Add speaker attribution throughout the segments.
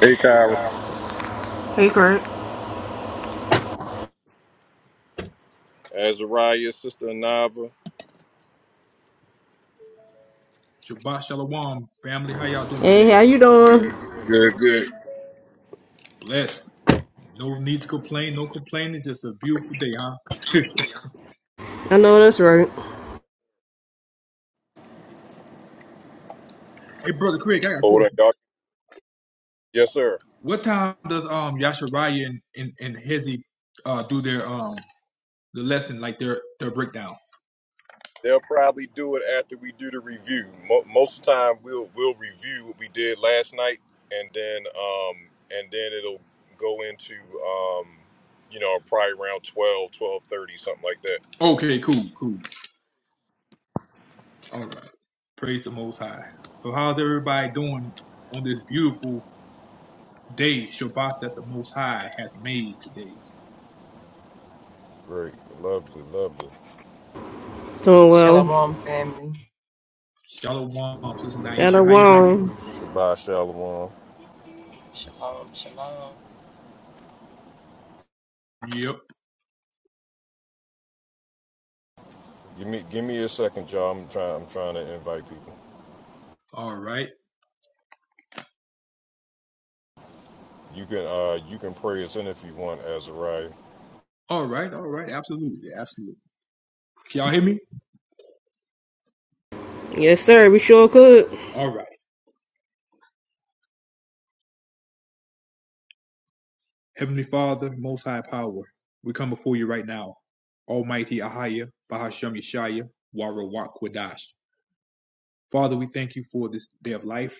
Speaker 1: Hey, Kyra.
Speaker 2: Hey, Greg.
Speaker 1: Azariah, Sister Anava.
Speaker 3: Shabbat Shalom, family. How y'all doing
Speaker 2: Hey,
Speaker 3: today?
Speaker 2: how you doing?
Speaker 1: Good, good.
Speaker 3: Blessed. No need to complain. No complaining. Just a beautiful day, huh?
Speaker 2: I know that's right.
Speaker 3: hey, brother Craig, I got a
Speaker 1: Hold on,
Speaker 3: question.
Speaker 1: y'all. Yes, sir.
Speaker 3: What time does um Yashariah and and, and Hezi uh do their um the lesson like their their breakdown?
Speaker 1: They'll probably do it after we do the review. Mo- most of the time, we'll we'll review what we did last night, and then um and then it'll go into um you know probably around 12, 12.30, something like that.
Speaker 3: Okay, cool, cool. All right. Praise the Most High. So, how's everybody doing on this beautiful day, Shabbat that the Most High has made today?
Speaker 1: Great, lovely, lovely.
Speaker 2: Doing well.
Speaker 4: Shalom, family.
Speaker 3: Shalom, sister
Speaker 2: Got a
Speaker 3: Naisha. How you doing
Speaker 2: wrong.
Speaker 3: today?
Speaker 1: Shabbat shalom.
Speaker 4: Shalom, shalom.
Speaker 3: Yep.
Speaker 1: Give me give me a second, y'all. I'm trying I'm trying to invite people.
Speaker 3: All right.
Speaker 1: You can uh you can pray us in if you want, Azariah.
Speaker 3: All right, all right, absolutely, absolutely. Can y'all hear me?
Speaker 2: Yes, sir. We sure could.
Speaker 3: All right. Heavenly Father, Most High Power, we come before you right now. Almighty Ahaya, Bahashem Yeshaya, Warawak Kwadash. Father, we thank you for this day of life.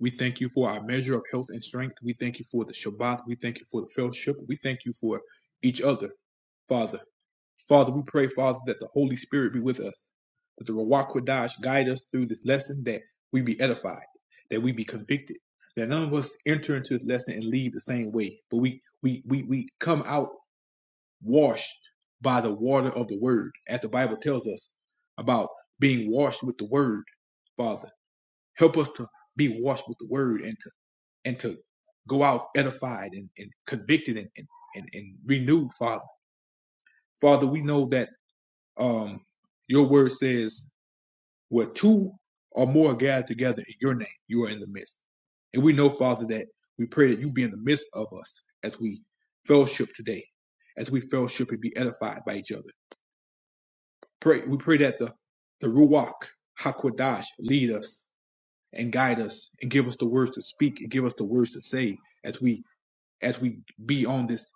Speaker 3: We thank you for our measure of health and strength. We thank you for the Shabbat. We thank you for the fellowship. We thank you for each other, Father. Father, we pray, Father, that the Holy Spirit be with us, that the Ruach Kodesh guide us through this lesson, that we be edified, that we be convicted, that none of us enter into this lesson and leave the same way, but we we we we come out washed by the water of the Word, as the Bible tells us about being washed with the Word. Father, help us to be washed with the Word and to and to go out edified and, and convicted and, and and and renewed, Father. Father, we know that um, your word says, where two or more are gathered together in your name, you are in the midst. And we know, Father, that we pray that you be in the midst of us as we fellowship today, as we fellowship and be edified by each other. Pray we pray that the, the Ruach Hakodash lead us and guide us and give us the words to speak and give us the words to say as we as we be on this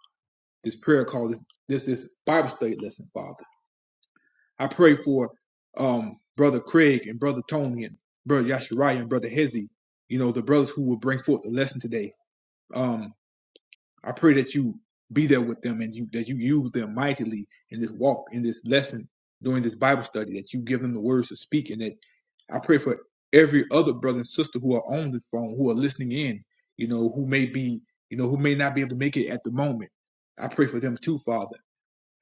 Speaker 3: this prayer call, this this, this Bible study lesson, Father. I pray for um, Brother Craig and Brother Tony and Brother Yashariah and Brother Hezzy, you know, the brothers who will bring forth the lesson today. Um, I pray that you be there with them and you that you use them mightily in this walk, in this lesson, during this Bible study, that you give them the words to speak and that I pray for every other brother and sister who are on this phone, who are listening in, you know, who may be, you know, who may not be able to make it at the moment. I pray for them too, Father.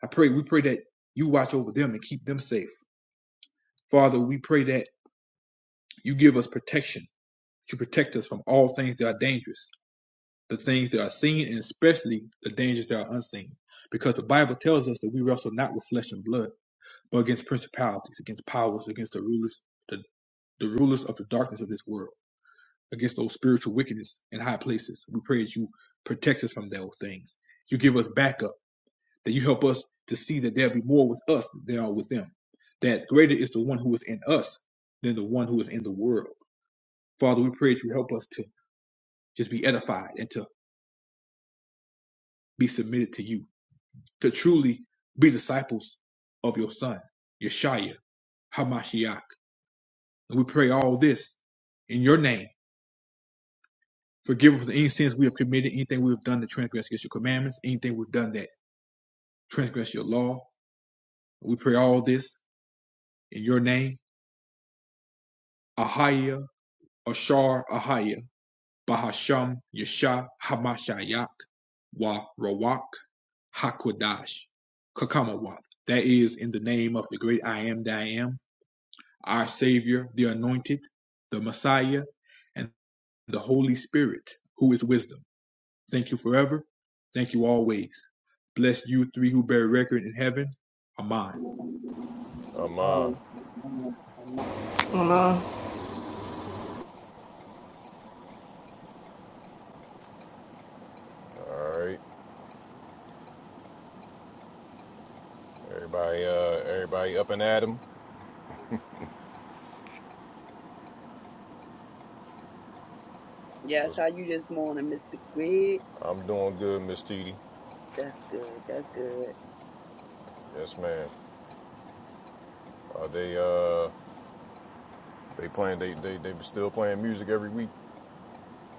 Speaker 3: I pray, we pray that you watch over them and keep them safe. Father, we pray that you give us protection, to protect us from all things that are dangerous, the things that are seen, and especially the dangers that are unseen. Because the Bible tells us that we wrestle not with flesh and blood, but against principalities, against powers, against the rulers, the, the rulers of the darkness of this world, against those spiritual wickedness in high places. We pray that you protect us from those things. You give us backup, that you help us to see that there'll be more with us than there are with them. That greater is the one who is in us than the one who is in the world Father, we pray that you help us to just be edified and to be submitted to you, to truly be disciples of your Son, Yeshua, Hamashiach. And we pray all this in your name. Forgive us of any sins we have committed, anything we have done to transgress against your commandments, anything we've done that transgress your law. We pray all this in your name. Ahaya, Ashar, Ahaya. Bahasham Yesha Hamashayak Wa Rawak Hakodash Kakamawath. That is in the name of the great I am that I am, our Savior, the Anointed, the Messiah, and the Holy Spirit, who is wisdom. Thank you forever. Thank you always. Bless you three who bear record in heaven. Amen.
Speaker 4: Um,
Speaker 1: Amon.
Speaker 5: Come on.
Speaker 2: I'm, uh,
Speaker 1: All right. Everybody, uh, everybody up and at 'em.
Speaker 5: Yes, how you this morning, Mr. Greg?
Speaker 1: I'm doing good, Miss TD.
Speaker 5: That's good. That's good.
Speaker 1: Yes, ma'am. Are they, uh, they playing? They, they, they still playing music every week.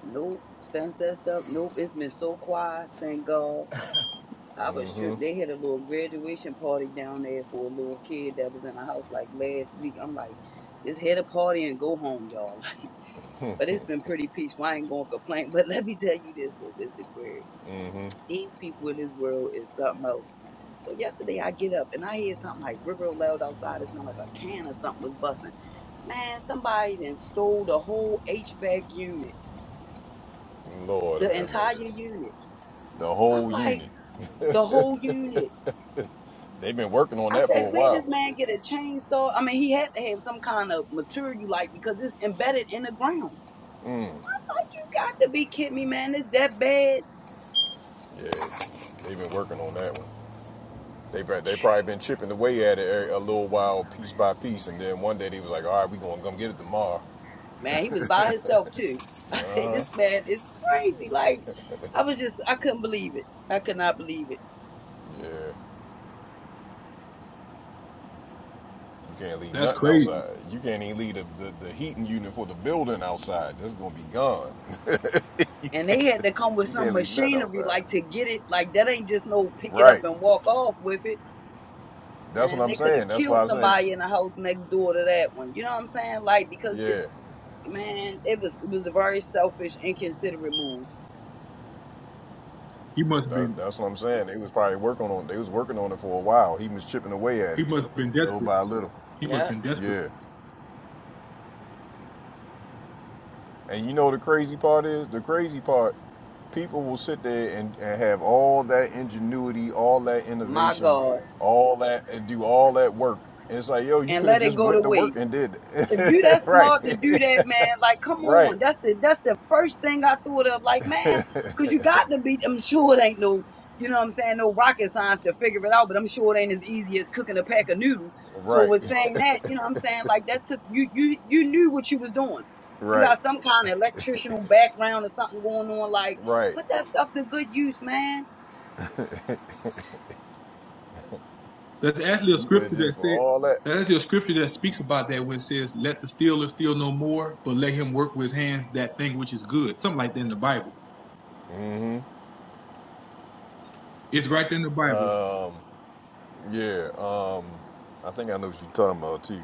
Speaker 5: Nope. Since that stuff, nope. It's been so quiet. Thank God. I was
Speaker 1: Mm-hmm.
Speaker 5: tripped. They had a little graduation party down there for a little kid that was in the house like last week. I'm like, just head a party and go home, y'all. But it's been pretty peaceful. I ain't gonna complain. But let me tell you this, though, Mr. Greg.
Speaker 1: Mm-hmm.
Speaker 5: These people in this world is something else. So yesterday I get up and I hear something like river loud outside. It sounded like a can or something was busting. Man, somebody then stole the whole HVAC unit,
Speaker 1: Lord
Speaker 5: the
Speaker 1: have
Speaker 5: entire
Speaker 1: mercy.
Speaker 5: unit.
Speaker 1: The
Speaker 5: I'm
Speaker 1: whole
Speaker 5: like,
Speaker 1: unit.
Speaker 5: the whole unit.
Speaker 1: They've been working on
Speaker 5: I
Speaker 1: that
Speaker 5: said,
Speaker 1: for a
Speaker 5: where
Speaker 1: while.
Speaker 5: this man get a chainsaw? I mean, he had to have some kind of material like because it's embedded in the ground. Like,
Speaker 1: Mm.
Speaker 5: you got to be kidding me, man. It's that bad.
Speaker 1: Yeah, they've been working on that one. They they probably been chipping away at it a a little while, piece by piece, and then one day they was like, "All right, we gonna come get it tomorrow."
Speaker 5: man, he was by himself too. I said,
Speaker 1: Uh huh.
Speaker 5: this man is crazy. Like, I was just, I couldn't believe it. I could not believe it.
Speaker 1: Yeah. You can't leave
Speaker 3: That's
Speaker 1: nothing
Speaker 3: crazy.
Speaker 1: outside. You can't even leave the, the, the heating unit for the building outside. That's gonna be gone.
Speaker 5: And they had to come with
Speaker 1: you
Speaker 5: some
Speaker 1: can't leave nothing
Speaker 5: machinery,
Speaker 1: outside.
Speaker 5: like to get it. Like that ain't just no pick it up
Speaker 1: Right.
Speaker 5: and walk off with it.
Speaker 1: That's what
Speaker 5: And
Speaker 1: I'm
Speaker 5: they could have
Speaker 1: saying. That's
Speaker 5: killed
Speaker 1: why I'm saying.
Speaker 5: somebody in the house next door to that one. You know what I'm saying? Like because
Speaker 1: Yeah.
Speaker 5: it's man, it was it was a very selfish, inconsiderate move.
Speaker 3: He must have
Speaker 1: That,
Speaker 3: been
Speaker 1: that's what I'm saying. They was probably working on. it. They was working on it for a while. He was chipping away at
Speaker 3: he
Speaker 1: it,
Speaker 3: must have been
Speaker 1: little
Speaker 3: desperate.
Speaker 1: by little.
Speaker 3: He must have
Speaker 5: Yeah.
Speaker 3: been desperate.
Speaker 1: Yeah. And you know the crazy part is the crazy part. People will sit there and, and have all that ingenuity, all that
Speaker 5: My
Speaker 1: innovation,
Speaker 5: God.
Speaker 1: all that and do all that work. And it's like, yo, you
Speaker 5: And
Speaker 1: could have
Speaker 5: let it
Speaker 1: just
Speaker 5: go to
Speaker 1: went to work
Speaker 5: waste.
Speaker 1: and did
Speaker 5: If you
Speaker 1: it.
Speaker 5: that
Speaker 1: right,
Speaker 5: smart to do that, man, like come
Speaker 1: right,
Speaker 5: on. That's the that's the first thing I thought of. Like, man, cause you got to be I'm sure it ain't no, you know what I'm saying, no rocket science to figure it out, but I'm sure it ain't as easy as cooking a pack of noodles. So
Speaker 1: right,
Speaker 5: with saying that, you know what I'm saying, like that took you you you knew what you was doing. You
Speaker 1: right,
Speaker 5: got some kind of electrical background or something going on, like
Speaker 1: right.
Speaker 5: put that stuff to good use, man.
Speaker 3: That's actually a
Speaker 1: You could have
Speaker 3: scripture that
Speaker 1: just for
Speaker 3: said
Speaker 1: all that.
Speaker 3: that's actually a scripture that speaks about that when it says, Let the stealer steal no more, but let him work with his hands that thing which is good. Something like that in the Bible. It's right there in the Bible.
Speaker 1: Yeah. Um, I think I know what you're talking about too.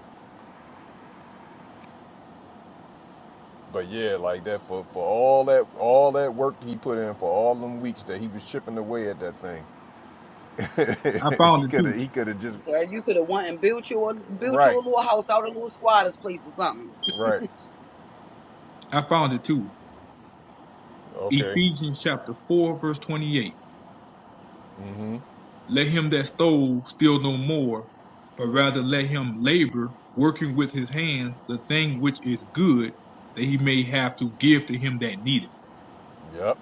Speaker 1: But yeah, like that for for all that all that work he put in for all them weeks that he was chipping away at that thing.
Speaker 3: I found
Speaker 1: he
Speaker 3: it
Speaker 1: could
Speaker 3: too.
Speaker 1: have. He could have just.
Speaker 5: Sir, you could have went and built your built
Speaker 1: Right.
Speaker 5: your little house out of a little squatters place or something.
Speaker 1: Right.
Speaker 3: I found it too.
Speaker 1: Okay.
Speaker 3: Ephesians chapter four, verse twenty-eight.
Speaker 1: Mhm.
Speaker 3: Let him that stole steal no more, but rather let him labor, working with his hands the thing which is good, that he may have to give to him that needeth.
Speaker 1: Yep.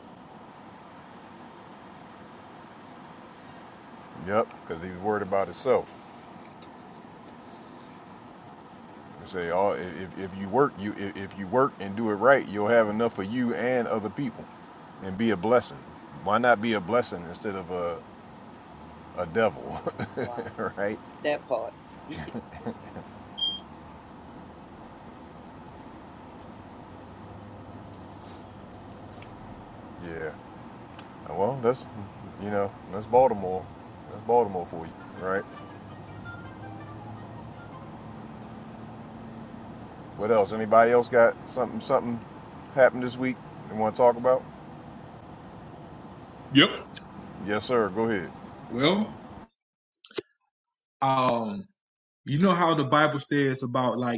Speaker 1: Yep. Because he was worried about himself. You say, "Oh, if, if you work, you i- if you work and do it right, you'll have enough for you and other people, and be a blessing. Why not be a blessing instead of a a devil?"
Speaker 5: Wow.
Speaker 1: right?
Speaker 5: That part.
Speaker 1: Yeah. Well, that's you know that's Baltimore. That's Baltimore for you, right? What else? Anybody else got something something happened this week they want to talk about?
Speaker 3: Yep.
Speaker 1: Yes, sir. Go ahead.
Speaker 3: Well, um, you know how the Bible says about like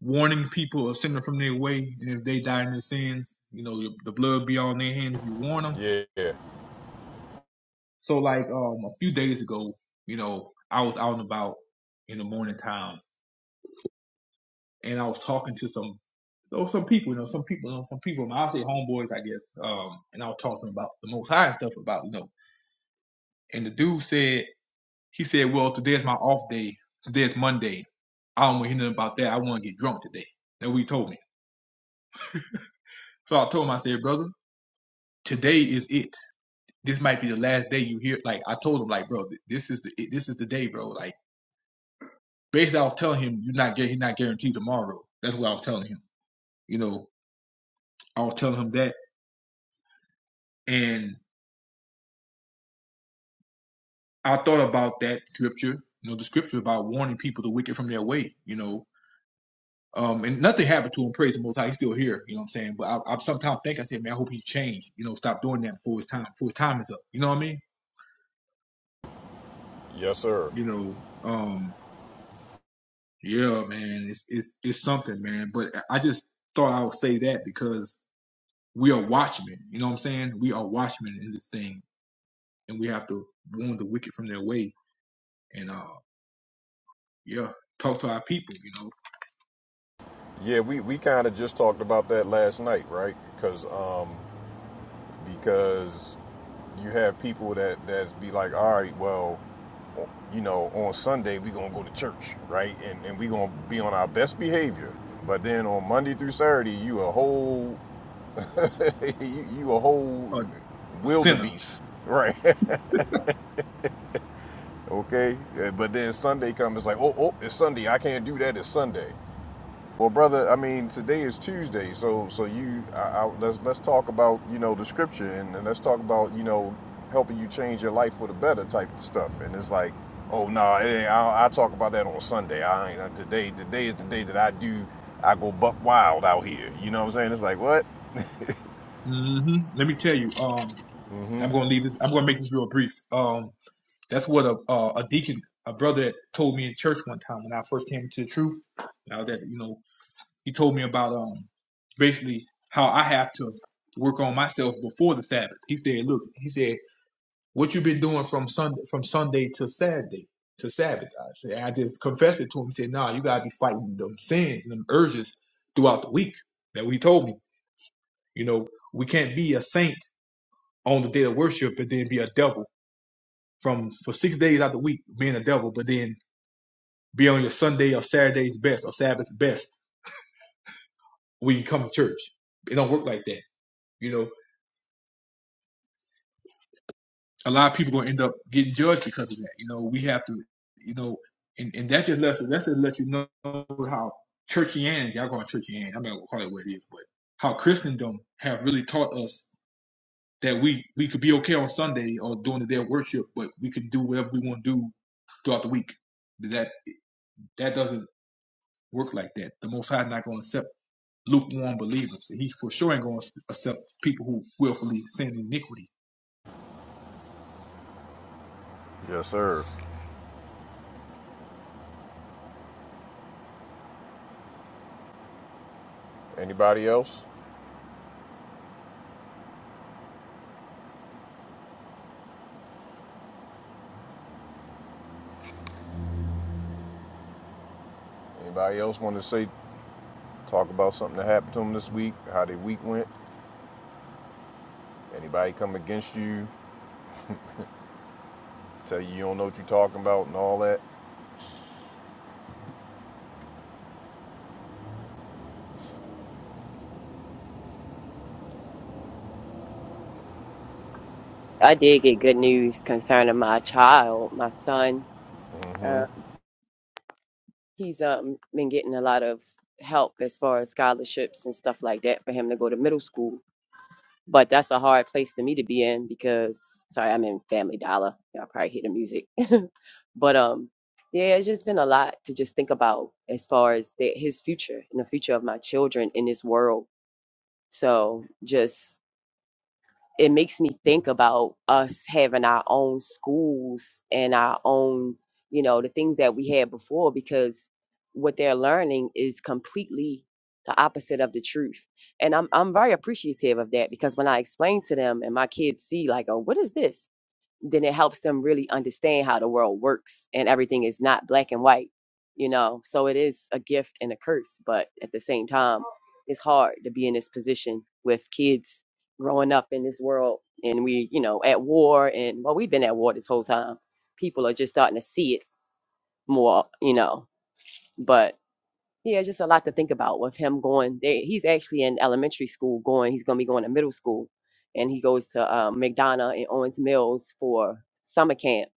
Speaker 3: warning people or sending them from their way, and if they die in their sins, you know, the blood be on their hand if you warn them.
Speaker 1: Yeah,
Speaker 3: So, like, um, a few days ago, you know, I was out and about in the morning time, and I was talking to some, oh, some people, you know, some people, you know, some people, I'll say homeboys, I guess, um, and I was talking about the Most High and stuff about, you know, and the dude said, he said, well, today's my off day, today's Monday, I don't want to hear nothing about that, I want to get drunk today. That what he told me. So I told him, I said, brother, today is it this might be the last day you hear. Like I told him, like bro, this is the this is the day, bro. Like basically, I was telling him you're not gu- you're not guaranteed tomorrow. That's what I was telling him. You know, I was telling him that, and I thought about that scripture. You know, the scripture about warning people to wicked from their way. You know, um, and nothing happened to him. Praise the Most High, he's still here. You know what I'm saying? But I, I sometimes think I said, man, I hope he changed. You know, stop doing that before his time before his time is up. You know what I mean?
Speaker 1: yes, sir.
Speaker 3: You know, um, Yeah, man, it's it's it's something, man. But I just thought I would say that because we are watchmen. You know what I'm saying? We are watchmen in this thing, and we have to warn the wicked from their way, and uh, yeah, talk to our people. You
Speaker 1: Yeah, we, we kind of just talked about that last night, right? Because um, because you have people that that be like, all right, well, you know, on Sunday we gonna go to church, right? And and we gonna be on our best behavior. But then on Monday through Saturday, you a whole you, you a whole
Speaker 3: know, a, a sinner.
Speaker 1: wildebeest, right? okay. Uh, But then Sunday comes, it's like, oh, oh, it's Sunday. I can't do that. It's Sunday. Well, brother, I mean, today is Tuesday, so so you, I, I, let's let's talk about you know the scripture and, and let's talk about you know helping you change your life for the better type of stuff. And it's like, oh no, nah, it ain't- I, I talk about that on Sunday. I ain't today. Today is the day that I do. I go buck wild out here. You know what I'm saying? It's like what?
Speaker 3: hmm Let me tell you. Um, I'm gonna leave this. I'm gonna make this real brief. Um, that's what a a, a deacon, a brother, told me in church one time when I first came to the truth. I was at you know. He told me about um basically how I have to work on myself before the Sabbath. He said, "Look," he said, "what you've been doing from Sunday from Sunday to Saturday to Sabbath." I said, "I just confessed it to him." He said, "Nah, you gotta be fighting them sins and them urges throughout the week." That what he told me, you know, we can't be a saint on the day of worship and then be a devil from for six days out the week being a devil, but then be on your Sunday or Saturday's best or Sabbath's best when you come to church. It don't work like that, you know. a lot of people gonna end up getting judged because of that. You know, we have to, you know, and, and that just lets that just lets you know how churchianity, y'all going churchianity. I'm not gonna call it what it is, but how Christendom have really taught us that we we could be okay on Sunday or during the day of worship, but we can do whatever we want to do throughout the week. That that doesn't work like that. The Most High is not gonna accept lukewarm believers. He for sure ain't gonna accept people who willfully sin iniquity.
Speaker 1: Yes, sir. Anybody else? Anybody else want to say talk about something that happened to them this week? How their week went? Anybody come against you? Tell you you don't know what you're talking about and all that?
Speaker 4: I did get good news concerning my child, my son. Um, he's um been getting a lot of help as far as scholarships and stuff like that for him to go to middle school. But that's a hard place for me to be in because sorry, I'm in Family Dollar. Y'all probably hear the music. but um, yeah, it's just been a lot to just think about as far as the, his future and the future of my children in this world. So just it makes me think about us having our own schools and our own, you know, the things that we had before because what they're learning is completely the opposite of the truth. And I'm I'm very appreciative of that because when I explain to them and my kids see like, oh, what is this? then it helps them really understand how the world works and everything is not black and white, you know. So it is a gift and a curse, but at the same time, it's hard to be in this position with kids growing up in this world and we, you know, at war and well, we've been at war this whole time. People are just starting to see it more, you know. But yeah, just a lot to think about with him going. They, he's actually in elementary school going. He's going to be going to middle school, and he goes to uh, McDonough and Owens Mills for summer camp,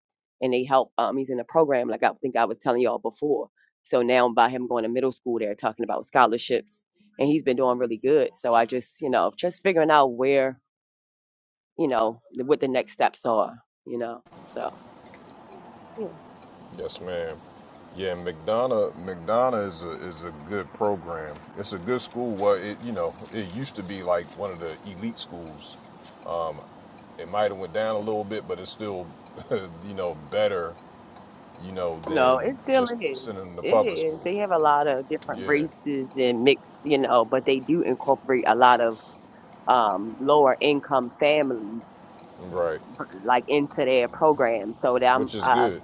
Speaker 4: and they help. Um, he's in a program like I think I was telling y'all before. So now by him going to middle school, they're talking about scholarships, and he's been doing really good. So I just, you know, just figuring out where, you know, the- what the next steps are, you know. So.
Speaker 1: Yes, ma'am. Yeah, McDonough McDonough is a is a good program. It's a good school. Well, it you know it used to be like one of the elite schools. It might have went down a little bit, but it's still you know better you know than
Speaker 4: No, it still
Speaker 1: just
Speaker 4: is.
Speaker 1: sending them to
Speaker 4: It
Speaker 1: public
Speaker 4: is.
Speaker 1: school.
Speaker 4: They have a lot of different
Speaker 1: Yeah,
Speaker 4: races and mix, you know, but they do incorporate a lot of um lower income families
Speaker 1: right.
Speaker 4: b- like into their program. So that I'm
Speaker 1: Which is
Speaker 4: uh
Speaker 1: good.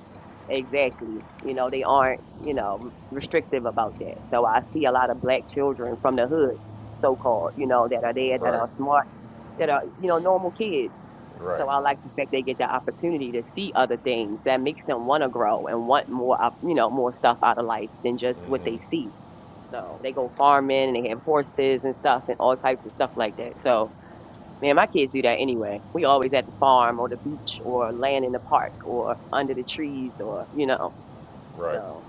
Speaker 4: exactly, you know, they aren't, you know, restrictive about that. So I see a lot of black children from the hood, so called, you know, that are there that
Speaker 1: Right,
Speaker 4: are smart, that are, you know, normal kids
Speaker 1: right,
Speaker 4: so I like the fact they get the opportunity to see other things that makes them want to grow and want more, op- you know, more stuff out of life than just what they see. So they go farming and they have horses and stuff and all types of stuff like that. So man, my kids do that anyway. We always at the farm or the beach or laying in the park or under the trees or you know.
Speaker 1: right.
Speaker 4: So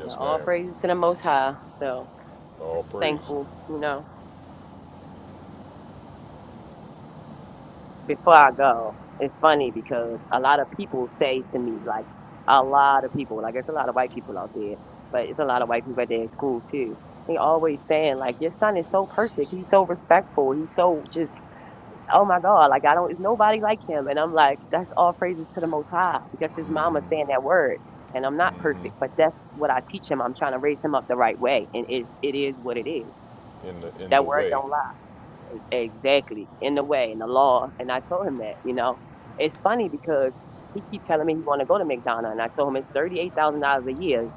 Speaker 4: but all
Speaker 1: ma'am.
Speaker 4: praises to the Most High. So
Speaker 1: All praise
Speaker 4: thankful, you know. before I go, it's funny because a lot of people say to me, like a lot of people, like it's a lot of white people out there, but it's a lot of white people out there in school too. They always saying like, your son is so perfect. He's so respectful. He's so just, oh my God, like I don't, it's nobody like him. And I'm like, that's all praises to the Most High because his mama
Speaker 1: Mhm.
Speaker 4: saying that word. And I'm not perfect, but that's what I teach him. I'm trying to raise him up the right way, and it it is what it is.
Speaker 1: in the in the
Speaker 4: That word
Speaker 1: way.
Speaker 4: don't lie. E- exactly in the way in the law and i told him that you know it's funny because he keep telling me he want to go to mcdonald's and i told him it's $38000 a year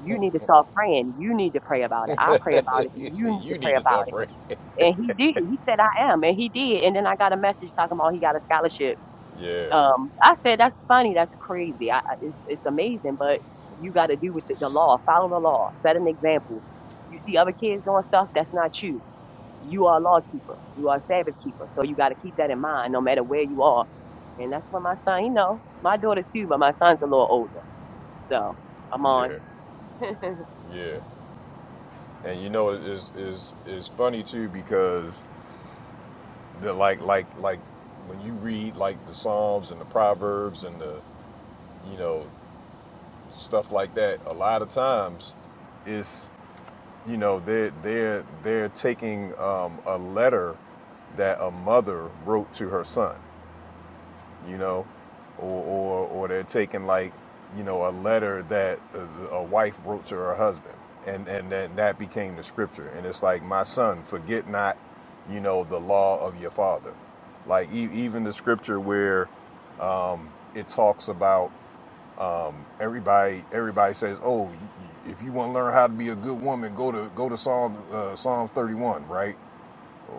Speaker 4: you need to start praying you need to pray about it i pray about it
Speaker 1: he
Speaker 4: you
Speaker 1: said,
Speaker 4: need to
Speaker 1: "You need
Speaker 4: pray
Speaker 1: to
Speaker 4: about
Speaker 1: stop
Speaker 4: it
Speaker 1: right."
Speaker 4: and he did he said i am and he did and then i got a message talking about he got a scholarship
Speaker 1: yeah,
Speaker 4: um i said that's funny that's crazy I, I- it's, it's amazing but you got to do with the, the law follow the law set an example you see other kids doing stuff that's not you you are a law keeper. You are a Sabbath keeper. So you got to keep that in mind no matter where you are. And that's what my son, you know, my daughter too, but my son's a little older. So I'm on
Speaker 1: yeah, yeah. And you know, it is is is funny too because the like like like when you read like the Psalms and the Proverbs and the you know stuff like that, a lot of times it's you know they're they're they're taking um, a letter that a mother wrote to her son you know, or or, or they're taking like, you know, a letter that a, a wife wrote to her husband, and and then that became the scripture, and it's like, my son, forget not, you know, the law of your father, like e- even the scripture where it talks about everybody, everybody says, oh, if you want to learn how to be a good woman, go to go to Psalm uh, Psalms thirty one, right?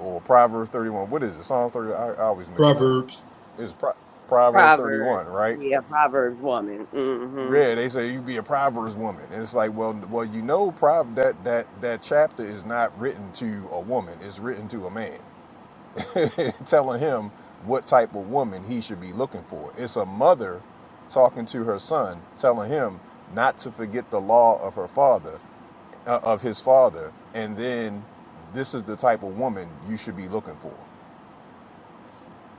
Speaker 1: Or Proverbs 31. What is it? Psalm 30. I, I always mix it up.
Speaker 3: Proverbs
Speaker 1: It's Pro- Proverbs
Speaker 4: Proverbs.
Speaker 1: 31, right?
Speaker 4: Yeah, Proverbs woman. Mm-hmm.
Speaker 1: Yeah, they say you be a Proverbs woman, and it's like, well, well, you know, prov that that that chapter is not written to a woman; it's written to a man, telling him what type of woman he should be looking for. It's a mother talking to her son, telling him not to forget the law of her father, uh, of his father, and then this is the type of woman you should be looking for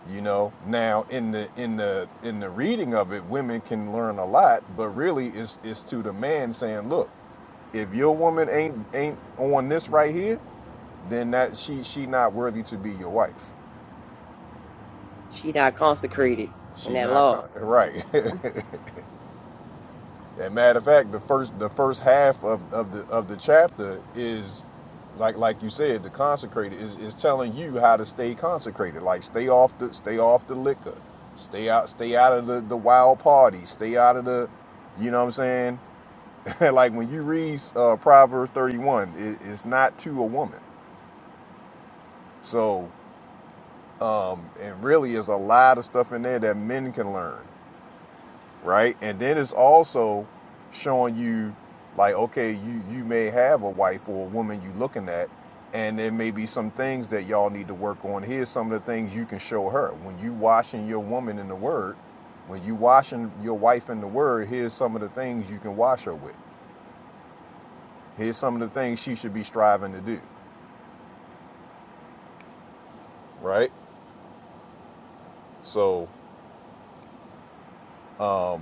Speaker 1: you know now in the in the in the reading of it women can learn a lot but really it's it's to the man saying look if your woman ain't ain't on this right here then that she she not worthy to be your wife
Speaker 4: She not consecrated in
Speaker 1: she
Speaker 4: that
Speaker 1: not
Speaker 4: law.
Speaker 1: con- right As a matter of fact, the first the first half of, of the of the chapter is like like you said, the consecrated is, is telling you how to stay consecrated. Like stay off the stay off the liquor. Stay out stay out of the, the wild party. Stay out of the you know what I'm saying? like when you read uh, Proverbs 31, it, it's not to a woman. So and really is a lot of stuff in there that men can learn. right? And then it's also showing you like, okay, you you may have a wife or a woman you looking at, and there may be some things that y'all need to work on. Here's some of the things you can show her when you washing your woman in the word. When you washing your wife in the word, here's some of the things you can wash her with. Here's some of the things she should be striving to do, right? So um,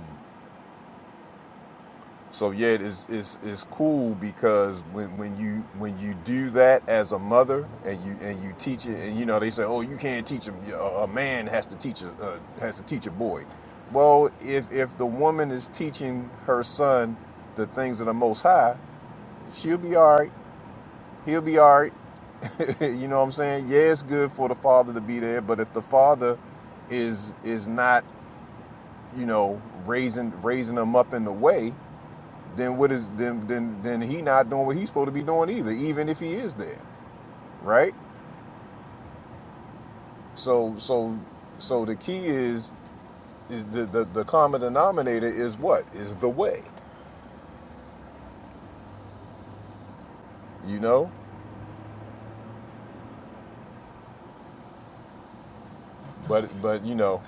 Speaker 1: So yeah, it's it's it's cool because when, when you when you do that as a mother and you and you teach it and you know they say oh you can't teach a, a man has to teach a uh, has to teach a boy. Well, if if the woman is teaching her son the things of the Most High, she'll be all right. He'll be all right. you know what I'm saying? Yeah, it's good for the father to be there, but if the father is is not you know raising raising them up in the way then what is then then then he not doing what he's supposed to be doing either, even if he is there, right? So so so the key is, is the, the the common denominator is what is the way, you know. But but you know,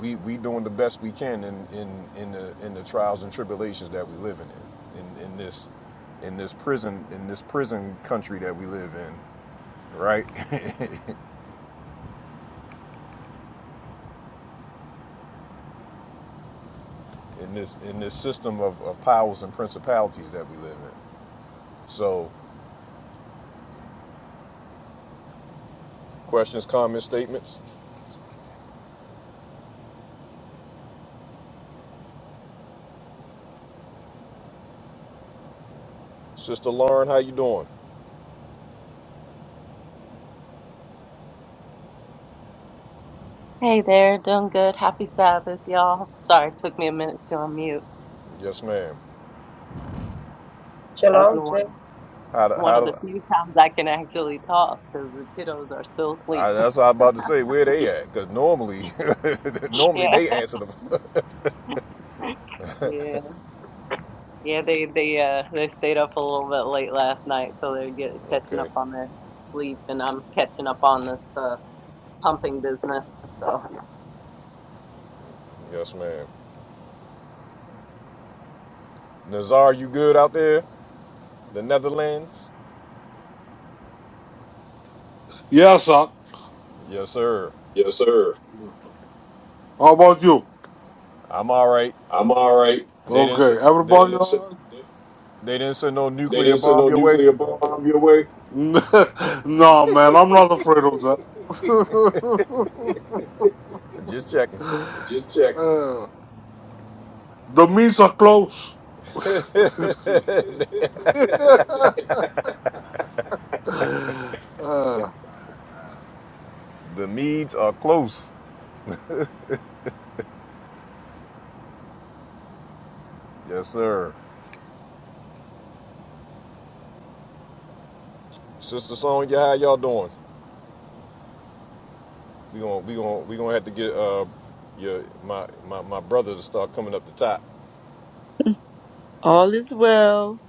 Speaker 1: we we doing the best we can in in in the in the trials and tribulations that we living in in in this in this prison in this prison country that we live in right in this in this system of, of powers and principalities that we live in so Questions, comments, statements. Sister Lauren, how you doing?
Speaker 6: Hey there, doing good. Happy Sabbath, y'all. Sorry, it took me a minute to unmute.
Speaker 1: Yes, ma'am.
Speaker 6: This is one
Speaker 1: How do,
Speaker 6: one
Speaker 1: how
Speaker 6: of the
Speaker 1: do,
Speaker 6: few times I can actually talk because the kiddos are still asleep.
Speaker 1: I, that's what I was about to say. Where they at? Because normally, normally
Speaker 6: Yeah,
Speaker 1: they answer the.
Speaker 6: yeah, yeah. They they uh they stayed up a little bit late last night, so they're get catching
Speaker 1: okay.
Speaker 6: up on their sleep, and I'm catching up on this uh pumping business. So
Speaker 1: Yes, ma'am. Nazar, you good out there? The Netherlands?
Speaker 7: Yes, sir.
Speaker 1: Yes, sir.
Speaker 7: Yes, sir. Yes, sir. How about you?
Speaker 1: I'm all right.
Speaker 7: I'm all right.
Speaker 1: They didn't.
Speaker 7: Okay.
Speaker 1: s-
Speaker 7: They
Speaker 1: They,
Speaker 7: Everybody didn't send, all they,
Speaker 1: they didn't send no
Speaker 7: they
Speaker 1: nuclear
Speaker 7: didn't send
Speaker 1: bomb
Speaker 7: no
Speaker 1: your way.
Speaker 7: nuclear bomb your way. right? no, man. I'm not afraid of that.
Speaker 1: Just checking.
Speaker 7: Just checking. Uh, the means are close. uh,
Speaker 1: The Medes are close. Yes, sir. Sister Sonya, how y'all doing? We gonna we gonna we gonna have to get uh your my my, my brother to start coming up the top.
Speaker 8: All is well.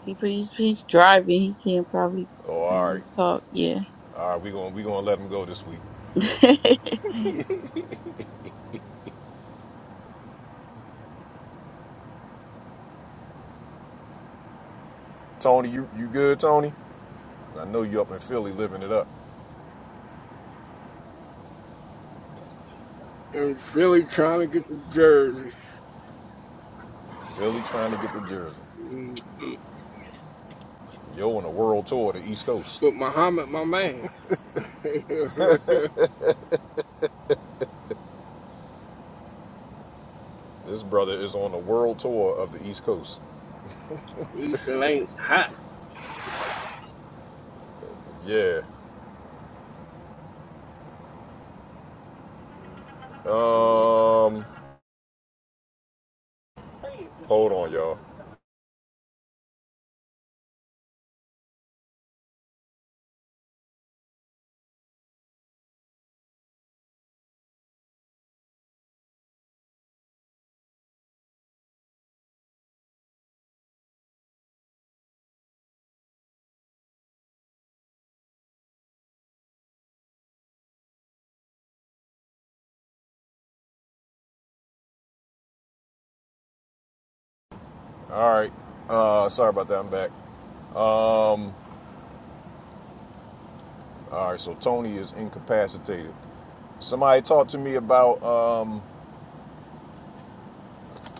Speaker 8: He he's, he's driving. He can't probably
Speaker 1: Oh, all
Speaker 8: uh,
Speaker 1: right,
Speaker 8: talk. Yeah.
Speaker 1: all right. We gonna we gonna let him go this week.
Speaker 8: Craig!
Speaker 1: Tony, you you good, Tony? I know you up in Philly living it up.
Speaker 9: in Philly trying to get to Jersey.
Speaker 1: Philly trying to get to Jersey. Yo on a world tour of the East Coast.
Speaker 9: But Muhammad, my man,
Speaker 1: This brother is on a world tour of the East Coast.
Speaker 9: he still ain't hot.
Speaker 1: Yeah. Um. Hold on, y'all. All right. Uh. Sorry about that. I'm back. All right. So Tony is incapacitated. Somebody talked to me about uh.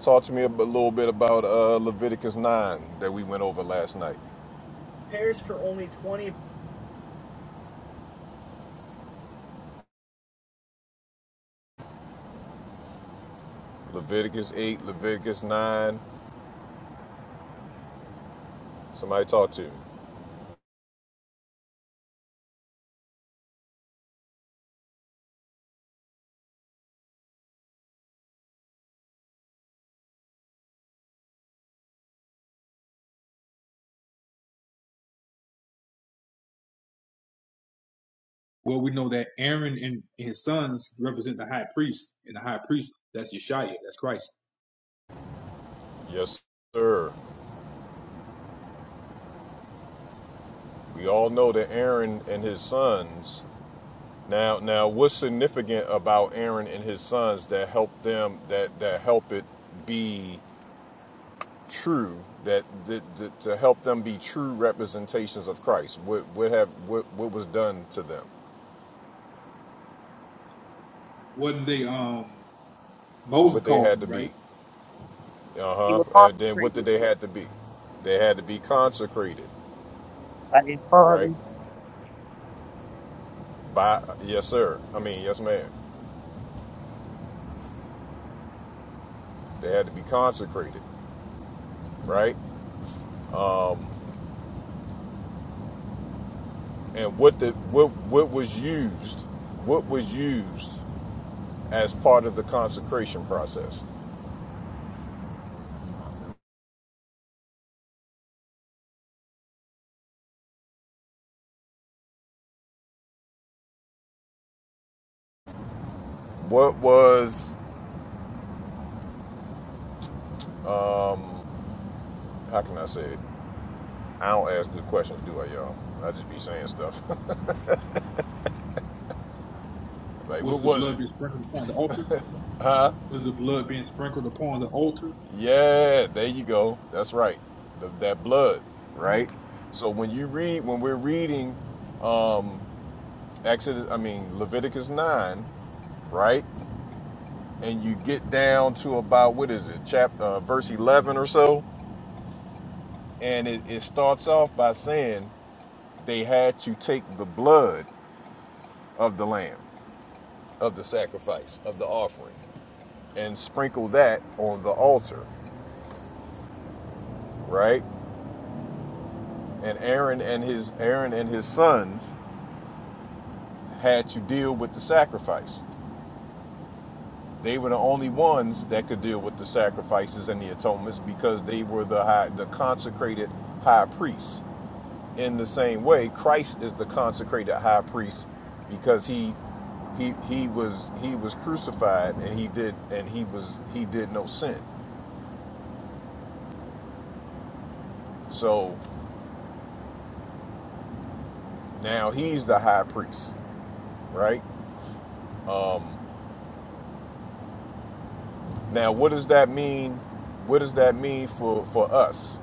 Speaker 1: Talk to me a b- little bit about uh, Leviticus 9 that we went over last night. Pairs for only 20. Leviticus 8, Leviticus 9. Somebody talk to me.
Speaker 3: Well, we know that Aaron and his sons represent the high priest, and the high priest that's Yeshua, that's Christ.
Speaker 1: Yes, sir. We all know that Aaron and his sons. Now, now, what's significant about Aaron and his sons that help them that that help it be true that, that, that to help them be true representations of Christ? What what have what, what was done to them?
Speaker 3: Wasn't they um Moses
Speaker 1: What they
Speaker 3: called
Speaker 1: had to
Speaker 3: him,
Speaker 1: be?
Speaker 3: right?
Speaker 4: She
Speaker 1: Uh huh.
Speaker 4: was
Speaker 1: And then what did
Speaker 4: consecrated
Speaker 1: they had to be? They had to be consecrated,
Speaker 4: by his
Speaker 1: right?
Speaker 4: father.
Speaker 1: By yes, sir. I mean yes, ma'am. They had to be consecrated, right? And what the what what was used? What was used as part of the consecration process? What was? How can I say it? I don't ask good questions, do I, y'all? I just be saying stuff. like what
Speaker 3: Was the
Speaker 1: was
Speaker 3: blood
Speaker 1: it?
Speaker 3: being sprinkled upon the altar? Was the blood being sprinkled upon the altar?
Speaker 1: Yeah, there you go. That's right. The, that blood,
Speaker 3: Mhm.
Speaker 1: right? So when you read, when we're reading Exodus, I mean Leviticus nine, right? And you get down to about what is it, chapter uh, verse eleven or so, and it, it starts off by saying they had to take the blood of the lamb, of the sacrifice, of the offering, and sprinkle that on the altar, right? And Aaron and his Aaron and his sons had to deal with the sacrifice. They were the only ones that could deal with the sacrifices and the atonements because they were the high, the consecrated high priests. In the same way, Christ is the consecrated high priest because he he he was he was crucified and he did and he was he did no sin. So now he's the high priest, right? Now what does that mean? What does that mean for for us?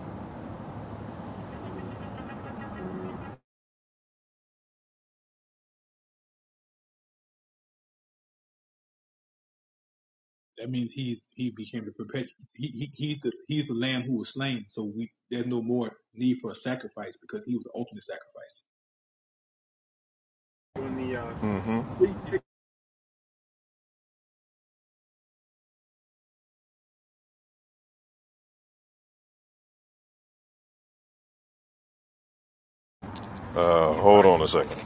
Speaker 3: That means he he became the perpetual. He, he he's the he's the lamb who was slain. So we there's no more need for a sacrifice because he was the ultimate sacrifice.
Speaker 1: Mm-hmm. Uh, hold on a second.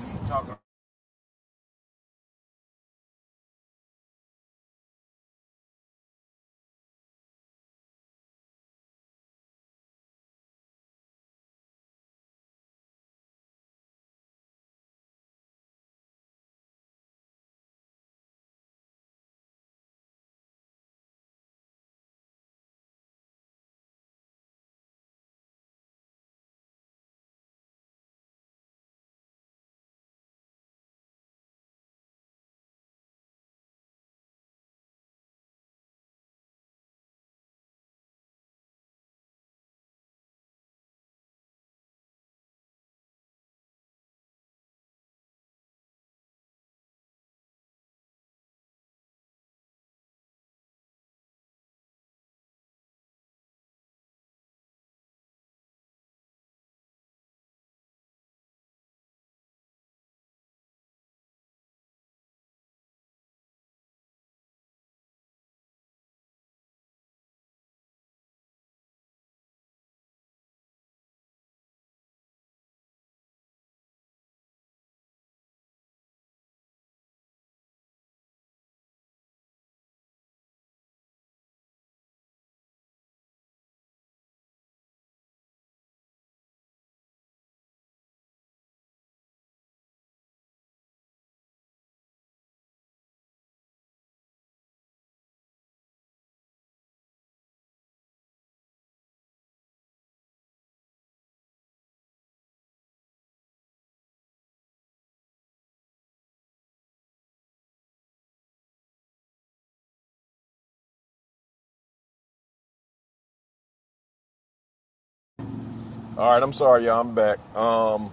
Speaker 1: All right, I'm sorry, y'all. I'm back. Um,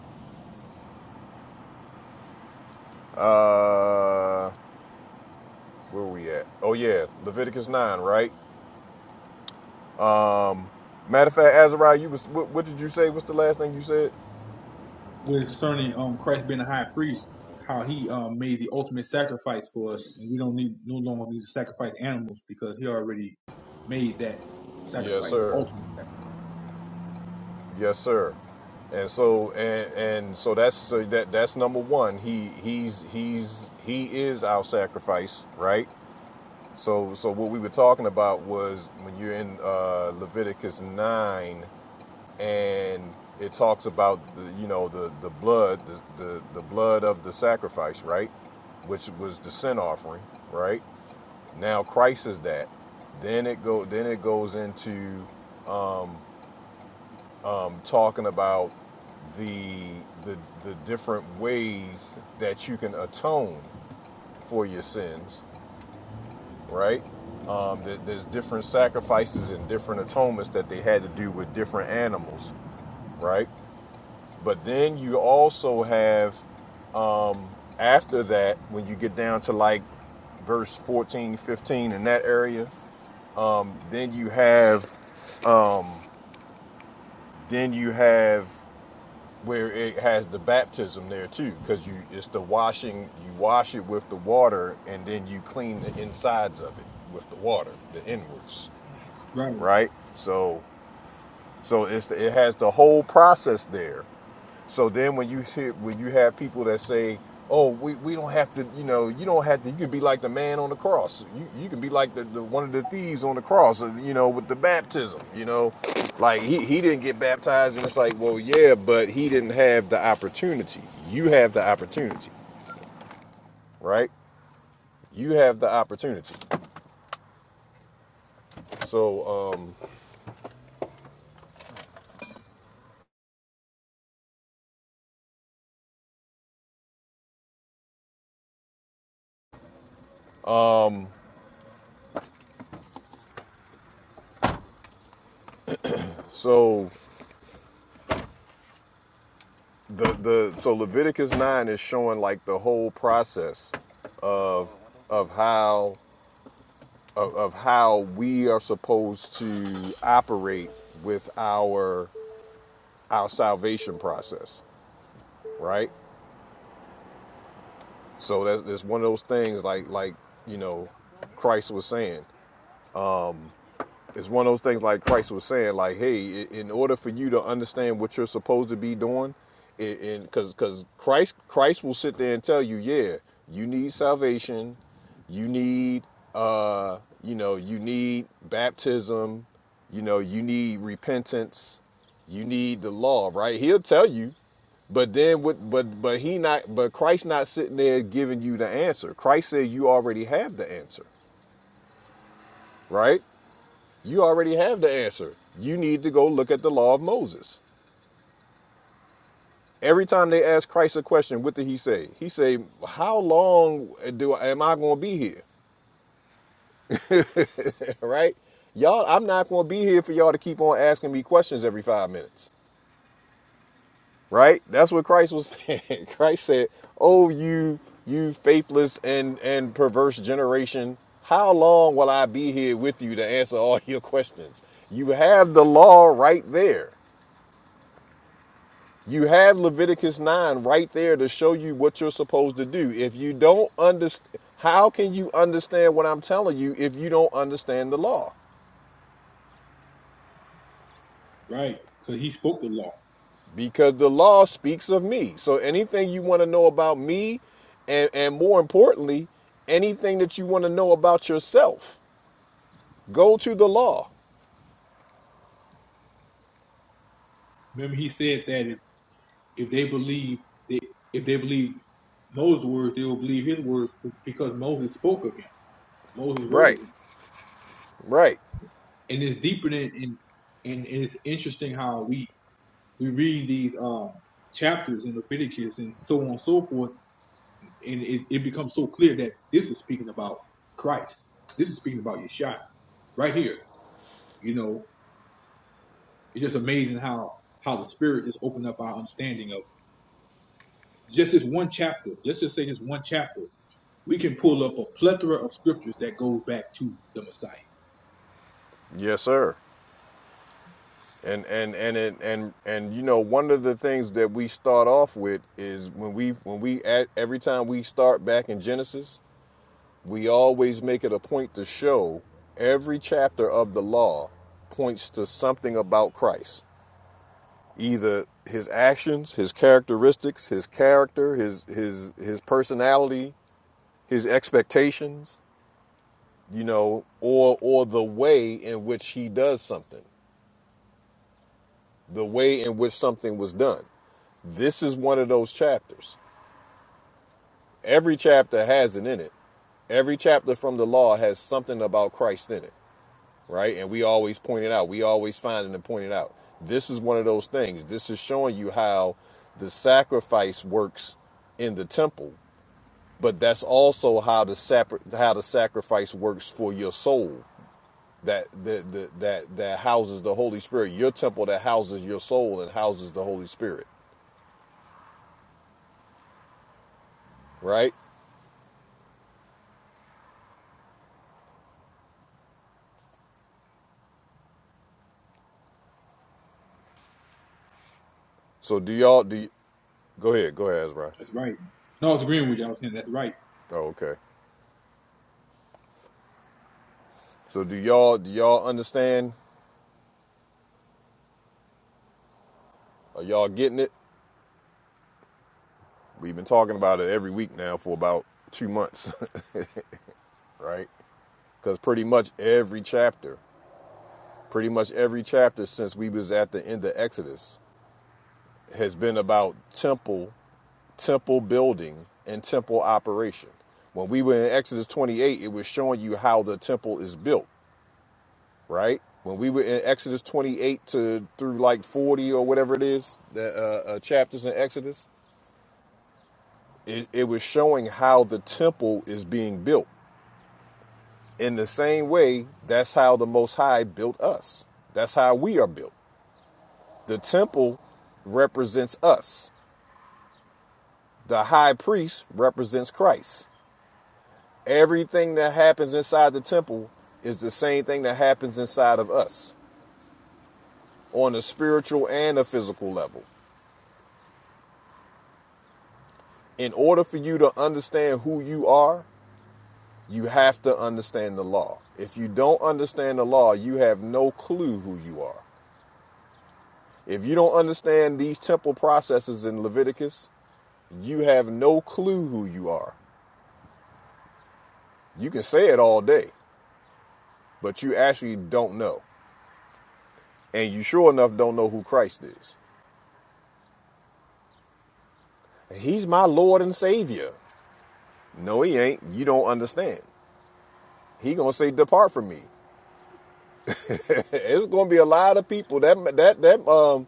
Speaker 1: Uh, where we at? Oh yeah, Leviticus nine, right? Matter of fact, Azariah, you was what, what did you say? What's the last thing you said?
Speaker 3: With concerning um Christ being the high priest, how he um made the ultimate sacrifice for us, and we don't need no longer need to sacrifice animals because he already made that
Speaker 1: Yes,
Speaker 3: sacrifice, the
Speaker 1: sir.
Speaker 3: ultimate sacrifice.
Speaker 1: Yes, sir. And so and and so that's so that that's number one. He he's he's he is our sacrifice, right? So so what we were talking about was when you're in uh, Leviticus nine. and it talks about the you know the the blood the the, the blood of the sacrifice right which was the sin offering right now christ is that then it go then it goes into um, talking about the the the different ways that you can atone for your sins right um, there- there's different sacrifices and different atonements that they had to do with different animals right but then you also have after that, when you get down to like verse 14, 15, in that area, then you have then you have where it has the baptism there too, because you it's the washing, you wash it with the water and then you clean the insides of it with the water, the inwards,
Speaker 3: Right,
Speaker 1: right? So So it's it has the whole process there. So then when you see when you have people that say, "Oh, we, we don't have to," you know, you don't have to. You can be like the man on the cross. You, you can be like the, the one of the thieves on the cross. uh, You know, with the baptism. You know, like he he didn't get baptized, and it's like, well, yeah, but he didn't have the opportunity. You have the opportunity, right? You have the opportunity. So um so the the so Leviticus nine is showing like the whole process of how of, of how we are supposed to operate with our our salvation process, right? So that's, that's one of those things like like you know Christ was saying. it's one of those things like Christ was saying, like, hey, in order for you to understand what you're supposed to be doing, i- because because Christ Christ will sit there and tell you, yeah, you need salvation, you need uh, you know, you need baptism, you know, you need repentance, you need the law, right? He'll tell you, but then with but but he not but Christ not sitting there giving you the answer. Christ said you already have the answer, right? You already have the answer. You need to go look at the law of Moses. Every time they ask Christ a question, what did he say? He say, "How long do am I going to be here?" right? Y'all, I'm not going to be here for y'all to keep on asking me questions every 5 minutes. Right? That's what Christ was saying. Christ said, "Oh you you faithless and and perverse generation, how long will I be here with you to answer all your questions? You have the law right there. You have Leviticus 9 right there to show you what you're supposed to do. If you don't understand, how can you understand what I'm telling you if you don't understand the law?
Speaker 3: right. So he spoke the law.
Speaker 1: Because the law speaks of me. So anything you want to know about me, and, and more importantly, anything that you want to know about yourself, go to the law.
Speaker 3: Remember, he said that if, if they believe they if they believe Moses' words, they will believe his words because Moses spoke of him. Moses wrote of
Speaker 1: Right,
Speaker 3: him,
Speaker 1: right.
Speaker 3: and it's deeper than and and it's interesting how we we read these um chapters in Leviticus and so on and so forth and it, it becomes so clear that this is speaking about Christ. This is speaking about Yeshua right here. You know, it's just amazing how how the Spirit just opened up our understanding of just this one chapter. Let's just say this one chapter. We can pull up a plethora of scriptures that go back to the Messiah.
Speaker 1: Yes, sir. And and and it, and and you know one of the things that we start off with is when we when we at, every time we start back in Genesis, we always make it a point to show every chapter of the law points to something about Christ, either his actions, his characteristics, his character, his his his personality, his expectations, you know, or or the way in which he does something the way in which something was done. This is one of those chapters. Every chapter has it in it. Every chapter from the law has something about Christ in it, right? And we always point it out. We always find it and point it out. This is one of those things. This is showing you how the sacrifice works in the temple, but that's also how the sapri- how the sacrifice works for your soul. that that that that houses the Holy Spirit. Your temple that houses your soul and houses the Holy Spirit. right? So do y'all do? y- go ahead, go ahead, Ezra.
Speaker 3: That's right. No, I was agreeing with you. I was saying that's right.
Speaker 1: Oh, okay. So do y'all do y'all understand? Are y'all getting it? We've been talking about it every week now for about two months, right? Because pretty much every chapter, pretty much every chapter since we was at the end of Exodus, has been about temple, temple building, and temple operation. When we were in Exodus 28, it was showing you how the temple is built right? When we were in Exodus 28 to through like 40 or whatever it is, the uh, uh, chapters in Exodus, it, it was showing how the temple is being built. In the same way, that's how the Most High built us. That's how we are built. The temple represents us. The high priest represents Christ. Everything that happens inside the temple is the same thing that happens inside of us on a spiritual and a physical level. in order for you to understand who you are, you have to understand the law. If you don't understand the law, you have no clue who you are. If you don't understand these temple processes in Leviticus, you have no clue who you are. You can say it all day, but you actually don't know. And you sure enough don't know who Christ is. He's my Lord and Savior. No, he ain't. You don't understand. He gonna say, "Depart from me." it's gonna be a lot of people that that that um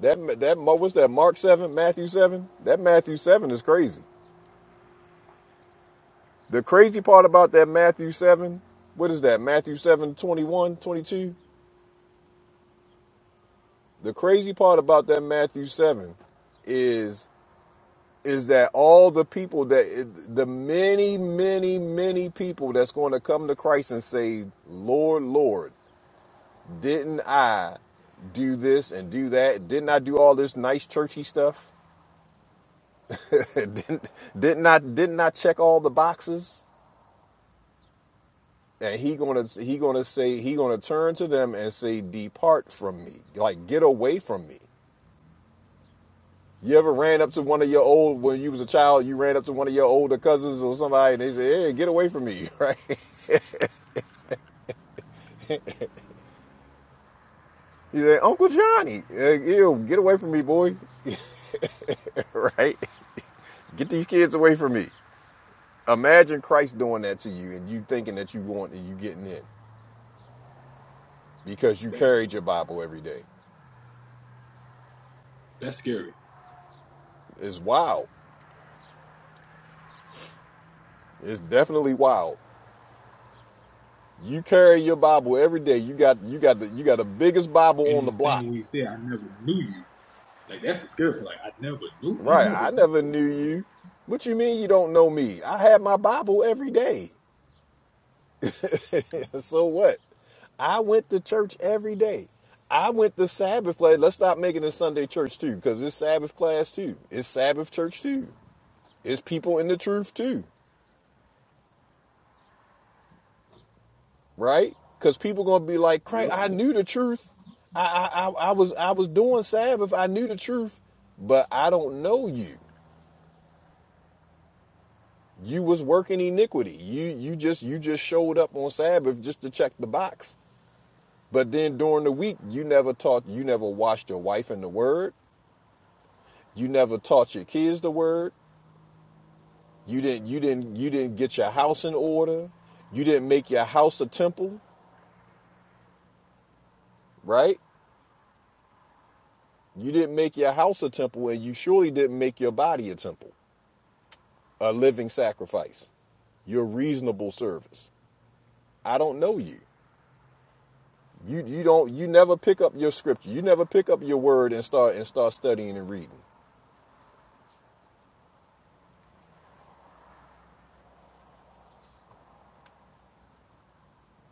Speaker 1: That that what's that? Mark seven, Matthew seven. That Matthew seven is crazy. The crazy part about that Matthew seven, what is that? Matthew 7 21, 22. The crazy part about that Matthew seven is is that all the people that the many, many, many people that's going to come to Christ and say, Lord, Lord, didn't I do this and do that? Didn't I do all this nice churchy stuff? didn't didn't I didn't I check all the boxes? And he gonna he gonna say he gonna turn to them and say, "Depart from me, like get away from me." You ever ran up to one of your old when you was a child? You ran up to one of your older cousins or somebody, and they say, "Hey, get away from me!" Right? You say, "Uncle Johnny, eh, ew, get away from me, boy!" right? Get these kids away from me. Imagine Christ doing that to you, and you thinking that you want and you getting in because you carried
Speaker 3: That's
Speaker 1: your Bible every day.
Speaker 3: that's scary.
Speaker 1: It's wild. It's definitely wild. You carry your Bible every day. You got you got the you got the biggest Bible on
Speaker 3: And
Speaker 1: the
Speaker 3: the
Speaker 1: block.
Speaker 3: thing we said, I never knew you. Like that's the scary part. Like I never knew. He
Speaker 1: Right.
Speaker 3: never
Speaker 1: I
Speaker 3: knew.
Speaker 1: never knew you. What you mean you don't know me? I have my Bible every day. so what? I went to church every day. I went to Sabbath class. Let's stop making it Sunday church too, because it's Sabbath class too. It's Sabbath church too. It's people in the truth too. right? Because people gonna be like,
Speaker 3: you.
Speaker 1: "Craig,
Speaker 3: know?
Speaker 1: I knew the truth. I, I, I, I was, I was doing Sabbath. I knew the truth, but I don't know you. You was working iniquity. You, you just, you just showed up on Sabbath just to check the box. But then during the week, you never taught, you never washed your wife in the Word. You never taught your kids the Word. You didn't, you didn't, you didn't get your house in order. You didn't make your house a temple, right? You didn't make your house a temple, and you surely didn't make your body a temple, a living sacrifice, your reasonable service. I don't know you. You you don't you never pick up your scripture. You never pick up your word and start and start studying and reading,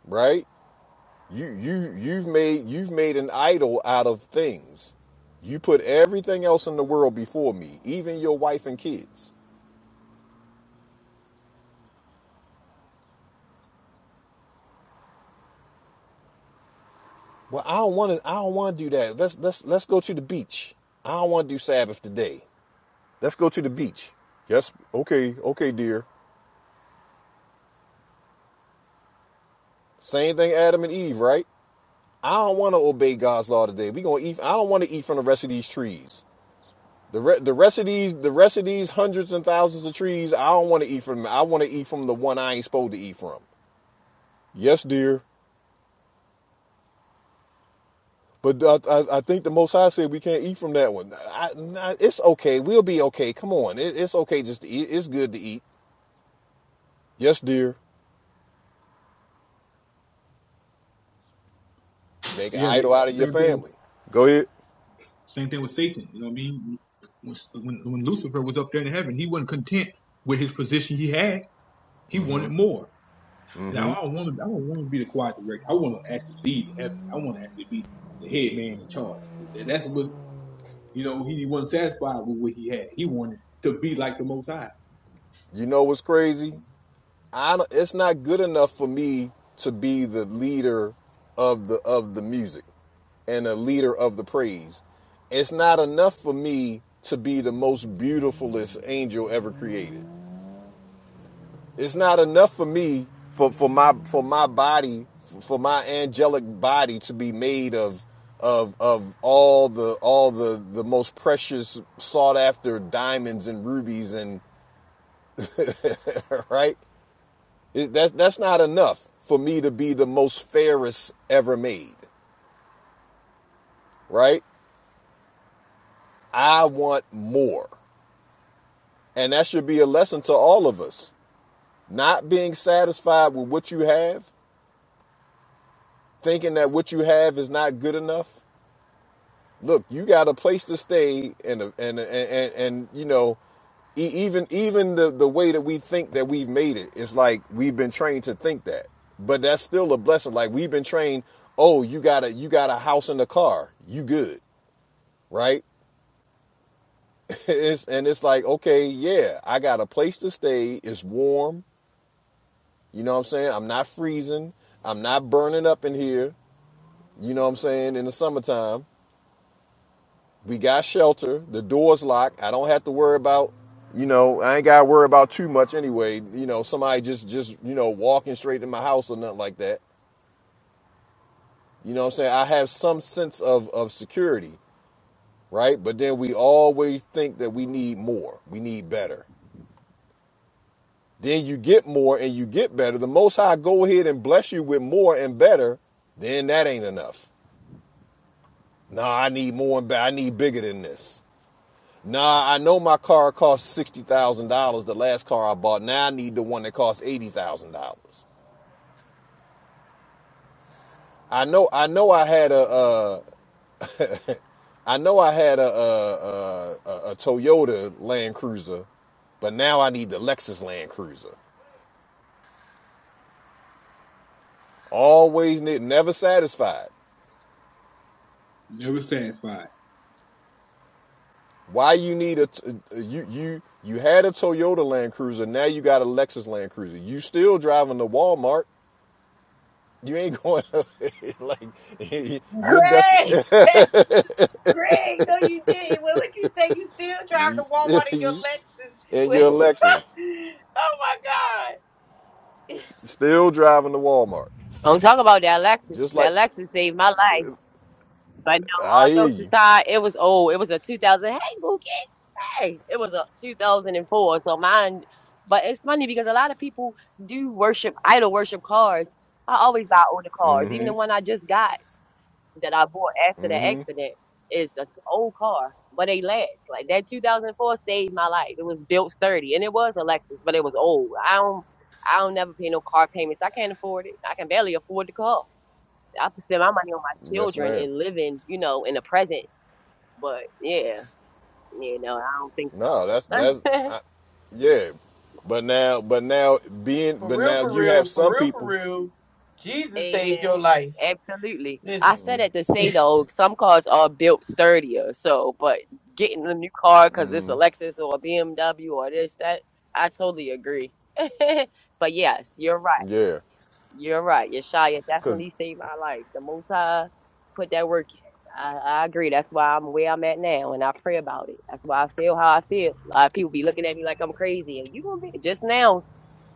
Speaker 1: right? You you you've made you've made an idol out of things. You put everything else in the world before me, even your wife and kids. Well, I don't want to. I don't want to do that. Let's let's let's go to the beach. I don't want to do Sabbath today. Let's go to the beach. Yes, okay, okay, dear. Same thing Adam and Eve, right? I don't want to obey God's law today. We gonna eat. I don't want to eat from the rest of these trees. The re- the rest of these the rest of these hundreds and thousands of trees. I don't want to eat from. them. I want to eat from the one I ain't supposed to eat from. Yes, dear. But I, I, I think the Most High said we can't eat from that one. I, nah, it's okay. We'll be okay. Come on. It, it's okay just to eat. It's good to eat. Yes, dear. Make an
Speaker 3: Yeah, the
Speaker 1: idol out of your
Speaker 3: same thing.
Speaker 1: family. Go ahead.
Speaker 3: Same thing with Satan. You know what I mean? When, when, when Lucifer was up there in heaven, he wasn't content with his position he had. He wanted more. Now I don't want to. I don't want to be the choir director. I want to actually lead the heaven. I want to actually be the head man in charge. That's what you know. He wasn't satisfied with what he had. He wanted to be like the Most High.
Speaker 1: You know what's crazy? I don't, it's not good enough for me to be the leader of the of the music and the leader of the praise. It's not enough for me to be the most beautifulest angel ever created. It's not enough for me for, for my for my body for my angelic body to be made of of of all the all the the most precious sought after diamonds and rubies and right It, that's that's not enough for me to be the most fairest ever made, right? I want more. And that should be a lesson to all of us. Not being satisfied with what you have, thinking that what you have is not good enough. Look, you got a place to stay and and and and, and you know, e- even even the the way that we think that we've made it, it's like we've been trained to think that. But that's still a blessing. Like we've been trained, oh, you got a you got a house and a car, you good. right? it's, and it's like, okay, yeah, I got a place to stay. It's warm. You know what I'm saying? I'm not freezing. I'm not burning up in here. You know what I'm saying? In the summertime, we got shelter. The door's locked. I don't have to worry about, you know, I ain't got to worry about too much anyway. You know, somebody just, just, you know, walking straight to my house or nothing like that. You know what I'm saying? I have some sense of, of security, right? But then we always think that we need more. We need better. then you get more and you get better. The Most High go ahead and bless you with more and better, then that ain't enough. Nah, I need more and better. I need bigger than this. Nah, I know my car cost sixty thousand dollars. The last car I bought. Now I need the one that costs eighty thousand dollars. I know. I know. I had a. Uh, I know I had a, a, a, a Toyota Land Cruiser, but now I need the Lexus Land Cruiser. Always ne- never satisfied.
Speaker 3: Never satisfied.
Speaker 1: Why you need a a you you you had a Toyota Land Cruiser, now you got a Lexus Land Cruiser. You still driving to Walmart. You ain't going like you're dest-
Speaker 8: Craig, no, you didn't. Well, What would you say? You still driving to Walmart in your
Speaker 1: and
Speaker 8: Lexus? with-
Speaker 1: your Lexus
Speaker 8: oh my God.
Speaker 1: still driving to Walmart.
Speaker 4: Don't talk about that Lexus.
Speaker 1: Just like
Speaker 4: That Lexus saved my life. But
Speaker 1: I
Speaker 4: no,
Speaker 1: hear
Speaker 4: all jokes
Speaker 1: you.
Speaker 4: aside, it was old. It was a 2000. Hey, Bookie. Hey, it was a 2004, so mine. But it's funny because a lot of people do worship idol worship cars. I always buy older cars, even the one I just got that I bought after the accident is an old car, but they last. Like that 2004 saved my life. It was built sturdy, and it was a Lexus, but it was old. I don't, I don't never pay no car payments. I can't afford it. I can barely afford the car. I could spend my money on my
Speaker 1: Yes,
Speaker 4: children
Speaker 1: ma'am.
Speaker 4: and living, you know, in the present. But yeah, you know, I don't think
Speaker 1: No, that's that's
Speaker 4: so.
Speaker 1: I, yeah. But now, but now being,
Speaker 8: For
Speaker 1: but
Speaker 8: real,
Speaker 1: now
Speaker 8: for
Speaker 1: you have
Speaker 8: real, for
Speaker 1: some
Speaker 8: real, for
Speaker 1: people.
Speaker 8: real. Jesus saved your
Speaker 4: Amen.
Speaker 8: life.
Speaker 4: Absolutely.
Speaker 8: Listen.
Speaker 4: I said that to say though, some cars are built sturdier. So, but getting a new car because it's a Lexus or a BMW or this, that, I totally agree. But yes, you're right.
Speaker 1: Yeah,
Speaker 4: You're right. Yeshaya
Speaker 1: because
Speaker 4: definitely saved my life. The most I put that work in. I, I agree. That's why I'm where I'm at now and I pray about it. That's why I feel how I feel. A lot of people be looking at me like I'm crazy. And you gonna be just now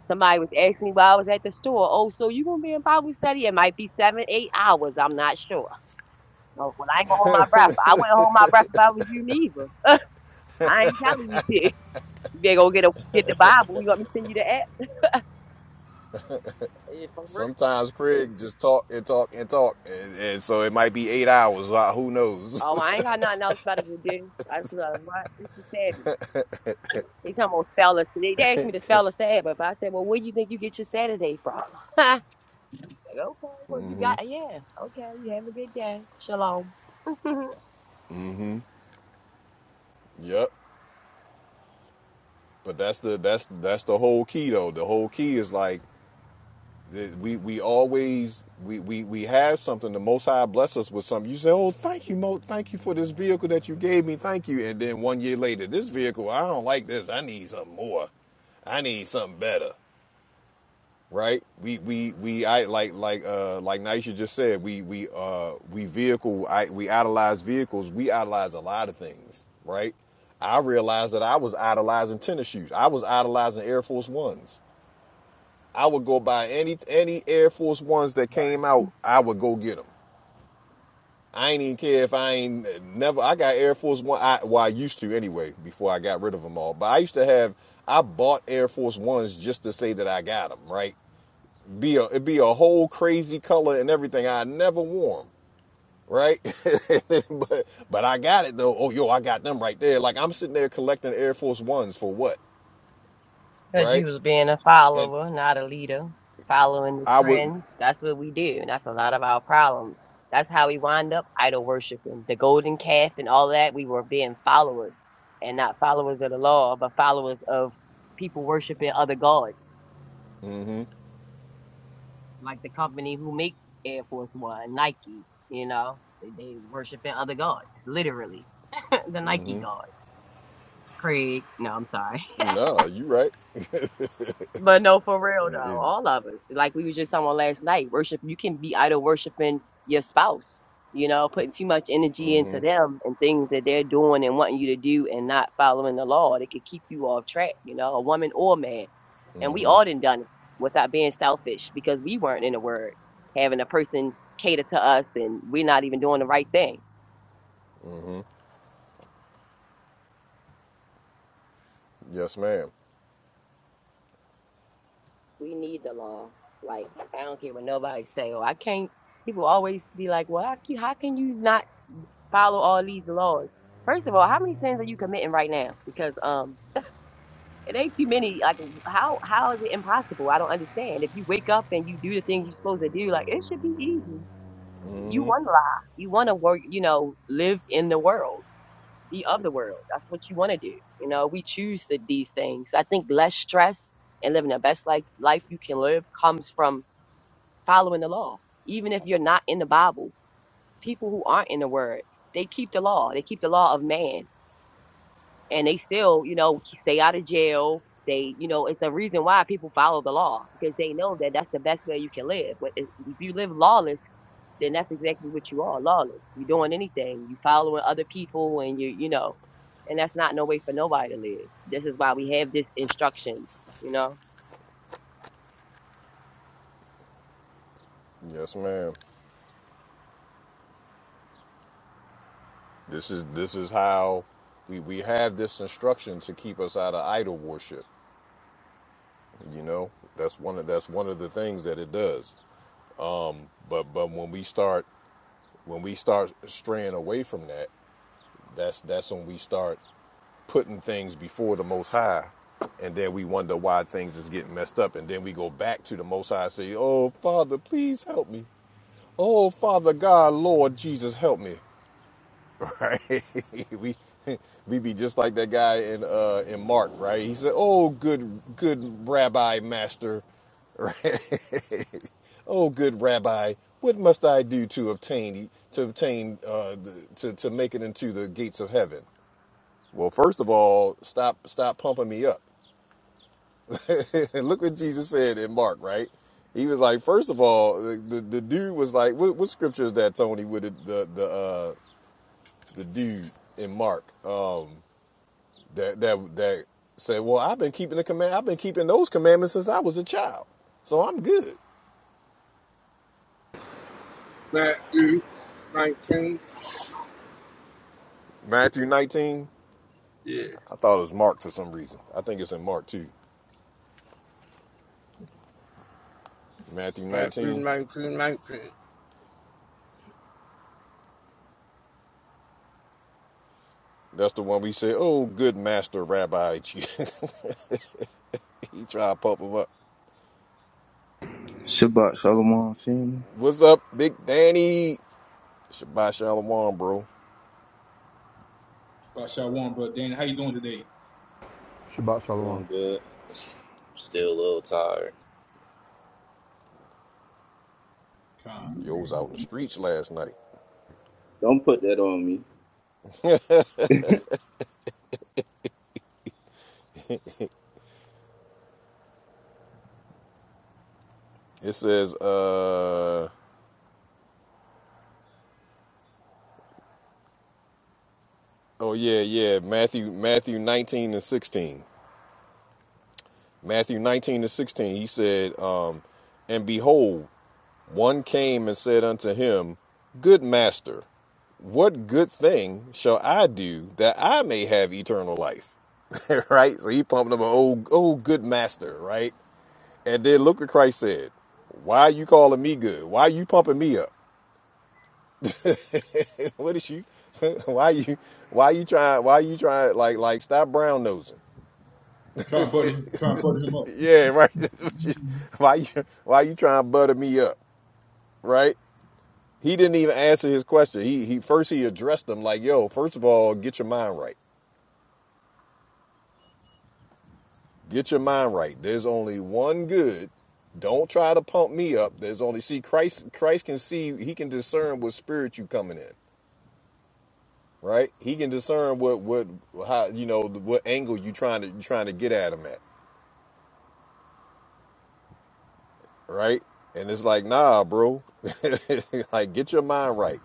Speaker 4: Somebody was asking me while I was at the store, oh, so you gonna be in Bible study? It might be seven, eight hours. I'm not sure. Oh, well, I ain't gonna hold my breath. I wouldn't hold my breath if I was you neither. I ain't telling you to. You better go get a get the Bible. You want me to send you the app? Yeah, for real.
Speaker 1: Sometimes Craig just talk and talk and talk, and, and so it might be eight hours. uh, Who knows?
Speaker 4: Oh, I ain't got nothing else better to do. I just like, what? This is Saturday. They talking about spell a They, they asked me to spell a Sabbath. I said, well, where do you think you get your Saturday from? like, okay, well, you got, yeah. Okay, you have a good day. Shalom.
Speaker 1: yep. But that's the that's that's the whole key though. The whole key is like we we always we we we have something. The Most High bless us with something. You say, "Oh, thank you, Mo. Thank you for this vehicle that you gave me. Thank you." And then one year later, this vehicle, I don't like this. I need something more. I need something better. right? We we we I like like uh like Naisha just said, we we uh we vehicle I we idolize vehicles, we idolize a lot of things, right? I realized that I was idolizing tennis shoes. I was idolizing Air Force Ones. I would go buy any any Air Force Ones that came out. I would go get them. I ain't even care if I ain't uh, never. I got Air Force One. I, well, I used to anyway before I got rid of them all. But I used to have. I bought Air Force Ones just to say that I got them, right? be a it be a whole crazy color and everything. I never wore 'em, right? but but I got it though. Oh yo, I got them right there. Like I'm sitting there collecting Air Force Ones for what,
Speaker 4: Because
Speaker 1: right?
Speaker 4: you was being a
Speaker 1: And
Speaker 4: follower, not a leader, following the
Speaker 1: I would
Speaker 4: trends. That's what we do. And that's a lot of our problems. That's how we wind up idol worshiping, the golden calf and all that. We were being followers and not followers of the law, but followers of people worshiping other gods, like the company who make Air Force One, Nike, you know, they, they worshiping other gods, literally. the Nike god. Craig, no, I'm sorry.
Speaker 1: no, you right?
Speaker 4: But no, for real though, all of us, like we were just talking about last night, worship, you can be idol worshiping your spouse, you know, putting too much energy into them and things that they're doing and wanting you to do and not following the law. They could keep you off track, you know, a woman or a man. And we all done done it without being selfish because we weren't in the word, having a person cater to us and we're not even doing the right thing.
Speaker 1: yes, ma'am.
Speaker 4: We need the law. Like I don't care what nobody say. Oh, I can't. People always be like, "Well, how can how can you not follow all these laws?" First of all, how many sins are you committing right now? Because um, it ain't too many. Like how how is it impossible? I don't understand. If you wake up and you do the things you're supposed to do, like it should be easy. You want to lie. You want to work. You know, live in the world, be of the world. That's what you want to do. You know, we choose to, these things. I think less stress and living the best life life you can live comes from following the law. Even if you're not in the Bible, people who aren't in the Word, they keep the law. They keep the law of man, and they still, you know, stay out of jail. They, you know, it's a reason why people follow the law because they know that that's the best way you can live. But if if you live lawless, then that's exactly what you are lawless. You're doing anything, you following other people, and you, you know, and that's not no way for nobody to live. This is why we have this instruction, you know.
Speaker 1: Yes, ma'am. This is this is how we we have this instruction to keep us out of idol worship. You know, that's one of that's one of the things that it does. But but when we start when we start straying away from that That's that's when we start putting things before the Most High, and then we wonder why things is getting messed up, and then we go back to the Most High and say, "Oh Father, please help me. Oh Father God, Lord Jesus, help me." Right? we we be just like that guy in uh in Mark, right? He said, "Oh good good Rabbi Master." Right? oh, good Rabbi, what must I do to obtain e, to obtain uh, the, to to make it into the gates of heaven? Well, first of all, stop stop pumping me up. and look what Jesus said in Mark, right? He was like, first of all, the, the, the dude was like, what, what scripture is that, Tony, with the the the, uh, the dude in Mark um, that that that said, well, I've been keeping the command, I've been keeping those commandments since I was a child, so I'm good.
Speaker 9: Matthew 19.
Speaker 1: Matthew 19,
Speaker 9: Yeah,
Speaker 1: I thought it was Mark for some reason. I think it's in Mark too. Matthew
Speaker 9: Matthew
Speaker 1: 19,
Speaker 9: nineteen, nineteen.
Speaker 1: that's the one we said, oh, good master, rabbi, he tried to pump him up.
Speaker 10: Shabbat Shalom, family.
Speaker 1: What's up, Big Danny? Shabbat Shalom, bro.
Speaker 3: Bashaw one, brother Danny, how you doing today?
Speaker 11: Shabbat Shalom.
Speaker 10: Doing good. Still a little tired.
Speaker 3: Try,
Speaker 1: Yo I was out in the streets last night.
Speaker 10: Don't put that on me.
Speaker 1: It says, uh, oh yeah, yeah, Matthew, Matthew 19 and 16. Matthew 19 and 16, he said, um, and behold, one came and said unto him, Good master, what good thing shall I do that I may have eternal life? right? So he pumped up an old, old good master, right? And then look what Christ said. Why are you calling me good? Why are you pumping me up? what is you? why are you? Why are you trying? Why are you trying? Like like stop brown nosing.
Speaker 3: try and butter, try and butter him up
Speaker 1: Yeah, right. why you? Why are you trying to butter me up? Right? He didn't even answer his question. He he first he addressed them like, yo, first of all, get your mind right. Get your mind right. There's only one good. Don't try to pump me up. There's only see Christ. Christ can see. He can discern what spirit you coming in. right? He can discern what what how you know what angle you trying to you trying to get at him at, right? And it's like, nah, bro, like get your mind right.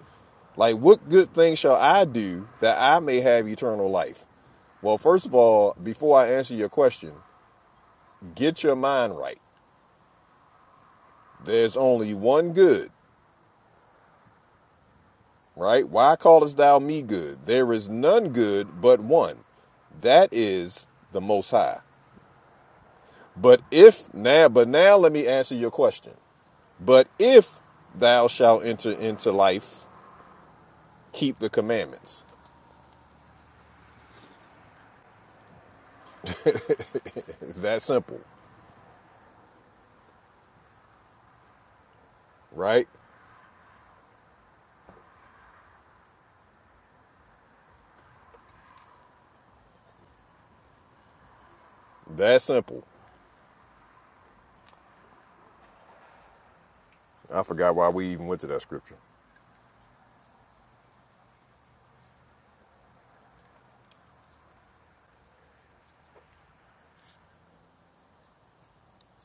Speaker 1: Like, what good thing shall I do that I may have eternal life? Well, first of all, before I answer your question, get your mind right. There's only one good, right? Why callest thou me good? There is none good but one. That is the Most High. But if now, but now let me answer your question. But if thou shalt enter into life, keep the commandments. that simple, right? That simple. I forgot why we even went to that scripture.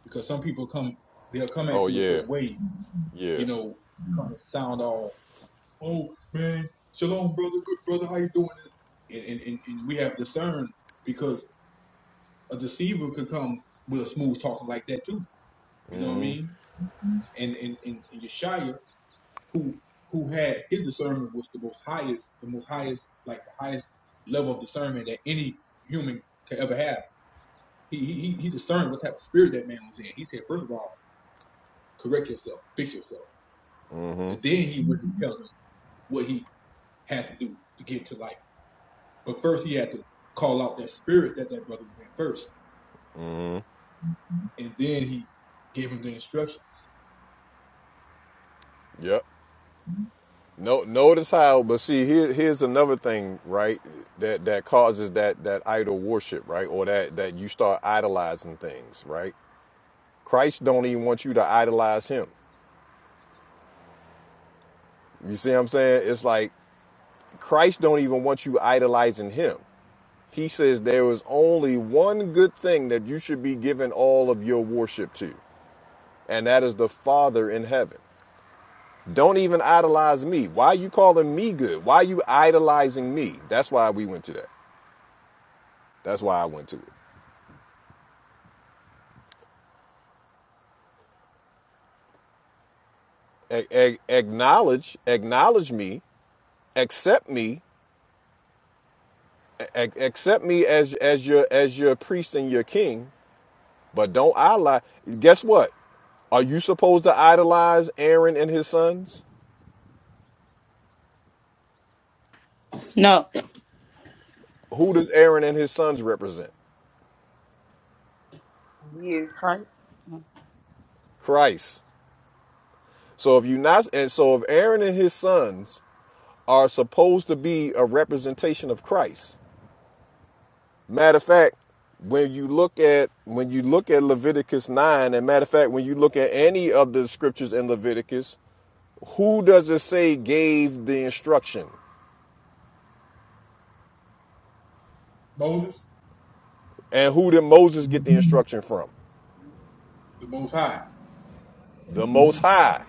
Speaker 3: because some people come, they'll come at
Speaker 1: Oh
Speaker 3: you a
Speaker 1: yeah,
Speaker 3: certain way,
Speaker 1: yeah,
Speaker 3: you know, trying to sound all oh man, shalom, brother, good brother, how you doing? And and, and, and we have discerned because a deceiver could come with a smooth talking like that too. You know what I mean? And and and, and Yeshaya, who who had his discernment was the most highest, the most highest, like the highest level of discernment that any human could ever have. He he he he discerned what type of spirit that man was in. He said, first of all, correct yourself, fix yourself, and then he would tell them what he had to do to get to life. But first, he had to call out that spirit that that brother was in first, and then he gave him the instructions.
Speaker 1: yep. No, notice how, but see, here, here's another thing, right? That that causes that that idol worship, right? Or that that you start idolizing things, right? Christ don't even want you to idolize him. You see what I'm saying? It's like Christ don't even want you idolizing him. He says there is only one good thing that you should be giving all of your worship to, and that is the Father in heaven. Don't even idolize me. Why are you calling me good? Why are you idolizing me? That's why we went to that. That's why I went to it. A- a- acknowledge, acknowledge me, accept me, a- accept me as as your as your priest and your king, But don't idolize. Guess what? Are you supposed to idolize Aaron and his sons?
Speaker 8: no.
Speaker 1: Who does Aaron and his sons represent?
Speaker 4: You.
Speaker 8: Right.
Speaker 1: Christ. So if you not and so if Aaron and his sons are supposed to be a representation of Christ. Matter of fact, when you look at when you look at Leviticus 9 and matter of fact when you look at any of the scriptures in Leviticus, who does it say gave the instruction?
Speaker 3: Moses,
Speaker 1: And who did Moses get the
Speaker 3: the
Speaker 1: instruction from?
Speaker 3: Most High.
Speaker 1: The Most High.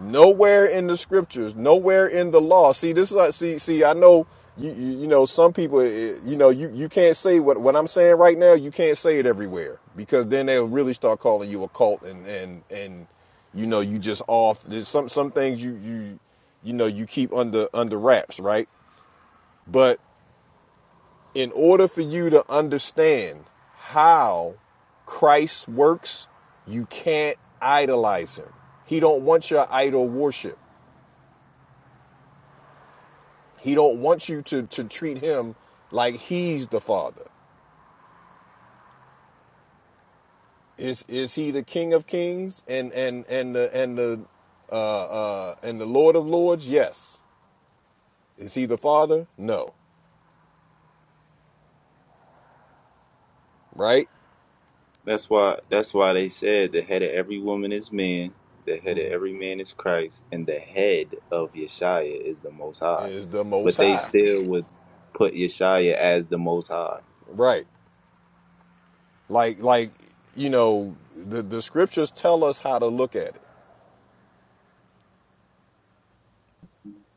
Speaker 1: Nowhere in the scriptures, nowhere in the law. See, this is like, see, see. I know you, you, you know, some people, eh, you know, you, you can't say what what I'm saying right now. You can't say it everywhere because then they'll really start calling you a cult and and and you know, you just off. There's some some things you you you know you keep under under wraps, right? But in order for you to understand how Christ works, you can't idolize him. He don't want your idol worship. He don't want you to to treat him like he's the father. Is is he the King of Kings and and and the and the uh, uh, and the Lord of Lords? Yes. Is he the Father? No. Right?
Speaker 10: That's why. That's why they said the head of every woman is man. The head of every man is Christ, and the head of Yeshaya is the Most High.
Speaker 1: Is the Most
Speaker 10: But they
Speaker 1: High?
Speaker 10: still would put Yeshaya as the Most High.
Speaker 1: Right. Like like you know the the scriptures tell us how to look at it.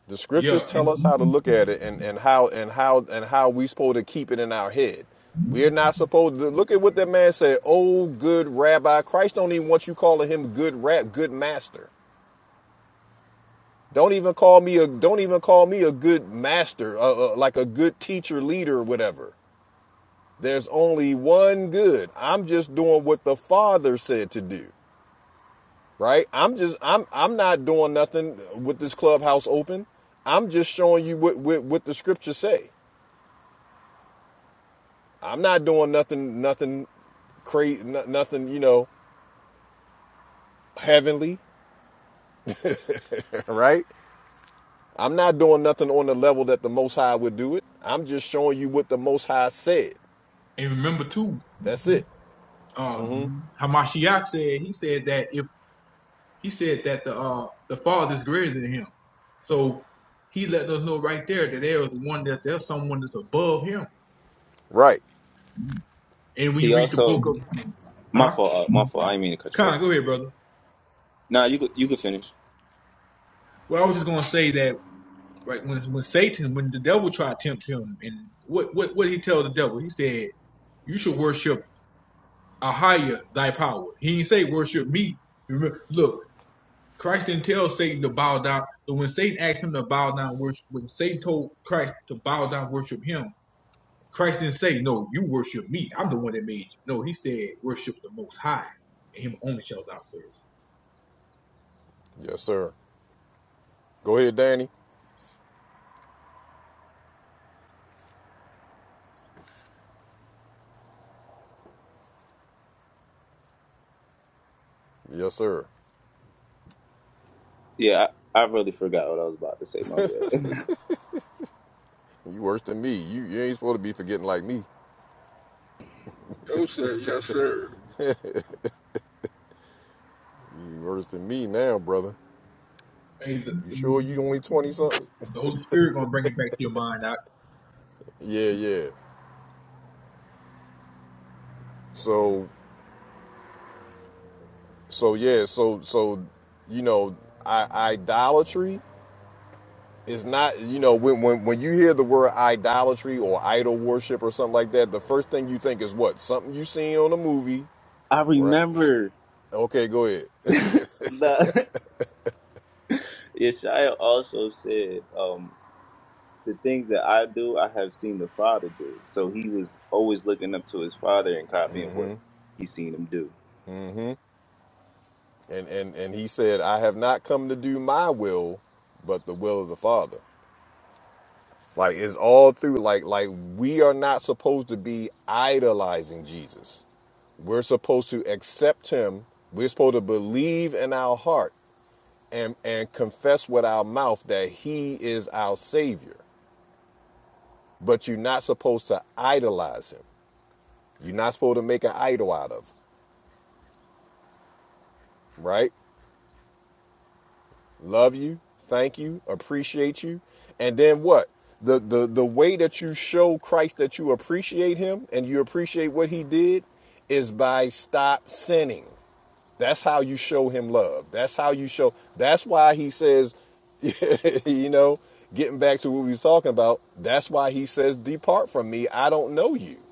Speaker 1: The scriptures
Speaker 3: Yeah,
Speaker 1: tell
Speaker 3: and
Speaker 1: us how to look at it and, and how and how and how we supposed to keep it in our head. We're not supposed to look at what that man said. Oh, good rabbi. Christ don't even want you calling him good rap, good master. Don't even call me a don't even call me a good master, uh, uh, like a good teacher, leader, or whatever. There's only one good. I'm just doing what the Father said to do, right? I'm just I'm I'm not doing nothing with this clubhouse open. I'm just showing you what what, what the scriptures say. I'm not doing nothing, nothing crazy, nothing, you know, heavenly, right? I'm not doing nothing on the level that the Most High would do it. I'm just showing you what the Most High said.
Speaker 3: and remember too,
Speaker 1: That's it.
Speaker 3: uh, Hamashiach said he said that if he said that the uh the Father is greater than him, so he let us know right there that there is one that there's someone that's above him.
Speaker 1: Right.
Speaker 3: And when you
Speaker 10: He
Speaker 3: read the
Speaker 10: also
Speaker 3: book of, uh
Speaker 10: my
Speaker 3: huh,
Speaker 10: fault. uh, My fault. I didn't mean to cut you off.
Speaker 3: Con, go ahead, brother.
Speaker 10: Nah, you could you could finish.
Speaker 3: Well, I was just gonna say that. right? When when Satan, when the devil tried to tempt him, and what what what did he tell the devil? He said, "You should worship a higher thy power." He didn't say worship me. Remember, look, Christ didn't tell Satan to bow down. So when Satan asked him to bow down, worship, when Satan told Christ to bow down, worship him, Christ didn't say, "No, you worship me. I'm the one that made you." No, he said, "Worship the Most High, and Him only shall thou serve."
Speaker 1: Yes, sir. Go ahead, Danny. Yes, sir.
Speaker 10: Yeah, I, I really forgot what I was about to say. My bad.
Speaker 1: You worse than me. You, you ain't supposed to be forgetting like me.
Speaker 9: 19. Those said, yes, sir.
Speaker 1: You worse than me now, brother.
Speaker 3: Hey, the,
Speaker 1: You sure you
Speaker 3: the
Speaker 1: only twenty something?
Speaker 3: Holy Spirit gonna bring it back to your mind. I,
Speaker 1: yeah, yeah. So, so yeah, so so you know, I, idolatry. it's not you know when, when when you hear the word idolatry or idol worship or something like that the first thing you think is what something you seen on a movie
Speaker 10: I
Speaker 1: right
Speaker 10: remember.
Speaker 1: okay go ahead
Speaker 10: Nah. Yeshaya also said, um, the things that I do, I have seen the Father do. So he was always looking up to his Father and copying what he seen him do.
Speaker 1: and and and he said i have not come to do my will but the will of the father like it's all through like like we are not supposed to be idolizing jesus we're supposed to accept him we're supposed to believe in our heart and and confess with our mouth that he is our savior but you're not supposed to idolize him. You're not supposed to make an idol out of him, right? Love you, thank you, appreciate you. And then what? The, the, the way that you show Christ that you appreciate him and you appreciate what he did is by stop sinning. That's how you show him love. That's how you show. That's why he says, you know, getting back to what we was talking about, that's why he says, Depart from me. I don't know you.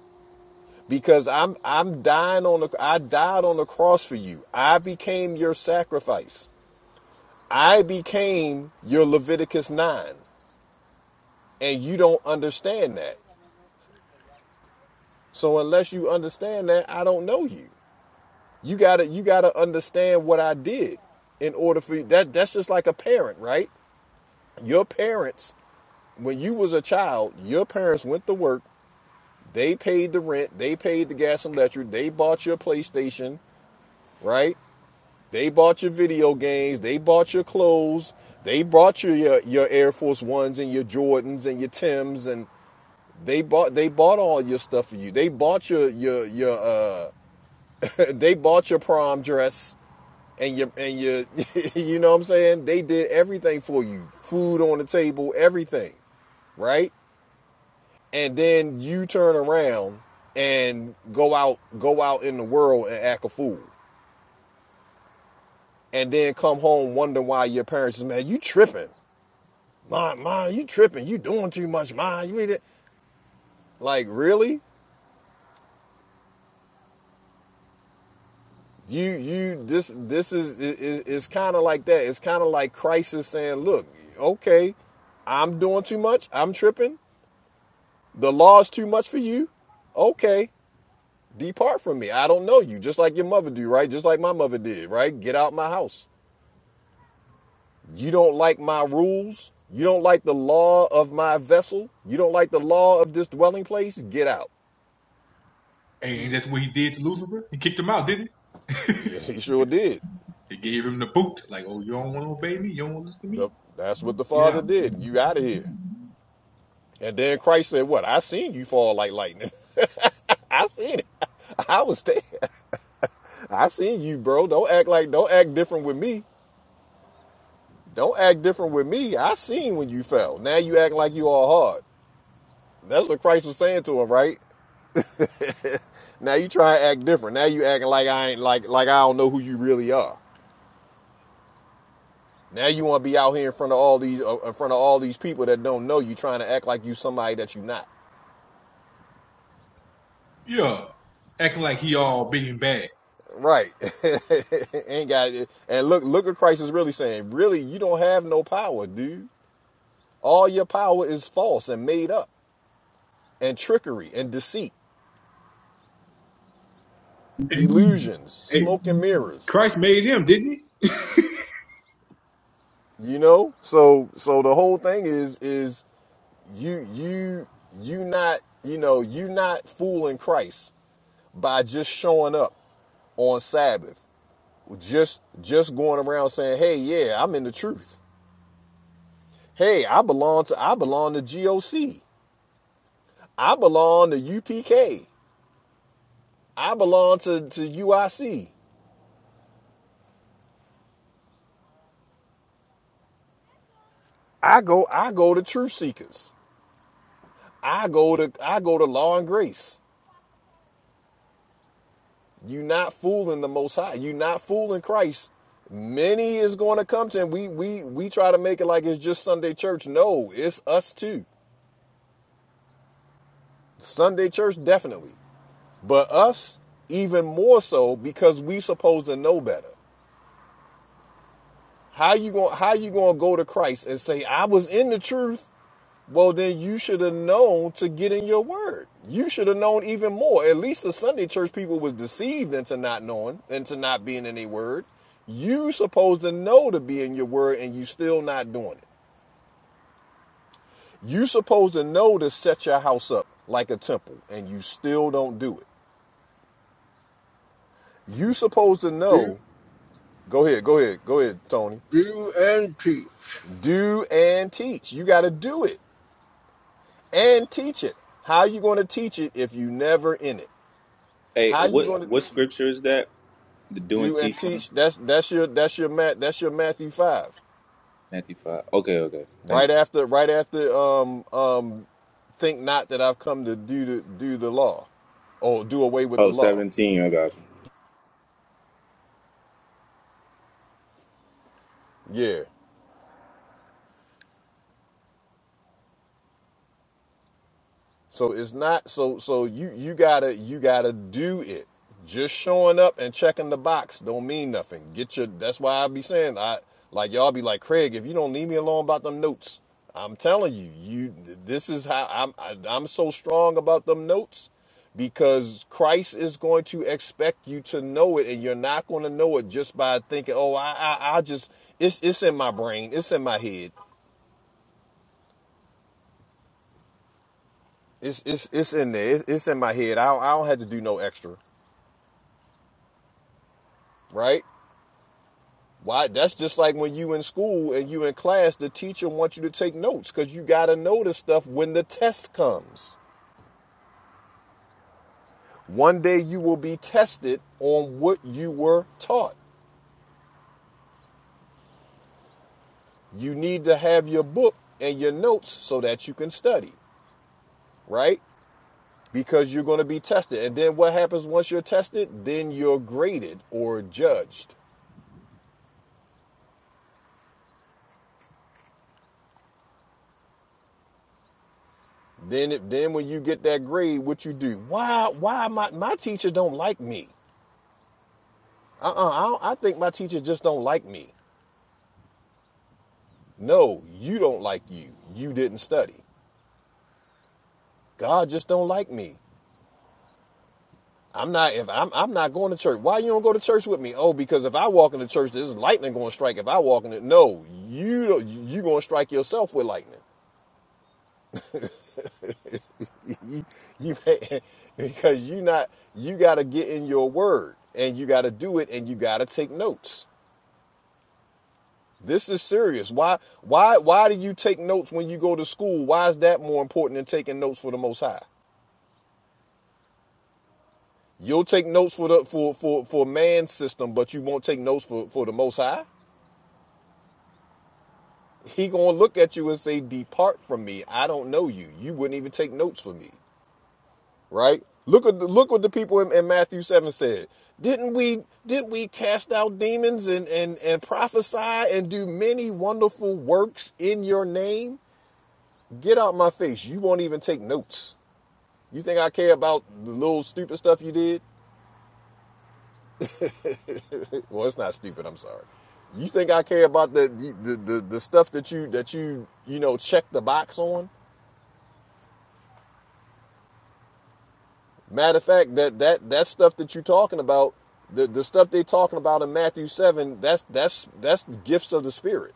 Speaker 1: because I'm I'm dying on the I died on the cross for you. I became your sacrifice. I became your Leviticus 9 and you don't understand that. So unless you understand that, I don't know you. You got to you got to understand what I did in order for you. that that's just like a parent, right? Your parents when you was a child, your parents went to work, they paid the rent, they paid the gas and electric, they bought your PlayStation, right? They bought your video games, they bought your clothes, they bought your, your your Air Force Ones and your Jordans and your Tims and they bought they bought all your stuff for you. They bought your your your uh they bought your prom dress and your and your you know what I'm saying? They did everything for you. Food on the table, everything, right? And then you turn around and go out go out in the world and act a fool. and then come home wonder why your parents is mad. You tripping, mom? Mom, you tripping? You doing too much, mom? You need it. Like really? You you this this is it, it- it's kind of like that. It's kind of like crisis saying, look, okay, I'm doing too much. I'm tripping. The law's too much for you. Okay, depart from me. I don't know you. Just like your mother do, right? Just like my mother did, right? Get out my house. You don't like my rules. You don't like the law of my vessel. You don't like the law of this dwelling place. Get out.
Speaker 3: and that's what he did to Lucifer. He kicked him out, didn't he?
Speaker 1: Yeah, he sure did.
Speaker 3: It gave him the boot. Like, oh, you don't want to obey me? You don't want to listen to
Speaker 1: The-
Speaker 3: me?
Speaker 1: that's what the
Speaker 3: Get
Speaker 1: father
Speaker 3: out.
Speaker 1: did. You out of here. And then Christ said, What? I seen you fall like lightning. I seen it. I was there. I seen you, bro. Don't act like, don't act different with me. Don't act different with me. I seen when you fell. Now you act like you all hard. That's what Christ was saying to him, right? Now you try to act different. Now you acting like I ain't like like I don't know who you really are. Now you want to be out here in front of all these uh, in front of all these people that don't know you, trying to act like you somebody that you not.
Speaker 3: Yeah. Acting like he all big and bad.
Speaker 1: Right? ain't got it. And look, look at Christ is really saying. Really, you don't have no power, dude. All your power is false and made up, and trickery and deceit, illusions,
Speaker 3: Hey,
Speaker 1: smoke and mirrors.
Speaker 3: Christ made him, didn't he?
Speaker 1: You know. So so the whole thing is is you you you not you know you not fooling Christ by just showing up on Sabbath, just just going around saying, "Hey, yeah, I'm in the truth. Hey, I belong to I belong to GOC. I belong to UPK. I belong to to UIC. I C. I go I go to Truth Seekers. I go to I go to Law and Grace. You are not fooling the Most High. You are not fooling Christ. Many is going to come to him. We we we try to make it like it's just Sunday church. No, it's us too. Sunday church definitely, but us even more so because we supposed to know better. How you going how you going to go to Christ and say I was in the truth? Well, then you should have known to get in your word. You should have known even more. At least the Sunday church people was deceived into not knowing, into not being in their word. You supposed to know to be in your word and you still not doing it. You supposed to know to set your house up like a temple and you still don't do it. You supposed to
Speaker 9: Do,
Speaker 1: know. Go ahead, go ahead, go ahead, Tony.
Speaker 9: do you and teach
Speaker 1: Do and teach. You got to do it. and teach it. How are you going to teach it if you never in it?
Speaker 10: Hey,
Speaker 1: How are you
Speaker 10: what
Speaker 1: going to
Speaker 10: what scripture is that? The do and
Speaker 1: do and
Speaker 10: teach one?
Speaker 1: teach? That's that's your that's your mat that's your Matthew five.
Speaker 10: Matthew 5. Okay, okay. Thank you.
Speaker 1: Right after right after um um think not that I've come to do to do the law, or do away with the
Speaker 10: Oh,
Speaker 1: law.
Speaker 10: 17. I got you.
Speaker 1: Yeah, So it's not so so you you gotta you gotta do it. Just showing up and checking the box don't mean nothing. Get your that's why I be saying I like y'all be like Craig if you don't leave me alone about them notes. I'm telling you, you this is how I'm I, I'm so strong about them notes because Christ is going to expect you to know it and you're not going to know it just by thinking, "Oh, I I, I just it's it's in my brain, it's in my head." It's it's it's in there. It's, it's in my head. I don't, I don't have to do no extra. right? Why? That's just like when you in school and you in class, the teacher wants you to take notes because you got to know the stuff when the test comes. One day you will be tested on what you were taught. You need to have your book and your notes so that you can study, right? Because you're going to be tested. And then what happens once you're tested? Then you're graded or judged. Then, then when you get that grade, what you do? Why? Why my my teacher don't like me? uh-uh, I, don't- I think my teachers just don't like me. No, you don't like you. You didn't study. God just don't like me. I'm not if I'm I'm not going to church. Why you don't go to church with me? Oh, because if I walk into church, there's lightning going to strike. If I walk in it, no, you don't, you going to strike yourself with lightning. you you because you not you got to get in your word and you got to do it and you got to take notes. This is serious. Why why why do you take notes when you go to school? Why is that more important than taking notes for the most high? You'll take notes for the for for for man's system, but you won't take notes for for the most high? He going to look at you and say depart from me. I don't know you. You wouldn't even take notes for me. Right? Look at the, look what the people in, in Matthew 7 said. Didn't we didn't we cast out demons and and and prophesy and do many wonderful works in your name? Get out my face. You won't even take notes. You think I care about the little stupid stuff you did? well, it's not stupid. I'm sorry. You think I care about the the, the the stuff that you that you you know check the box on? Matter of fact, that that that stuff that you're talking about, the the stuff they are talking about in Matthew seven, that's that's that's the gifts of the spirit.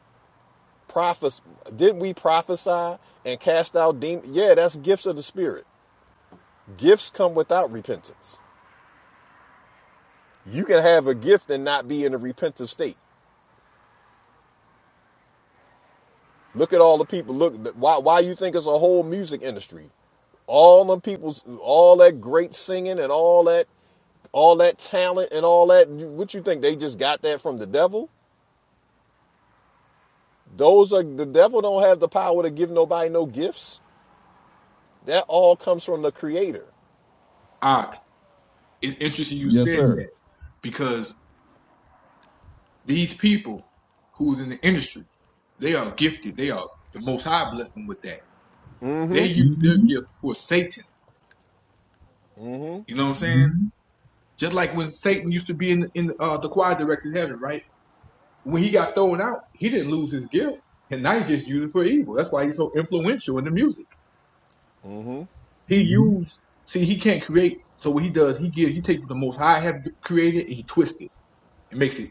Speaker 1: Prophes didn't we prophesy and cast out demons? Yeah, that's gifts of the spirit. Gifts come without repentance. You can have a gift and not be in a repentant state. Look at all the people. Look, why why you think it's a whole music industry? All them people's, all that great singing and all that, all that talent and all that. What you think they just got that from the devil? Those are the devil don't have the power to give nobody no gifts. That all comes from the Creator.
Speaker 3: Ah, it's interesting you
Speaker 1: Yes,
Speaker 3: said
Speaker 1: sir.
Speaker 3: that because these people who's in the industry, they are gifted. They are the most high blessed them with that. They use their gifts for Satan. You know what I'm saying? Mm-hmm. Just like when Satan used to be in in uh, the choir director in heaven, right? When he got thrown out, he didn't lose his gift, and now he just used it for evil. That's why he's so influential in the music. He hmm used see he can't create. So what he does, he gives he takes what the most high have created and he twists it and makes it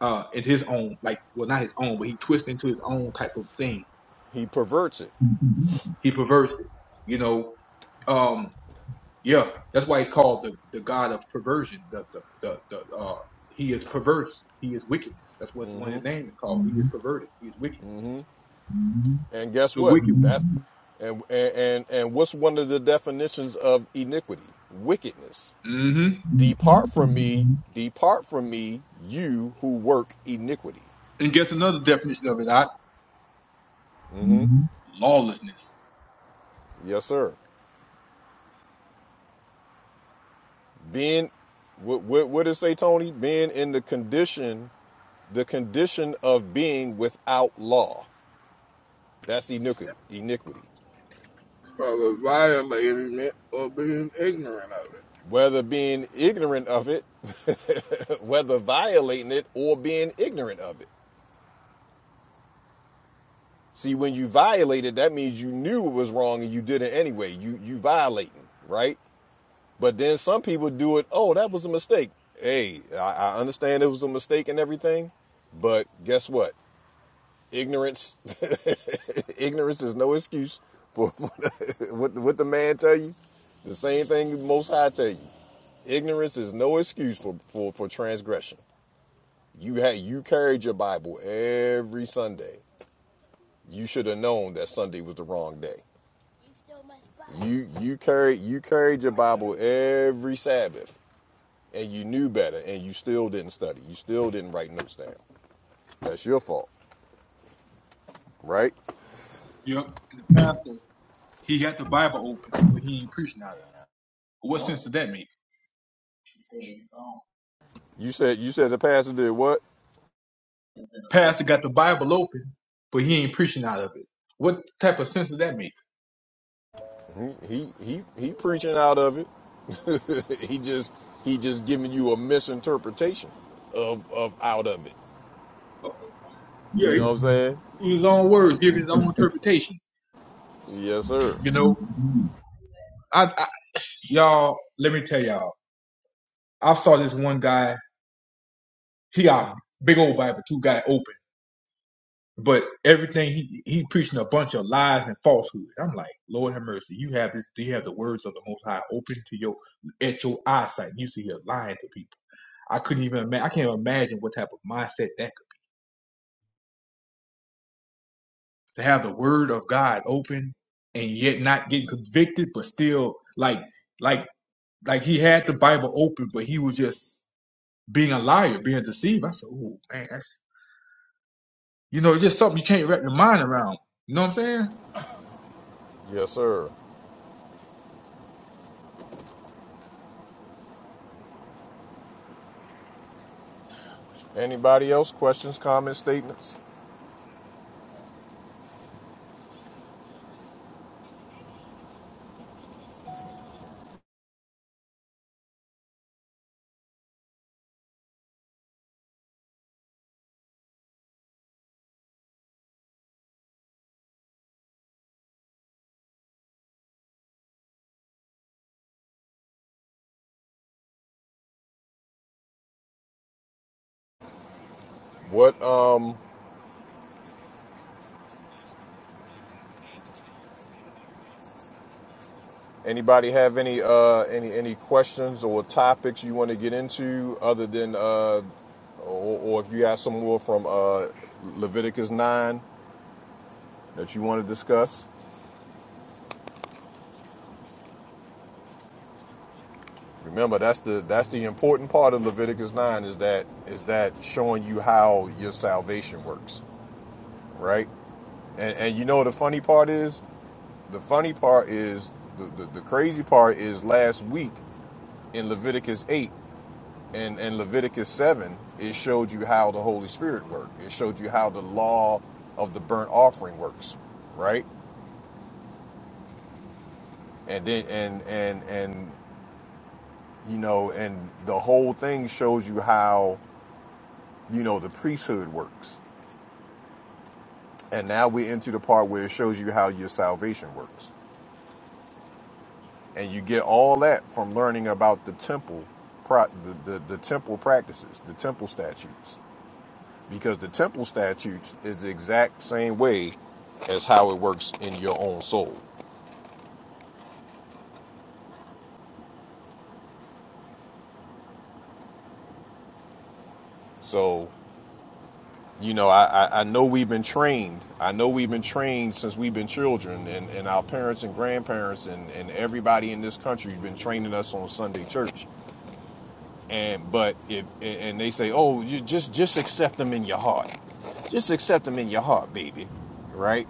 Speaker 3: uh in his own like well not his own, but he twists into his own type of thing.
Speaker 1: He perverts it,
Speaker 3: Mm-hmm. He perverts it. You know, um yeah, that's why he's called the, the god of perversion. The the the, the uh he is perverse. He is wickedness. That's what one his name is called. He is perverted. He is wicked. Mm-hmm.
Speaker 1: and guess
Speaker 3: The
Speaker 1: what?
Speaker 3: wicked
Speaker 1: That
Speaker 3: one.
Speaker 1: and and, and what's one of the definitions of iniquity? Wickedness.
Speaker 3: hmm
Speaker 1: Depart from me, depart from me, you who work iniquity.
Speaker 3: And guess another definition of it, I Mm-hmm. lawlessness.
Speaker 1: Yes, sir. Being, what, what, what did it say, Tony? Being in the condition, the condition of being without law. That's iniquity. iniquity.
Speaker 9: for violating it or being ignorant of it?
Speaker 1: Whether being ignorant of it, whether violating it, or being ignorant of it. See, when you violate it, that means you knew it was wrong and you did it anyway. You you violating, right? But then some people do it. Oh, that was a mistake. Hey, I, I understand it was a mistake and everything, but guess what? Ignorance, ignorance is no excuse for, for the, what, the- what the man tell you. The same thing the Most High tell you. Ignorance is no excuse for for, for transgression. You had you carried your Bible every Sunday. You should have known that Sunday was the wrong day. You you carried you carried your Bible every Sabbath. and you knew better and you still didn't study. You still didn't write notes down. That's your fault, right?
Speaker 3: Yep. And the pastor, he got the Bible open, but he ain't preaching out of it. What sense does that make? The
Speaker 1: You said you said the pastor did what?
Speaker 3: Pastor got the Bible open, but he ain't preaching out of it. What type of sense does that make?
Speaker 1: He he he preaching out of it. he just he just giving you a misinterpretation of of out of it.
Speaker 3: Yeah,
Speaker 1: You know what I'm
Speaker 3: he
Speaker 1: saying?
Speaker 3: used his own words, giving his own interpretation.
Speaker 1: Yes, sir.
Speaker 3: You know, I, I y'all, let me tell y'all, I saw this one guy. He got a big old Bible, two guy open. But everything he he preaching a bunch of lies and falsehood. I'm like, Lord have mercy. You have this. You have the words of the Most High open to your at your eyesight. You see here lying to people. I couldn't even. Ima- I can't even imagine what type of mindset that could to have the Word of God open and yet not getting convicted, but still like like like he had the Bible open, but he was just being a liar, being deceived. I said, oh man, that's you know, it's just something you can't wrap your mind around. You know what I'm saying?
Speaker 1: Yes, sir. Anybody else? Questions, comments, statements? What um Anybody have any uh, any any questions or topics you want to get into other than, uh, or, or if you got some more from uh, Leviticus nine that you want to discuss? Remember, that's the that's the important part of Leviticus nine is that is that showing you how your salvation works, right? And, and you know the funny part is, the funny part is the, the, the crazy part is last week in Leviticus eight. in, in Leviticus 7, it showed you how the Holy Spirit worked. It showed you how the law of the burnt offering works, right? And then and and and you know, and the whole thing shows you how, you know, the priesthood works. And now we're into the part where it shows you how your salvation works. And you get all that from learning about the temple pro- the, the, the temple practices, the temple statutes because the temple statutes is the exact same way as how it works in your own soul. So, you know, I, I, I know we've been trained. I know we've been trained since we've been children, and, and our parents and grandparents and, and everybody in this country has been training us on Sunday church. And but if and they say, oh, you just just accept them in your heart, just accept them in your heart, baby, right?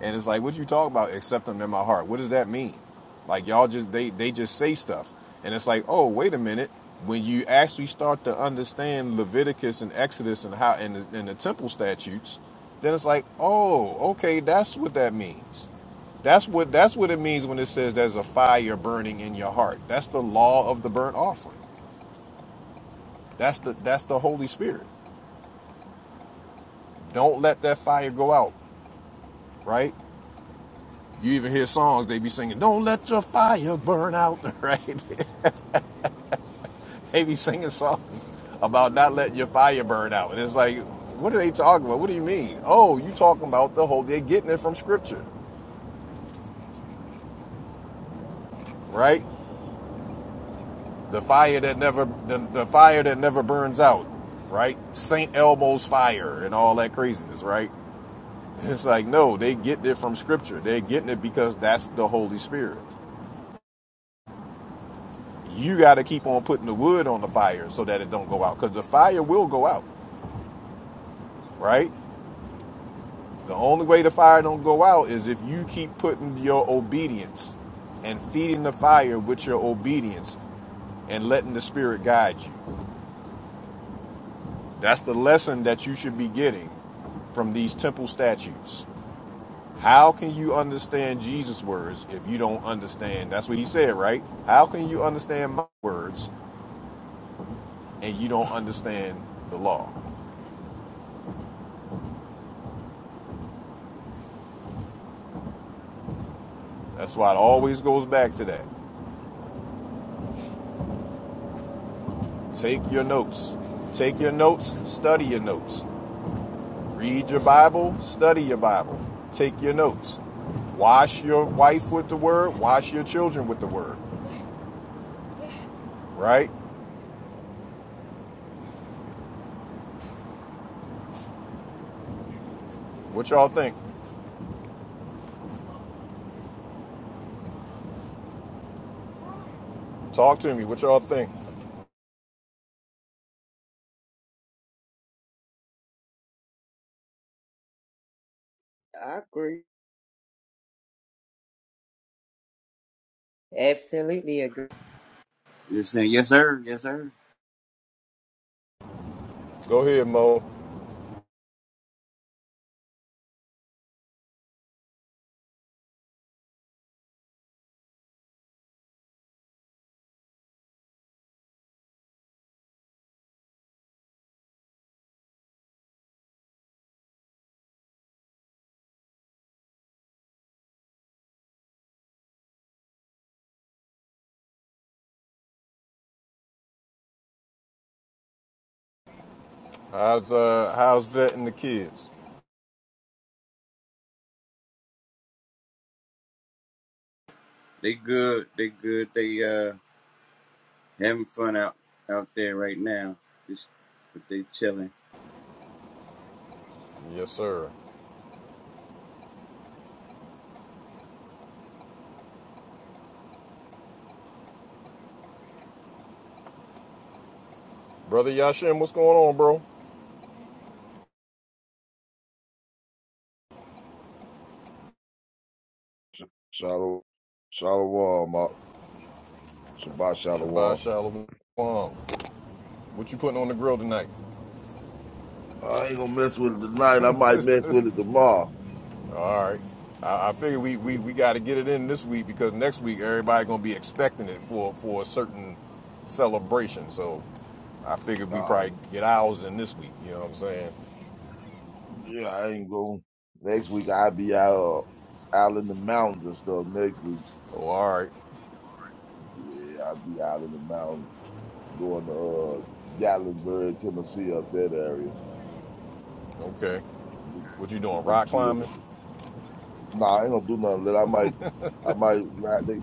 Speaker 1: And it's like, what you talk about? Accept them in my heart. What does that mean? Like y'all just they they just say stuff, and it's like, oh wait a minute. When you actually start to understand Leviticus and Exodus and how and the, and the temple statutes, then it's like, oh okay, that's what that means. That's what that's what it means when it says there's a fire burning in your heart. That's the law of the burnt offering. That's the that's the Holy Spirit. Don't let that fire go out, right? You even hear songs they be singing, "Don't let your fire burn out," right? they be singing songs about not letting your fire burn out, and it's like, what are they talking about? What do you mean? Oh, you talking about the whole? They're getting it from Scripture, right? The fire that never, the, the fire that never burns out, right? Saint Elmo's fire and all that craziness, right? It's like, no, they get it from Scripture. They're getting it because that's the Holy Spirit. You got to keep on putting the wood on the fire so that it don't go out, because the fire will go out right? The only way the fire don't go out is if you keep putting your obedience and feeding the fire with your obedience and letting the spirit guide you. That's the lesson that you should be getting from these temple statutes. How can you understand Jesus' words if you don't understand? That's what he said, right? How can you understand my words and you don't understand the law? That's why it always goes back to that. Take your notes. Take your notes, study your notes. Read your Bible, study your Bible, take your notes. Wash your wife with the word, wash your children with the word, right? What y'all think? Talk to me. What y'all think?
Speaker 5: I agree.
Speaker 12: They're saying, yes, sir, yes, sir.
Speaker 1: Go ahead, Mo. How's uh how's vetting the kids?
Speaker 12: They good, they good. They uh having fun out out there right now. Just, but they chilling.
Speaker 1: Yes, sir. Brother Yashin, what's going on, bro?
Speaker 13: Shalom, shalom, Mark. Shabbat
Speaker 1: Shabbat
Speaker 13: shalom.
Speaker 1: Shalom. What you putting on the grill tonight?
Speaker 13: I ain't gonna mess with it tonight. I might mess with it tomorrow.
Speaker 1: All right. I, I figure we, we, we got to get it in this week because next week everybody gonna be expecting it for for a certain celebration. So I figured we probably
Speaker 13: Um,
Speaker 1: get ours in this week. You know what I'm saying?
Speaker 13: yeah, I ain't gonna. Next week I'll be out uh, out in the mountains and stuff. Next week,
Speaker 1: Oh, all right.
Speaker 13: yeah, I'll be out in the mountains going to uh, Gatlinburg, Tennessee, up that area
Speaker 1: Okay.
Speaker 13: with
Speaker 1: What you doing?
Speaker 13: with them
Speaker 1: Rock
Speaker 13: kids.
Speaker 1: climbing?
Speaker 13: Nah, I ain't gonna do nothing lit. I might, I might ride. They,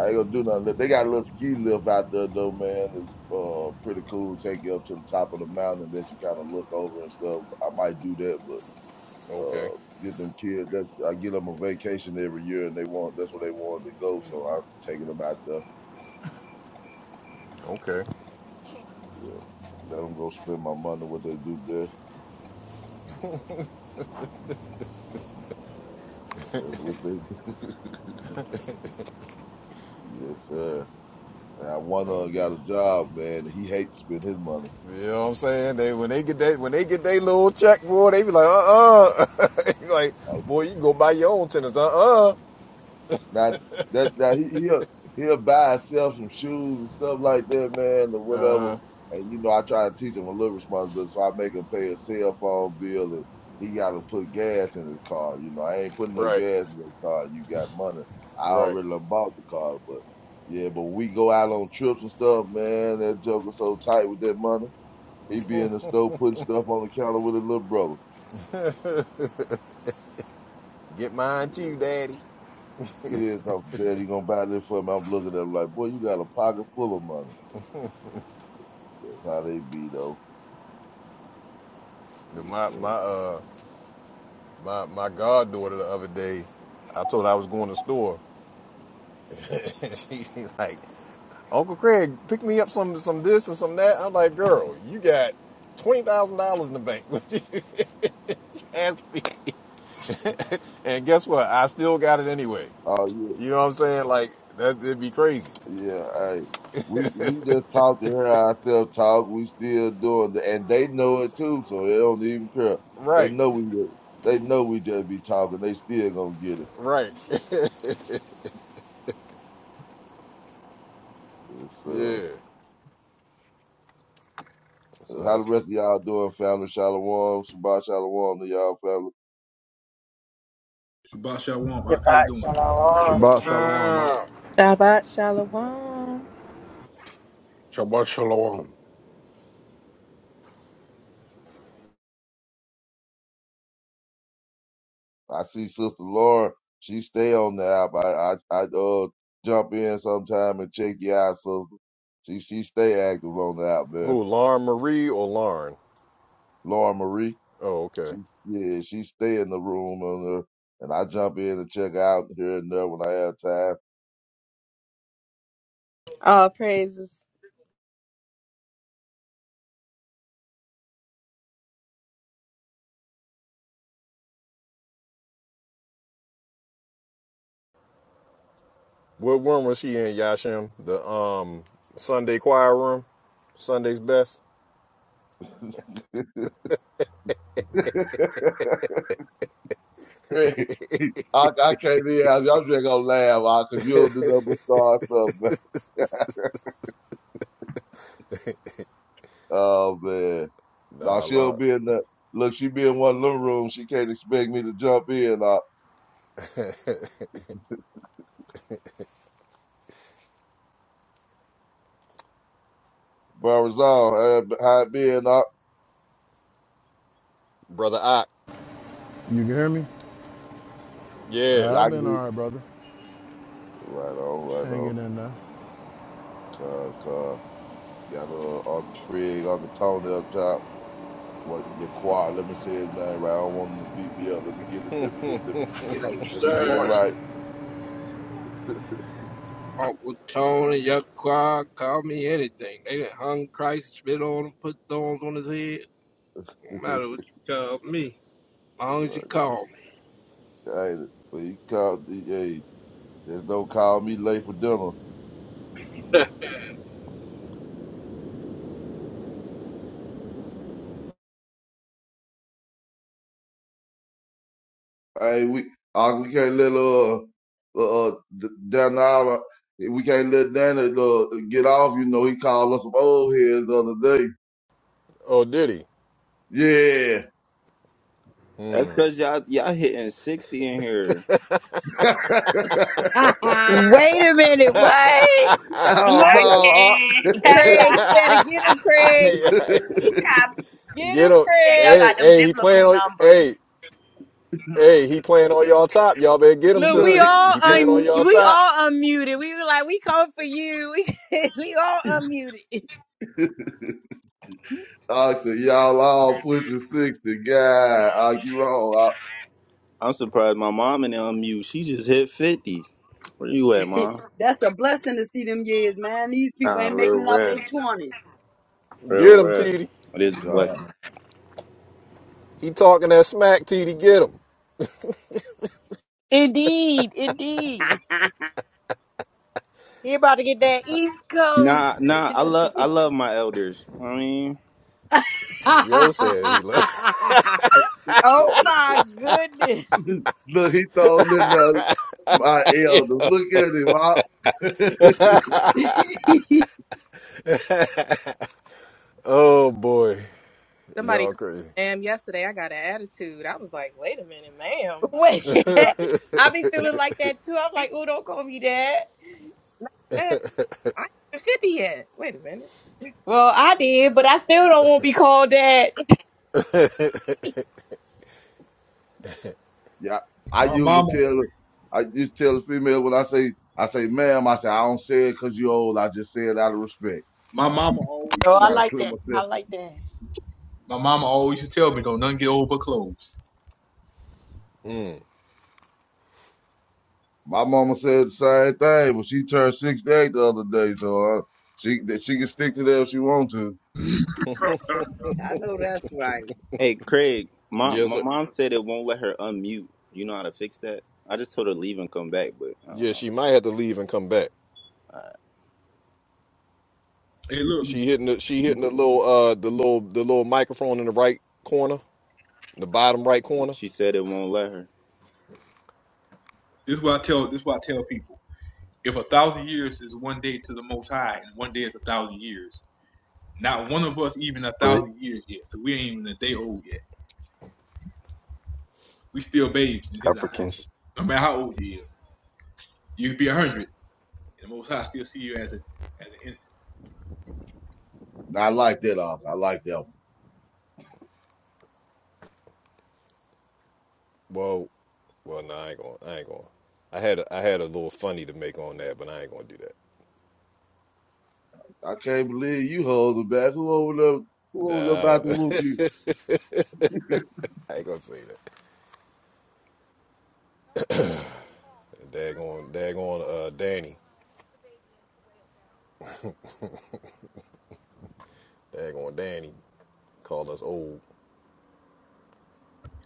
Speaker 13: I ain't gonna do nothing lit. They got a little ski lift out there though, man. It's uh pretty cool. Take you up to the top of the mountain that you kind of look over and stuff. I might do that, but
Speaker 1: Okay.
Speaker 13: uh, get them kids. That I get them a vacation every year, and they want that's where they want to go. So I'm taking them out there.
Speaker 1: Okay.
Speaker 13: Yeah, let them go spend my money what they do best. That's what they. Yes, sir. And I one
Speaker 1: It's all
Speaker 13: of 'em
Speaker 1: good.
Speaker 13: got a job, man. He hate to spend his money.
Speaker 1: You know what I'm saying? They when they get that when they get their little check, boy, they be like, uh uh like, boy, you can go buy your own tennis, uh uh.
Speaker 13: Now that that he he'll he'll buy himself some shoes and stuff like that, man, or whatever. And you know, I try to teach him a little responsibility, so I make him pay a cell phone bill and he gotta put gas in his car. You know, I ain't putting no
Speaker 1: Right.
Speaker 13: gas in your car. You got money. I
Speaker 1: Right.
Speaker 13: already done bought the car, but yeah, but when we go out on trips and stuff, man, that joker's so tight with that money. He be in the store putting stuff on the counter with his little brother.
Speaker 1: Get mine too, daddy.
Speaker 13: Yeah, no, Dad, you gonna buy this for me? I'm looking at him like, boy, you got a pocket full of money. That's how they be though. Yes,
Speaker 1: My my
Speaker 13: sir.
Speaker 1: uh my my goddaughter the other day, I told her I was going to the store. And she, she's like, Uncle Craig, pick me up some some this and some that. I'm like, girl, you got twenty thousand dollars in the bank. she asked me, and guess what? I still got it anyway.
Speaker 13: Oh yeah,
Speaker 1: You know what I'm saying? Like that, it'd be crazy.
Speaker 13: yeah. Hey, we we just talk to her ourselves. Talk. We still doing the, and they know it too. So they don't even care. They
Speaker 1: Right,
Speaker 13: know we. ju- They know we just be talking. They still gonna get it.
Speaker 1: right,
Speaker 13: Yes, uh,
Speaker 1: yeah. So
Speaker 13: how the
Speaker 1: that's
Speaker 13: rest of y'all doing, family? Shalom, Shabbat Shalom to y'all, family.
Speaker 3: Shabbat shalom. Rock, how you
Speaker 4: Shabbat
Speaker 3: doing?
Speaker 4: shalom.
Speaker 9: Seven
Speaker 11: Shabbat Shalom. I,
Speaker 9: times.
Speaker 14: Shabbat Shalom.
Speaker 7: Shabbat shalom.
Speaker 13: I see Sister Lauren. She stay on the app. I I, I uh jump in sometime and check you out, sister. She she stay active on the app,
Speaker 1: oh,
Speaker 13: man.
Speaker 1: Lauren Marie or Lauren.
Speaker 13: Lauren Marie.
Speaker 1: Oh, okay.
Speaker 13: She yeah, she stay in the room on her, and I jump in and check out here and there when I have time.
Speaker 14: All praises.
Speaker 1: What room was she in, Yashim? The um Sunday choir room? Sunday's best?
Speaker 13: Craig, I, I can't be out. Y'all just gonna laugh out because you you'll do nothing but start stuff. Man. Oh man, no,
Speaker 1: Nah,
Speaker 13: she'll
Speaker 1: Lord.
Speaker 13: be in the look. She be in one little room. She can't expect me to jump in. Uh, Burris on Uh, how it been? Uh,
Speaker 1: Brother Ock.
Speaker 11: you can hear me?
Speaker 1: Yeah.
Speaker 11: Uh,
Speaker 13: y'all
Speaker 11: I've
Speaker 13: can
Speaker 11: been
Speaker 13: hear.
Speaker 11: all right, brother.
Speaker 13: Right on, right on.
Speaker 11: Hanging in there.
Speaker 13: Cause, cause, got little Uncle Craig, Uncle Tony up top. what your choir. Let me say his name right. I don't want him to beat me up. Let me get it. Let me let me
Speaker 9: Yes,
Speaker 13: let me get it
Speaker 9: sir.
Speaker 13: right.
Speaker 9: Uncle Tony, yuck, Quad, call me anything. They done hung Christ, spit on him, put thorns on his head. No matter what you call me. long as you
Speaker 13: right.
Speaker 9: call me.
Speaker 13: Hey, but he called. He, hey, just don't call me late for dinner. Hey, we uh, we can't let uh uh uh, D- Daniela. We can't let Danny uh, get off. You know, he called us some old heads the other day.
Speaker 1: Oh, did he?
Speaker 13: Yeah.
Speaker 10: That's because y'all, y'all hitting 60 in here.
Speaker 8: Wait a minute. What? Hold
Speaker 13: oh no.
Speaker 8: it. Craig, you better get him, Craig.
Speaker 1: Hey,
Speaker 13: uh,
Speaker 1: hey,
Speaker 8: Get
Speaker 1: get
Speaker 8: him,
Speaker 1: him.
Speaker 8: Craig.
Speaker 1: Hey, hey, he playing on hey, hey, he playing on y'all top. Y'all better get him,
Speaker 8: Look, we
Speaker 13: Look,
Speaker 1: sisters.
Speaker 8: all
Speaker 1: He playing
Speaker 13: he.
Speaker 1: on
Speaker 8: un
Speaker 1: y'all
Speaker 8: we
Speaker 1: top.
Speaker 8: all unmuted. We were like, we come for you. We, we all unmuted.
Speaker 13: I said, y'all all pushing 60. God, I, you wrong. I,
Speaker 10: I'm surprised my mom and them, you, she just hit 50. Where you at, mom?
Speaker 5: That's a blessing to see them years, man. These people
Speaker 10: Nah,
Speaker 5: ain't
Speaker 10: real
Speaker 5: making it off
Speaker 10: rap.
Speaker 5: their twenties.
Speaker 10: Real
Speaker 1: Get him,
Speaker 10: rap.
Speaker 1: TD.
Speaker 10: It is a blessing.
Speaker 13: God.
Speaker 1: He talking that smack, TD. Get him.
Speaker 8: Indeed, indeed. He about to get that East Coast.
Speaker 10: Nah, nah, I love I love my elders. I mean,
Speaker 1: Yo said he left.
Speaker 8: oh my goodness.
Speaker 13: Look, he throwing in the, my elders. Look at him. I,
Speaker 5: I
Speaker 1: Oh boy.
Speaker 14: Somebody
Speaker 1: Y'all
Speaker 14: called
Speaker 1: crazy.
Speaker 14: me ma'am yesterday. I got an attitude. I was like, wait a minute, ma'am.
Speaker 8: Wait.
Speaker 14: No,
Speaker 8: I be
Speaker 14: no,
Speaker 8: feeling like that too. I'm
Speaker 14: we,
Speaker 8: like, oh, don't call me that.
Speaker 14: eh, I ain't even 50 yet. Wait a minute.
Speaker 8: Well, I did, but I still don't want to be called that.
Speaker 13: yeah, I
Speaker 3: My
Speaker 13: used
Speaker 3: mama.
Speaker 13: to tell, I used to tell the female when I say, I say, ma'am, I say, I don't say it because you old. I just say it out of respect.
Speaker 3: My mama always used
Speaker 8: Oh,
Speaker 3: to
Speaker 8: I
Speaker 13: Try to
Speaker 3: tell
Speaker 8: like
Speaker 3: me.
Speaker 13: clear
Speaker 8: that. I
Speaker 13: myself.
Speaker 8: like that.
Speaker 3: My mama always used to tell me, "Don't none get old but clothes."
Speaker 13: My mama said the same thing, but she turned 68 the other day. So uh, she, that she can stick to that if she want to.
Speaker 5: know that's right.
Speaker 10: hey, Craig, My,
Speaker 1: Yes,
Speaker 10: my
Speaker 1: sir.
Speaker 10: mom said it won't let her unmute. You know how to fix that? I just told her leave and come back, but I don't
Speaker 1: Yeah,
Speaker 10: know.
Speaker 1: she might have to leave and come back.
Speaker 3: Hey, look,
Speaker 1: She hitting the she hitting the little uh the little the little microphone in the right corner, in the bottom right corner.
Speaker 10: She said it won't let her.
Speaker 3: this is what I tell. This is what I tell people. If a thousand years is one day to the Most High, and one day is a thousand years, not one of us even a
Speaker 15: put
Speaker 3: thousand years yet. So we ain't even a day old yet. We still babes in His eyes.
Speaker 15: Africans.
Speaker 3: No matter how old you is, you could be a hundred, and the Most High still see you as a as an infant.
Speaker 13: I like that off. I like that one.
Speaker 1: Well, well, no, I ain't going. I ain't going. I had a, I had a little funny to make on that, but I ain't gonna do
Speaker 13: I can't believe you holding back. Who over there? Who over there about to
Speaker 1: that.
Speaker 13: whoop
Speaker 1: Nah,
Speaker 13: you?
Speaker 1: I I ain't gonna say that. Daggone, daggone, uh, Danny, daggone, Danny, called us old.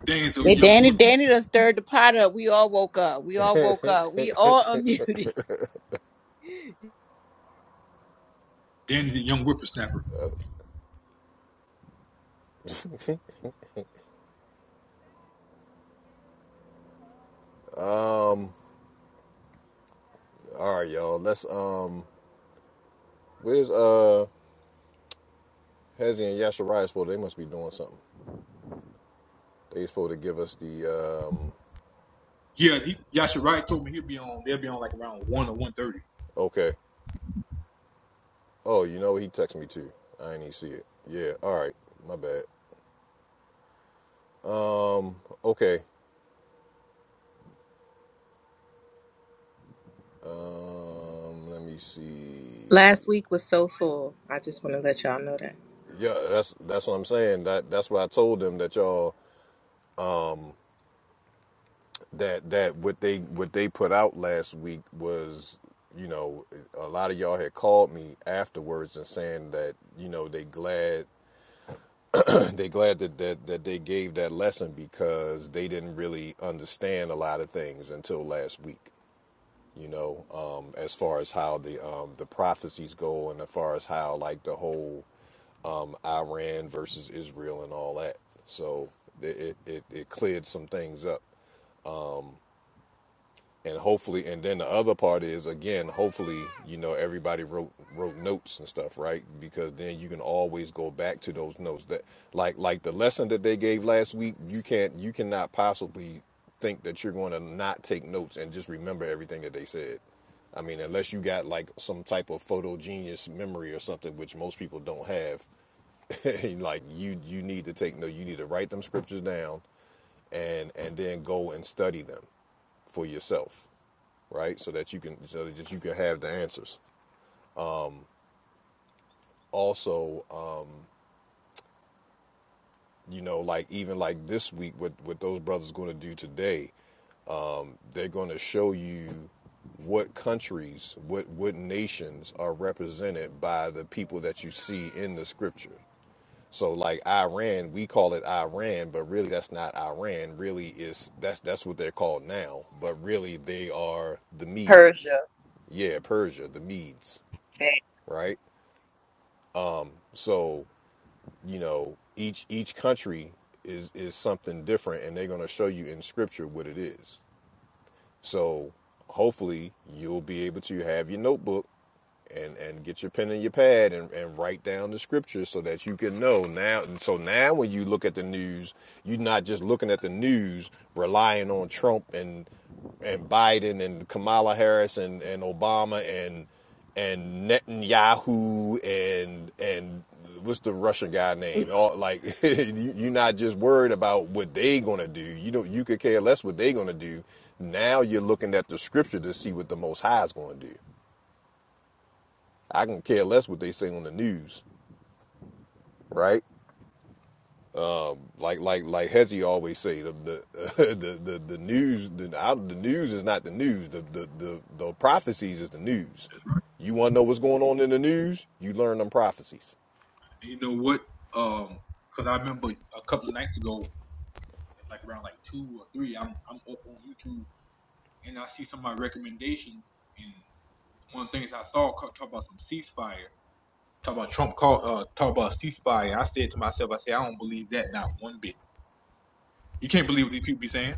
Speaker 3: Danny's a
Speaker 8: And
Speaker 3: young
Speaker 8: Danny,
Speaker 3: whip.
Speaker 8: Danny done stirred the pot up. We all woke up. We all woke up. We all unmuted.
Speaker 3: Danny's a young whippersnapper.
Speaker 1: um All right, y'all. Let's um, where's uh Hezzy and Yashariah supposed? to? They must be doing something. They supposed to give us the um.
Speaker 3: Yeah, he, Yasha Wright told me he'll be on. They'll be on like around one or one thirty.
Speaker 1: Okay, Oh, you know what? He texted me too. I ain't even see it. Yeah. All right. My bad. Um. Okay. Um. Let me see.
Speaker 14: Last week was so full. I just want to let y'all know that.
Speaker 1: Yeah. That's that's what I'm saying. That that's why I told them that y'all that that what they what they put out last week was you know a lot of y'all had called me afterwards and saying that you know they glad they glad that, that that they gave that lesson because they didn't really understand a lot of things until last week you know, um, as far as how the um, the prophecies go, and as far as how like the whole um, Iran versus Israel and all that. So it, it it it cleared some things up and hopefully and then the other part is again hopefully you know everybody wrote wrote notes and stuff right because then you can always go back to those notes that like like the lesson that they gave last week you can't you cannot possibly think that you're going to not take notes and just remember everything that they said i mean unless you got like some type of photo genius memory or something which most people don't have like you you need to take no you need to write them scriptures down and and then go and study them for yourself right? So that you can so that just you can have the answers. Also, uh, you know, like even like this week, what what those brothers going to do today? They're going to show you what countries, what what nations are represented by the people that you see in the scripture. So like Iran, we call it Iran, but really that's not Iran. Really is that's that's what they're called now, but really they are the Medes. Yeah, Persia, the Medes, right? So you know each each country is is something different and they're going to show you in scripture what it is so hopefully you'll be able to have your notebook and and get your pen and your pad and, and write down the scriptures so that you can know now and so now when you look at the news you're not just looking at the news relying on trump and and biden and kamala harris and, and obama and and netanyahu and and what's the russian guy name all like you- are not just worried about what they gonna do you don't you could care less what they gonna do now you're looking at the scripture to see what the most high is gonna do I can care less what they say on the news, right? Like like like Hezzy always say, the the uh, the, the, the news the, out the news is not the news. The, the the the prophecies is the news. You want to know what's going on in the news? You learn them prophecies.
Speaker 3: And you know what? Um, cause I remember a couple of nights ago, it's like around like two or three. I'm I'm up on YouTube and I see some of my recommendations, and one of the things I saw co- talk about some ceasefire, talk about Trump call, uh, talk about ceasefire. I said to myself, I said I don't believe that not one bit. You can't believe what these people be saying.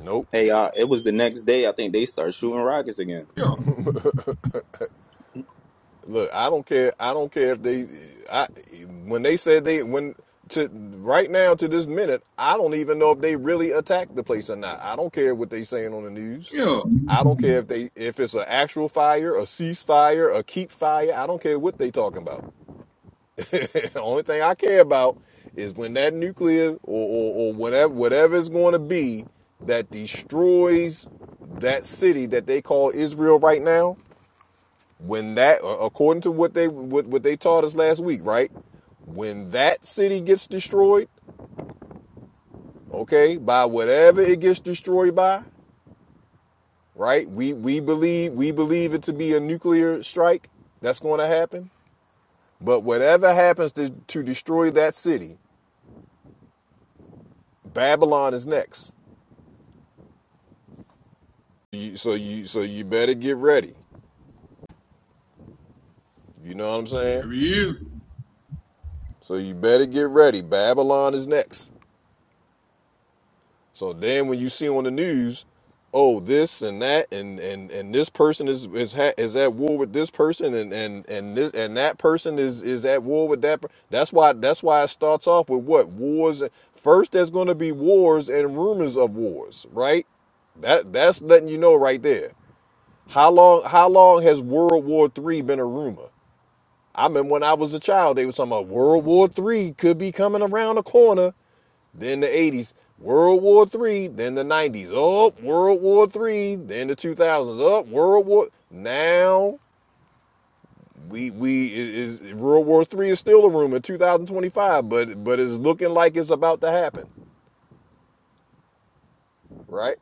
Speaker 1: Nope.
Speaker 10: Hey, uh, it was the next day. I think they start shooting rockets again.
Speaker 3: Yeah,
Speaker 1: Look, I don't care. I don't care if they. I when they said they when to right now to this minute, I don't even know if they really attacked the place or not. I don't care what they saying on the news.
Speaker 3: yeah,
Speaker 1: I don't care if they if it's an actual fire, a ceasefire, a keep fire. I don't care what they talking about. the only thing I care about is when that nuclear or, or, or whatever whatever it's going to be that destroys that city that they call Israel right now when that according to what they what, what they taught us last week right when that city gets destroyed okay by whatever it gets destroyed by right we we believe we believe it to be a nuclear strike that's going to happen but whatever happens to, to destroy that city babylon is next you, so you so you better get ready you know what i'm saying
Speaker 3: there he is.
Speaker 1: so you better get ready babylon is next So then when you see on the news, oh this and that and and and this person is is ha- is at war with this person and and and this and that person is is at war with that. Per- that's why that's why it starts off with what wars. First, there's going to be wars and rumors of wars, right? That that's letting you know right there. How long how long has World War Three been a rumor? I remember when I was a child, they were talking about World War Three could be coming around the corner then the 80s, World War Three. then the 90s, up World War Three. then the 2000s, up World War. Now we we is World War Three is still a rumor, 2025, but but it's looking like it's about to happen, right?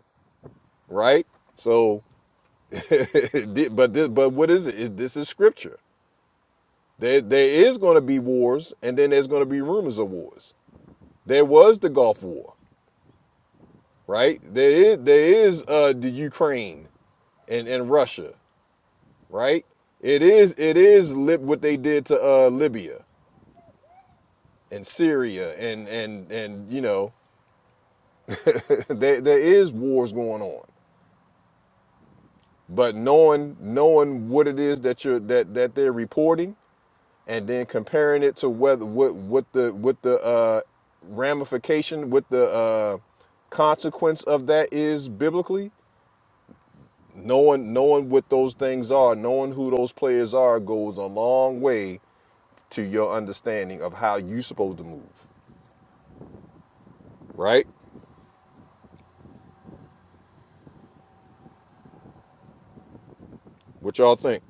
Speaker 1: Right. So, but this, but what is it? This is scripture. There there is going to be wars, and then there's going to be rumors of wars. There was the Gulf War, right? There is there is uh, the Ukraine and and Russia. right? It is it is lib- what they did to uh, Libya and Syria and and and you know there there is wars going on, but knowing knowing what it is that you're that that they're reporting and then comparing it to whether what what the what the uh, ramification what the uh, consequence of that is biblically knowing knowing what those things are knowing who those players are goes a long way to your understanding of how you are supposed to move, right? What y'all think?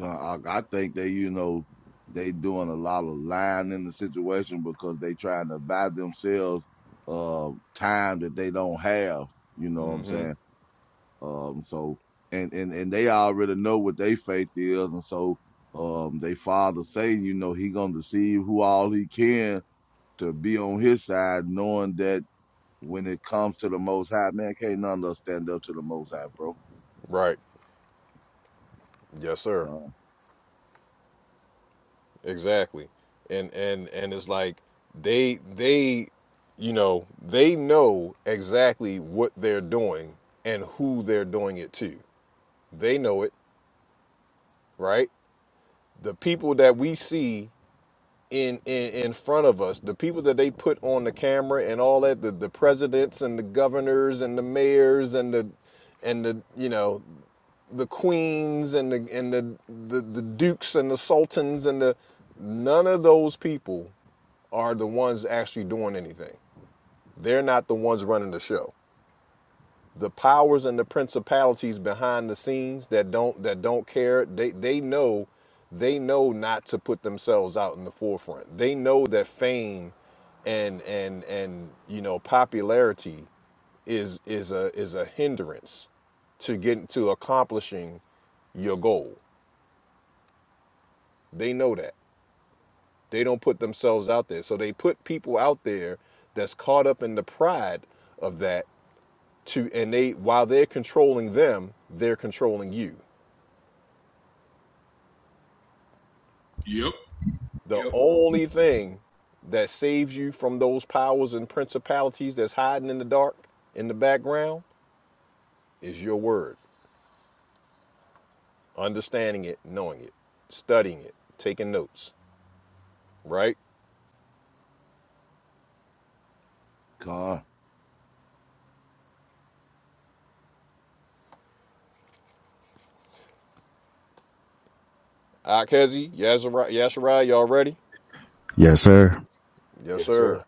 Speaker 13: Uh, I, I think they, you know, they doing a lot of lying in the situation because they trying to buy themselves uh time that they don't have. You know what I'm saying? Um, so and and and they already know what their faith is, and so um, they father say, you know, he gonna deceive who all he can to be on his side, knowing that when it comes to the Most High, man, can't none of us stand up to the Most High, bro.
Speaker 1: Right. Yes, sir.
Speaker 13: God,
Speaker 1: Exactly. And and and it's like they they you know, they know exactly what they're doing and who they're doing it to. They know it, right? The people that we see in, in in front of us the people that they put on the camera and all that the, the presidents and the governors and the mayors and the and the you know the queens and the and the, the the dukes and the sultans and the none of those people are the ones actually doing anything they're not the ones running the show the powers and the principalities behind the scenes that don't that don't care they they know they know not to put themselves out in the forefront they know that fame and and and you know popularity is is a is a hindrance to get to accomplishing your goal they know that they don't put themselves out there so they put people out there that's caught up in the pride of that to and they while they're controlling them, they're controlling you.
Speaker 3: Yep,
Speaker 1: The
Speaker 3: yep.
Speaker 1: only thing that saves you from those powers and principalities that's hiding in the dark in the background is your word. Understanding it, knowing it, studying it, taking notes. Right?
Speaker 13: God,
Speaker 1: Akhezi, Yazari, y'all ready?
Speaker 16: Yes, sir.
Speaker 1: Yes,
Speaker 17: Yes, sir.
Speaker 1: sir.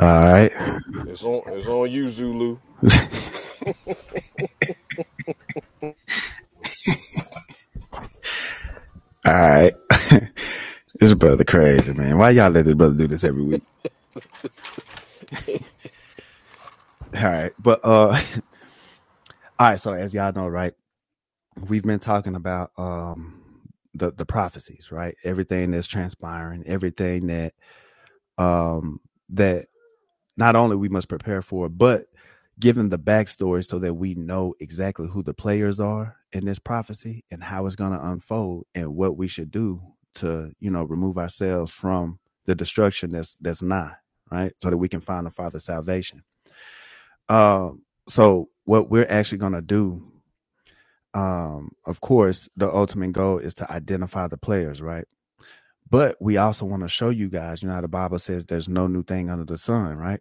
Speaker 16: All right.
Speaker 1: It's on it's on you, Zulu.
Speaker 16: All right. this brother crazy, man. Why y'all let this brother do this every week? All right. But uh all right, so as y'all know, right, we've been talking about um the the prophecies, right? Everything that's transpiring, everything that um that not only we must prepare for it, but given the backstory so that we know exactly who the players are in this prophecy and how it's going to unfold and what we should do to you know remove ourselves from the destruction that's that's nigh right so that we can find the father's salvation um so what we're actually going to do um of course the ultimate goal is to identify the players right but we also want to show you guys you know how the bible says there's no new thing under the sun right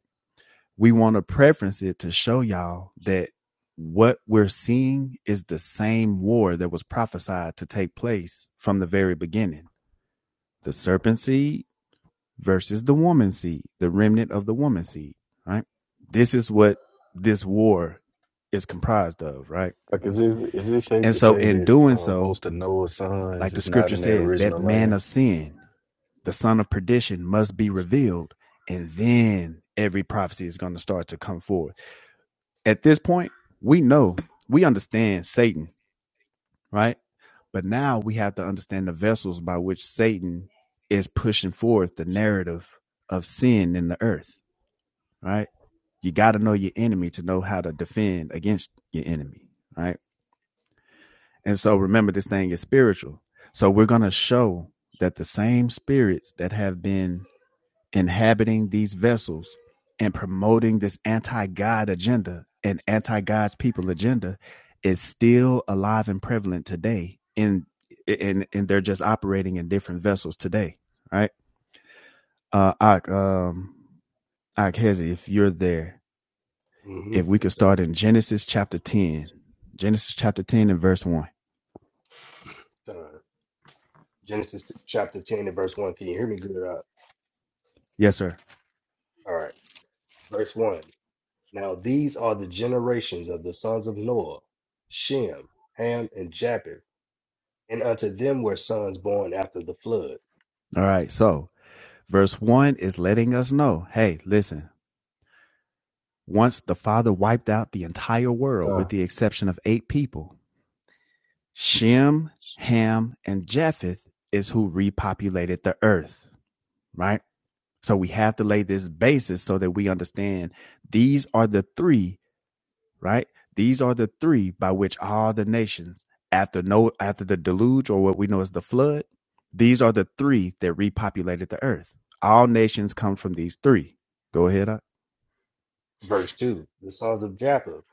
Speaker 16: we want to preference it to show y'all that what we're seeing is the same war that was prophesied to take place from the very beginning the serpent seed versus the woman seed, the remnant of the woman seed, right? This is what this war is comprised of, right?
Speaker 15: Like, is this is it safe
Speaker 16: And
Speaker 15: to
Speaker 16: so,
Speaker 15: say
Speaker 16: in
Speaker 15: that
Speaker 16: doing
Speaker 15: uh,
Speaker 16: so,
Speaker 15: most of Noah's
Speaker 16: like
Speaker 15: sons
Speaker 16: the
Speaker 15: is not
Speaker 16: scripture
Speaker 15: in their
Speaker 16: says, that
Speaker 15: original
Speaker 16: man
Speaker 15: land?
Speaker 16: of sin, the son of perdition, must be revealed, and then every prophecy is going to start to come forth at this point, we know, we understand Satan, right? But now we have to understand the vessels by which Satan is pushing forth the narrative of sin in the earth, right? You got to know your enemy to know how to defend against your enemy, right? And so remember, this thing is spiritual. So we're going to show that the same spirits that have been inhabiting these vessels and promoting this anti-God agenda and anti-God's people agenda is still alive and prevalent today in and and they're just operating in different vessels today, right? Uh Ak, um Ak Hezi, if you're there,
Speaker 17: hmm
Speaker 16: if we could
Speaker 17: Yes, sir.
Speaker 16: start in Genesis chapter 10. Genesis chapter 10 and verse 1.
Speaker 17: Uh, Genesis t- chapter 10 and verse 1. Can you hear me good? Uh,
Speaker 16: Yes, sir.
Speaker 17: all right. Verse 1. Now these are the generations of the sons of Noah, Shem, Ham, and Japheth. And unto them were sons born after the flood.
Speaker 16: All right. So, verse 1 is letting us know, hey, listen, Once the Father wiped out the entire world with
Speaker 15: God.
Speaker 16: the exception of eight people. Shem, Ham, and Japheth is who repopulated the earth, right? So we have to lay this basis so that we understand these are the three, right? These are the three by which all the nations after no after the deluge or what we know as the flood, these are the three that repopulated the earth. All nations come from these three. Go ahead.
Speaker 17: Verse 2. The sons of Japheth,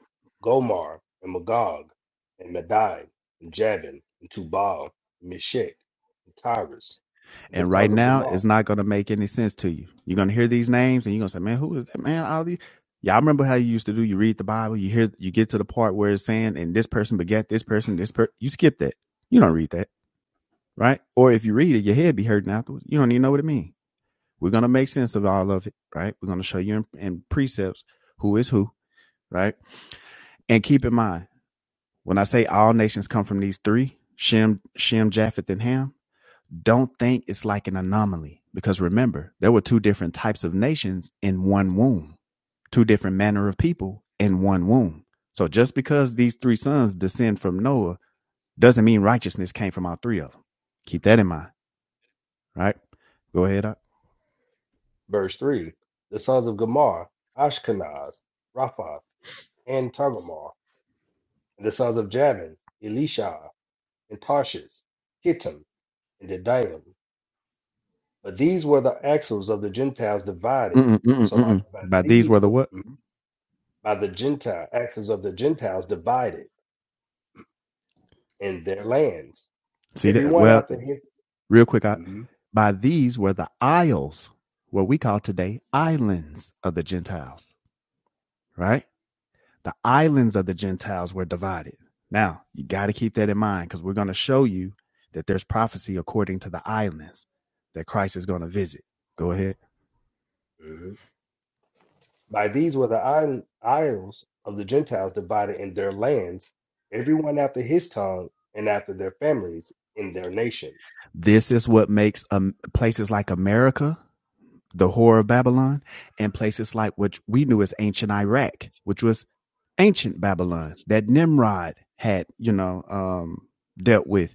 Speaker 17: Gomar, and Magog, and Madai, and Javan, and Tubal, and Meshech, and Tyrus. And the
Speaker 16: And right
Speaker 17: sons of
Speaker 16: now,
Speaker 17: Gomar.
Speaker 16: it's not going to make any sense to you. You're going to hear these names and you're going to say, man, who is that man? All these. Yeah, I remember how you used to do. You read the Bible, you hear, you get to the part where it's saying, and this person begat this person, this person. You skip that. You don't read that, right? Or if you read it, your head be hurting afterwards. You don't even know what it means. We're going to make sense of all of it, right? We're going to show you in, in precepts who is who, right? And keep in mind, when I say all nations come from these three, Shem, Shem, Japheth, and Ham, don't think it's like an anomaly because remember, there were two different types of nations in one womb, two different manner of people in one womb. So just because these three sons descend from Noah doesn't mean righteousness came from all three of them. Keep that in mind, right? Go ahead. up.
Speaker 17: Verse 3 The sons of Gomer, Ashkenaz, Raphath, and Togarmah, and the sons of Javan, Elishah, and Tarshish, Kittim, and Dedaim. But these were the axles of the Gentiles divided.
Speaker 16: Mm-mm,
Speaker 17: I'm
Speaker 16: mm-mm,
Speaker 17: so like,
Speaker 16: mm-mm.
Speaker 17: by
Speaker 16: By these
Speaker 17: these
Speaker 16: were the
Speaker 17: were,
Speaker 16: what?
Speaker 17: mhm, by the Gentile axles of the Gentiles divided in their lands.
Speaker 16: See that?
Speaker 17: Everyone
Speaker 16: Well,
Speaker 17: after his.
Speaker 16: real quick, I, by these were the isles, what we call today islands of the Gentiles, right? the islands of the Gentiles were divided. Now, you got to keep that in mind because we're going to show you that there's prophecy according to the islands that Christ is going to visit. Go ahead.
Speaker 17: By these were the isle- isles of the Gentiles divided in their lands, everyone after his tongue and after their families in their nations.
Speaker 16: This is what makes um, places like America, the whore of Babylon, and places like which we knew as ancient Iraq, which was ancient Babylon that Nimrod had, you know, um, dealt with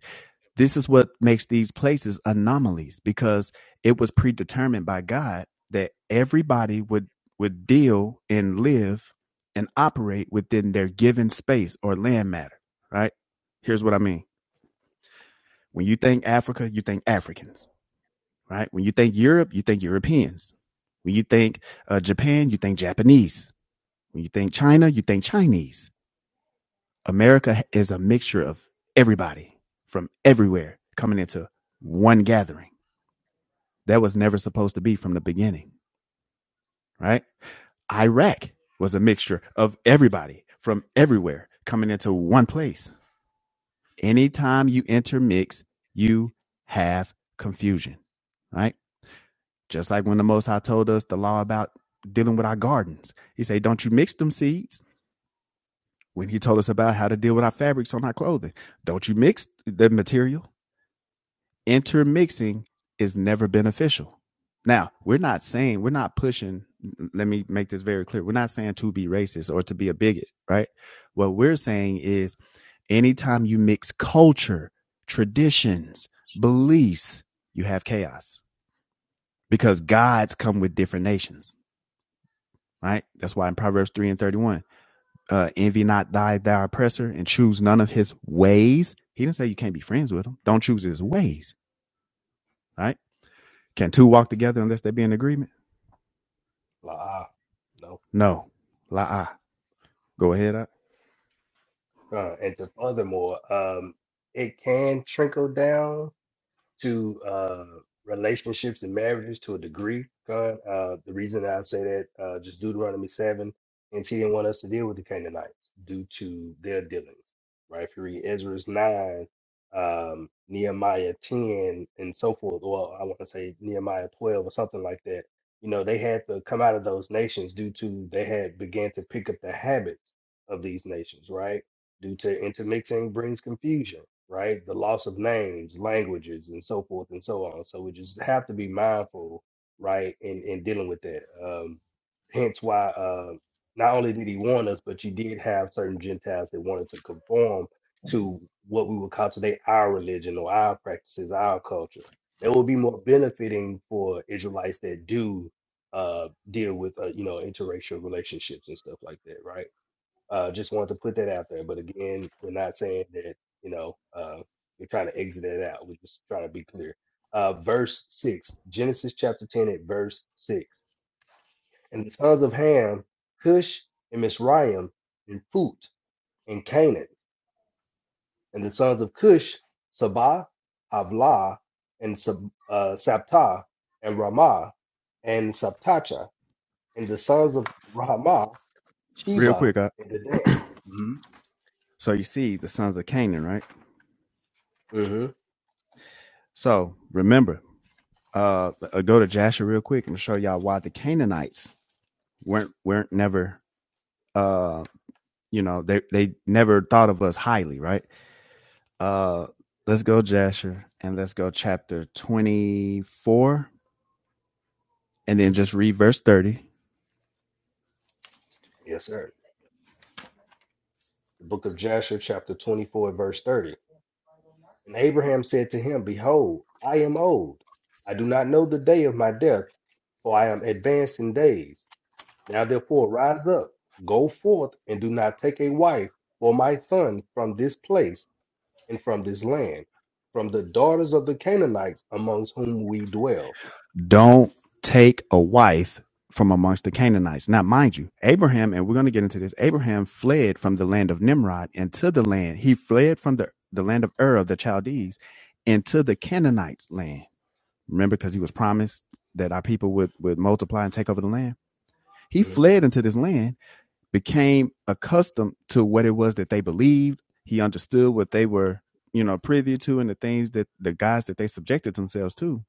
Speaker 16: This is what makes these places anomalies because it was predetermined by God that everybody would would deal and live and operate within their given space or land matter, right? Here's what I mean. When you think Africa, you think Africans, right? When you think Europe, you think Europeans. When you think uh, Japan, you think Japanese. When you think China, you think Chinese. America is a mixture of everybody from everywhere coming into one gathering. that was never supposed to be from the beginning, right? Iraq was a mixture of everybody from everywhere coming into one place. Anytime you intermix, you have confusion, right? Just like when the Most High told us the law about dealing with our gardens. He said, Don't you mix them seeds. When he told us about how to deal with our fabrics on our clothing, don't you mix the material? intermixing is never beneficial. Now, we're not saying, we're not pushing, let me make this very clear. We're not saying to be racist or to be a bigot, right? What we're saying is anytime you mix culture, traditions, beliefs, you have chaos because gods come with different nations, right? That's why in Proverbs 3 and 31, uh, envy not thy, thy oppressor and choose none of his ways. He didn't say you can't be friends with him. Don't choose his ways, right? Can two walk together unless they be in agreement?
Speaker 17: La, ah, no.
Speaker 16: No. La ah. Go ahead, up.
Speaker 17: Uh, and to furthermore, um, it can trickle down. to uh, relationships and marriages to a degree, God. Uh, the reason that I say that, uh, just Deuteronomy 7, and he didn't want us to deal with the Canaanites due to their dealings, right? If you read Ezra 9, um, Nehemiah 10, and so forth, or I want to say Nehemiah 12 or something like that, you know, they had to come out of those nations due to they had began to pick up the habits of these nations, right? due to intermixing brings confusion, right? The loss of names, languages, and so forth and so on. So we just have to be mindful, right, in, in dealing with that. Um, hence why uh, not only did he warn us, but you did have certain Gentiles that wanted to conform to what we would call today our religion or our practices, our culture. That would be more benefiting for Israelites that do uh, deal with, uh, you know, interracial relationships and stuff like that, right? Uh, just wanted to put that out there. But again, we're not saying that, you know, uh, we're trying to exit it out. We're just trying to be clear. Uh, verse 6, Genesis chapter 10 at verse 6. And the sons of Ham, Cush and Mizraim, and Phut and Canaan. And the sons of Cush, Sabah, Havlah, and Sab- uh, Sabta, and Ramah, and Sabtacha. And the sons of Ramah,
Speaker 16: Real
Speaker 17: Sheba,
Speaker 16: quick, up.
Speaker 17: and Dedan. Dan.
Speaker 16: So you see the sons of Canaan, right?
Speaker 17: hmm
Speaker 16: So remember, uh, uh, go to Jasher real quick and show y'all why the Canaanites weren't weren't never uh you know they they never thought of us highly, right? Uh, let's go Jasher and let's go chapter twenty four and
Speaker 17: hmm
Speaker 16: then just read verse thirty
Speaker 17: Yes, sir. The book of Jasher, chapter 24, verse 30. And Abraham said to him, Behold, I am old. I do not know the day of my death, for I am advanced in days. Now therefore rise up, go forth, and do not take a wife for my son from this place and from this land, from the daughters of the Canaanites amongst whom we dwell.
Speaker 16: Don't take a wife from amongst the Canaanites. Now, mind you, Abraham, and we're going to get into this, Abraham fled from the land of Nimrod into the land. He fled from the, the land of Ur of the Chaldees into the Canaanites' land. Remember, because he was promised that our people would, would multiply and take over the land. He
Speaker 17: hmm
Speaker 16: fled into this land, became accustomed to what it was that they believed. He understood what they were, you know, privy to and the things that the guys that they subjected themselves to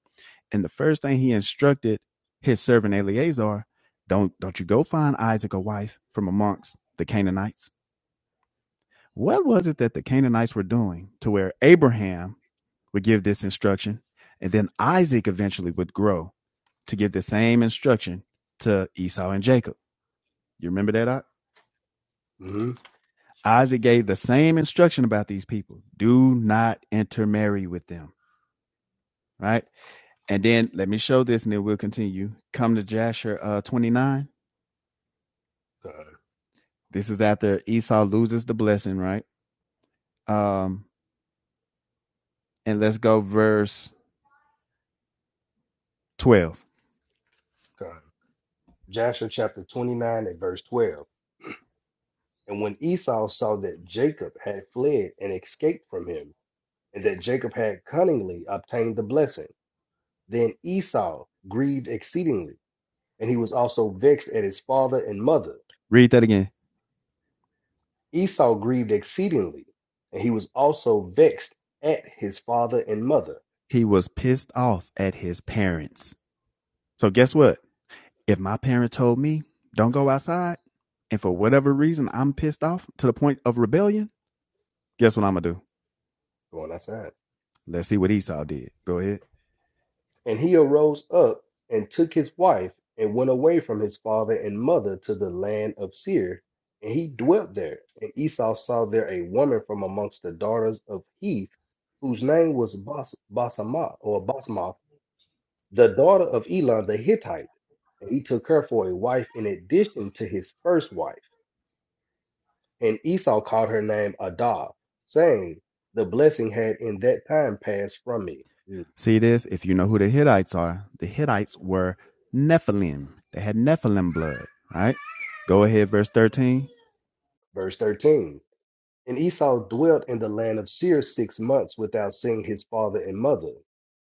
Speaker 16: and the first thing he instructed his servant Eleazar, don't don't you go find Isaac a wife from amongst the Canaanites. What was it that the Canaanites were doing to where Abraham would give this instruction and then Isaac eventually would grow to give the same instruction to Esau and Jacob. You remember that? Ock?
Speaker 17: hmm
Speaker 16: Isaac gave the same instruction about these people. Do not intermarry with them, right? And then let me show this and then we'll continue. Come to Jasher uh, 29
Speaker 17: Come,
Speaker 16: This is after Esau loses the blessing, right? Um, and let's go verse 12.
Speaker 17: come. Joshua chapter 29 and verse 12. And when Esau saw that Jacob had fled and escaped from him, and that Jacob had cunningly obtained the blessing. Then Esau grieved exceedingly, and he was also vexed at his father and mother.
Speaker 16: Read that again.
Speaker 17: Esau grieved exceedingly, and he was also vexed at his father and mother.
Speaker 16: He was pissed off at his parents. So guess what? If my parent told me, don't go outside, and for whatever reason I'm pissed off to the point of rebellion, guess what I'm gonna do?
Speaker 17: Going outside.
Speaker 16: Let's see what Esau did. Go ahead.
Speaker 17: And he arose up and took his wife and went away from his father and mother to the land of Seir, and he dwelt there. And Esau saw there a woman from amongst the daughters of Heath, whose name was Bas- Basamah or Basmath the daughter of Elon the Hittite, and he took her for a wife in addition to his first wife. And Esau called her name Adah, saying, The blessing had in that time passed from me. Mm.
Speaker 16: See this? If you know who the Hittites are, the Hittites were Nephilim. They had Nephilim blood. All right. Go ahead, verse 13.
Speaker 17: Verse 13. And Esau dwelt in the land of Seir six months without seeing his father and mother.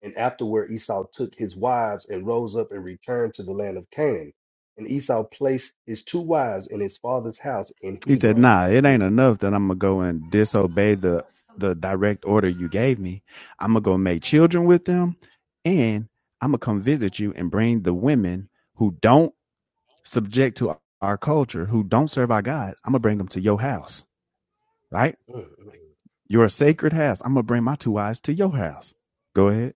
Speaker 17: And afterward Esau took his wives and rose up and returned to the land of Canaan. And Esau placed his two wives in his father's house in
Speaker 16: He said,
Speaker 17: Hebron.
Speaker 16: Nah, it
Speaker 17: Mm,
Speaker 16: ain't enough that I'm going to go and disobey the, the direct order you gave me. I'm going to go make children with them and I'm going to come visit you and bring the women who don't subject to our culture, who don't serve our God. I'm going to bring them to your house. Right.
Speaker 17: mm, mm. mm.
Speaker 16: Your sacred house. I'm gonna bring my two wives to your house. Go ahead.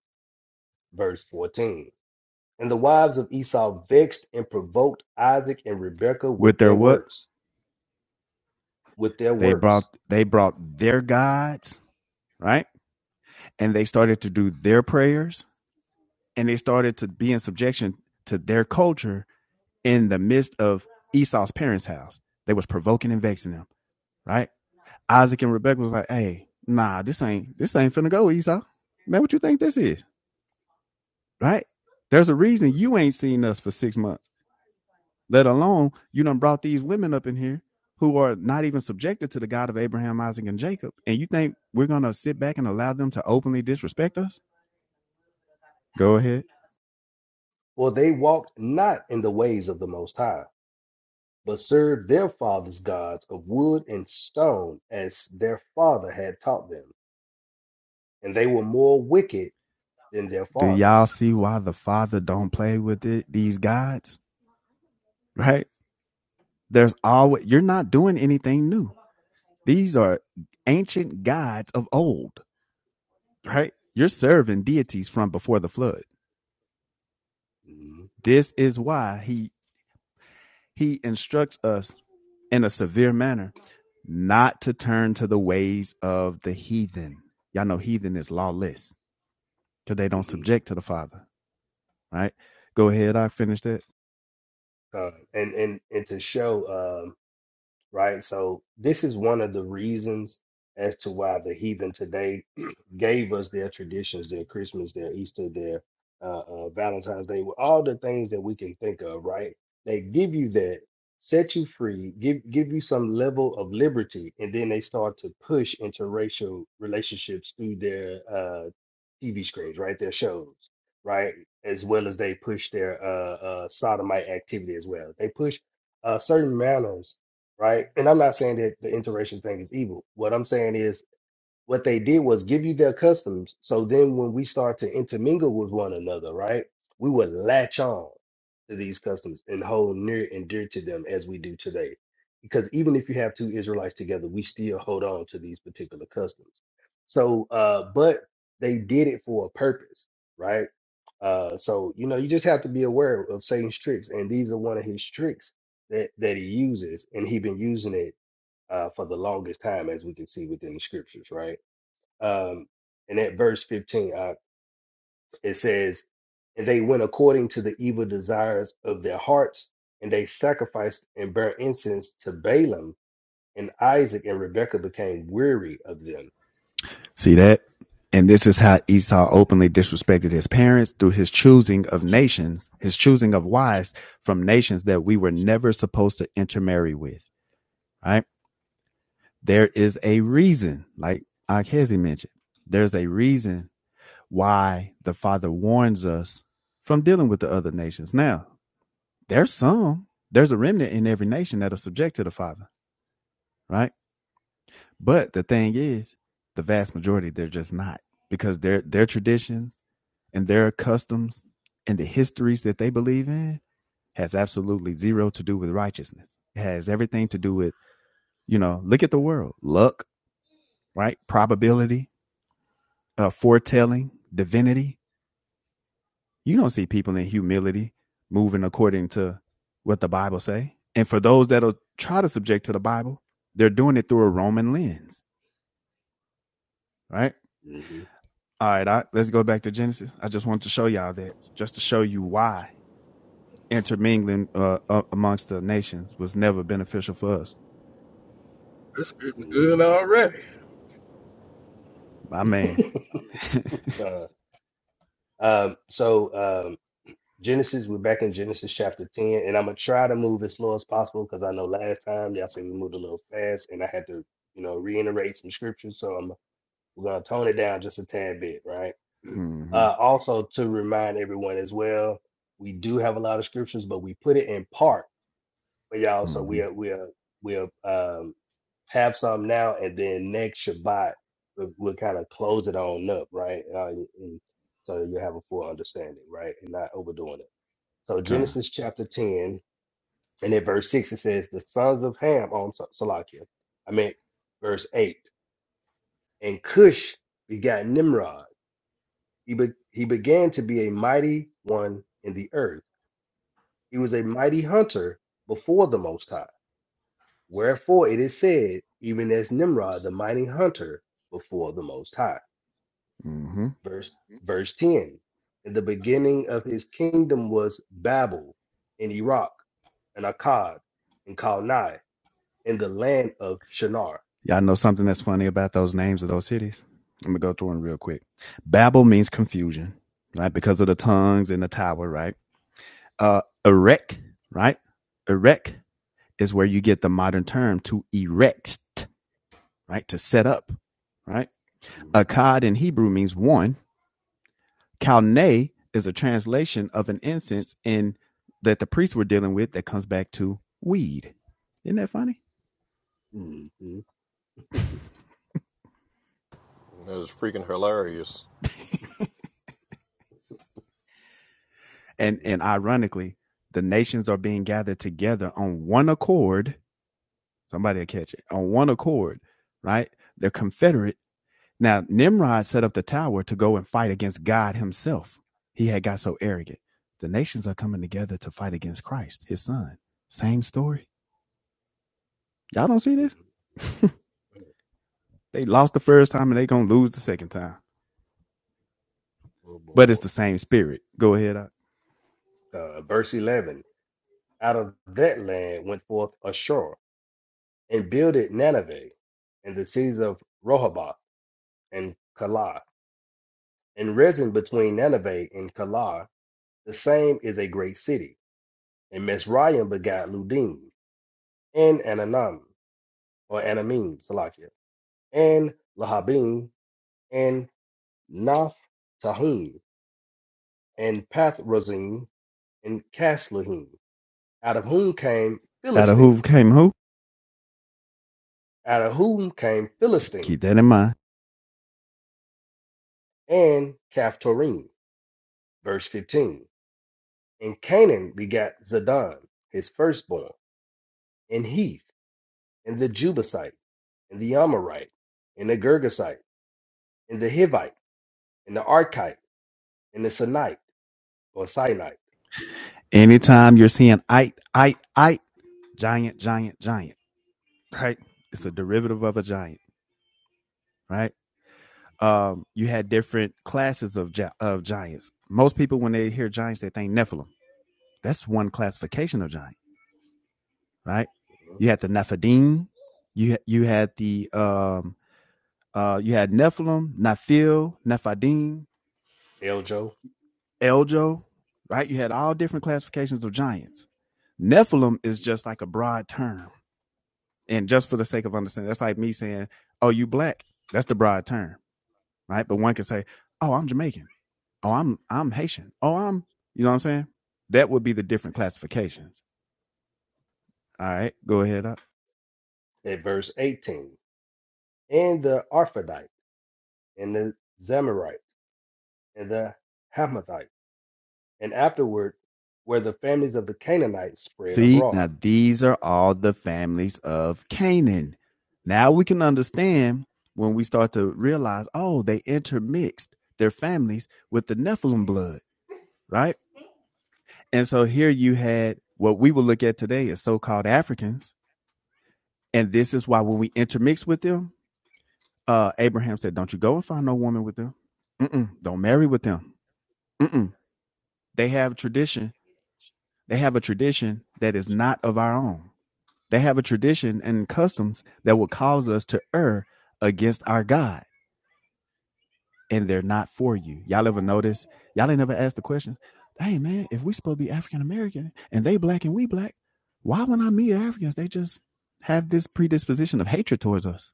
Speaker 17: Verse 14. And the wives of Esau vexed and provoked Isaac and Rebekah with
Speaker 16: With their
Speaker 17: their
Speaker 16: what?
Speaker 17: works, with their
Speaker 16: They
Speaker 17: works.
Speaker 16: brought they brought their gods, right? And they started to do their prayers and they started to be in subjection to their culture in the midst of Esau's parents' house. They was provoking and vexing them, right? Isaac and Rebecca was like, hey, nah, this ain't this ain't finna go, Esau. Man, what you think this is? Right? There's a reason
Speaker 17: Mhm.
Speaker 16: you ain't seen us for six months let alone you done brought these women up in here who are not even subjected to the God of Abraham, Isaac, and Jacob. And you think we're gonna sit back and allow them to openly disrespect us? Go ahead.
Speaker 17: For they walked not in the ways of the Most High, but served their fathers' gods of wood and stone, as their father had taught them. And they were more wicked than their
Speaker 16: Do
Speaker 17: father.
Speaker 16: y'all see why the father don't play with it, these gods? Right? There's always you're not doing anything new. These are ancient gods of old, right? You're serving deities from before the flood.
Speaker 17: Mhm.
Speaker 16: This is why he he instructs us in a severe manner, not to turn to the ways of the heathen. Y'all know heathen is lawless because they don't
Speaker 17: Mhm.
Speaker 16: subject to the Father, right? Go ahead, I finished that.
Speaker 17: Uh, and, and and to show uh, right? So this is one of the reasons as to why the heathen today gave us their traditions, their Christmas, their Easter, their uh, uh, Valentine's Day, with all the things that we can think of, right? They give you that, set you free, give give you some level of liberty, and then they start to push interracial relationships through their uh, TV screens, right? Their shows, right? As well as they push their uh, uh, sodomite activity as well. They push uh, certain manners right? And I'm not saying that the interracial thing is evil. What I'm saying is what they did was give you their customs. So then when we start to intermingle with one another, right, we would latch on to these customs and hold near and dear to them as we do today. Because even if you have two Israelites together, we still hold on to these particular customs. So, uh, but they did it for a purpose, right? Uh, so you know, you just have to be aware of Satan's tricks, and these are one of his tricks that that he uses, and he's been using it uh, for the longest time, as we can see within the scriptures, right? um, and at verse 15, uh, it says, And they went according to the evil desires of their hearts, and they sacrificed and burnt incense to Balaam, and Isaac and Rebekah became weary of them.
Speaker 16: See that? And this is how Esau openly disrespected his parents through his choosing of nations, his choosing of wives from nations that we were never supposed to intermarry with, right? There is a reason, like Akhezi mentioned, there's a reason why the Father warns us from dealing with the other nations. Now, there's some, there's a remnant in every nation that are subject to the Father, right? But the thing is, the vast majority, they're just not because their their traditions and their customs and the histories that they believe in has absolutely zero to do with righteousness. It has everything to do with, you know, look at the world, luck, right? Probability, uh, foretelling, divinity, You don't see people in humility moving according to what the Bible say. And for those that'll try to subject to the Bible, they're doing it through a Roman lens, right?
Speaker 17: Mhm,
Speaker 16: All right, I, let's go back to Genesis. I just want to show y'all that, just to show you why intermingling uh, uh, amongst the nations was never beneficial for us.
Speaker 9: It's getting
Speaker 17: mhm.
Speaker 9: good already.
Speaker 16: My man.
Speaker 17: God. Um, so, um, Genesis, we're back in Genesis chapter 10, and I'm gonna try to move as slow as possible because I know last time y'all said we moved a little fast, and I had to, you know, reiterate some scriptures, so I'm we're gonna tone it down just a tad bit, right?
Speaker 16: mm-hmm.
Speaker 17: Uh, also to remind everyone as well, we do have a lot of scriptures, but we put it in part for y'all, so
Speaker 16: Mm-hmm.
Speaker 17: we'll we'll we'll um have some now, and then next Shabbat we'll, we'll kind of close it on up, right? Uh, and so you have a full understanding, right, and not overdoing it. So
Speaker 16: Kind.
Speaker 17: Genesis chapter 10, and at verse 6, it says, The sons of Ham, on i Salakia. I mean verse 8. And Cush begat Nimrod. He, be- he began to be a mighty one in the earth. He was a mighty hunter before the Most High. Wherefore it is said, even as Nimrod, the mighty hunter before the Most High.
Speaker 16: Mm-hmm.
Speaker 17: Verse, Mhm. verse 10. In the beginning of his kingdom was Babel in Iraq and Akkad and Kalni in the land of Shinar.
Speaker 16: Y'all know something that's funny about those names of those cities? I'm gonna go through them real quick. Babel means confusion, right? Because of the tongues and the tower, right? Uh erect, right? Erect is where you get the modern term to erect, right? To set up, right?
Speaker 17: Mhm,
Speaker 16: Akkad in Hebrew means one. Kalne is a translation of an incense in that the priests were dealing with that comes back to weed. Isn't that funny?
Speaker 17: mhm, mhm,
Speaker 1: That is freaking hilarious.
Speaker 16: and
Speaker 17: mhm,
Speaker 16: and ironically, the nations are being gathered together on one accord. Somebody will catch it on one accord, right? They're confederate. Now Nimrod set up the tower to go and fight against God Himself. He had got so arrogant. The nations are coming together to fight against Christ, His Son. Same story. Y'all don't see this?
Speaker 17: mhm.
Speaker 16: they lost the first time and they gonna lose the second time.
Speaker 17: Oh, boy,
Speaker 16: but it's
Speaker 17: boy.
Speaker 16: the same spirit. Go ahead. I,
Speaker 17: Uh, verse 11 Out of that land went forth Ashur and builded Nineveh and the cities of Rehoboth and Calah. And resin between Nineveh and Calah, the same is a great city. And Mesraim begat Ludim and Ananam, or Anamim, Salakia, and Lahabim, and Naphtahim, and Pathrazim, and Casluhim, out of whom came
Speaker 16: out of who
Speaker 17: Philistine,
Speaker 16: came who.
Speaker 17: out of whom came Philistine,
Speaker 16: Keep that in mind.
Speaker 17: and Caphtorim. Verse 15. And Canaan begat Zidon, his firstborn, and Heath, and the Jebusite, and the Amorite, and the Girgasite, and the Hivite, and the Archite, and the Sinite, or Sinite.
Speaker 16: Anytime you're seeing I, I, I, giant, giant, giant, right? It's a derivative of a giant, right? Um, you had different classes of gi- of giants. Most people, when they hear giants, they think Nephilim. That's one classification of giants. right?
Speaker 17: Mhm.
Speaker 16: You had the Nephidim. You you had the um uh you had Nephilim, Nephil, Nephidim,
Speaker 17: Eljo.
Speaker 16: Eljo, right? You had all different
Speaker 17: Mhm.
Speaker 16: classifications of giants. Nephilim is just like a broad term, and just for the sake of understanding, that's like me saying, "Oh, you black." That's the broad term, right? But one can say, "Oh, I'm Jamaican." "Oh, I'm I'm Haitian." "Oh, I'm," you know what I'm saying? That would be the different classifications. All right, go ahead. up.
Speaker 17: At verse 18. And the Arphadite, and the Zamarite, and the Hamathite and afterward, where the families of the Canaanites spread
Speaker 16: See,
Speaker 17: abroad.
Speaker 16: now these are all the families of Canaan. Now we can understand when we start to realize, oh, they intermixed their families with the Nephilim blood, right? And so here you had what we will look at today as so called Africans. And this is why when we intermix with them, uh, Abraham said, don't you go and find no woman with them. Mm-mm, don't marry with them. Mm-mm. They have tradition. They have a tradition that is not of our own They have a tradition and customs that would cause us to err against our God, and they're not for you. Y'all ever notice? Y'all ain't never asked the question, hey man, if we supposed to be African American and they black and we black, why when I meet Africans, they just have this predisposition of hatred towards us?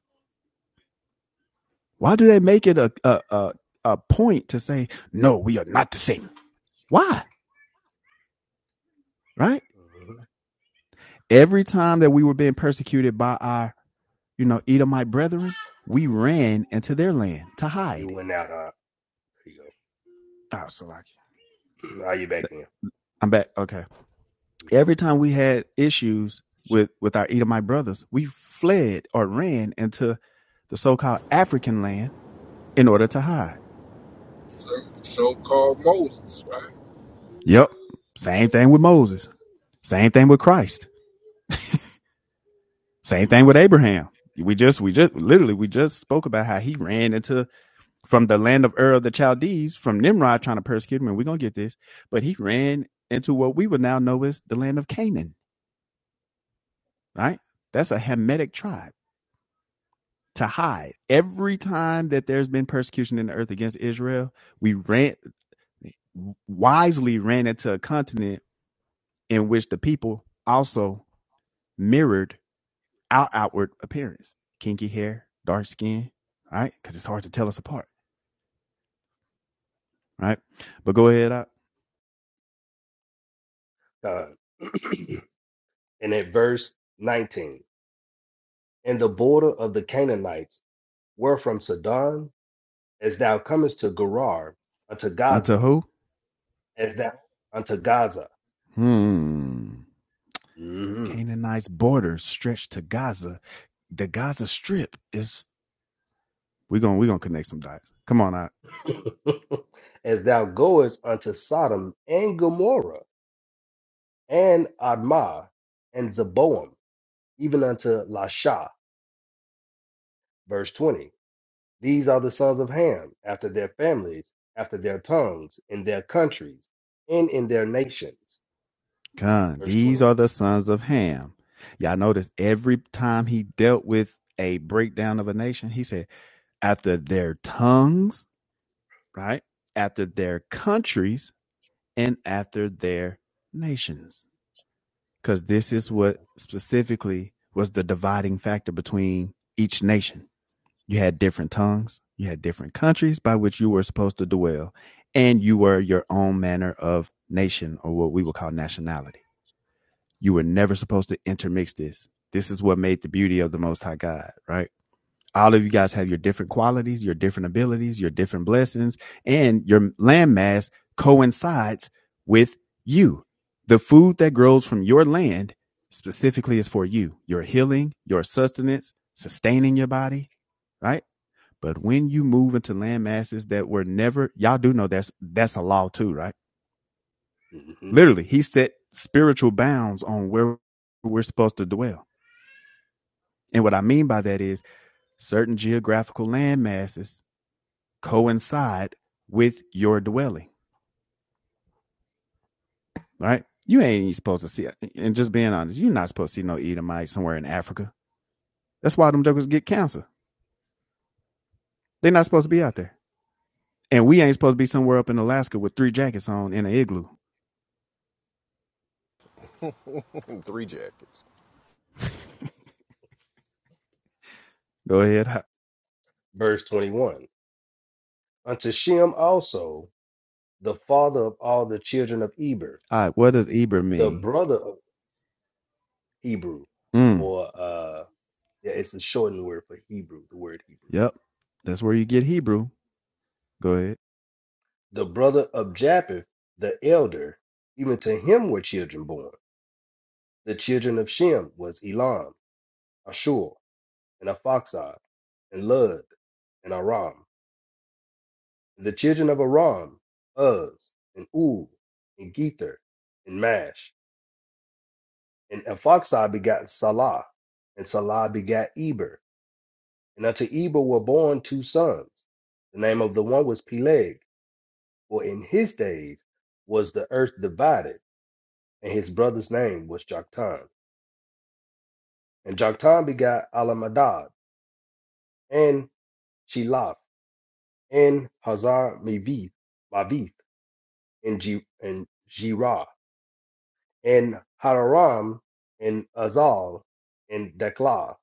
Speaker 16: Why do they make it a a a, a point to say, no, we are not the same? Why? Right?
Speaker 17: Mhm.
Speaker 16: Every time that we were being persecuted by our, you know, Edomite brethren, we ran into their land to hide
Speaker 17: You went out. Uh, here you
Speaker 16: Oh, Salaki.
Speaker 17: go. Are you back in?
Speaker 16: I'm back. Okay. Every time we had issues with with our Edomite brothers, we fled or ran into the so-called African land in order to hide.
Speaker 9: So, so-called Moses, right?
Speaker 16: Yep. Same thing with Moses. Same thing with Christ. Same
Speaker 17: Mhm.
Speaker 16: thing with Abraham. We just we just literally we just spoke about how he ran into from the land of Ur of the Chaldees from Nimrod trying to persecute him, and we're gonna get this. But he ran into what we would now know as the land of Canaan, right? That's a Hamitic tribe to hide. Every time that there's been persecution in the earth against Israel, we ran wisely ran into a continent in which the people also mirrored our outward appearance. Kinky hair, dark skin, right? Because it's hard to tell us apart, right? But go ahead up.
Speaker 17: Uh, and at verse 19, and the border of the Canaanites were from Sidon, as thou comest to Gerar, unto
Speaker 16: Unto
Speaker 17: Gaza,
Speaker 16: who?
Speaker 17: as thou unto Gaza,
Speaker 16: Hmm.
Speaker 17: Mhm.
Speaker 16: Canaanite's borders stretched to Gaza. The Gaza Strip is. We're gonna we're gonna connect some dots. Come on, I.
Speaker 17: as thou goest unto Sodom and Gomorrah and Admah and Zeboam, even unto Lasha. Verse 20 These are the sons of Ham, after their families, after their tongues, in their countries, and in their nations.
Speaker 16: Con,
Speaker 17: Verse 21.
Speaker 16: these are the sons of Ham. Y'all notice every time he dealt with a breakdown of a nation, he said, after their tongues, right? After their countries and after their nations. Because this is what specifically was the dividing factor between each nation. You had different tongues, you had different countries by which you were supposed to dwell, and you were your own manner of nation or what we would call nationality. You were never supposed to intermix this. This is what made the beauty of the Most High God, right? All of you guys have your different qualities, your different abilities, your different blessings, and your landmass coincides with you. The food that grows from your land specifically is for you, your healing, your sustenance, sustaining your body, right? But when you move into land masses that were never, y'all do know that's that's a law too, right?
Speaker 17: Mhm, mhm, mhm.
Speaker 16: Literally, he set spiritual bounds on where we're supposed to dwell And what I mean by that is certain geographical land masses coincide with your dwelling, right? You ain't supposed to see, it. and just being honest, you're not supposed to see no Edomite somewhere in Africa. That's why them jokers get cancer. They're not supposed to be
Speaker 17: mhm.
Speaker 16: out there. And we ain't supposed to be somewhere up in Alaska with three jackets on in an igloo.
Speaker 1: Three jackets.
Speaker 16: Go ahead. All
Speaker 17: Verse 21. Unto Shem also, the father of all the children of Eber,
Speaker 16: right. What does Eber
Speaker 17: the
Speaker 16: mean?
Speaker 17: brother of Hebrew,
Speaker 16: Mm,
Speaker 17: or uh, yeah, it's a shortened word for Hebrew, the word Hebrew.
Speaker 16: yep. That's where you get Hebrew. Go ahead.
Speaker 17: The brother of Japheth, the elder, even to him were children born. The children of Shem was Elam, Ashur, and Aphoxad, and Lud, and Aram, and the children of Aram, Uz, and Ul, and Gether, and Mash. And Aphoxad begat Salah, and Salah begat Eber. And unto Eber were born two sons. The name of the one was Peleg, for in his days was the earth divided, and his brother's name was Joktan. And Joktan begat Alamadad, and Shelaf, and Hazar Mabith, and Ji and Jirah and Hadaram and Azal and Dekla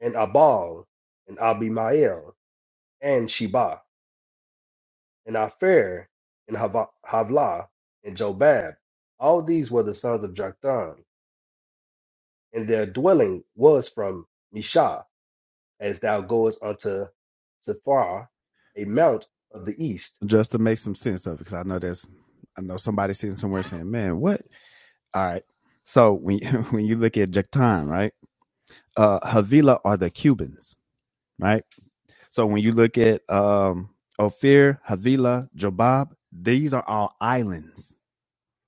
Speaker 17: and Abal and Abimael and Sheba and Aphir and Hava- Havlah and Jobab. All these were the sons of Joktan, and their dwelling was from Mishah, as thou goest unto Sephar, a mount of the east.
Speaker 16: Just to make some sense of it, because I know that's, I know somebody sitting somewhere saying, man, what? All right. So when you, when you look at Jactan, right? Uh Havila are the Cubans, right? So when you look at um Ophir, Havila, Jobab, these are all islands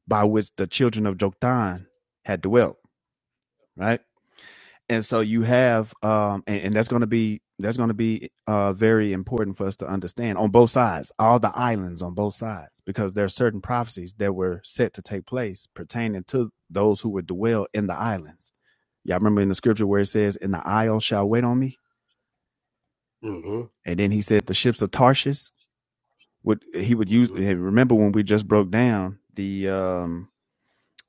Speaker 16: by which the children of Joktan had dwelt, right? And so you have um and, and that's gonna be that's gonna be uh very important for us to understand on both sides, all the islands on both sides, because there are certain prophecies that were set to take place pertaining to those who would dwell in the islands Y'all remember in the scripture where it says, "In the isles shall wait on me,"
Speaker 17: hmm
Speaker 16: and then he said, "The ships of Tarshish would he would use."
Speaker 17: hmm
Speaker 16: and Remember when we just broke down the um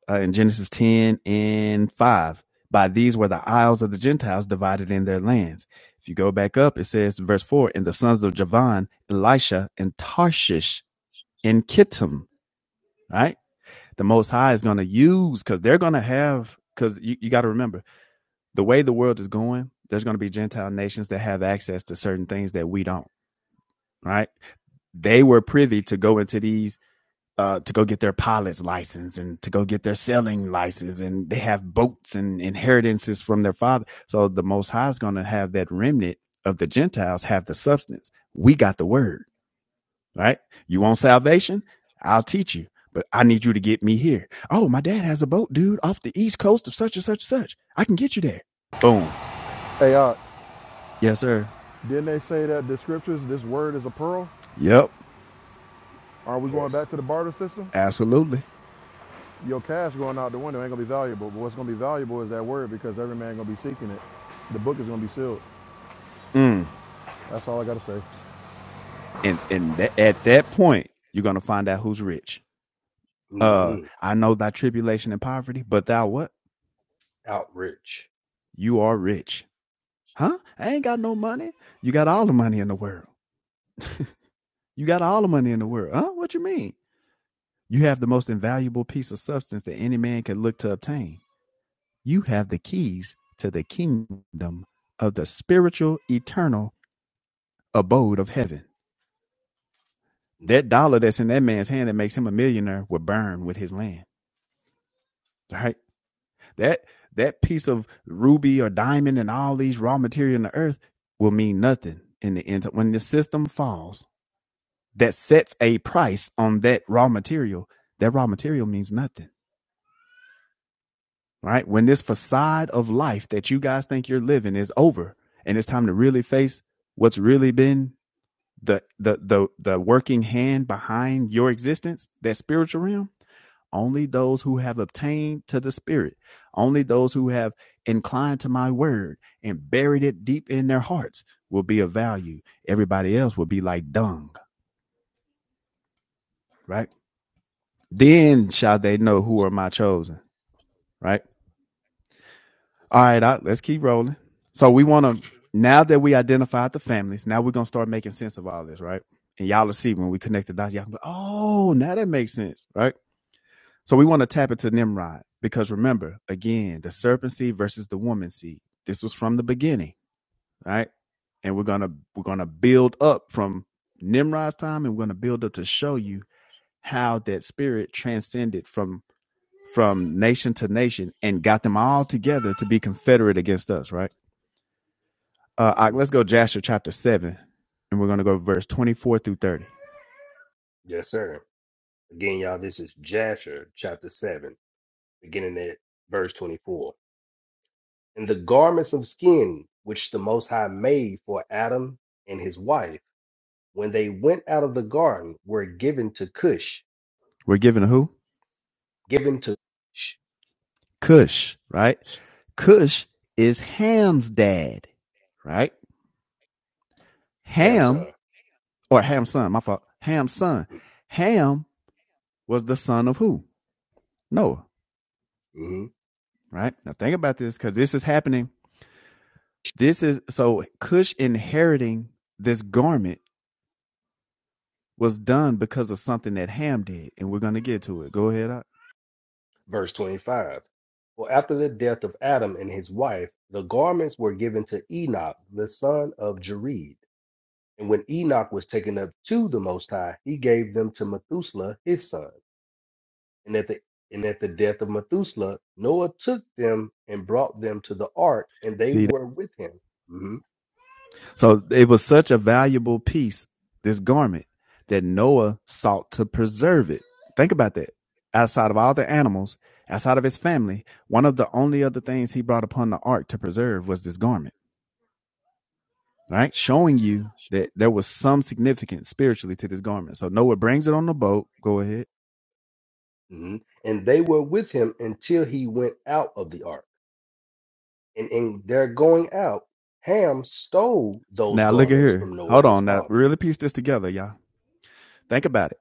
Speaker 16: uh, in Genesis ten and five? By these were the isles of the Gentiles divided in their lands. If you go back up, it says, verse four, "And the sons of Javan, Elisha, and Tarshish, and Kittim." Right, the Most High is going to use because they're going to have because you, you got to remember the way the world is going, there's going to be Gentile nations that have access to certain things that we don't. Right? They were privy to go into these uh, to go get their pilot's license and to go get their selling license, and they have boats and inheritances from their father. So the Most High is going to have that remnant of the Gentiles have the substance. We got the word. Right? You want salvation? I'll teach you but I need you to get me here. Oh, my dad has a boat, dude, off the east coast of such and such and such. I can get you there. Boom.
Speaker 11: Hey, uh,
Speaker 16: Yes, sir.
Speaker 11: didn't they say that the scriptures, this word is a pearl?
Speaker 16: Yep,
Speaker 11: Are we going
Speaker 17: Yes.
Speaker 11: back to the barter system?
Speaker 16: absolutely.
Speaker 11: Your cash going out the window ain't gonna be valuable, but what's gonna be valuable is that word because every man gonna be seeking it. The book is gonna be sealed.
Speaker 16: Mm.
Speaker 11: That's all I gotta say.
Speaker 16: And and tha- at that point, you're gonna find out who's rich. Uh,
Speaker 17: hmm
Speaker 16: I know thy tribulation and poverty, but thou what?
Speaker 17: Outreach.
Speaker 16: You are rich, huh? I ain't got no money. You got all the money in the world. You got all the money in the world, huh? What you mean? You have the most invaluable piece of substance that any man could look to obtain. You have the keys to the kingdom of the spiritual, eternal abode of heaven.
Speaker 17: Mm.
Speaker 16: That dollar that's in that man's hand that makes him a millionaire will burn with his land, right? That that piece of ruby or diamond and all these raw material in the earth will mean nothing in the end. When the system falls that sets a price on that raw material, that raw material means nothing, right? When this facade of life that you guys think you're living is over and it's time to really face what's really been the the the the working hand behind your existence, that spiritual realm Only those who have obtained to the Spirit, only those who have inclined to my word and buried it deep in their hearts will be of value. Everybody else will be like dung, right? Then shall they know who are my chosen, right?
Speaker 17: Yes,
Speaker 16: All
Speaker 17: sir.
Speaker 16: right, I, let's keep rolling. So we want to, now that we identified the families, now we're going to start making sense of all this, right? And y'all will see when we connect the dots, y'all can go. oh, now that makes sense, right? So we want to tap into Nimrod because remember, again, the serpent seed versus the woman seed. This was from the beginning, right? And we're gonna we're gonna build up from Nimrod's time, and we're gonna build up to show you how that spirit transcended from from nation to nation and got them all together to be confederate against us, right? Uh, all right,
Speaker 17: hmm
Speaker 16: let's go Jasher chapter seven, and we're gonna go verse twenty four through thirty.
Speaker 17: Yes, sir. Again, y'all, this is Jasher chapter 7, beginning at verse 24. And the garments of skin which the Most High made for Adam and his wife when they went out of the garden were given to Cush,
Speaker 16: We're given who?
Speaker 17: given to Cush,
Speaker 16: Cush, right? Cush is Ham's dad, right?
Speaker 17: Ham's
Speaker 16: Ham
Speaker 17: son.
Speaker 16: or Ham's son, my fault. Ham's son. Ham was the son of who? Noah,
Speaker 17: hmm
Speaker 16: right? Now think about this because this is happening. This is so Cush inheriting this garment was done because of something that Ham did, and we're gonna get to it. Go ahead. I-
Speaker 17: Verse 25. For after the death of Adam and his wife, the garments were given to Enoch, the son of Jared. And when Enoch was taken up to the Most High, he gave them to Methuselah his son. And at the and at the death of Methuselah, Noah took them and brought them to the ark, and they
Speaker 16: See,
Speaker 17: were with him. Mhm,
Speaker 16: So it was such a valuable piece, this garment, that Noah sought to preserve it. Think about that. Outside of all the animals, outside of his family, one of the only other things he brought upon the ark to preserve was this garment, right? Showing you that there was some significance spiritually to this garment. So Noah brings it on the boat. Go ahead.
Speaker 17: mhm. And they were with him until he went out of the ark. And in their going out, Ham stole those
Speaker 16: Now look at
Speaker 17: garments
Speaker 16: here.
Speaker 17: from Noah
Speaker 16: Hold
Speaker 17: his
Speaker 16: on. Now
Speaker 17: father.
Speaker 16: really piece this together, y'all. Think about it.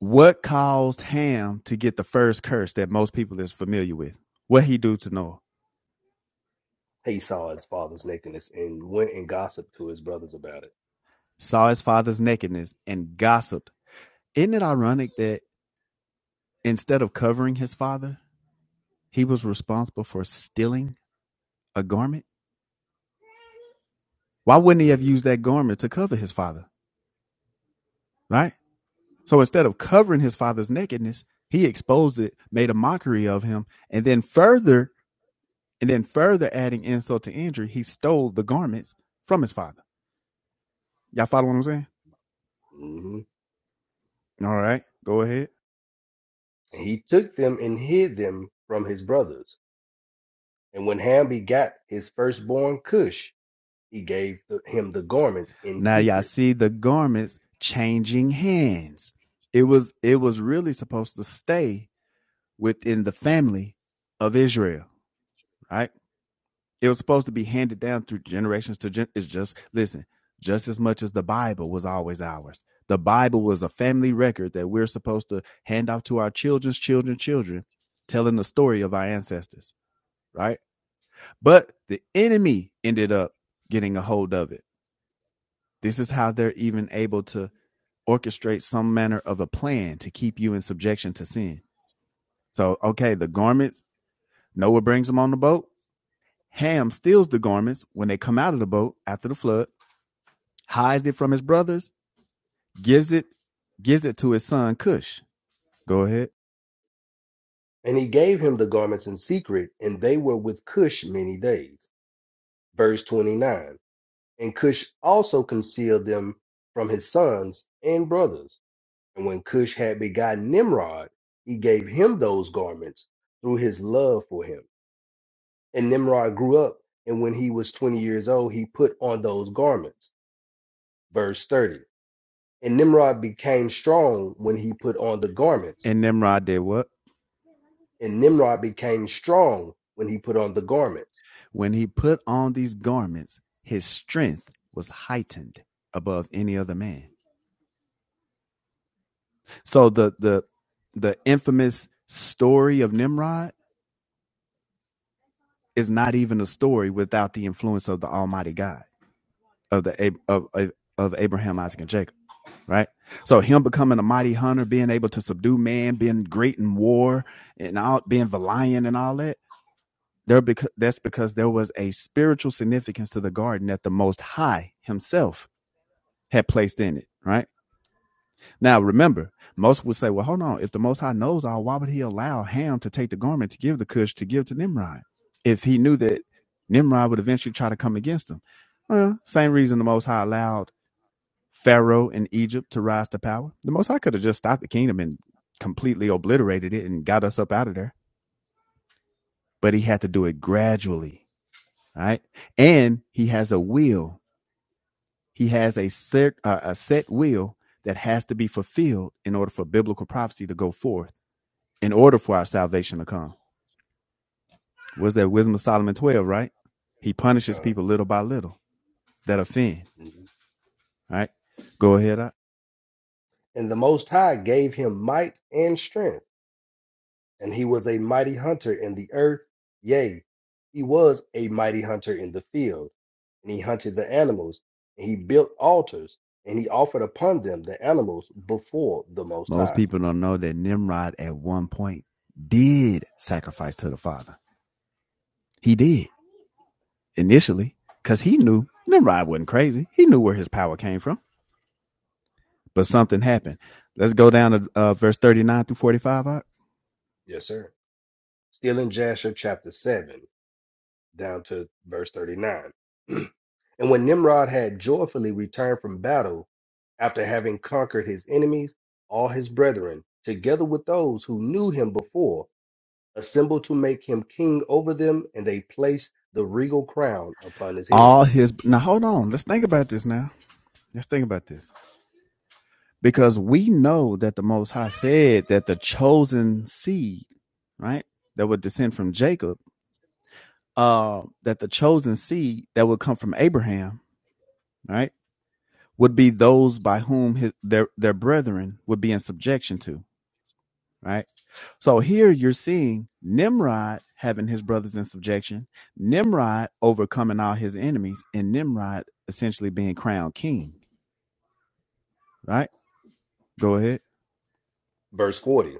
Speaker 16: What caused Ham to get the first curse that most people is familiar with? What he do to Noah?
Speaker 17: He saw his father's nakedness and went and gossiped to his brothers about it.
Speaker 16: saw his father's nakedness, and gossiped. Isn't it ironic that instead of covering his father, he was responsible for stealing a garment? Why wouldn't he have
Speaker 17: Mm,
Speaker 16: used that garment to cover his father? Right? So instead of covering his father's nakedness, he exposed it, made a mockery of him, and then further, and then further adding insult to injury, he stole the garments from his father. Y'all follow what I'm saying?
Speaker 17: mhm.
Speaker 16: All right, go ahead.
Speaker 17: And he took them and hid them from his brothers. And when Ham begat his firstborn Cush, he gave the, him the garments in
Speaker 16: Now y'all
Speaker 17: secret.
Speaker 16: see the garments changing hands. It was it was really supposed to stay within the family of Israel, right? It was supposed to be handed down through generations to gen- it's just listen, just as much as the Bible was always ours. The Bible was a family record that we're supposed to hand off to our children's children's children, telling the story of our ancestors, right? But the enemy ended up getting a hold of it. This is how they're even able to orchestrates some manner of a plan to keep you in subjection to sin. So, okay, the garments, Noah brings them on the boat. Ham steals the garments when they come out of the boat after the flood, hides it from his brothers, gives it gives it to his son Cush. Go ahead.
Speaker 17: And he gave him the garments in secret, and they were with Cush many days. Verse 29. And Cush also concealed them from his sons and brothers. And when Cush had begotten Nimrod, he gave him those garments through his love for him. And Nimrod grew up, and when he was 20 years old, he put on those garments. Verse 30. And Nimrod became strong when he put on the garments.
Speaker 16: And Nimrod did what?
Speaker 17: And Nimrod became strong when he put on the garments.
Speaker 16: When he put on these garments, his strength was heightened above any other man. So the the the infamous story of Nimrod is not even a story without the influence of the Almighty God. of the of, of of Abraham, Isaac, and Jacob, right? So him becoming a mighty hunter, being able to subdue man, being great in war, and all being the lion and all that. There because that's because there was a spiritual significance to the garden that the Most High Himself had placed in it, right? Now remember, most would say, "Well, hold on. If the Most High knows all, why would He allow Ham to take the garment to give the Cush to give to Nimrod if He knew that Nimrod would eventually try to come against him?" Well, same reason the Most High allowed Pharaoh in Egypt to rise to power. The Most High could have just stopped the kingdom and completely obliterated it and got us up out of there, but he had to do it gradually, all right? And he has a will. He has a set uh, a set will that has to be fulfilled in order for biblical prophecy to go forth, in order for our salvation to come. Was that Wisdom of Solomon 12, right? He punishes
Speaker 17: God.
Speaker 16: people little by little that offend,
Speaker 17: Mhm.
Speaker 16: all right? Go
Speaker 17: Yes. sir.
Speaker 16: ahead.
Speaker 17: And the Most High gave him might and strength, and he was a mighty hunter in the earth. Yea, he was a mighty hunter in the field, and he hunted the animals, and he built altars, and he offered upon them the animals before the Most
Speaker 16: Most
Speaker 17: High.
Speaker 16: people don't know that Nimrod at one point did sacrifice to the Father. He did initially because he knew Nimrod wasn't crazy. He knew where his power came from, but something
Speaker 17: Mhm.
Speaker 16: happened. Let's go down to uh, verse 39 through 45.
Speaker 17: Yes, sir. Still in Jasher chapter 7. down to verse 39. and when Nimrod had joyfully returned from battle, after having conquered his enemies, all his brethren, together with those who knew him before, assembled to make him king over them, and they placed the regal crown upon his head.
Speaker 16: All his. Now, hold on. Let's think about this now. Let's think about this. Because we know that the Most High said that the chosen seed, right, that would descend from Jacob, uh, that the chosen seed that would come from Abraham, right, would be those by whom his, their their brethren would be in subjection to, right? So here you're seeing Nimrod having his brothers in subjection, Nimrod overcoming all his enemies, and Nimrod essentially being crowned king, right? Go ahead.
Speaker 17: Verse 40.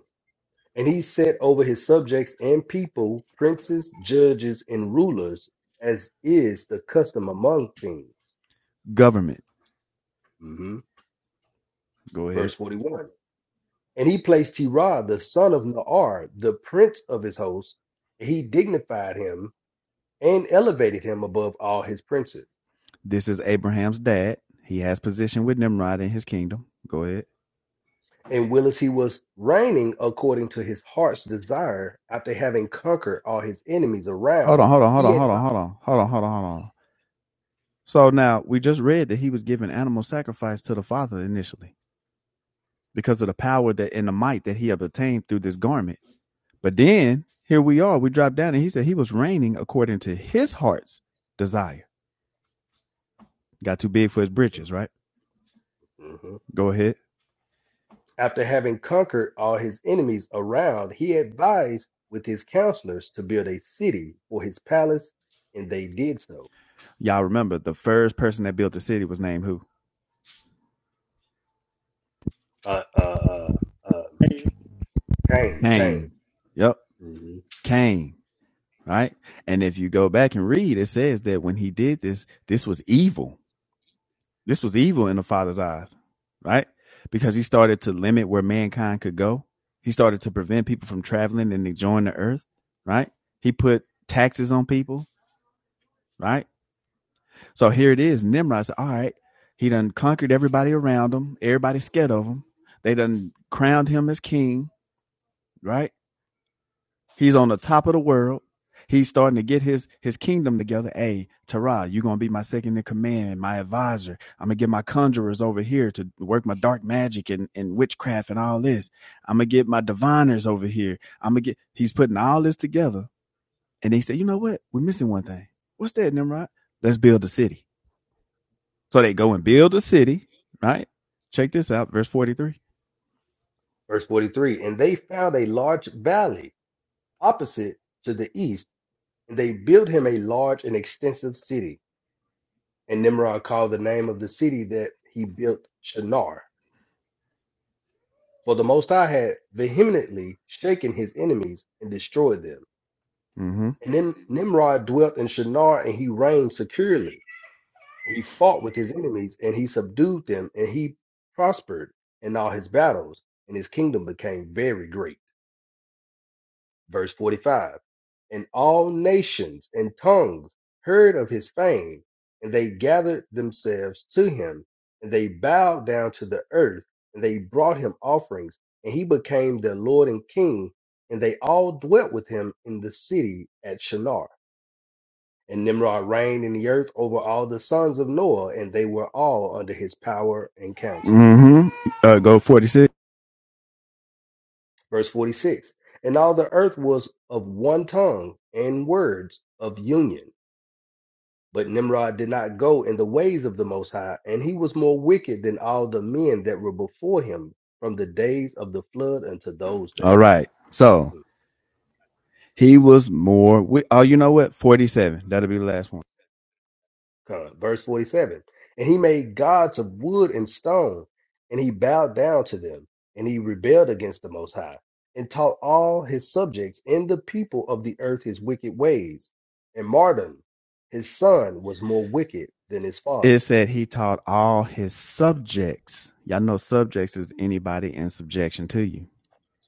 Speaker 17: And he set over his subjects and people princes, judges, and rulers, as is the custom among kings.
Speaker 16: Government.
Speaker 17: Mhm.
Speaker 16: Go ahead.
Speaker 17: Verse 41 And he placed Terah, the son of Naar, the prince of his host. He dignified him and elevated him above all his princes.
Speaker 16: This is Abraham's dad. He has position with Nimrod in his kingdom. Go ahead.
Speaker 17: And whilst he was reigning according to his heart's desire, after having conquered all his enemies
Speaker 16: Hold
Speaker 17: around,
Speaker 16: on, hold on, hold
Speaker 17: he
Speaker 16: on,
Speaker 17: had
Speaker 16: hold on, hold on, hold on, hold on, hold on. So now we just read that he was giving animal sacrifice to the father initially because of the power that and the might that he had obtained through this garment. But then here we are, we drop down, and he said he was reigning according to his heart's desire. Got too big for his britches, right?
Speaker 17: Mhm.
Speaker 16: Go ahead.
Speaker 17: after having conquered all his enemies around, he advised with his counselors to build a city for his palace, and they did so.
Speaker 16: Y'all remember the first person that built the city was named who?
Speaker 17: Uh, uh, uh, uh, Cain, Cain.
Speaker 16: Cain. Yep,
Speaker 17: Mm-hmm.
Speaker 16: Cain. Right. And if you go back and read, it says that when he did this, this was evil This was evil in the Father's eyes, right? Because he started to limit where mankind could go. He started to prevent people from traveling and enjoying the earth, right? He put taxes on people, right? So here it is. Nimrod said, All right, he done conquered everybody around him. Everybody scared of him. They done crowned him as king, right? He's on the top of the world. He's starting to get his his kingdom together. Hey, Tara, you're gonna be my second in command, my advisor. I'm gonna get my conjurers over here to work my dark magic and, and witchcraft and all this. I'm gonna get my diviners over here. I'm gonna get he's putting all this together. And they say, you know what? We're missing one thing. What's that, Nimrod? Let's build a city. So they go and
Speaker 17: Mm.
Speaker 16: build a city, right? Check this out, verse 43.
Speaker 17: Verse 43 And they found a large valley opposite to the east, and they built him a large and extensive city. And Nimrod called the name of the city that he built Shinar. For the Most High had vehemently shaken his enemies and destroyed them.
Speaker 16: Mm-hmm.
Speaker 17: And Nim- Nimrod dwelt in Shinar, and he reigned securely. He fought with his enemies, and he subdued them, and he prospered in all his battles, and his kingdom became very great. Verse 45 And all nations and tongues heard of his fame, and they gathered themselves to him, and they bowed down to the earth, and they brought him offerings, and he became their Lord and King, and they all dwelt with him in the city at Shinar. And Nimrod reigned in the earth over all the sons of Noah, and they were all under his power and counsel.
Speaker 16: Mm-hmm. Uh, go 46.
Speaker 17: Verse 46 And all the earth was of one tongue and words of union But Nimrod did not go in the ways of the Most High, and he was more wicked than all the men that were before him from the days of the flood unto those
Speaker 16: All
Speaker 17: days.
Speaker 16: right. So
Speaker 17: Mm,
Speaker 16: He was more. wi- Oh, you know what? Forty-seven. That'll be the last one.
Speaker 17: come. Verse 47 And he made gods of wood and stone, and he bowed down to them, and he rebelled against the Most High, and taught all his subjects and the people of the earth his wicked ways. And Mardon, his son, was more wicked than his father.
Speaker 16: It said he taught all his subjects. Y'all know subjects is anybody in subjection to you.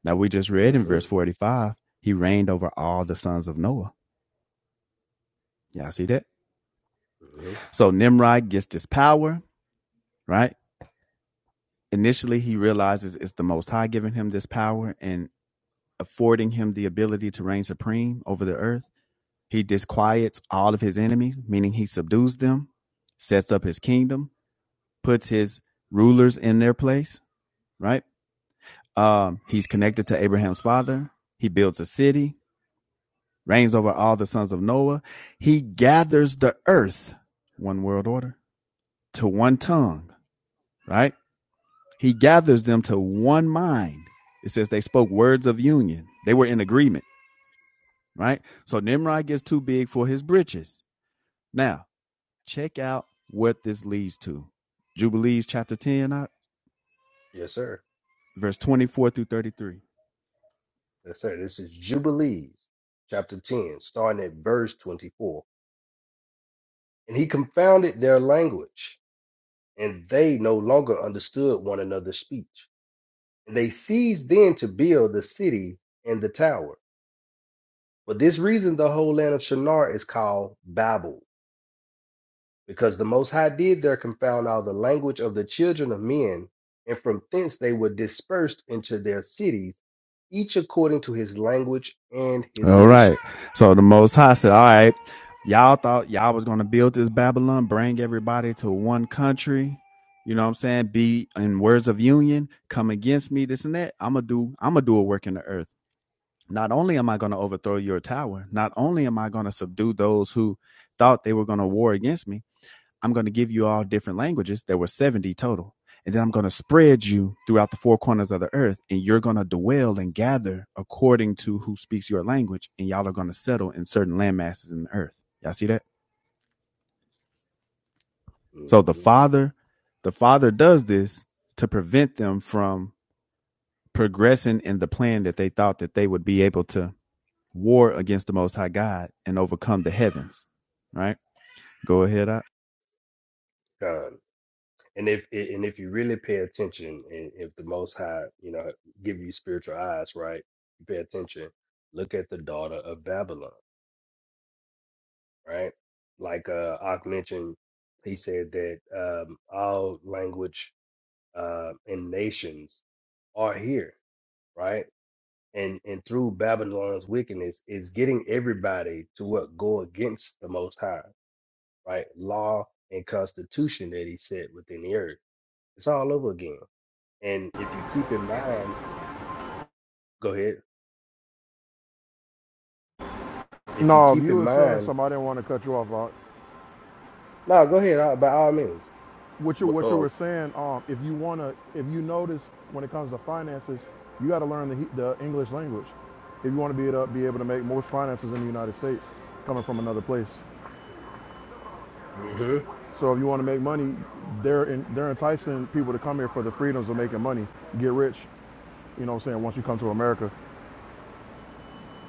Speaker 16: Now we just read
Speaker 17: hmm
Speaker 16: in verse forty-five. He reigned over all the sons of Noah. Y'all see that?
Speaker 17: hmm
Speaker 16: So Nimrod gets this power, right? Initially, he realizes it's the Most High giving him this power and affording him the ability to reign supreme over the earth. He disquiets all of his enemies, meaning he subdues them, sets up his kingdom, puts his rulers in their place, right? Um, he's connected to Abraham's father. He builds a city, reigns over all the sons of Noah. He gathers the earth, one world order, to one tongue, right? He gathers them to one mind. It says they spoke words of union. They were in agreement, right? So Nimrod gets too big for his britches. Now, check out what this leads to. Jubilees chapter 10, uh,
Speaker 17: Yes, sir.
Speaker 16: verse 24 through 33.
Speaker 17: Yes, sir. This is Jubilees, chapter 10, starting at verse 24. And he confounded their language, and they no longer understood one another's speech. And they ceased then to build the city and the tower. For this reason, the whole land of Shinar is called Babel, because the Most High did there confound all the language of the children of men, and from thence they were dispersed into their cities, each according to his language and his
Speaker 16: All
Speaker 17: nation.
Speaker 16: right. So the Most High said, All right, y'all thought y'all was going to build this Babylon, bring everybody to one country. You know what I'm saying? Be in words of union, come against me, this and that. I'm going to do, I'm going to do a work in the earth. Not only am I going to overthrow your tower, not only am I going to subdue those who thought they were going to war against me, I'm going to give you all different languages. There were 70 total. And then I'm going to spread you throughout the four corners of the earth, and you're going to dwell and gather according to who speaks your language, and y'all are going to settle in certain land masses in the earth. Y'all see that? So the
Speaker 17: Mhm.
Speaker 16: Father, the Father does this to prevent them from progressing in the plan that they thought that they would be able to war against the Most High God and overcome the heavens. Right? Go ahead. I-
Speaker 17: God. and if a- and if you really pay attention and if the most high you know give you spiritual eyes right you pay attention look at the daughter of babylon right like uh Ak mentioned he said that um all language uh and nations are here right and and through babylon's wickedness is getting everybody to what go against the most high right law and constitution that he set within the earth it's all over again And if you keep in mind, go ahead. If you
Speaker 11: No, if
Speaker 17: keep
Speaker 11: you
Speaker 17: in
Speaker 11: were saying
Speaker 17: mind,
Speaker 11: something, I didn't want to cut you off. Ock.
Speaker 17: no, go ahead. uh, By all means.
Speaker 11: what you
Speaker 13: what,
Speaker 11: what you
Speaker 13: uh,
Speaker 11: were saying um if you want to if you notice when it comes to finances you got to learn the, the english language if you want to be able to be able to make most finances in the united states coming from another place
Speaker 17: Mm-hmm.
Speaker 11: so if you want to make money they're in, they're enticing people to come here for the freedoms of making money get rich you know what i'm saying once you come to america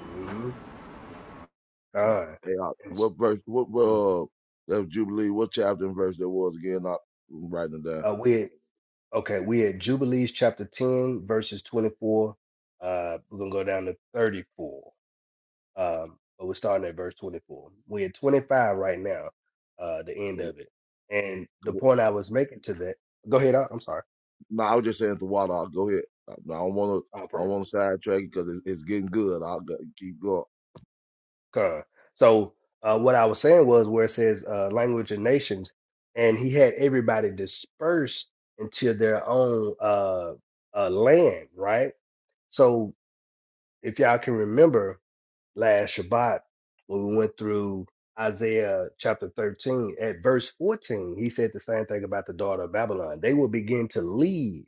Speaker 17: Mm-hmm.
Speaker 13: God,
Speaker 17: Fine.
Speaker 13: hey, uh,
Speaker 17: And
Speaker 13: what
Speaker 17: s-
Speaker 13: verse? What, what
Speaker 17: mm,
Speaker 13: uh, that was Jubilee? What chapter and verse that was again? I, I'm writing it down.
Speaker 17: Uh, we at, okay. We at Jubilees chapter ten verses twenty four. Uh, we're gonna go down to thirty four. Um, but we're starting at verse twenty four. We're at twenty five right now. Uh, the end of it. And the
Speaker 13: Okay.
Speaker 17: point I was making to that. Go ahead. uh, I'm
Speaker 13: No, I was just saying to Water. I'll go ahead. I, no, I don't want to. I
Speaker 17: sorry.
Speaker 13: don't want to sidetrack it because it's, it's getting good. I'll go, keep going.
Speaker 17: Con. So uh, what I was saying was where it says uh, language and nations, and he had everybody dispersed into their own uh, uh, land, right? So if y'all can remember last Shabbat when we went through Isaiah chapter 13 at verse 14, he said the same thing about the daughter of Babylon. They will begin to leave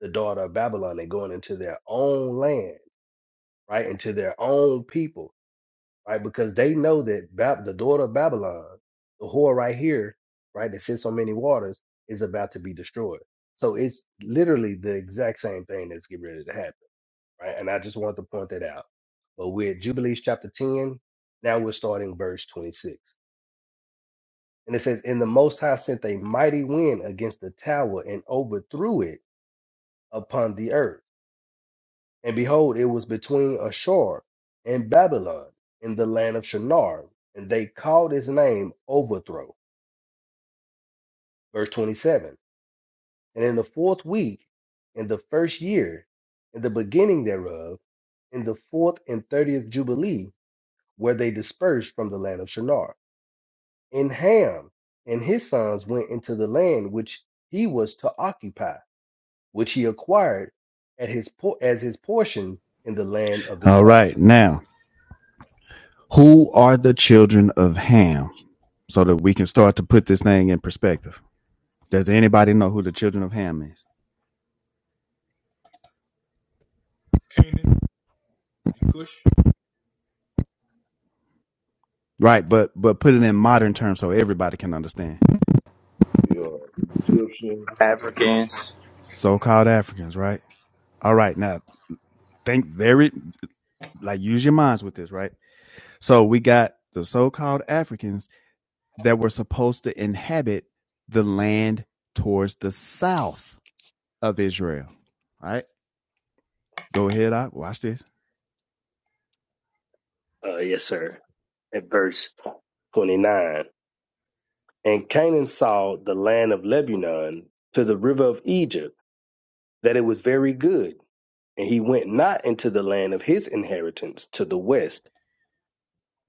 Speaker 17: the daughter of Babylon and going into their own land, right? Into their own people right? Because they know that Bab- the daughter of Babylon, the whore right here, right, that sits on many waters, is about to be destroyed. So it's literally the exact same thing that's getting ready to happen, right? And I just wanted to point that out. But we're at Jubilees chapter 10. Now we're starting verse 26. And it says, And the Most High sent a mighty wind against the tower and overthrew it upon the earth And behold, it was between Ashur and Babylon in the land of Shinar, and they called his name Overthrow. Verse 27. And in the fourth week, in the first year, in the beginning thereof, in the fourth and thirtieth Jubilee, where they dispersed from the land of Shinar. And Ham and his sons went into the land which he was to occupy, which he acquired at his po- as his portion in the land of the
Speaker 16: All
Speaker 17: south.
Speaker 16: right. Now, who are the children of Ham? so that we can start to put this thing in perspective. Does anybody know who the children of Ham is?
Speaker 3: Canaan and Cush.
Speaker 16: Right, but but put it in modern terms so everybody can understand.
Speaker 13: Yeah, Egyptian,
Speaker 17: Africa.
Speaker 10: Africans.
Speaker 16: So-called Africans, right? All right, now think very like use your minds with this, right? So we got the so-called Africans that were supposed to inhabit the land towards the south of Israel. Right? Go ahead, I watch this.
Speaker 17: Uh, yes, sir. At verse 29. And Canaan saw the land of Lebanon to the river of Egypt, that it was very good. And he went not into the land of his inheritance to the west,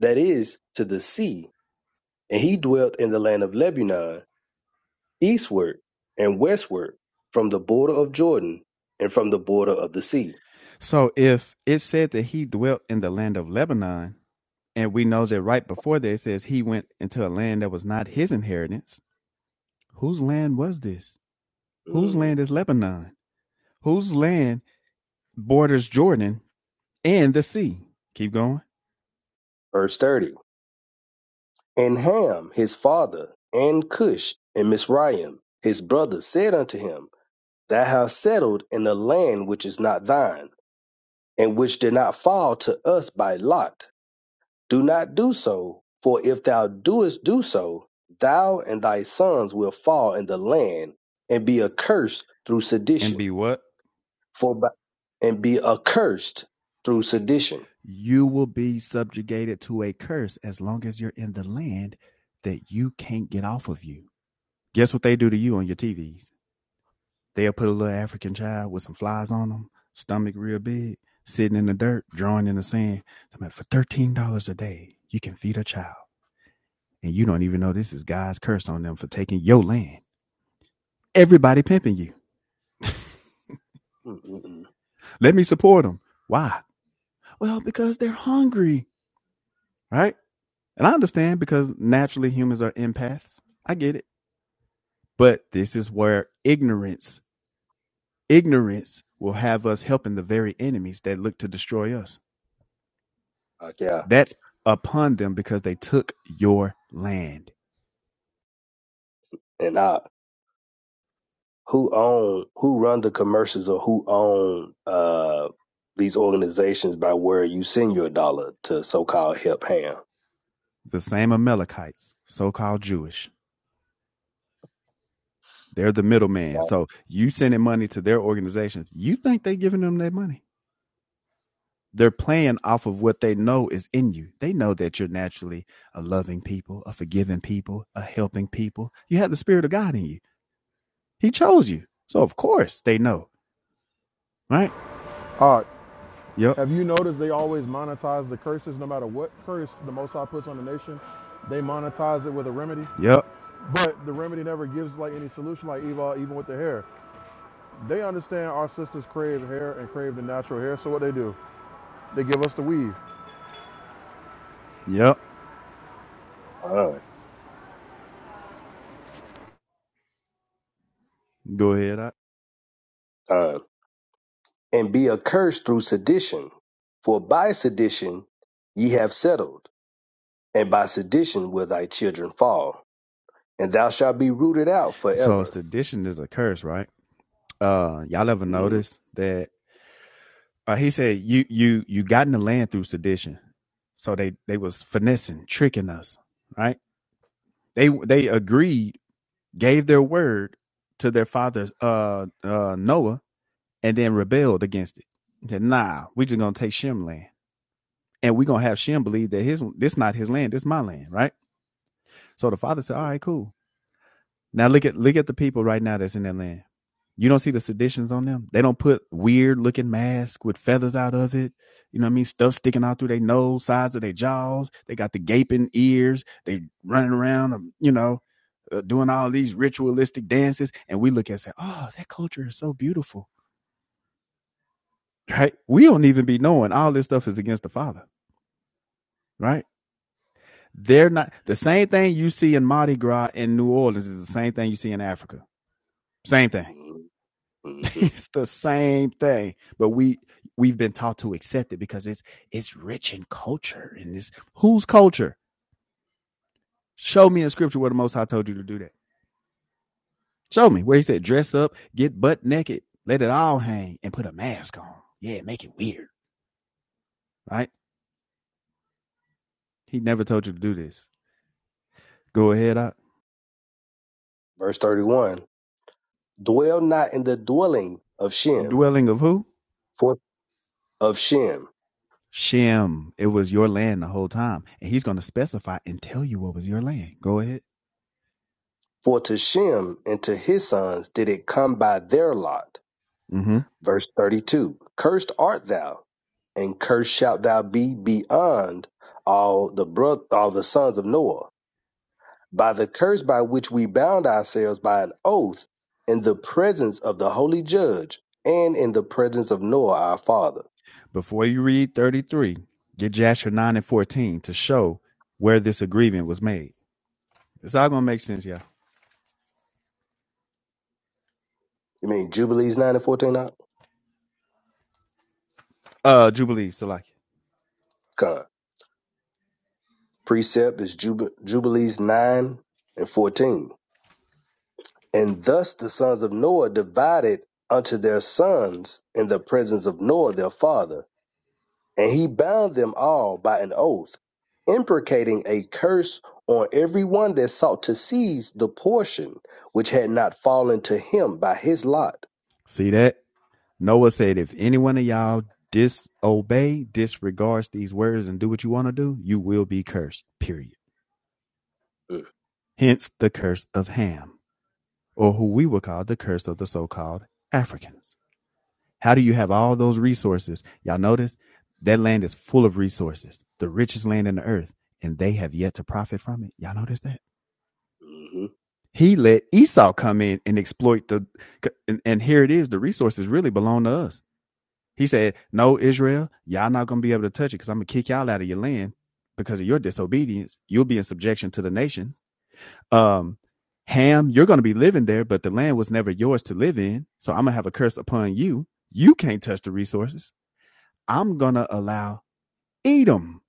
Speaker 17: that is, to the sea. And he dwelt in the land of Lebanon eastward and westward from the border of Jordan and from the border of the sea.
Speaker 16: So if it said that he dwelt in the land of Lebanon, And we know that right before that it says he went into a land that was not his inheritance. Whose land was this? Whose
Speaker 17: Mm.
Speaker 16: land is Lebanon? Whose land borders Jordan and the sea? Keep going.
Speaker 17: Verse 30. And Ham, his father, and Cush, and Mizraim, his brother, said unto him, Thou hast settled in a land which is not thine, and which did not fall to us by lot. Do not do so, for if thou doest do so, thou and thy sons will fall in the land and be accursed through
Speaker 16: And
Speaker 17: sedition.
Speaker 16: be what?
Speaker 17: For by, and be accursed through sedition.
Speaker 16: You will be subjugated to a curse as long as you're in the land that you can't get off of you. Guess what they do to you on your TVs? They'll put a little African child with some flies on them, stomach real big, sitting in the dirt, drawing in the sand. Somebody, for $13 a day, you can feed a child. and you don't even know this is God's curse on them for taking your land. Everybody pimping you.
Speaker 17: Mm-mm-mm.
Speaker 16: Let me support them. Why? Well, because they're hungry, right? And I understand because naturally humans are empaths. I get it. But this is where ignorance, ignorance will have us helping the very enemies that look to destroy us.
Speaker 17: Okay,
Speaker 16: That's upon them because they took your land.
Speaker 17: and I who own who run the commercials or who own uh these organizations by where you send your dollar to so called help hand.
Speaker 16: The same Amalekites, so called Jewish They're the middleman.
Speaker 17: Right.
Speaker 16: So you sending money to their organizations. You think they giving them that money? They're playing off of what they know is in you. They know that you're naturally a loving people, a forgiving people, a helping people. You have the spirit of God in you. He chose you. So of course they know, right?
Speaker 11: all right
Speaker 16: Yep.
Speaker 11: have you noticed they always monetize the curses no matter what curse the most high puts on the nation they monetize it with a remedy
Speaker 16: Yep.
Speaker 11: but the remedy never gives like any solution like eva even with the hair They understand our sisters crave hair and crave the natural hair, so what they do? They give us the weave.
Speaker 16: Yep.
Speaker 17: Uh-huh.
Speaker 16: Go ahead. I-
Speaker 17: uh, and be accursed through sedition. For by sedition ye have settled, and by sedition will thy children fall, and thou shalt be rooted out
Speaker 16: So
Speaker 17: forever.
Speaker 16: sedition is a curse, right? Uh y'all ever
Speaker 17: Mhm,
Speaker 16: notice that uh, he said you you you got in the land through sedition. So they they was finessing, tricking us, right? they they agreed, gave their word to their father uh, uh, Noah, and then rebelled against it. They said, "Nah, we just gonna take Shem land, and we gonna have Shem believe that his this not his land, this my land, right?" So the father said, "All right, cool. Now look at look at the people right now that's in that land. You don't see the seditions on them. They don't put weird looking masks with feathers out of it. You know what I mean? Stuff sticking out through their nose, sides of their jaws. They got the gaping ears. They running around, um, you know, uh, doing all these ritualistic dances, and we look at and say, "Oh, that culture is so beautiful." Right? We don't even be knowing all this stuff is against the Father. Right? They're not the same thing you see in Mardi Gras in New Orleans is the same thing you see in Africa. Same thing.
Speaker 17: mhm, mhm.
Speaker 16: it's the same thing, but we we've been taught to accept it because it's it's rich in culture and this, whose culture? Show me in scripture where the Most High told you to do that. Show me where he said dress up, get butt naked, let it all hang, and put a mask on. Yeah, make it weird. Right? He never told you to do this. Go ahead, I
Speaker 17: Verse 31 Dwell not in the dwelling of Shem,
Speaker 16: dwelling of who?
Speaker 17: for of Shem,
Speaker 16: Shem. It was your land the whole time. And he's going to specify and tell you what was your land. Go ahead.
Speaker 17: for to Shem and to his sons did it come by their lot.
Speaker 16: Mm-hmm.
Speaker 17: Verse 32 Cursed art thou, and cursed shalt thou be beyond all the bro- all the sons of Noah by the curse by which we bound ourselves by an oath in the presence of the holy judge and in the presence of Noah our father.
Speaker 16: Before you read 33, get Jasher 9 and 14 to show where this agreement was made. It's all going to make sense, y'all.
Speaker 17: You mean Jubilees 9 and 14? huh?
Speaker 16: Uh, Jubilee, Salaki.
Speaker 17: Con. Precept is Jub- Jubilees 9 and 14. And thus the sons of Noah divided unto their sons in the presence of Noah their father And he bound them all by an oath, imprecating a curse on every one that sought to seize the portion which had not fallen to him by his lot.
Speaker 16: See that? Noah said, if any one of y'all disobey, disregards these words, and do what you want to do, you will be cursed, period.
Speaker 17: Mm,
Speaker 16: Hence the curse of Ham. or who we would call the curse of the so called Africans. How do you have all those resources? Y'all notice that land is full of resources, the richest land in the earth, and they have yet to profit from it. Y'all notice that?
Speaker 17: Mm-hmm,
Speaker 16: He let Esau come in and exploit the, and, and here it is the resources really belong to us. He said, No, Israel, y'all not going to be able to touch it because I'm going to kick y'all out of your land because of your disobedience. You'll be in subjection to the nation Um, Ham, you're going to be living there, but the land was never yours to live in. So I'm going to have a curse upon you. You can't touch the resources. I'm going to allow Edom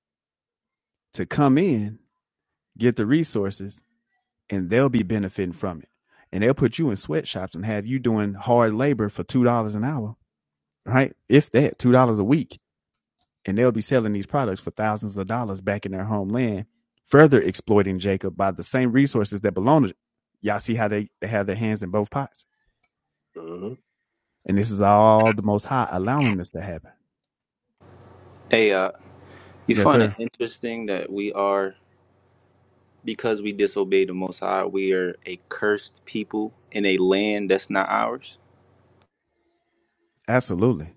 Speaker 16: to come in, get the resources, and they'll be benefiting from it. And they'll put you in sweatshops and have you doing hard labor for $2 an hour, right? If that, $2 a week. And they'll be selling these products for thousands of dollars back in their homeland, further exploiting Jacob by the same resources that belong to. Y'all see how they, they have their hands in both pots?
Speaker 17: mm-hmm,
Speaker 16: And this is all the Most High allowing this to happen.
Speaker 10: Hey, uh, you
Speaker 16: Yes,
Speaker 10: find it
Speaker 16: sir.
Speaker 10: interesting that we are because we disobeyed the Most High, we are a cursed people in a land that's not ours.
Speaker 16: Absolutely.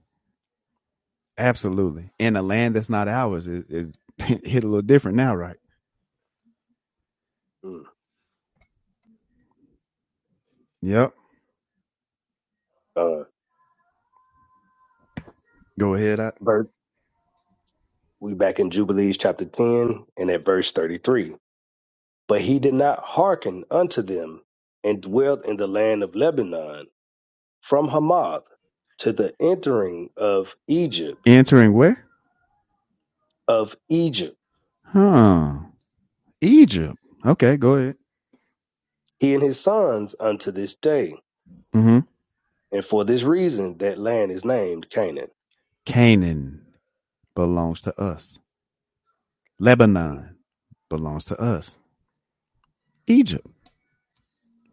Speaker 16: Absolutely. In a land that's not ours, it, it's hit a little different now, right?
Speaker 17: mm
Speaker 16: Yep.
Speaker 17: Uh,
Speaker 16: Go ahead. I,
Speaker 17: verse, we back in Jubilees chapter 10 and at verse 33. But he did not hearken unto them and dwelt in the land of Lebanon from Hamath to the entering of Egypt,
Speaker 16: entering where?
Speaker 17: of Egypt,
Speaker 16: Huh. Egypt. Okay, go ahead.
Speaker 17: he and his sons unto this day
Speaker 16: hmm
Speaker 17: And for this reason, that land is named Canaan.
Speaker 16: Canaan belongs to us. Lebanon belongs to us. Egypt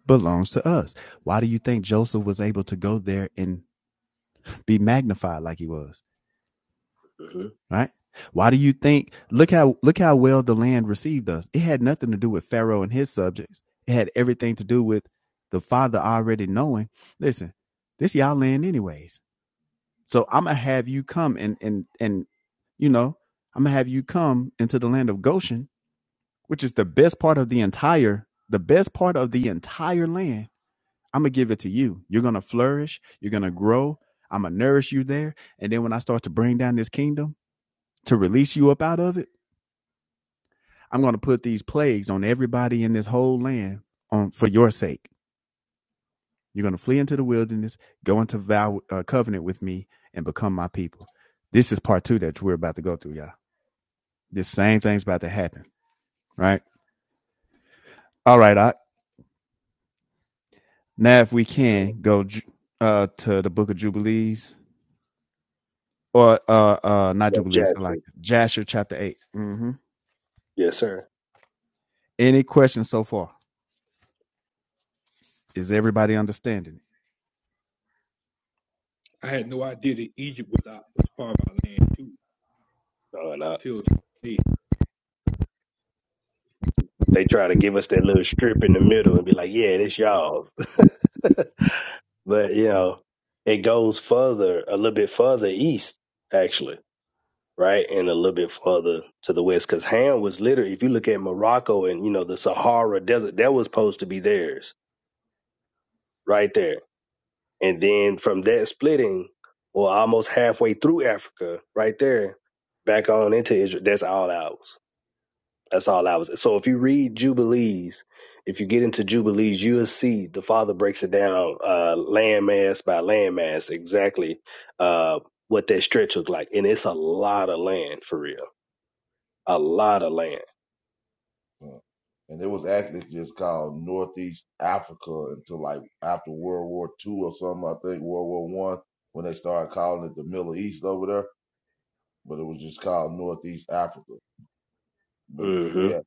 Speaker 16: belongs to us. Why do you think Joseph was able to go there and be magnified like he was?
Speaker 17: Mm-hmm.
Speaker 16: right? Why do you think look how look how well the land received us? It had nothing to do with Pharaoh and his subjects. It had everything to do with the father already knowing, listen, this y'all land anyways. So I'm gonna have you come and and and you know, I'm gonna have you come into the land of Goshen, which is the best part of the entire the best part of the entire land. I'm gonna give it to you. You're gonna flourish, you're gonna grow, I'm gonna nourish you there. And then when I start to bring down this kingdom to release you up out of it I'm going to put these plagues on everybody in this whole land on for your sake. You're going to flee into the wilderness, go into vow uh, covenant with me, and become my people. This is part two that we're about to go through, y'all. This same thing's about to happen, right? All right, I, now if we
Speaker 17: Yes, sir.
Speaker 16: can go uh, to the book of Jubilees or uh, uh, not
Speaker 17: Yeah,
Speaker 16: Jubilees,
Speaker 17: Jasher.
Speaker 16: like Jasher chapter 8 Mm-hmm.
Speaker 17: Yes, sir.
Speaker 16: Any questions so far? Is everybody understanding? it?
Speaker 3: I had no idea that Egypt was out was part of our land too
Speaker 17: No, no.
Speaker 3: till today.
Speaker 17: They try to give us that little strip in the middle and be like, yeah, this y'all's. but, you know, it goes further, a little bit further east, actually, right? And a little bit further to the west. Because Ham was literally, if you look at Morocco and, you know, the Sahara Desert, that was supposed to be theirs right there And then from that splitting, or almost halfway through Africa, right there, back on into Israel, that's all ours. That's all ours. So if you read Jubilees, if you get into Jubilees, you'll see the father breaks it down uh, landmass by landmass exactly uh, what that stretch looked like. And it's a lot of land for real. A lot of land.
Speaker 13: uh, and it was actually just called Northeast Africa until like after World War Two or something. I think World War One when they started calling it the Middle East over there, but it was just called Northeast Africa But
Speaker 17: Mm-hmm.
Speaker 13: yeah,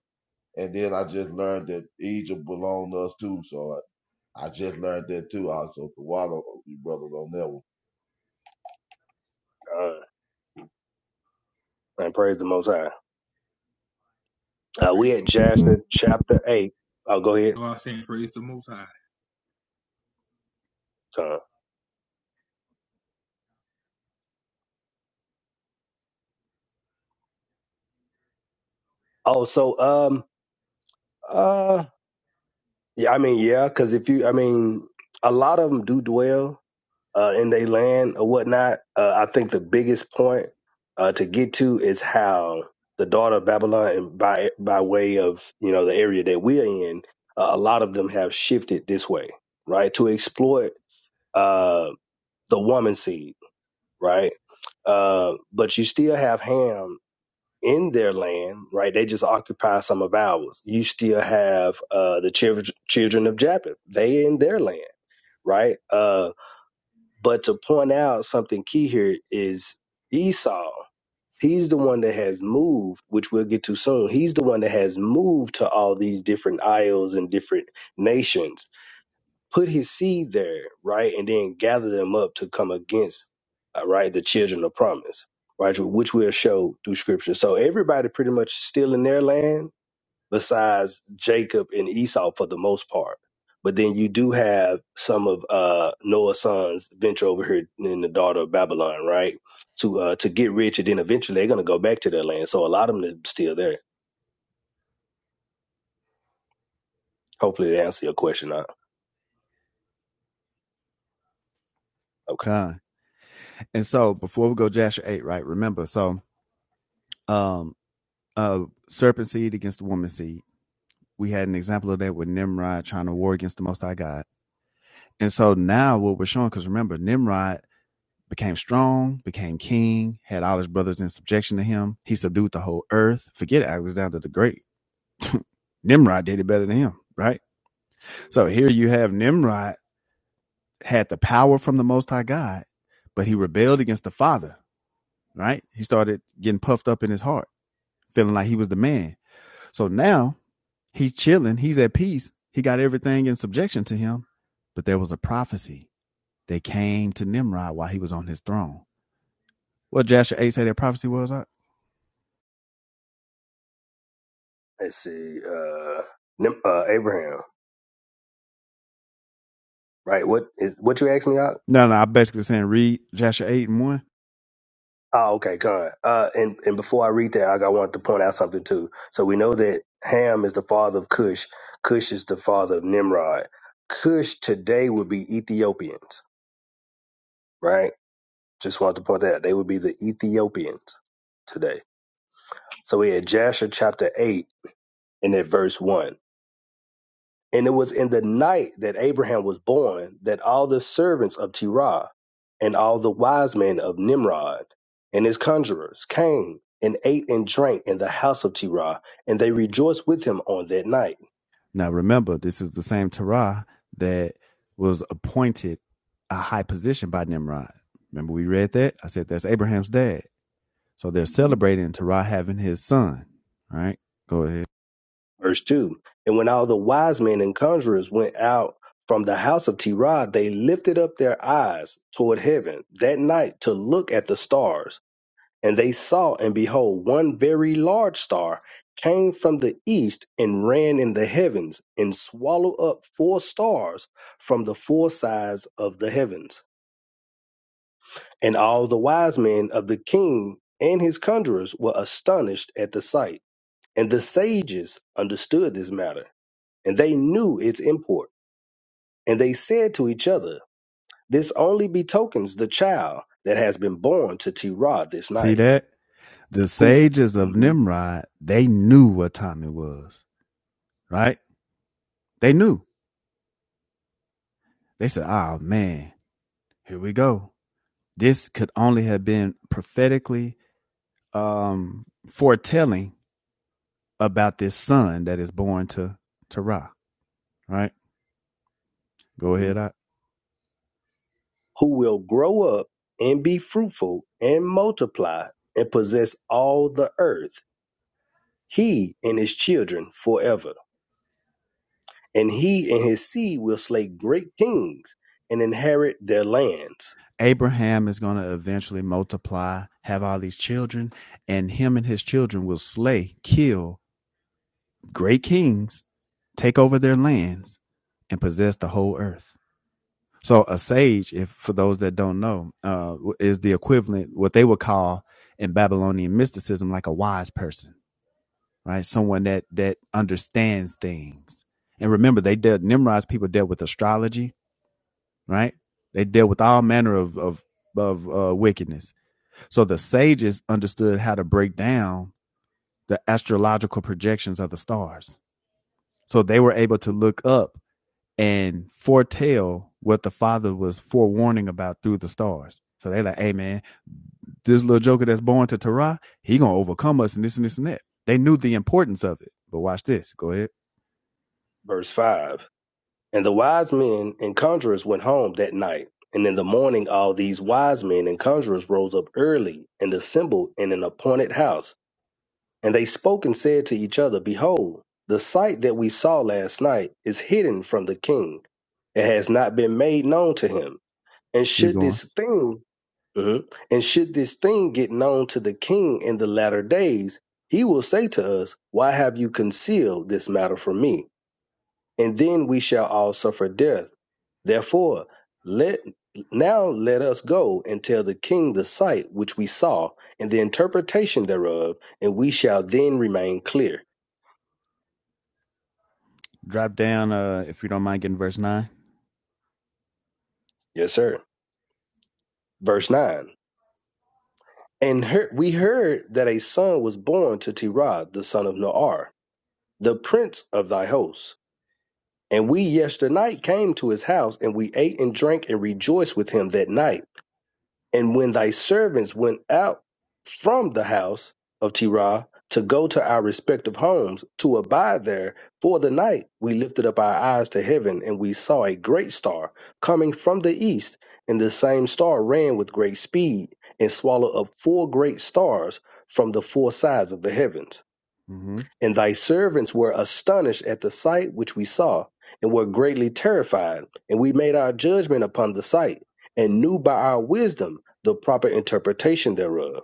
Speaker 13: and then I just learned that Egypt belonged to us too. So I, I just learned that too. Also, so the water you brothers on that one.
Speaker 17: Uh, and praise the Most High. Uh, we
Speaker 3: Praise
Speaker 17: at
Speaker 3: the, you
Speaker 17: Jasher chapter 8. Oh, go ahead.
Speaker 3: know what I'm saying? Praise the Most High.
Speaker 17: Con. Oh, so um, uh, Yeah, I mean, yeah, because if you, I mean, a lot of them do dwell uh, in their land or whatnot. Uh, I think the biggest point uh, to get to is how the daughter of Babylon, and by by way of you know the area that we're in, uh, a lot of them have shifted this way, right, to exploit uh, the woman seed, right. Uh, but you still have Ham in their land, right? They just occupy some of ours. You still have uh, the children children of Japheth. They in their land, right? Uh, but to point out something key here is Esau. He's the one that has moved, which we'll get to soon. He's the one that has moved to all these different isles and different nations put his seed there, right, and then gather them up to come against, uh, right, the children of promise, right, which we'll show through scripture. So everybody pretty much still in their land besides Jacob and Esau for the most part. But then you do have some of uh, Noah's sons venture over here in the daughter of Babylon, right, to uh, to get rich, and then eventually they're gonna go back to their land. So a lot of them are still there. Hopefully, they answer your question. Now. Okay.
Speaker 16: Con. And so before we go Joshua 8, right? Remember, so um uh serpent seed against the woman seed. We had an example of that with Nimrod trying to war against the most high God. And so now what we're showing, because remember, Nimrod became strong, became king, had all his brothers in subjection to him. He subdued the whole earth. Forget Alexander the Great. Nimrod did it better than him, right? So
Speaker 17: Mhm.
Speaker 16: here you have Nimrod had the power from the most high God, but he rebelled against the father, right? He started getting puffed up in his heart, feeling like he was the man. So now he's chilling, he's at peace, he got everything in subjection to him. But there was a prophecy that came to Nimrod while he was on his throne. What Joshua 8 say that prophecy was? I,
Speaker 17: Let's see. Uh, Nim- uh, Abraham. Right. What is what you asked me out?
Speaker 16: no, no, I'm basically saying read Joshua 8 and 1.
Speaker 17: Oh, okay, God. Uh and, and before I read that, I got wanted to point out something too. So we know that Ham is the father of Cush. Cush is the father of Nimrod. Cush today would be Ethiopians, right? Just wanted to point that out. They would be the Ethiopians today. So we had Jasher chapter eight and at verse one. And it was in the night that Abraham was born that all the servants of Terah and all the wise men of Nimrod and his conjurers came and ate and drank in the house of Terah, and they rejoiced with him on that night.
Speaker 16: Now remember, this is the same Torah that was appointed a high position by Nimrod. Remember we read that? I said that's Abraham's dad. So they're
Speaker 17: Mhm.
Speaker 16: celebrating Terah having his son. All Right? Go ahead.
Speaker 17: Verse 2 And when all the wise men and conjurers went out from the house of Terah, they lifted up their eyes toward heaven that night to look at the stars And they saw, and behold, one very large star came from the east and ran in the heavens and swallowed up four stars from the four sides of the heavens. And all the wise men of the king and his conjurers were astonished at the sight. And the sages understood this matter, and they knew its import. And they said to each other, This only betokens the child that has been born to Terah this
Speaker 16: See
Speaker 17: night,
Speaker 16: that? the
Speaker 17: who
Speaker 16: sages of
Speaker 17: Mhm.
Speaker 16: Nimrod, they knew what time it was, right? They knew. They said, "Oh man, here we go. This could only have been prophetically um, foretelling about this son that is born to to Ra." Right? Go ahead. I,
Speaker 17: who will grow up and be fruitful and multiply and possess all the earth, he and his children forever. And he and his seed will slay great kings and inherit their lands.
Speaker 16: Abraham is going to eventually multiply, have all these children, and him and his children will slay, kill great kings, take over their lands, and possess the whole earth So a sage, if for those that don't know, uh, is the equivalent what they would call in Babylonian mysticism like a wise person, right? Someone that that understands things. And remember, they dealt Nimrod's people dealt with astrology, right? They dealt with all manner of of of uh, wickedness. So the sages understood how to break down the astrological projections of the stars. So they were able to look up and foretell what the father was forewarning about through the stars. So they are like, hey man, this little joker that's born to Torah, he gonna overcome us and this and this and that. They knew the importance of it. But watch this. Go ahead.
Speaker 17: Verse 5 And the wise men and conjurers went home that night. And in the morning, all these wise men and conjurers rose up early and assembled in an appointed house. And they spoke and said to each other, Behold, the sight that we saw last night is hidden from the king it has not been made known to him. And
Speaker 16: Keep
Speaker 17: should
Speaker 16: going.
Speaker 17: this thing, mhm, and should this thing get known to the king in the latter days, he will say to us, Why have you concealed this matter from me? And then we shall all suffer death. Therefore, let now let us go and tell the king the sight which we saw and the interpretation thereof, and we shall then remain clear.
Speaker 16: Drop down uh if you don't mind getting verse 9
Speaker 17: Yes, sir. Verse 9. And her- we heard that a son was born to Terah, the son of Noar the prince of thy host. And we yesternight came to his house, and we ate and drank and rejoiced with him that night. And when thy servants went out from the house of Terah to go to our respective homes to abide there for the night, we lifted up our eyes to heaven, and we saw a great star coming from the east. And the same star ran with great speed and swallowed up four great stars from the four sides of the heavens.
Speaker 16: Mm-hmm.
Speaker 17: And thy servants were astonished at the sight which we saw, and were greatly terrified. And we made our judgment upon the sight, and knew by our wisdom the proper interpretation thereof,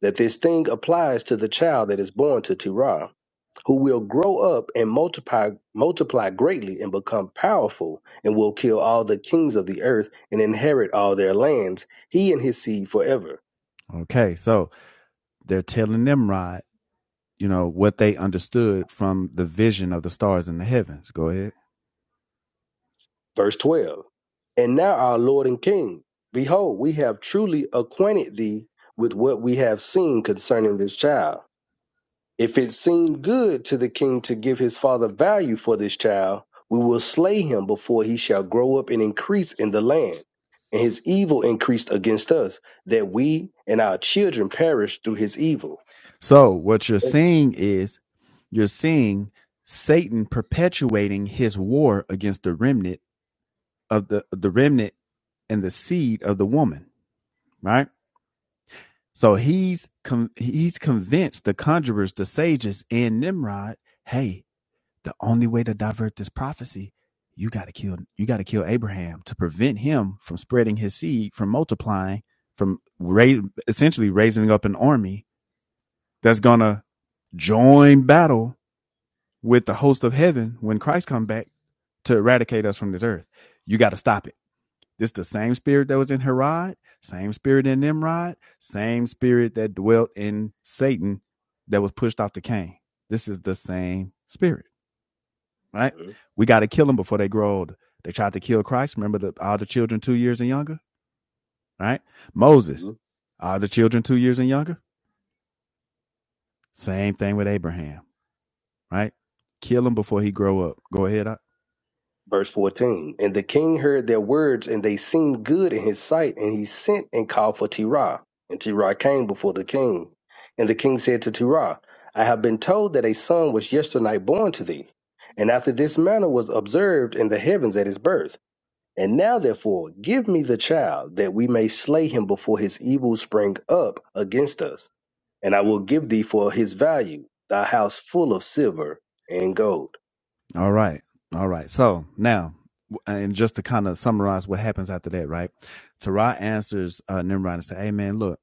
Speaker 17: that this thing applies to the child that is born to Terah, who will grow up and multiply, multiply greatly and become powerful, and will kill all the kings of the earth and inherit all their lands, he and his seed forever.
Speaker 16: Okay, so they're telling Nimrod, you know, what they understood from the vision of the stars in the heavens. Go ahead.
Speaker 17: Verse 12 And now, our Lord and King, behold, we have truly acquainted thee with what we have seen concerning this child. If it seem good to the king to give his father value for this child, we will slay him before he shall grow up and increase in the land. And his evil increased against us, that we and our children perish through his evil.
Speaker 16: So what you're seeing is You're seeing Satan perpetuating his war against the remnant of the the remnant and the seed of the woman, right? So he's con he's convinced the conjurers, the sages, and Nimrod, hey, the only way to divert this prophecy, you got to kill you got to kill Abraham to prevent him from spreading his seed, from multiplying, from ra- essentially raising up an army that's gonna join battle with the host of heaven when Christ come back to eradicate us from this earth. You got to stop it. This is the same spirit that was in Herod, same spirit in Nimrod, same spirit that dwelt in Satan that was pushed off to Cain. This is the same spirit, right? We got to kill them before they grow older. They tried to kill Christ. Remember the, all the children two years and younger, right?
Speaker 17: Mhm.
Speaker 16: Moses, all the children two years and younger. Same thing with Abraham, right? Kill him before he grow up. Go ahead.
Speaker 17: Verse 14 And the king heard their words, and they seemed good in his sight, and he sent and called for Terah. And Terah came before the king. And the king said to Terah, I have been told that a son was yesternight born to thee, and after this manner was observed in the heavens at his birth. And now, therefore, give me the child, that we may slay him before his evil spring up against us. And I will give thee for his value thy house full of silver and gold.
Speaker 16: All right. All right. So now, and just to kind of summarize what happens after that, right? Terah answers uh, Nimrod and say, Hey, man, look,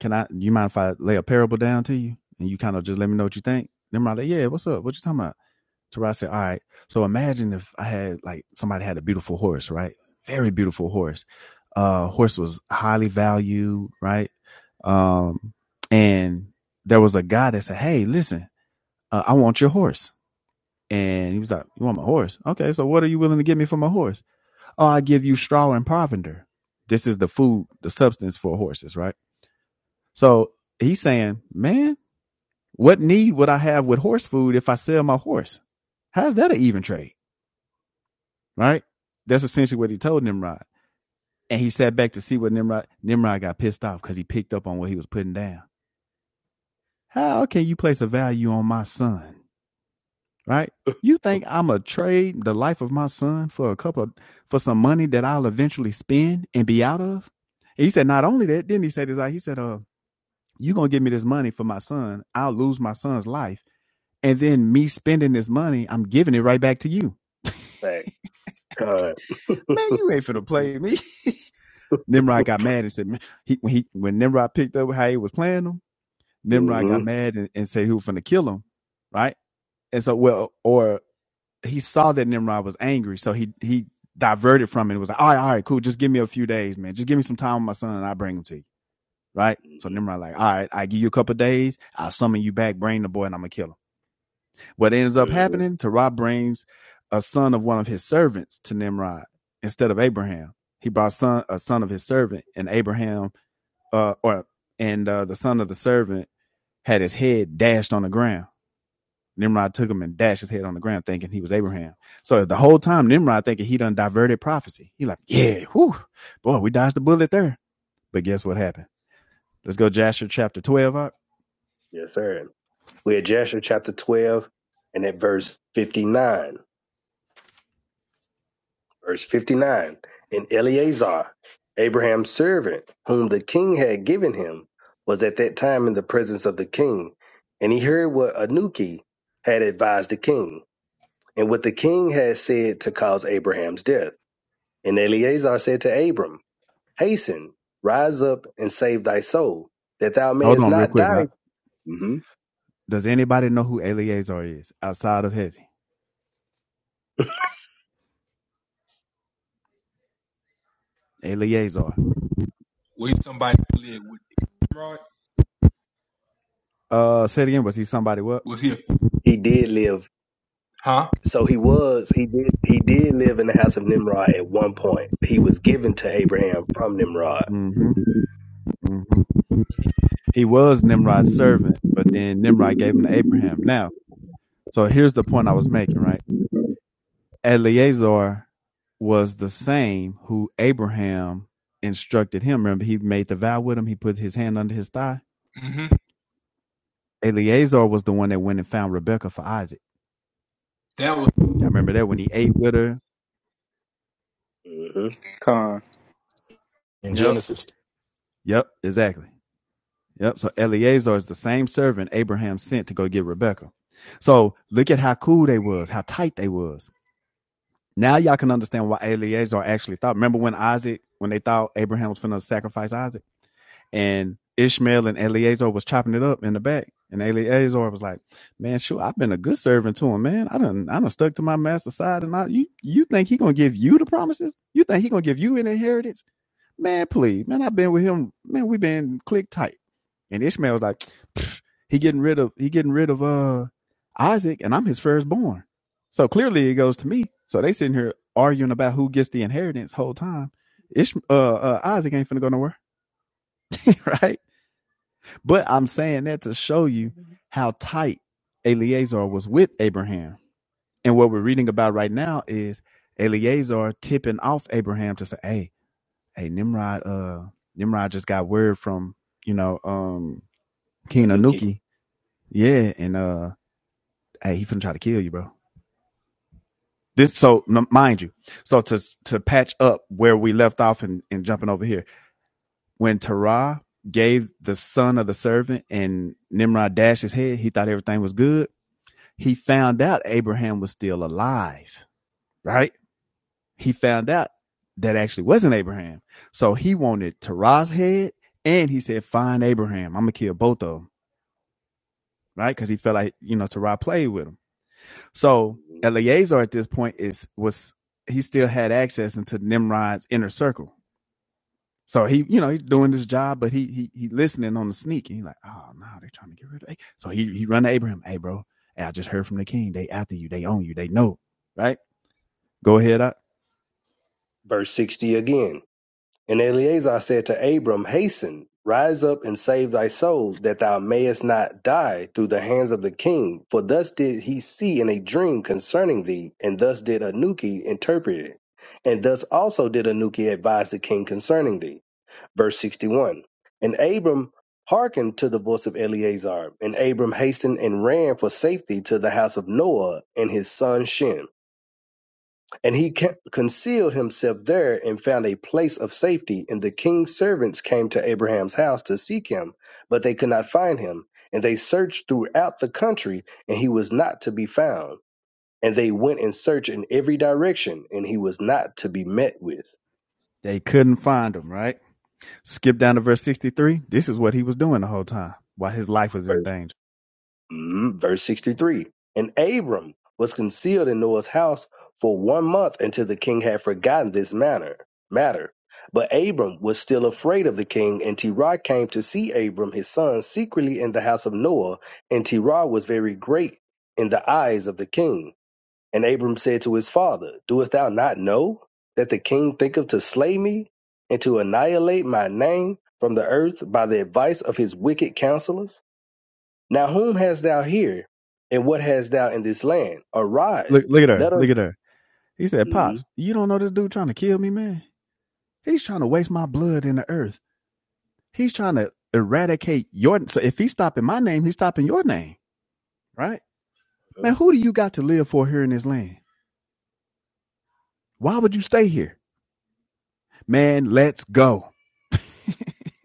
Speaker 16: can I, you mind if I lay a parable down to you? And you kind of just let me know what you think. Nimrod, like, yeah, what's up? What you talking about? Terah said, All right. So imagine if I had, like, somebody had a beautiful horse, right? Very beautiful horse. Uh, horse was highly valued, right? Um, and there was a guy that said, Hey, listen, uh, I want your horse and he was like, You want my horse? Okay, so what are you willing to give me for my horse? Oh, I give you straw and provender. This is the food, the substance for horses, right? So he's saying, Man, what need would I have with horse food if I sell my horse? How's that an even trade? Right? That's essentially what he told Nimrod. And he sat back to see what Nimrod Nimrod got pissed off because he picked up on what he was putting down. How can you place a value on my son right? You think I'm a trade the life of my son for a couple of, for some money that I'll eventually spend and be out of? And he said, not only that, then he said this, like he said, uh, you gonna give me this money for my son, I'll lose my son's life. And then me spending this money, I'm giving it right back to you.
Speaker 17: Fact. God.
Speaker 16: Man, you ain't finna play me. Nimrod got mad and said, man, he, when he when Nimrod picked up how he was playing him, Nimrod
Speaker 17: hmm
Speaker 16: got mad and, and said he was finna kill him, right? And so, well, or he saw that Nimrod was angry, so he he diverted from it. It was like, all right, all right, cool. Just give me a few days, man. Just give me some time with my son, and I bring him to you, right? So
Speaker 17: hmm
Speaker 16: Nimrod like, all right, I give you a couple of days. I'll summon you back, bring the boy, and I'm gonna kill him. What ends up
Speaker 17: hmm
Speaker 16: happening? Terah brings a son of one of his servants to Nimrod instead of Abraham. He brought son a son of his servant, and Abraham, uh, or and uh, the son of the servant had his head dashed on the ground. Nimrod took him and dashed his head on the ground, thinking he was Abraham. So the whole time, Nimrod thinking he done diverted prophecy. He like, yeah, whew, boy, we dodged the bullet there. But guess what happened? Let's go Jasher chapter 12. Up.
Speaker 17: Yes, sir. We're at Joshua chapter 12 and at verse 59. Verse 59. And Eleazar, Abraham's servant, whom the king had given him, was at that time in the presence of the king. And he heard what Anuki had advised the king, and what the king had said to cause Abraham's death. And Eleazar said to Abram, Hasten, rise up and save thy soul, that thou
Speaker 16: Hold
Speaker 17: mayest
Speaker 16: on real
Speaker 17: not
Speaker 16: quick.
Speaker 17: die.
Speaker 16: Up.
Speaker 17: Mm-hmm.
Speaker 16: Does anybody know who Eleazar is outside of Hezi? Eleazar.
Speaker 3: Was somebody affiliated with Nimrod?
Speaker 16: Uh, say it again. Was he somebody what?
Speaker 3: Was he a
Speaker 17: He did live.
Speaker 3: huh?
Speaker 17: So he was. He did. He did live in the house of Nimrod at one point. He was given to Abraham from Nimrod.
Speaker 16: Mm-hmm. Mm-hmm. He was Nimrod's servant, but then Nimrod gave him to Abraham. Now, so here's the point I was making, right? Eleazar was the same who Abraham instructed him. Remember, he made the vow with him. He put his hand under his thigh.
Speaker 3: hmm
Speaker 16: Eleazar was the one that went and found Rebekah for Isaac.
Speaker 3: That was
Speaker 16: Y'all remember that when he ate with her?
Speaker 17: hmm
Speaker 10: Con.
Speaker 15: In
Speaker 16: Yep.
Speaker 15: Genesis,
Speaker 16: Yep. Exactly. Yep. So Eleazar is the same servant Abraham sent to go get Rebekah. So look at how cool they was, how tight they was. Now y'all can understand why Eleazar actually thought. Remember when Isaac, when they thought Abraham was finna sacrifice Isaac? and Ishmael and Eleazar was chopping it up in the back. And Eleazar was like, "Man, sure, I've been a good servant to him, man. I done, I done stuck to my master's side, and I, you, you think he gonna give you the promises? You think he gonna give you an inheritance? Man, please, man, I've been with him, man. we been click tight." And Ishmael was like, "Pfft, "He getting rid of, he getting rid of uh Isaac, and I'm his firstborn. So clearly, it goes to me. So they sitting here arguing about who gets the inheritance whole time. Ish, uh, uh, Isaac ain't finna go nowhere, right? But I'm saying that to show you how tight Eleazar was with Abraham. And what we're reading about right now is Eleazar tipping off Abraham to say, Hey, hey, Nimrod, uh, Nimrod just got word from, you know, um King
Speaker 17: Anuki.
Speaker 16: Anuki. Yeah, and uh hey, he finna try to kill you, bro. This so n- mind you, so to to patch up where we left off and, and jumping over here, when Terah gave the son of the servant and Nimrod dashed his head, he thought everything was good he found out Abraham was still alive, right? He found out that actually wasn't Abraham. So he wanted Terah's head and he said, Find Abraham. I'm going to kill both of them, right? Because he felt like, you know, Terah played with him. So
Speaker 17: Mhm.
Speaker 16: Eleazar at this point is, was, he still had access into Nimrod's inner circle. So he, you know, he's doing this job, but he he he listening on the sneak, and he's like, "Oh no, they're trying to get rid of." A-. So he he run to Abraham, "Hey, bro, hey, I just heard from the king. They after you. They own you. They know, right?" Go ahead. I,
Speaker 17: Verse sixty again. And Eleazar said to Abram, Hasten, rise up and save thy soul, that thou mayest not die through the hands of the king. For thus did he see in a dream concerning thee, and thus did Anuki interpret it. And thus also did Anuki advise the king concerning thee. Verse 61 And Abram hearkened to the voice of Eleazar, and Abram hastened and ran for safety to the house of Noah and his son Shem. And he ca- concealed himself there and found a place of safety. And the king's servants came to Abraham's house to seek him, but they could not find him. And they searched throughout the country, and he was not to be found. And they went and searched in every direction, and he was not to be met with.
Speaker 16: they couldn't find him, right? Skip down to verse 63. This is what he was doing the whole time while his life was in danger.
Speaker 17: Mm, verse 63 And Abram was concealed in Noah's house for one month until the king had forgotten this matter. matter. But Abram was still afraid of the king, and Terah came to see Abram, his son, secretly in the house of Noah. And Terah was very great in the eyes of the king. And Abram said to his father, Doest thou not know that the king thinketh to slay me and to annihilate my name from the earth by the advice of his wicked counselors? Now whom hast thou here, and what hast thou in this land? Arise,
Speaker 16: Look, look at her.
Speaker 17: let us
Speaker 16: Look at her. He said, Pops,
Speaker 17: Mhm,
Speaker 16: you don't know this dude trying to kill me, man? He's trying to waste my blood in the earth. He's trying to eradicate your. So if he's stopping my name, he's stopping your name, right?
Speaker 17: mhm,
Speaker 16: Man, who do you got to live for here in this land? Why would you stay here? Man, let's go.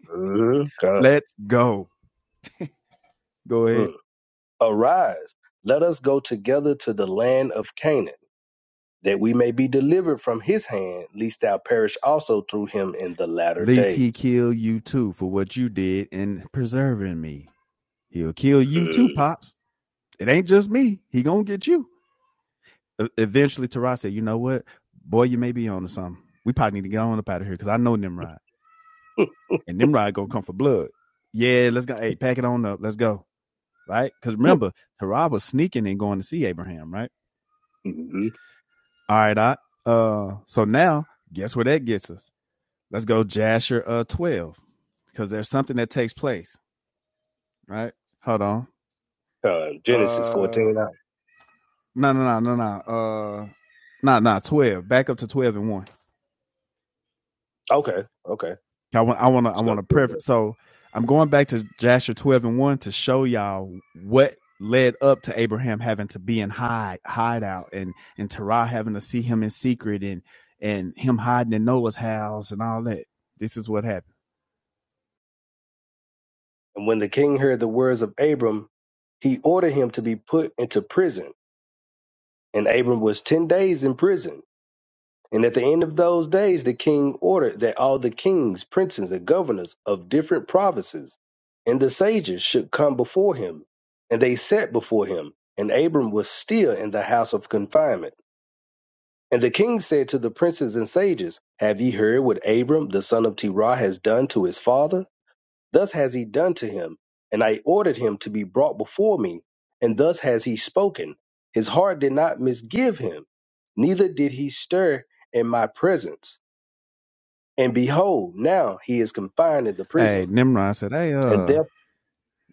Speaker 17: mhm, God,
Speaker 16: Let's go. Go ahead.
Speaker 17: mm. arise, let us go together to the land of Canaan, that we may be delivered from his hand, lest thou perish also through him in the latter
Speaker 16: Least he
Speaker 17: days.
Speaker 16: kill you too for what you did in preserving me. He'll kill you too,
Speaker 17: Mm.
Speaker 16: pops. It ain't just me. He gonna get you. E- Eventually, Tarai said, "You know what, boy, you may be on to something. We probably need to get on up out of here because I know Nimrod, and Nimrod gonna come for blood. Yeah, let's go. Hey, pack it on up. Let's go. Right? Because remember, Tarai was sneaking and going to see Abraham. Right?
Speaker 17: hmm
Speaker 16: All right, I. Uh, so now, guess where that gets us? Let's go, Jasher. Uh, twelve, because there's something that takes place. Right? Hold on.
Speaker 17: Uh, Genesis
Speaker 16: Uh.
Speaker 17: 14. uh,
Speaker 16: No, no, no, no, no. Uh, no, no. Twelve. Back up to twelve and one.
Speaker 17: Okay, okay.
Speaker 16: I want. I want to. I
Speaker 17: Let's go
Speaker 16: want to
Speaker 17: through that.
Speaker 16: preference. So I'm going back to Jasher twelve and one to show y'all what led up to Abraham having to be in hide hideout and and Terah having to see him in secret and and him hiding in Noah's house and all that. This is what happened.
Speaker 17: And when the king heard the words of Abram, he ordered him to be put into prison. And Abram was 10 days in prison. And at the end of those days, the king ordered that all the kings, princes, and governors of different provinces and the sages should come before him. And they sat before him, and Abram was still in the house of confinement. And the king said to the princes and sages, Have ye heard what Abram the son of Terah has done to his father? Thus has he done to him, and I ordered him to be brought before me, and thus has he spoken. His heart did not misgive him, neither did he stir in my presence and behold, now he is confined in the prison,
Speaker 16: Hey, Nimrod said, "Hey,
Speaker 17: and
Speaker 16: uh,
Speaker 17: death.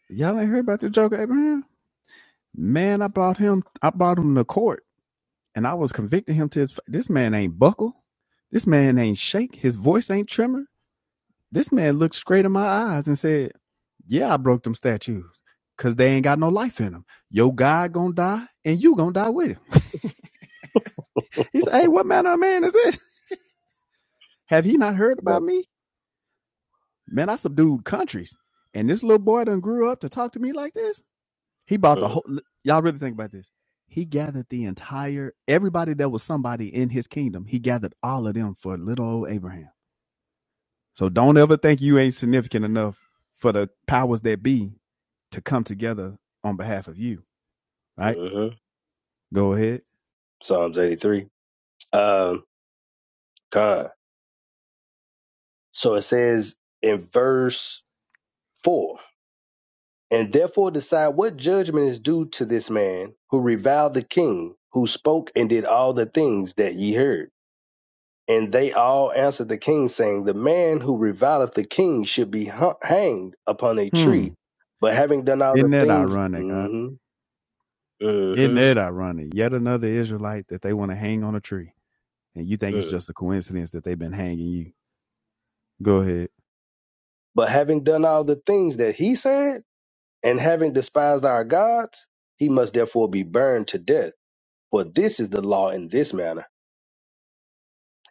Speaker 16: y'all ain't heard about the joke, Abraham? Man, I brought him. I brought him to court." and I was convicting him to his. This man ain't buckle. This man ain't shake. His voice ain't tremor. This man looked straight in my eyes and said, "Yeah, I broke them statues." Cause they ain't got no life in them. Your God gonna die, and you gonna die with him. He said, "Hey, what manner of man is this? Have he not heard about me? Man, I subdued countries, and this little boy done grew up to talk to me like this. He bought the whole. Y'all really think about this? He gathered the entire everybody that was somebody in his kingdom. He gathered all of them for little old Abraham. So don't ever think you ain't significant enough for the powers that be to come together on behalf of you. Right?
Speaker 17: Mm-hmm.
Speaker 16: Go ahead.
Speaker 17: Psalms 83. Um, God. So it says in verse 4 And therefore decide what judgment is due to this man who reviled the king, who spoke and did all the things that ye heard. And they all answered the king, saying, The man who revileth the king should be hu- hanged upon a
Speaker 16: Hmm.
Speaker 17: tree. But having done all the
Speaker 16: Isn't that
Speaker 17: things,
Speaker 16: ironic? I,
Speaker 17: hmm
Speaker 16: isn't that
Speaker 17: hmm
Speaker 16: ironic? Yet another Israelite that they want to hang on a tree, and you think it's just a coincidence that they've been hanging you. Go ahead.
Speaker 17: But having done all the things that he said, and having despised our gods, he must therefore be burned to death. For this is the law in this manner.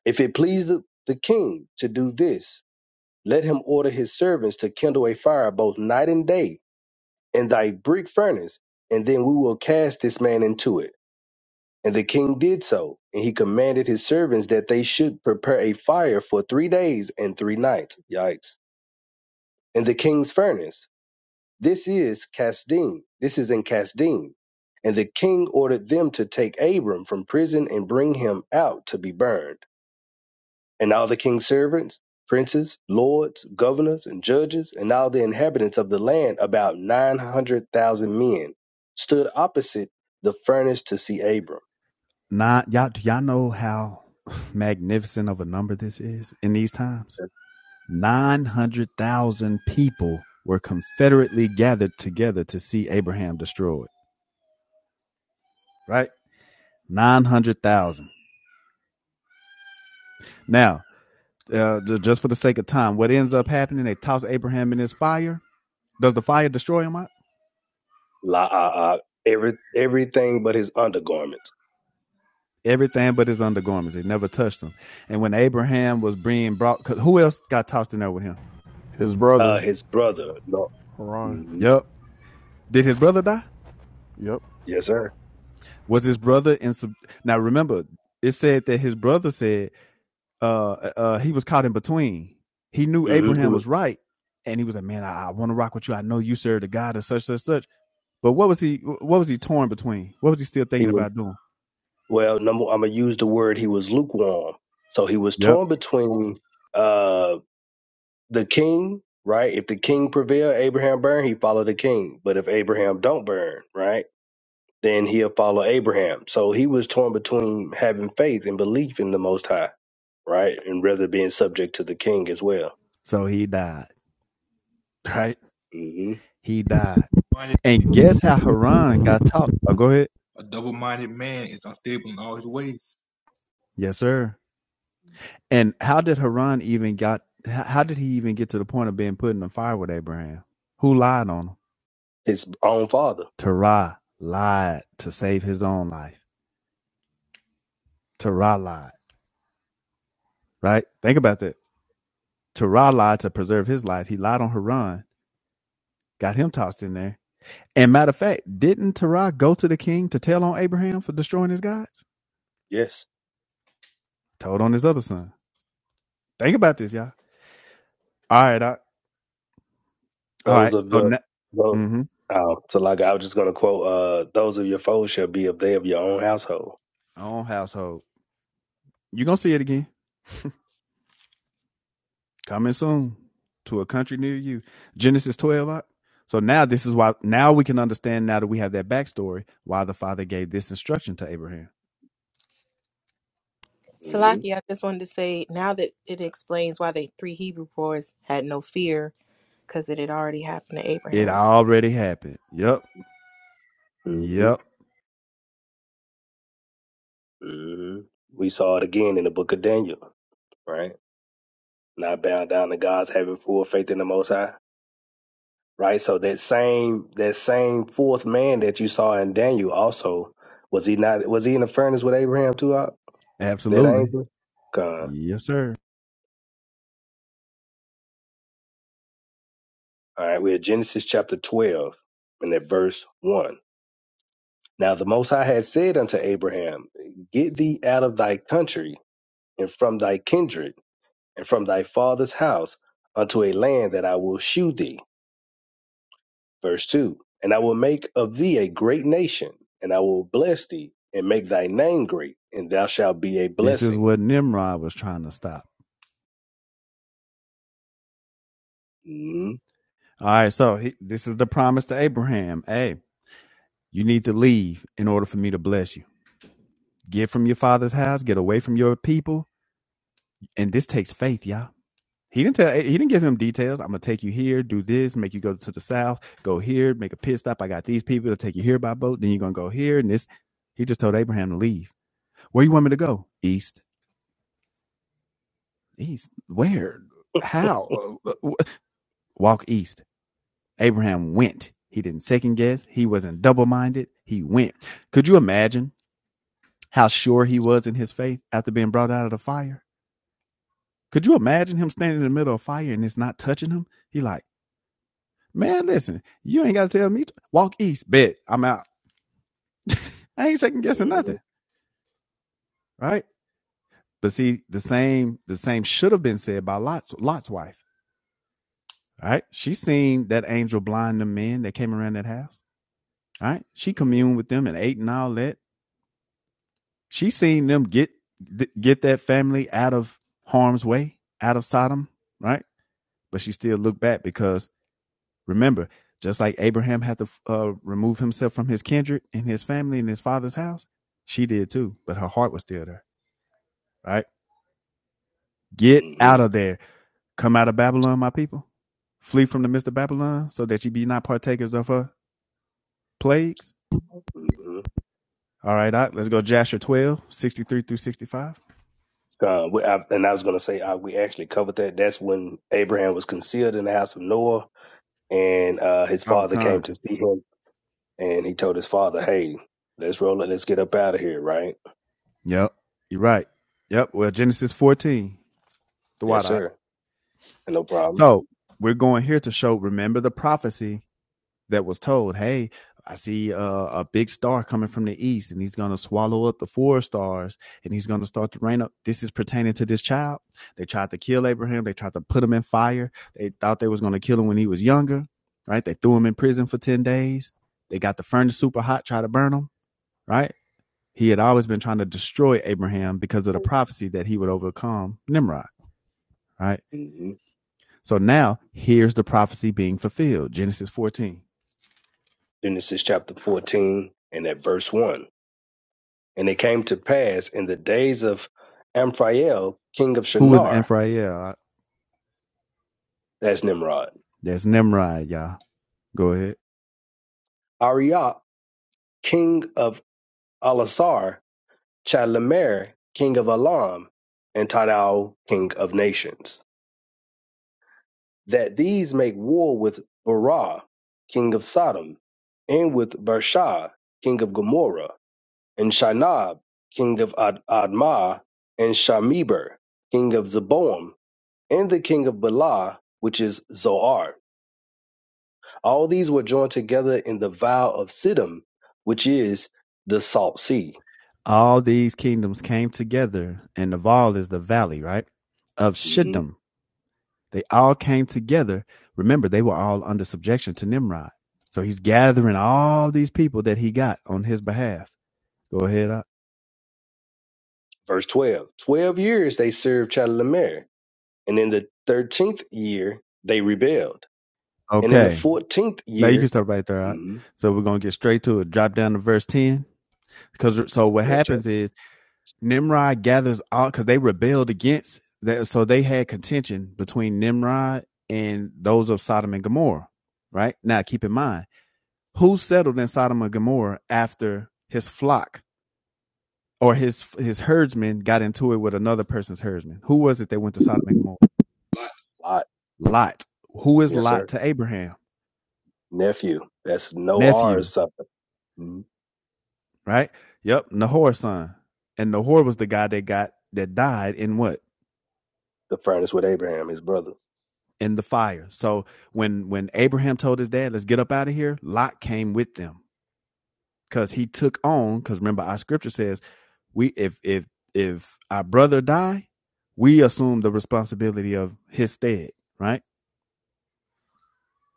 Speaker 17: If it please the the king to do this, let him order his servants to kindle a fire both night and day in thy brick furnace, and then we will cast this man into it. And the king did so, and he commanded his servants that they should prepare a fire for three days and three nights. Yikes. In the king's furnace This is Casdim. This is in Casdim. And the king ordered them to take Abram from prison and bring him out to be burned. And all the king's servants, princes, lords, governors, and judges, and all the inhabitants of the land, about 900,000 men, stood opposite the furnace to see Abram.
Speaker 16: Nine. Y'all, y'all know how magnificent of a number this is in these times?
Speaker 17: That's
Speaker 16: Nine hundred thousand people were confederately gathered together to see Abraham destroyed. Right? nine hundred thousand. Now, uh, just for the sake of time, what ends up happening? They toss Abraham in his fire. Does the fire destroy him?
Speaker 17: La, uh, uh, every, everything but his undergarments.
Speaker 16: Everything but his undergarments. It never touched him. And when Abraham was being brought, because who else got tossed in there with him?
Speaker 11: His
Speaker 17: Uh,
Speaker 11: brother,
Speaker 17: his brother. No.
Speaker 11: Haran.
Speaker 17: mhm.
Speaker 16: Yep. Did his brother die?
Speaker 11: Yep.
Speaker 17: Yes, sir.
Speaker 16: Was his brother in? Sub- now remember, it said that his brother said uh, uh, he was caught in between. He knew
Speaker 17: hmm
Speaker 16: Abraham was right, and he was like, "Man, I, I want to rock with you. I know you serve the God of such, such, such." But what was he? What was he torn between? What was he still
Speaker 17: He,
Speaker 16: thinking
Speaker 17: was,
Speaker 16: about doing?
Speaker 17: Well, number I'm gonna use the word he was lukewarm. So he was
Speaker 16: Yep.
Speaker 17: torn between uh the king, right? If the king prevail, Abraham burn, he follow the king. But if Abraham don't burn, right, then he'll follow Abraham. So he was torn between having faith and belief in the Most High, right, and rather being subject to the king as well,
Speaker 16: So he died. Right.
Speaker 17: hmm
Speaker 16: He died.
Speaker 3: minded.
Speaker 16: And guess how Haran got talked? Oh, go ahead.
Speaker 3: A double-minded man is unstable in all his ways.
Speaker 16: Yes, sir. And how did Haran even got? How how did he even get to the point of being put in the fire with Abraham? Who lied on him?
Speaker 17: his own father.
Speaker 16: Terah lied to save his own life. Terah lied. Right. Think about that. Terah lied to preserve his life. He lied on Haran. Got him tossed in there And matter of fact, didn't Terah go to the king to tell on Abraham for destroying his gods?
Speaker 17: Yes,
Speaker 16: Told on his other son. Think about this, y'all. All right, I, all
Speaker 17: those
Speaker 16: right.
Speaker 17: of
Speaker 16: So,
Speaker 17: the.
Speaker 16: na-
Speaker 17: the
Speaker 16: mm-hmm.
Speaker 17: Oh, so like I was just gonna quote, uh, "Those of your foes shall be of they of your own household."
Speaker 16: own household. you gonna see it again. Coming soon to a country near you. Genesis twelve. Lot. So now this is why. Now we can understand. Now that we have that backstory, why the father gave this instruction to Abraham.
Speaker 17: hmm
Speaker 14: Salaki, I just wanted to say now that it explains why the three Hebrew boys had no fear because it had already happened to
Speaker 16: It
Speaker 14: Abraham.
Speaker 16: already happened. Yep.
Speaker 17: hmm
Speaker 16: Yep.
Speaker 17: hmm We saw it again in the book of Daniel, right? Not bound down to God's having full faith in the Most High, right? So that same that same fourth man that you saw in Daniel also was he not was he in the furnace with Abraham too? Out that
Speaker 16: Absolutely.
Speaker 17: angel. God.
Speaker 16: Yes, sir.
Speaker 17: All right, we're at Genesis chapter twelve and at verse one. Now the Most High had said unto Abraham, Get thee out of thy country and from thy kindred and from thy father's house unto a land that I will shew thee Verse 2 And I will make of thee a great nation, and I will bless thee, and make thy name great, and thou shalt be a
Speaker 16: This is
Speaker 17: blessing.
Speaker 16: what Nimrod was trying to stop.
Speaker 17: Mm-hmm.
Speaker 16: All right, so he, this is the promise to Abraham. Hey, you need to leave in order for me to bless you. Get from your father's house, get away from your people, and this takes faith, y'all. He didn't tell. He didn't give him details. I'm gonna take you here, do this, make you go to the south, go here, make a pit stop. I got these people to take you here by boat. Then you're gonna go here, and this. He just told Abraham to leave. Where you want me to go? East. East. Where? How? Uh, uh, Walk east. Abraham went. He didn't second guess. He wasn't double minded. He went. Could you imagine how sure he was in his faith after being brought out of the fire? Could you imagine him standing in the middle of fire and it's not touching him? He like, man, listen, you ain't got to tell me. Walk east, bet I'm out. I ain't second guessing
Speaker 17: hmm
Speaker 16: nothing, right? But see, the same, the same should have been said by Lot's Lot's wife, right? She seen that angel blind the men that came around that house, right? She communed with them and ate and all that She seen them get get that family out of harm's way, out of Sodom, right? But she still looked back because remember, just like Abraham had to uh, remove himself from his kindred and his family and his father's house, she did too. But her heart was still there, right? Get
Speaker 17: hmm
Speaker 16: out of there, come out of Babylon, my people, flee from the midst of Babylon, so that you be not partakers of her plagues. All right, let's go. Joshua 12 63 through 65.
Speaker 17: Uh, we, I, and I was going to say, uh, we actually covered that. That's when Abraham was concealed in the house of Noah, and uh, his
Speaker 16: Oh,
Speaker 17: father
Speaker 16: Con,
Speaker 17: came to see him, and he told his father, "Hey, let's roll it. Let's get up out of here." Right?
Speaker 16: Yep. You're right. Yep. Well, Genesis 14, the
Speaker 17: Yes,
Speaker 16: wide eye.
Speaker 17: sir. No problem.
Speaker 16: So we're going here to show, remember the prophecy that was told. Hey, I see uh, a big star coming from the east, and he's going to swallow up the four stars, and he's going to start to rain up. This is pertaining to this child. They tried to kill Abraham. They tried to put him in fire. They thought they was going to kill him when he was younger, right? They threw him in prison for ten days. They got the furnace super hot, try to burn him, right? He had always been trying to destroy Abraham because of the prophecy that he would overcome Nimrod, right?
Speaker 17: hmm
Speaker 16: So now here's the prophecy being fulfilled. Genesis 14.
Speaker 17: Genesis chapter fourteen and at verse one. And it came to pass in the days of Amphrael, king of
Speaker 16: Who was
Speaker 17: Shinar,
Speaker 16: Amphrael?
Speaker 17: that's Nimrod,
Speaker 16: There's Nimrod, y'all. Go ahead.
Speaker 17: Arioch, king of Elasar, Chalamer, king of Elam, and Tidal, king of nations, that these make war with Barah, king of Sodom, and with Bershah, king of Gomorrah, and Shinab, king of Ad- Admah, and Shameber, king of Zeboam, and the king of Bela, which is Zoar All these were joined together in the vow of Siddim, which is the Salt Sea.
Speaker 16: All these kingdoms came together, and Naval is the valley, right? Of
Speaker 17: Mhm.
Speaker 16: Shittim. They all came together. Remember, they were all under subjection to Nimrod. So he's gathering all these people that he got on his behalf. Go ahead. uh,
Speaker 17: Verse 12. Twelve years they served Chedorlaomer, and in the thirteenth year they rebelled. And in the
Speaker 16: Okay.
Speaker 17: fourteenth
Speaker 16: Now you can
Speaker 17: year,
Speaker 16: start right there. Out.
Speaker 17: mhm,
Speaker 16: So we're gonna get straight to it. Drop down to verse ten. Because so what
Speaker 17: yes, sir.
Speaker 16: happens is Nimrod gathers all because they rebelled against that. So they had contention between Nimrod and those of Sodom and Gomorrah. Right now, keep in mind who settled in Sodom and Gomorrah after his flock or his his herdsmen got into it with another person's herdsman. Who was it that went to Sodom and Gomorrah?
Speaker 17: Lot,
Speaker 16: Lot. Who is
Speaker 17: yes,
Speaker 16: Lot
Speaker 17: sir.
Speaker 16: to Abraham?
Speaker 17: Nephew. That's no R or
Speaker 16: Nephew.
Speaker 17: something. Mhm.
Speaker 16: right? Yep, Nahor's son. And Nahor was the guy that got that died in what?
Speaker 17: The furnace with Abraham, his brother.
Speaker 16: In the fire. So when when Abraham told his dad, let's get up out of here, Lot came with them because he took on, because remember our scripture says, we if if if our brother die, we assume the responsibility of his stead, right?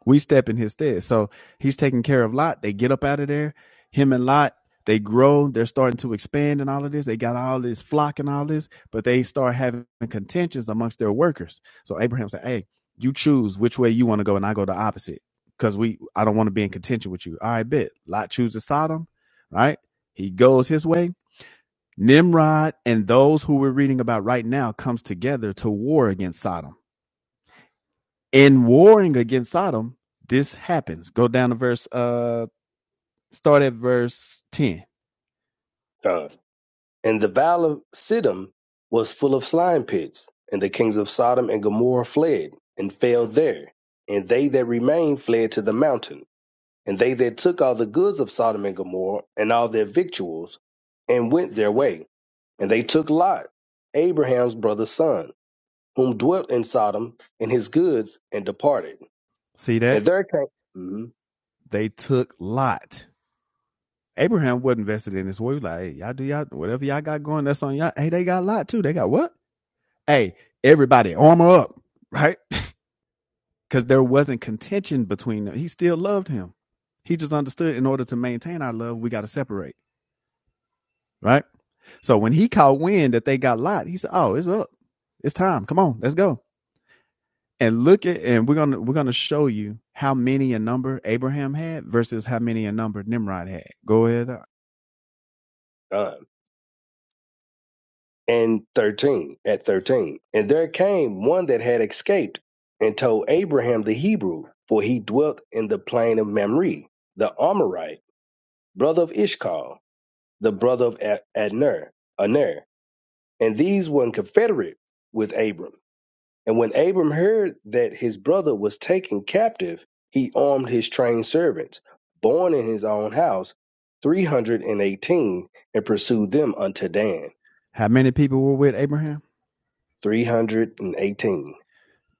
Speaker 16: We step in his stead. So he's taking care of Lot. They get up out of there. Him and Lot, they grow. They're starting to expand and all of this. They got all this flock and all this, but they start having contentions amongst their workers. So Abraham said, Hey, you choose which way you want to go, and I go the opposite. Because we I don't want to be in contention with you. All right, bet. Lot chooses Sodom, right? He goes his way. Nimrod and those who we're reading about right now comes together to war against Sodom in warring against Sodom, this happens. Go down to verse uh start at verse 10.
Speaker 17: And the valley of Siddim was full of slime pits, and the kings of Sodom and Gomorrah fled, and fell there. And they that remained fled to the mountain. And they that took all the goods of Sodom and Gomorrah, and all their victuals, and went their way. And they took Lot, Abraham's brother's son, whom dwelt in Sodom, and his goods, and departed.
Speaker 16: See that?
Speaker 17: And there came.
Speaker 16: They took Lot. Abraham wasn't invested in this war. He was like, hey, y'all do y'all whatever y'all got going, that's on y'all. Hey, they got Lot too. They got what? Hey, everybody, armor up, right? Because there wasn't contention between them. He still loved him. He just understood in order to maintain our love, we got to separate, right? So when he caught wind that they got Lot, he said, Oh, it's up. It's time. Come on, let's go. and look at and we're gonna we're gonna show you how many a number Abraham had versus how many a number Nimrod had. Go ahead. uh,
Speaker 17: Mhm. and 13 at 13 and there came one that had escaped and told abraham the hebrew for he dwelt in the plain of mamre the amorite brother of ishcal the brother of A- adner aner and these were in confederate with abram and when abram heard that his brother was taken captive he armed his trained servants born in his own house 318 and eighteen, and pursued them unto dan
Speaker 16: How many people were with Abraham?
Speaker 17: 318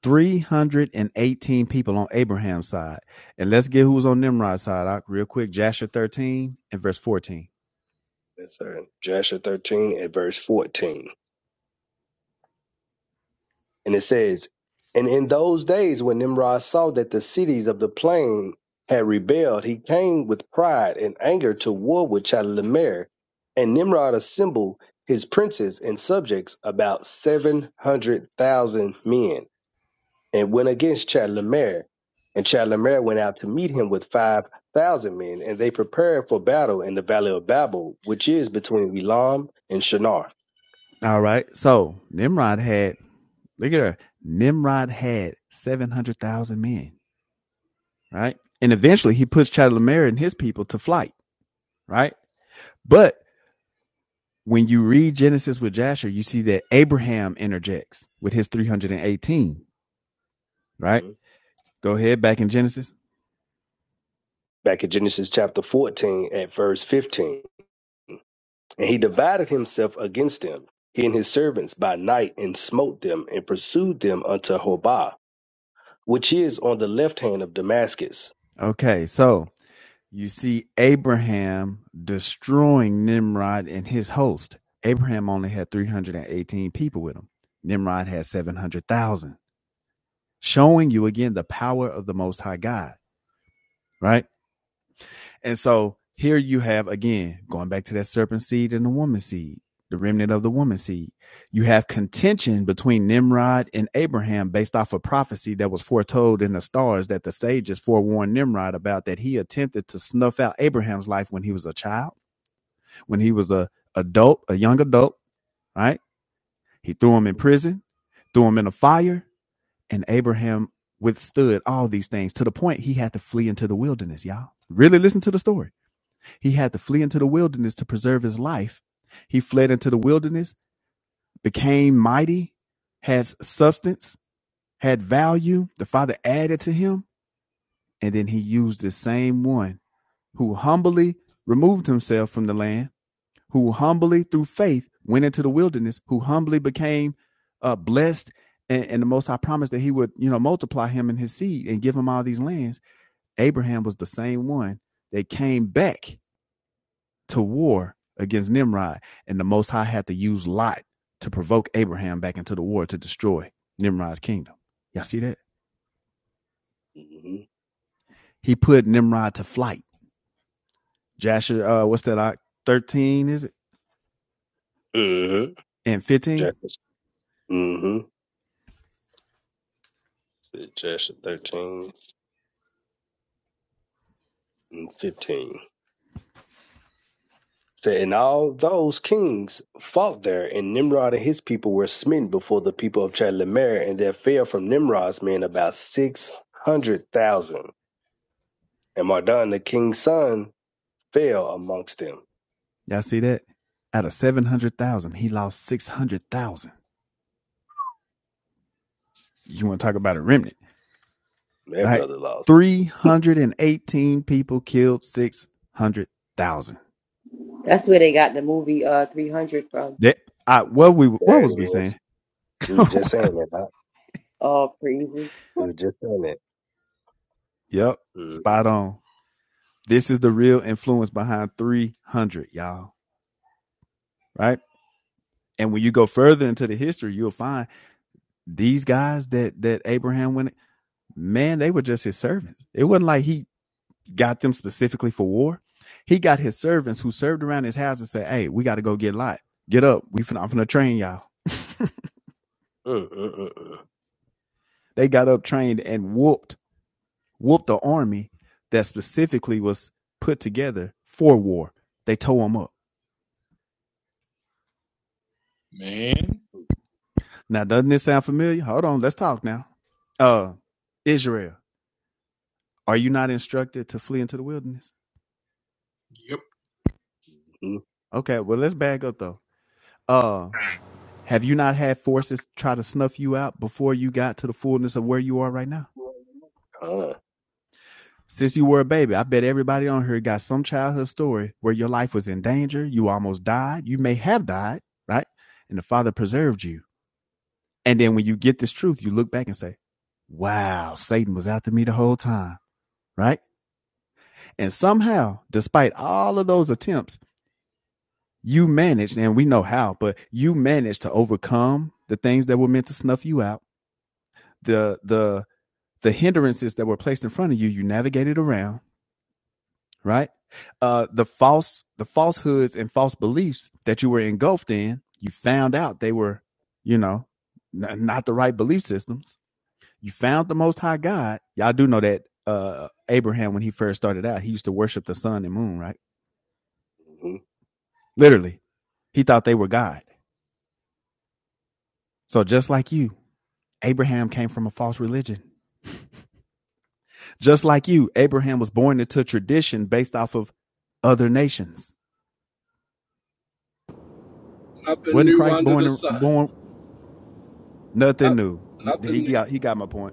Speaker 16: Three hundred and eighteen people on Abraham's side, and let's get who was on Nimrod's side. real quick, Jasher thirteen and verse fourteen.
Speaker 17: Yes, sir. Joshua 13 at verse 14. And it says, And in those days when Nimrod saw that the cities of the plain had rebelled, he came with pride and anger to war with Chedorlaomer. And Nimrod assembled his princes and subjects, about 700,000 men, and went against Chedorlaomer. And Chedorlaomer went out to meet him with 5,000 men, and they prepared for battle in the valley of Babel, which is between Elam and Shinar.
Speaker 16: All right, so Nimrod had look at her. Nimrod had seven hundred thousand men, right? And eventually he puts Chedorlaomer and his people to flight, right? But when you read Genesis with Jasher, you see that Abraham interjects with his 318, right? Go ahead back in Genesis.
Speaker 17: back in Genesis chapter 14 at verse 15. And he divided himself against them, he and his servants, by night, and smote them, and pursued them unto Hobah, which is on the left hand of Damascus.
Speaker 16: Okay, so you see Abraham destroying Nimrod and his host. Abraham only had 318 people with him, Nimrod had 700,000, showing you again the power of the Most High God, right? And so here you have again going back to that serpent seed and the woman seed, the remnant of the woman seed. You have contention between Nimrod and Abraham based off a prophecy that was foretold in the stars that the sages forewarned Nimrod about that he attempted to snuff out Abraham's life when he was a child, when he was a adult, a young adult, right? He threw him in
Speaker 17: hmm
Speaker 16: prison, threw him in a fire, and Abraham withstood all these things to the point he had to flee into the wilderness, y'all. Really listen to the story he had to flee into the wilderness to preserve his life. He fled into the wilderness, became mighty, had substance, had value. The Father added to him. And then he used the same one who humbly removed himself from the land, who humbly, through faith, went into the wilderness, who humbly became uh, blessed. And, and the Most High promised that he would, you know, multiply him and his seed and give him all these lands. Abraham was the same one that came back to war against Nimrod, and the Most High had to use Lot to provoke Abraham back into the war to destroy Nimrod's kingdom. Y'all see that?
Speaker 17: hmm
Speaker 16: He put Nimrod to flight. Jasher, uh, what's that? Uh, Thirteen is it?
Speaker 17: hmm
Speaker 16: And fifteen?
Speaker 17: hmm Suggestion 13 and 15. Said, And all those kings fought there, and Nimrod and his people were smitten before the people of Chedorlaomer, and there fell from Nimrod's men about 600,000. And Mardan, the king's son, fell amongst them.
Speaker 16: Y'all see that? Out of seven hundred thousand, he lost six hundred thousand. You want to talk about a remnant?
Speaker 17: That
Speaker 16: Right.
Speaker 17: brother lost.
Speaker 16: three hundred and eighteen people killed six hundred thousand.
Speaker 4: That's where they got the movie uh 300 from,
Speaker 16: That I what we what
Speaker 17: There it
Speaker 16: was we
Speaker 17: is.
Speaker 16: saying?
Speaker 17: We were just saying that. Doc.
Speaker 4: uh, for evil.
Speaker 17: We were just saying that.
Speaker 16: yep,
Speaker 17: Mm,
Speaker 16: spot on. This is the real influence behind 300, y'all, right? And when you go further into the history, you'll find these guys that that Abraham went, man, they were just his servants. It wasn't like he got them specifically for war. He got his servants who served around his house and said, "Hey, we got to go get Lot. Get up. We fin- I'm finna train y'all."
Speaker 17: mm, mm, mm, mm.
Speaker 16: They got up, trained, and whooped whooped the army that specifically was put together for war. They tore them up.
Speaker 3: Man.
Speaker 16: Now, doesn't this sound familiar? Hold on, let's talk now. Uh, Israel, are you not instructed to flee into the wilderness?
Speaker 3: Yep.
Speaker 17: Mhm.
Speaker 16: Okay, well, let's back up though. Uh, have you not had forces try to snuff you out before you got to the fullness of where you are right now?
Speaker 17: Huh.
Speaker 16: Since you were a baby, I bet everybody on here got some childhood story where your life was in danger, you almost died, you may have died, right? And the Father preserved you. And then when you get this truth, you look back and say, wow, Satan was after me the whole time, right? And somehow, despite all of those attempts, you managed, and we know how, but you managed to overcome the things that were meant to snuff you out, the the the hindrances that were placed in front of you, you navigated around, right? Uh the false the falsehoods and false beliefs that you were engulfed in, you found out they were, you know, n- not the right belief systems. You found the most high God. Y'all do know that uh Abraham when he first started out, he used to worship the sun and moon, right?
Speaker 17: Mhm.
Speaker 16: Literally He thought they were God. So just like you, Abraham came from a false religion. Just like you, Abraham was born into tradition based off of other nations.
Speaker 9: Nothing
Speaker 16: Wasn't
Speaker 9: new
Speaker 16: Christ
Speaker 9: under the
Speaker 16: born
Speaker 9: sun.
Speaker 16: born nothing
Speaker 9: Not,
Speaker 16: new? He
Speaker 9: nothing new.
Speaker 16: got he got my point.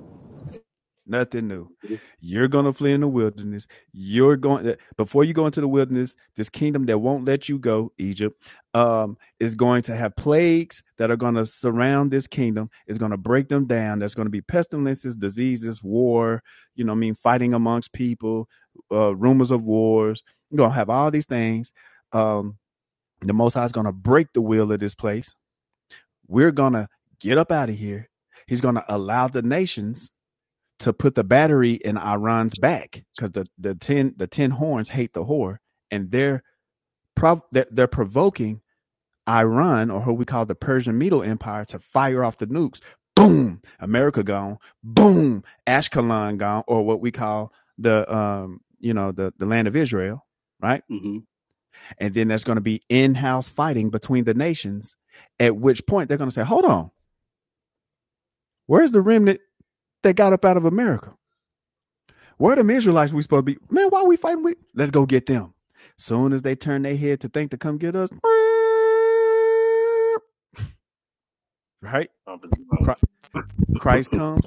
Speaker 16: Nothing new.
Speaker 17: Mhm.
Speaker 16: You're going to flee in the wilderness. You're going before you go into the wilderness, this kingdom that won't let you go, Egypt, um, is going to have plagues that are going to surround this kingdom. It's going to break them down. There's going to be pestilences, diseases, war, you know, what I mean, fighting amongst people, uh, rumors of wars. You're going to have all these things. Um, the Most High is going to break the will of this place. We're going to get up out of here. He's going to allow the nations to put the battery in Iran's back because the the ten the ten horns hate the whore, and they're prov- they're, they're provoking Iran or what we call the Persian Middle Empire to fire off the nukes. Boom, America gone. Boom, Ashkelon gone, or what we call the um you know the the land of Israel, right?
Speaker 17: Mhm.
Speaker 16: And then there's going to be in house fighting between the nations. At which point they're going to say, "Hold on, where's the remnant that got up out of America?" Where the Israelites we supposed to be? Man, why are we fighting with? Let's go get them. Soon as they turn their head to think to come get us, right? Christ comes,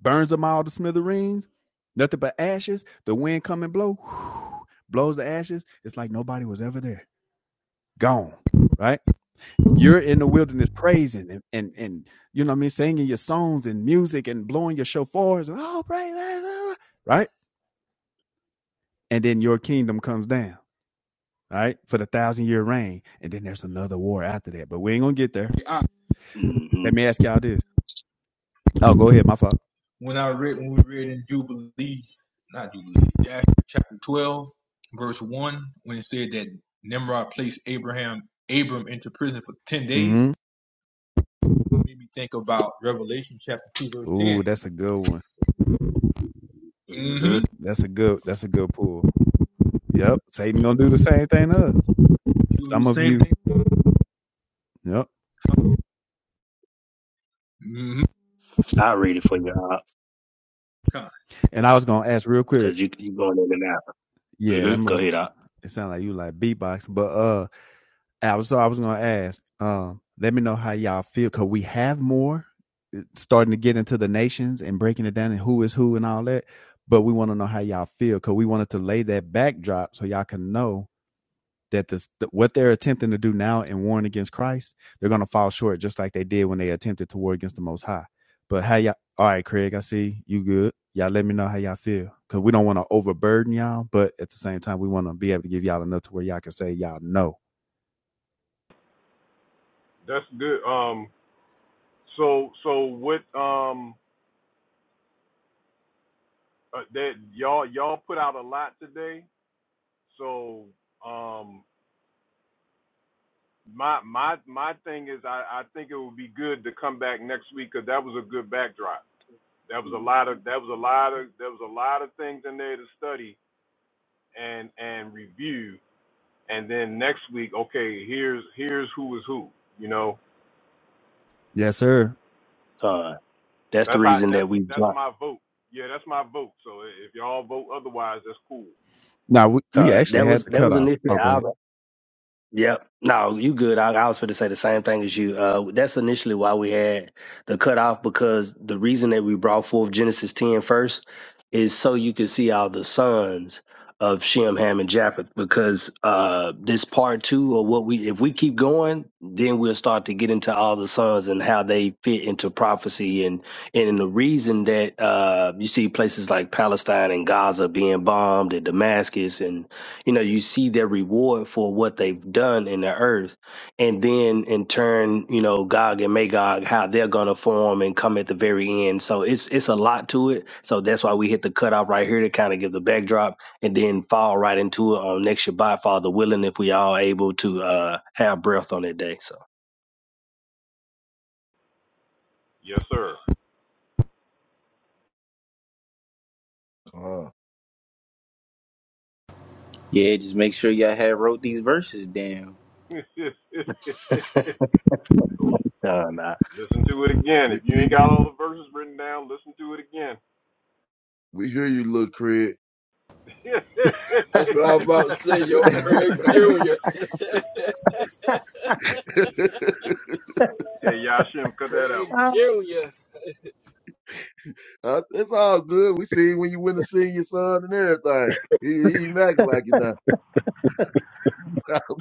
Speaker 16: burns them all to smithereens, nothing but ashes. The wind come and blow, blows the ashes. It's like nobody was ever there. Gone, right? You're in the wilderness praising and and, and you know what I mean, singing your songs and music and blowing your shofars and oh praise, ah, ah, ah," right? And then your kingdom comes down all right, for the thousand year reign. And then there's another war after that, but we ain't gonna get there.
Speaker 3: I,
Speaker 16: Let
Speaker 17: Mhm. Mhm.
Speaker 16: me ask y'all this. Oh, go ahead, my fault.
Speaker 3: when I read when we read in Jubilees, not Jubilees, Jasher chapter twelve, verse one, when it said that Nimrod placed Abraham Abram into prison for ten days,
Speaker 16: Mm-hmm.
Speaker 3: it made me think about Revelation chapter two, verse
Speaker 16: Ooh,
Speaker 3: ten.
Speaker 16: that's a good one.
Speaker 3: Mm-hmm.
Speaker 17: Mhm.
Speaker 16: That's a good that's a good pull. Yep. Satan gonna do the same thing to us.
Speaker 3: Do the
Speaker 16: Some of
Speaker 3: same
Speaker 16: you.
Speaker 3: thing.
Speaker 16: Yep.
Speaker 3: Mm-hmm.
Speaker 17: I'll read it for you,
Speaker 16: And I was gonna ask real quick.
Speaker 17: because you you going in and out.
Speaker 16: Yeah, that
Speaker 17: hmm Go
Speaker 16: must
Speaker 17: ahead, Op.
Speaker 16: it sound like you like beatbox, but uh I was so I was gonna ask. Um, let me know how y'all feel because we have more eh, starting to get into the nations and breaking it down and who is who and all that. But we want to know how y'all feel because we wanted to lay that backdrop so y'all can know that this what they're attempting to do now and warring against Christ, they're gonna fall short just like they did when they attempted to war against the Most High. But how y'all? All right, Craig, I see you good. Y'all let me know how y'all feel because we don't want to overburden y'all, but at the same time we want to be able to give y'all enough to where y'all can say y'all know.
Speaker 1: That's good. Um, so so what? Um, uh, that y'all y'all put out a lot today. So um, my my my thing is I, I think it would be good to come back next week because that was a good backdrop. That was a lot
Speaker 17: Mhm.
Speaker 1: of that was a lot of there was a lot of things in there to study and and review. And then next week, okay, here's here's who is who. You know,
Speaker 16: Yes, sir.
Speaker 17: Con. That's the
Speaker 1: that's how
Speaker 17: reason
Speaker 1: that's
Speaker 17: that we
Speaker 1: that's
Speaker 17: dropped.
Speaker 1: my vote. Yeah, that's my vote. So if y'all vote otherwise, that's cool.
Speaker 16: Now we, we
Speaker 17: Con.
Speaker 16: actually
Speaker 17: That
Speaker 16: had
Speaker 17: was
Speaker 16: the
Speaker 17: that was
Speaker 16: cutoff.
Speaker 17: initially
Speaker 16: Oh, go
Speaker 17: our.
Speaker 16: ahead.
Speaker 17: Yep. No, you good. I, I was going to say the same thing as you. Uh, that's initially why we had the cutoff because the reason that we brought forth Genesis 10 first is so you could see all the sons of Shem, Ham, and Japheth. Because uh, this part two or what we, if we keep going, then we'll start to get into all the sons and how they fit into prophecy and and the reason that uh, you see places like Palestine and Gaza being bombed and Damascus and you know you see their reward for what they've done in the earth and then in turn you know gog and magog how they're gonna form and come at the very end so it's it's a lot to it so that's why we hit the cutoff right here to kind of give the backdrop and then fall right into it on next shabbat father willing if we all able to uh have breath on that day so
Speaker 1: Yes, sir.
Speaker 13: Come.
Speaker 10: Yeah, just make sure y'all had wrote these verses down.
Speaker 1: So
Speaker 17: uh, nah.
Speaker 1: Listen to it again. If
Speaker 13: We
Speaker 1: you
Speaker 13: we
Speaker 1: ain't got
Speaker 13: hear
Speaker 1: all the verses written down, listen to it again.
Speaker 13: we hear you, little Craig.
Speaker 9: That's what I was about to say, yo, Craig Jr.
Speaker 1: hey, Yashim, cut that out,
Speaker 9: Craig
Speaker 1: bro.
Speaker 9: Jr.
Speaker 13: Uh, It's all good. We seen when you went to see your son and everything. He, he acting like you know.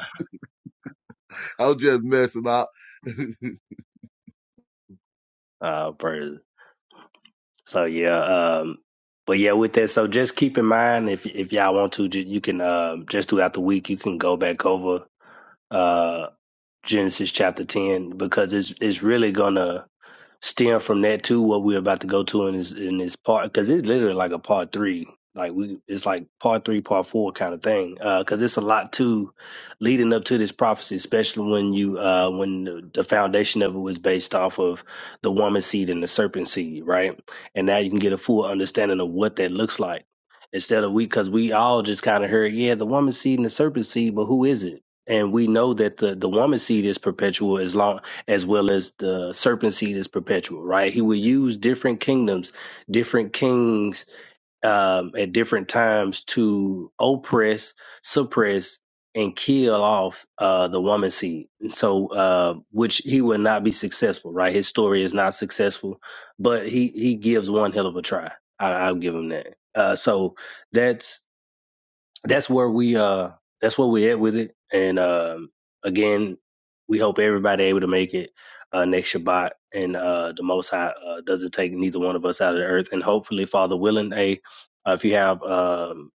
Speaker 13: I was just messing up.
Speaker 17: uh praise. so yeah um but yeah, with that, so just keep in mind if if y'all want to, ju- you can um, just throughout the week you can go back over uh Genesis chapter 10 because it's it's really gonna stem from that to what we're about to go to in this in this part because it's literally like a part three like we it's like part three part four kind of thing because it's a lot to leading up to this prophecy especially when you uh when the the foundation of it was based off of the woman seed and the serpent seed right and now you can get a full understanding of what that looks like instead of we because we all just kind of heard yeah the woman seed and the serpent seed but who is it and we know that the the woman seed is perpetual as long as well as the serpent seed is perpetual, right? He will use different kingdoms, different kings um, at different times to oppress, suppress, and kill off uh, the woman seed. And so, uh, which he will not be successful, right? His story is not successful, but he he gives one hell of a try. I, I'll give him that. Uh, so that's that's where we uh that's where we're at with it. And um again, we hope everybody able to make it uh next Shabbat and uh the most high uh, doesn't take neither one of us out of the earth and hopefully Father willing, hey, uh, if you have um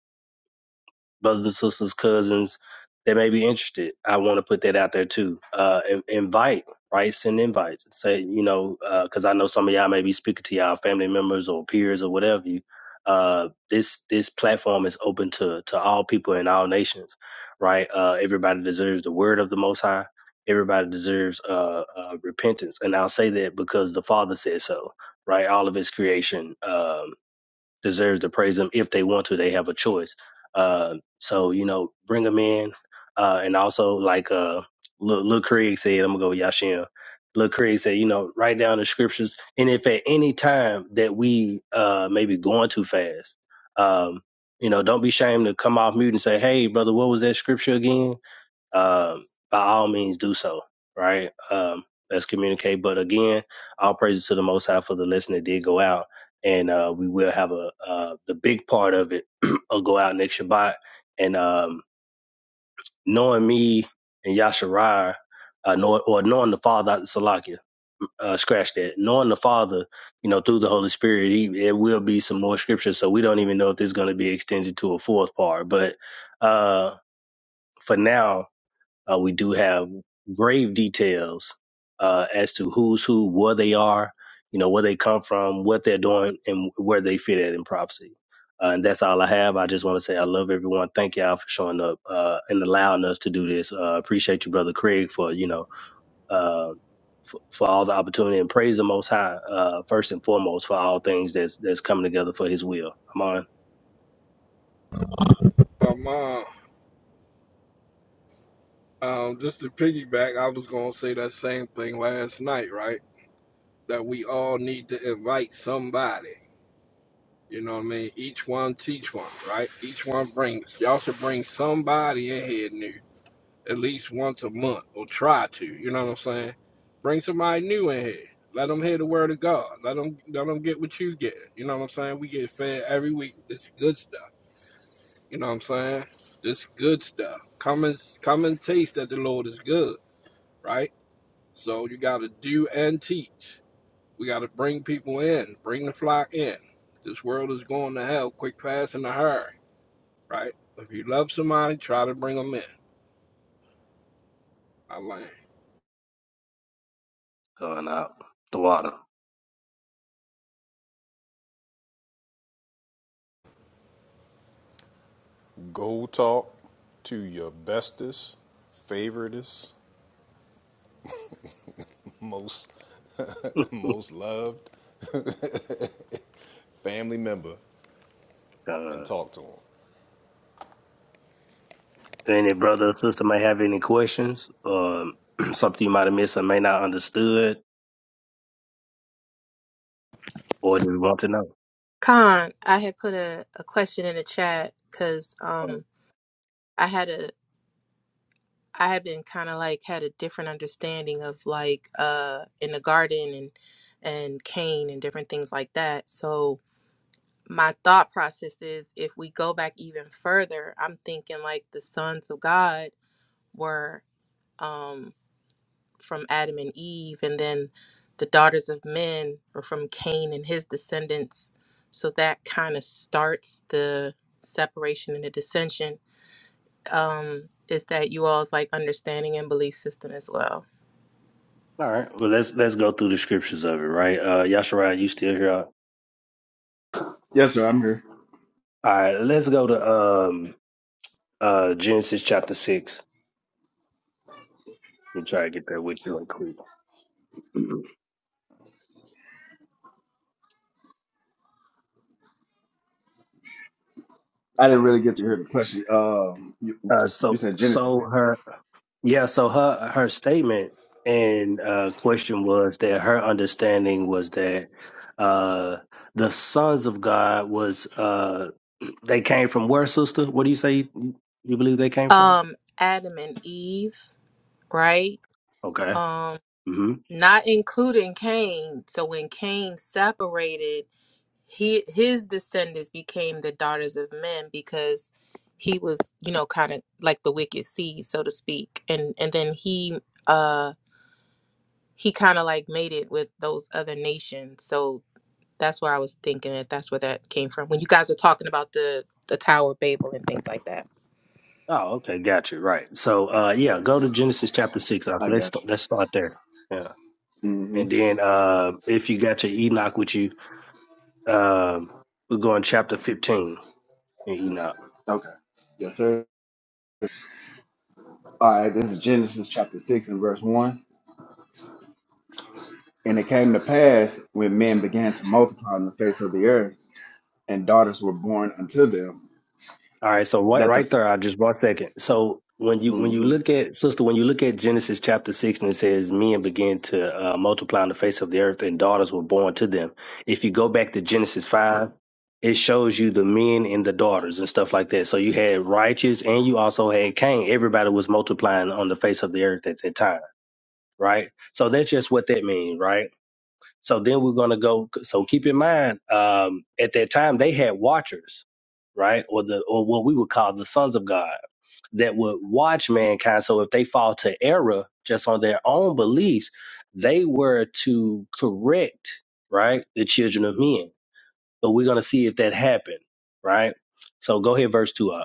Speaker 17: brothers and sisters, cousins that may be interested. I want to put that out there too. Uh, in- invite, right? Send invites. Say, you know, because I know some of y'all may be speaking to y'all family members or peers or whatever you. Uh, this this platform is open to to all people in all nations, right? Uh, everybody deserves the word of the Most High. Everybody deserves uh, uh repentance, and I'll say that because the Father said so, right? All of His creation. Um, deserves to praise him if they want to. They have a choice. Uh, so you know, bring him in, uh, and also like uh, Lil, Lil Craig said, I'm gonna go with Yashin. Lil Craig said, you know, write down the scriptures, and if at any time that we uh maybe going too fast, um, you know, don't be ashamed to come off mute and say, hey, brother, what was that scripture again? um, by all means do so, right? Um, let's communicate. But again, all praises to the Most High for the lesson that did go out, and uh, we will have a uh, the big part of it will go out next Shabbat. And um, knowing me and Yasharai, uh, know, or knowing the Father, Salakia, uh, scratch that. Knowing the Father, you know, through the Holy Spirit, he, it will be some more scripture. So we don't even know if this is going to be extended to a fourth part, but. uh for now uh, we do have grave details uh, as to who's who, where they are, you know, where they come from, what they're doing, and where they fit at in prophecy. Uh, and that's all I have. I just want to say I love everyone. Thank y'all for showing up uh, and allowing us to do this. Uh, appreciate you, brother Craig, for you know uh, for, for all the opportunity and praise the Most High uh, first and foremost for all things that's that's coming together for His will. Come on,
Speaker 9: Um, uh, um, just to piggyback, I was gonna say that same thing last night, right? That we all need to invite somebody. You know what I mean? Each one teach one, right? Each one brings. Y'all should bring somebody in here new at least once a month or try to. You know what I'm saying? Bring somebody new in here. Let them hear the word of God. Let them let them get what you get. You know what I'm saying? We get fed every week. It's good stuff. You know what I'm saying? This good stuff. Come and come and taste that the Lord is good, right? So you got to do and teach. We got to bring people in, bring the flock in. This world is going to hell quick, fast, and a hurry, right? If you love somebody, try to bring them in. I learned.
Speaker 17: going out the water.
Speaker 1: Go talk to your bestest, favoritest, most most loved family member and talk to
Speaker 17: Any brother or sister may have any questions, um, something you might have missed or may not understood, or just want to know.
Speaker 14: Khan, I had put a, a question in the chat because
Speaker 17: Um,
Speaker 14: um, I had a I have been kind of like had a different understanding of like uh in the garden and and Cain and different things like that. So my thought process is if we go back even further, I'm thinking like the sons of God were um from Adam and Eve and then the daughters of men are from Cain and his descendants. So that kind of starts the separation and the dissension. Um, is that you all's like understanding and belief system as well?
Speaker 17: All right, well let's let's go through the scriptures of it, right? Uh, Yasharai, you still here? All
Speaker 16: Yes, sir. I'm here.
Speaker 17: right, let's go to um uh Genesis chapter six. Let me try to get there with you real quick.
Speaker 16: I didn't really get to hear the question. Um, you,
Speaker 17: Uh,
Speaker 16: you
Speaker 17: so
Speaker 16: said Genesis.
Speaker 17: so her yeah, so her her statement and uh question was that her understanding was that uh the sons of God was uh. They came from where, sister? What do you say you, you believe they came from?
Speaker 14: um Adam and Eve, right?
Speaker 17: Okay.
Speaker 14: Um
Speaker 17: hmm
Speaker 14: not including Cain. So when Cain separated, he his descendants became the daughters of men because he was, you know, kind of like the wicked seed, so to speak. And and then he uh he kind of like made it with those other nations. So that's where I was thinking that that's where that came from. When you guys were talking about the the Tower of Babel and things like that.
Speaker 17: Oh, okay. Got you. Right. So, uh, yeah, go to Genesis chapter six. Uh,
Speaker 16: I
Speaker 17: Let's
Speaker 16: got
Speaker 17: let's start there. Yeah,
Speaker 16: you. Mm-hmm.
Speaker 17: and then uh, if you got your Enoch with you, um, we're going chapter fifteen in Enoch.
Speaker 16: Okay. Yes, sir. All right. This is Genesis chapter six and verse one. And it came to pass when men began to multiply on the face of the earth, and daughters were born unto them,
Speaker 17: All right, so right,
Speaker 16: that the
Speaker 17: right there, I just one second. So when you when you
Speaker 16: Mhm.
Speaker 17: look at sister, when you look at Genesis chapter six, and it says, "Men began to uh, multiply on the face of the earth, and daughters were born to them." If you go back to Genesis five, it shows you the men and the daughters and stuff like that. So you had righteous, and you also had Cain. Everybody was multiplying on the face of the earth at that time, right? So that's just what that means, right? So then we're going to go. So keep in mind, um, at that time they had watchers, right, or the or what we would call the sons of God that would watch mankind. So if they fall to error just on their own beliefs, they were to correct, right, the children of men. But we're going to see if that happened, right. So go ahead, verse two.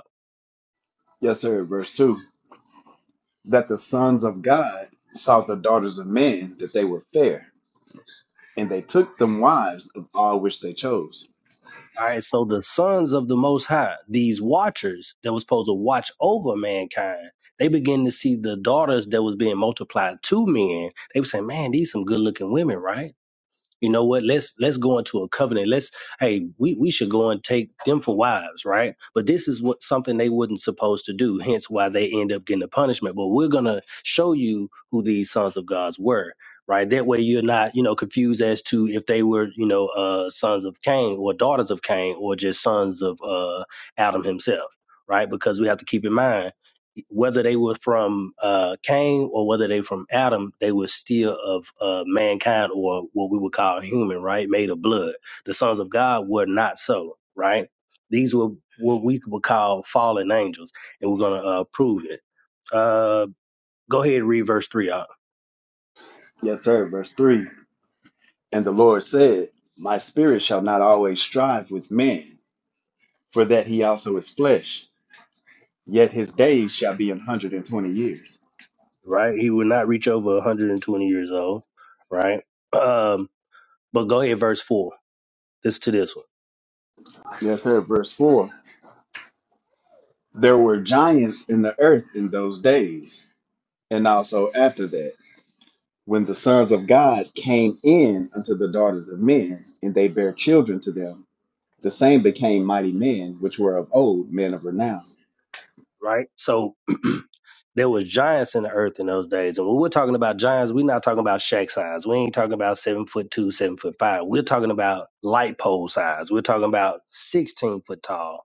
Speaker 16: yes, sir. Verse two. That the sons of God saw the daughters of men that they were fair, and they took them wives of all which they chose.
Speaker 17: All right, so the sons of the Most High, these watchers that was supposed to watch over mankind, they begin to see the daughters that was being multiplied to men. They were saying, "Man, these some good looking women, right?" You know what? Let's let's go into a covenant. Let's hey, we, we should go and take them for wives, right? But this is what something they wasn't supposed to do, hence why they end up getting the punishment. But we're gonna show you who these sons of gods were, right? That way you're not, you know, confused as to if they were, you know, uh sons of Cain or daughters of Cain or just sons of uh Adam himself, right? Because we have to keep in mind whether they were from uh, Cain or whether they from Adam, they were still of uh, mankind or what we would call human, right? Made of blood. The sons of God were not so, right? These were what we would call fallen angels, and we're going to uh, prove it. Uh, go ahead and read verse 3 out,
Speaker 16: Yes, sir. Verse 3 And the Lord said, My spirit shall not always strive with man, for that he also is flesh, yet his days shall be an hundred and twenty years.
Speaker 17: right? He would not reach over 120 years old, right? Um, but go ahead, verse 4. This to this one.
Speaker 16: Yes, sir. Verse 4 There were giants in the earth in those days, and also after that, when the sons of God came in unto the daughters of men, and they bare children to them. The same became mighty men, which were of old, men of renown.
Speaker 17: right? So there was giants in the earth in those days. And when we're talking about giants, we're not talking about shack size. We ain't talking about seven foot two, seven foot five. We're talking about light pole size. We're talking about 16 foot tall,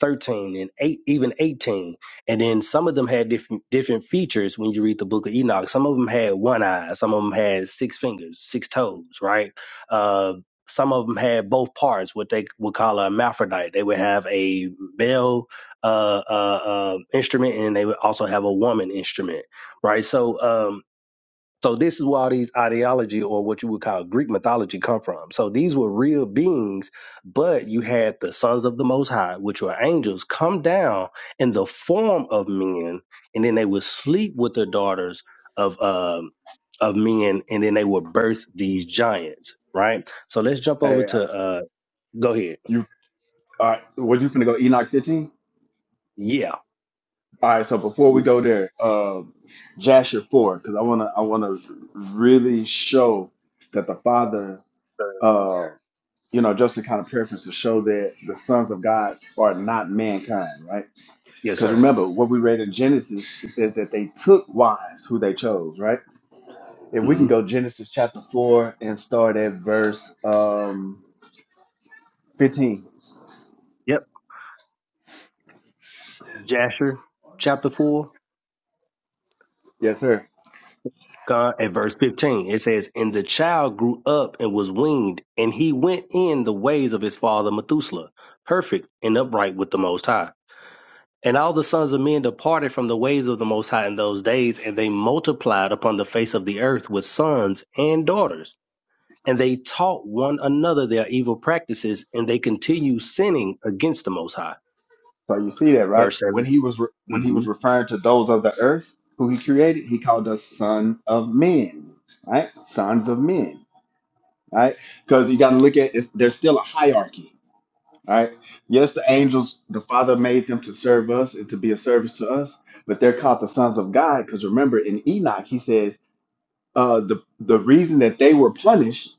Speaker 17: 13 and 8 even 18 and then some of them had different different features when you read the book of enoch some of them had one eye some of them had six fingers six toes right uh some of them had both parts what they would call a hermaphrodite they would have a male uh, uh, uh, instrument and they would also have a woman instrument right so um, so this is where all these ideology or what you would call Greek mythology come from. So these were real beings, but you had the sons of the Most High, which were angels, come down in the form of men, and then they would sleep with the daughters of um of men, and then they would birth these giants. Right. So let's jump over
Speaker 16: Hey,
Speaker 17: to uh. Go ahead.
Speaker 16: you are, what you finna go Enoch 15?
Speaker 17: Yeah.
Speaker 16: All right, so before
Speaker 17: Yes,
Speaker 16: we go there, uh, Jasher four, because I wanna I wanna really show that the Father,
Speaker 17: sir.
Speaker 16: uh, you know, just to kind of preference to show that the sons of God are not mankind, right?
Speaker 17: Yes,
Speaker 16: Because
Speaker 17: sir.
Speaker 16: remember what we read in Genesis, it says that they took wives who they chose, right? If we can
Speaker 17: hmm
Speaker 16: go Genesis chapter four and start at verse um, fifteen,
Speaker 17: Yep. Jasher, chapter four.
Speaker 16: yes, sir.
Speaker 17: God, at verse 15, it says, And the child grew up and was weaned, and he went in the ways of his father Methuselah, perfect and upright with the Most High. And all the sons of men departed from the ways of the Most High in those days, and they multiplied upon the face of the earth with sons and daughters. And they taught one another their evil practices, and they continued sinning against the Most High.
Speaker 16: So you see that, right?
Speaker 17: Verse
Speaker 16: When
Speaker 17: 7.
Speaker 16: he was re- when he
Speaker 17: mm-hmm.
Speaker 16: was referring to those of the earth who he created, he called us son of men, right? Sons of men, right? Because you got to look at it's, there's still a hierarchy, right? Yes, the angels, the Father made them to serve us and to be a service to us, but they're called the sons of God because remember in Enoch he says uh, the the reason that they were punished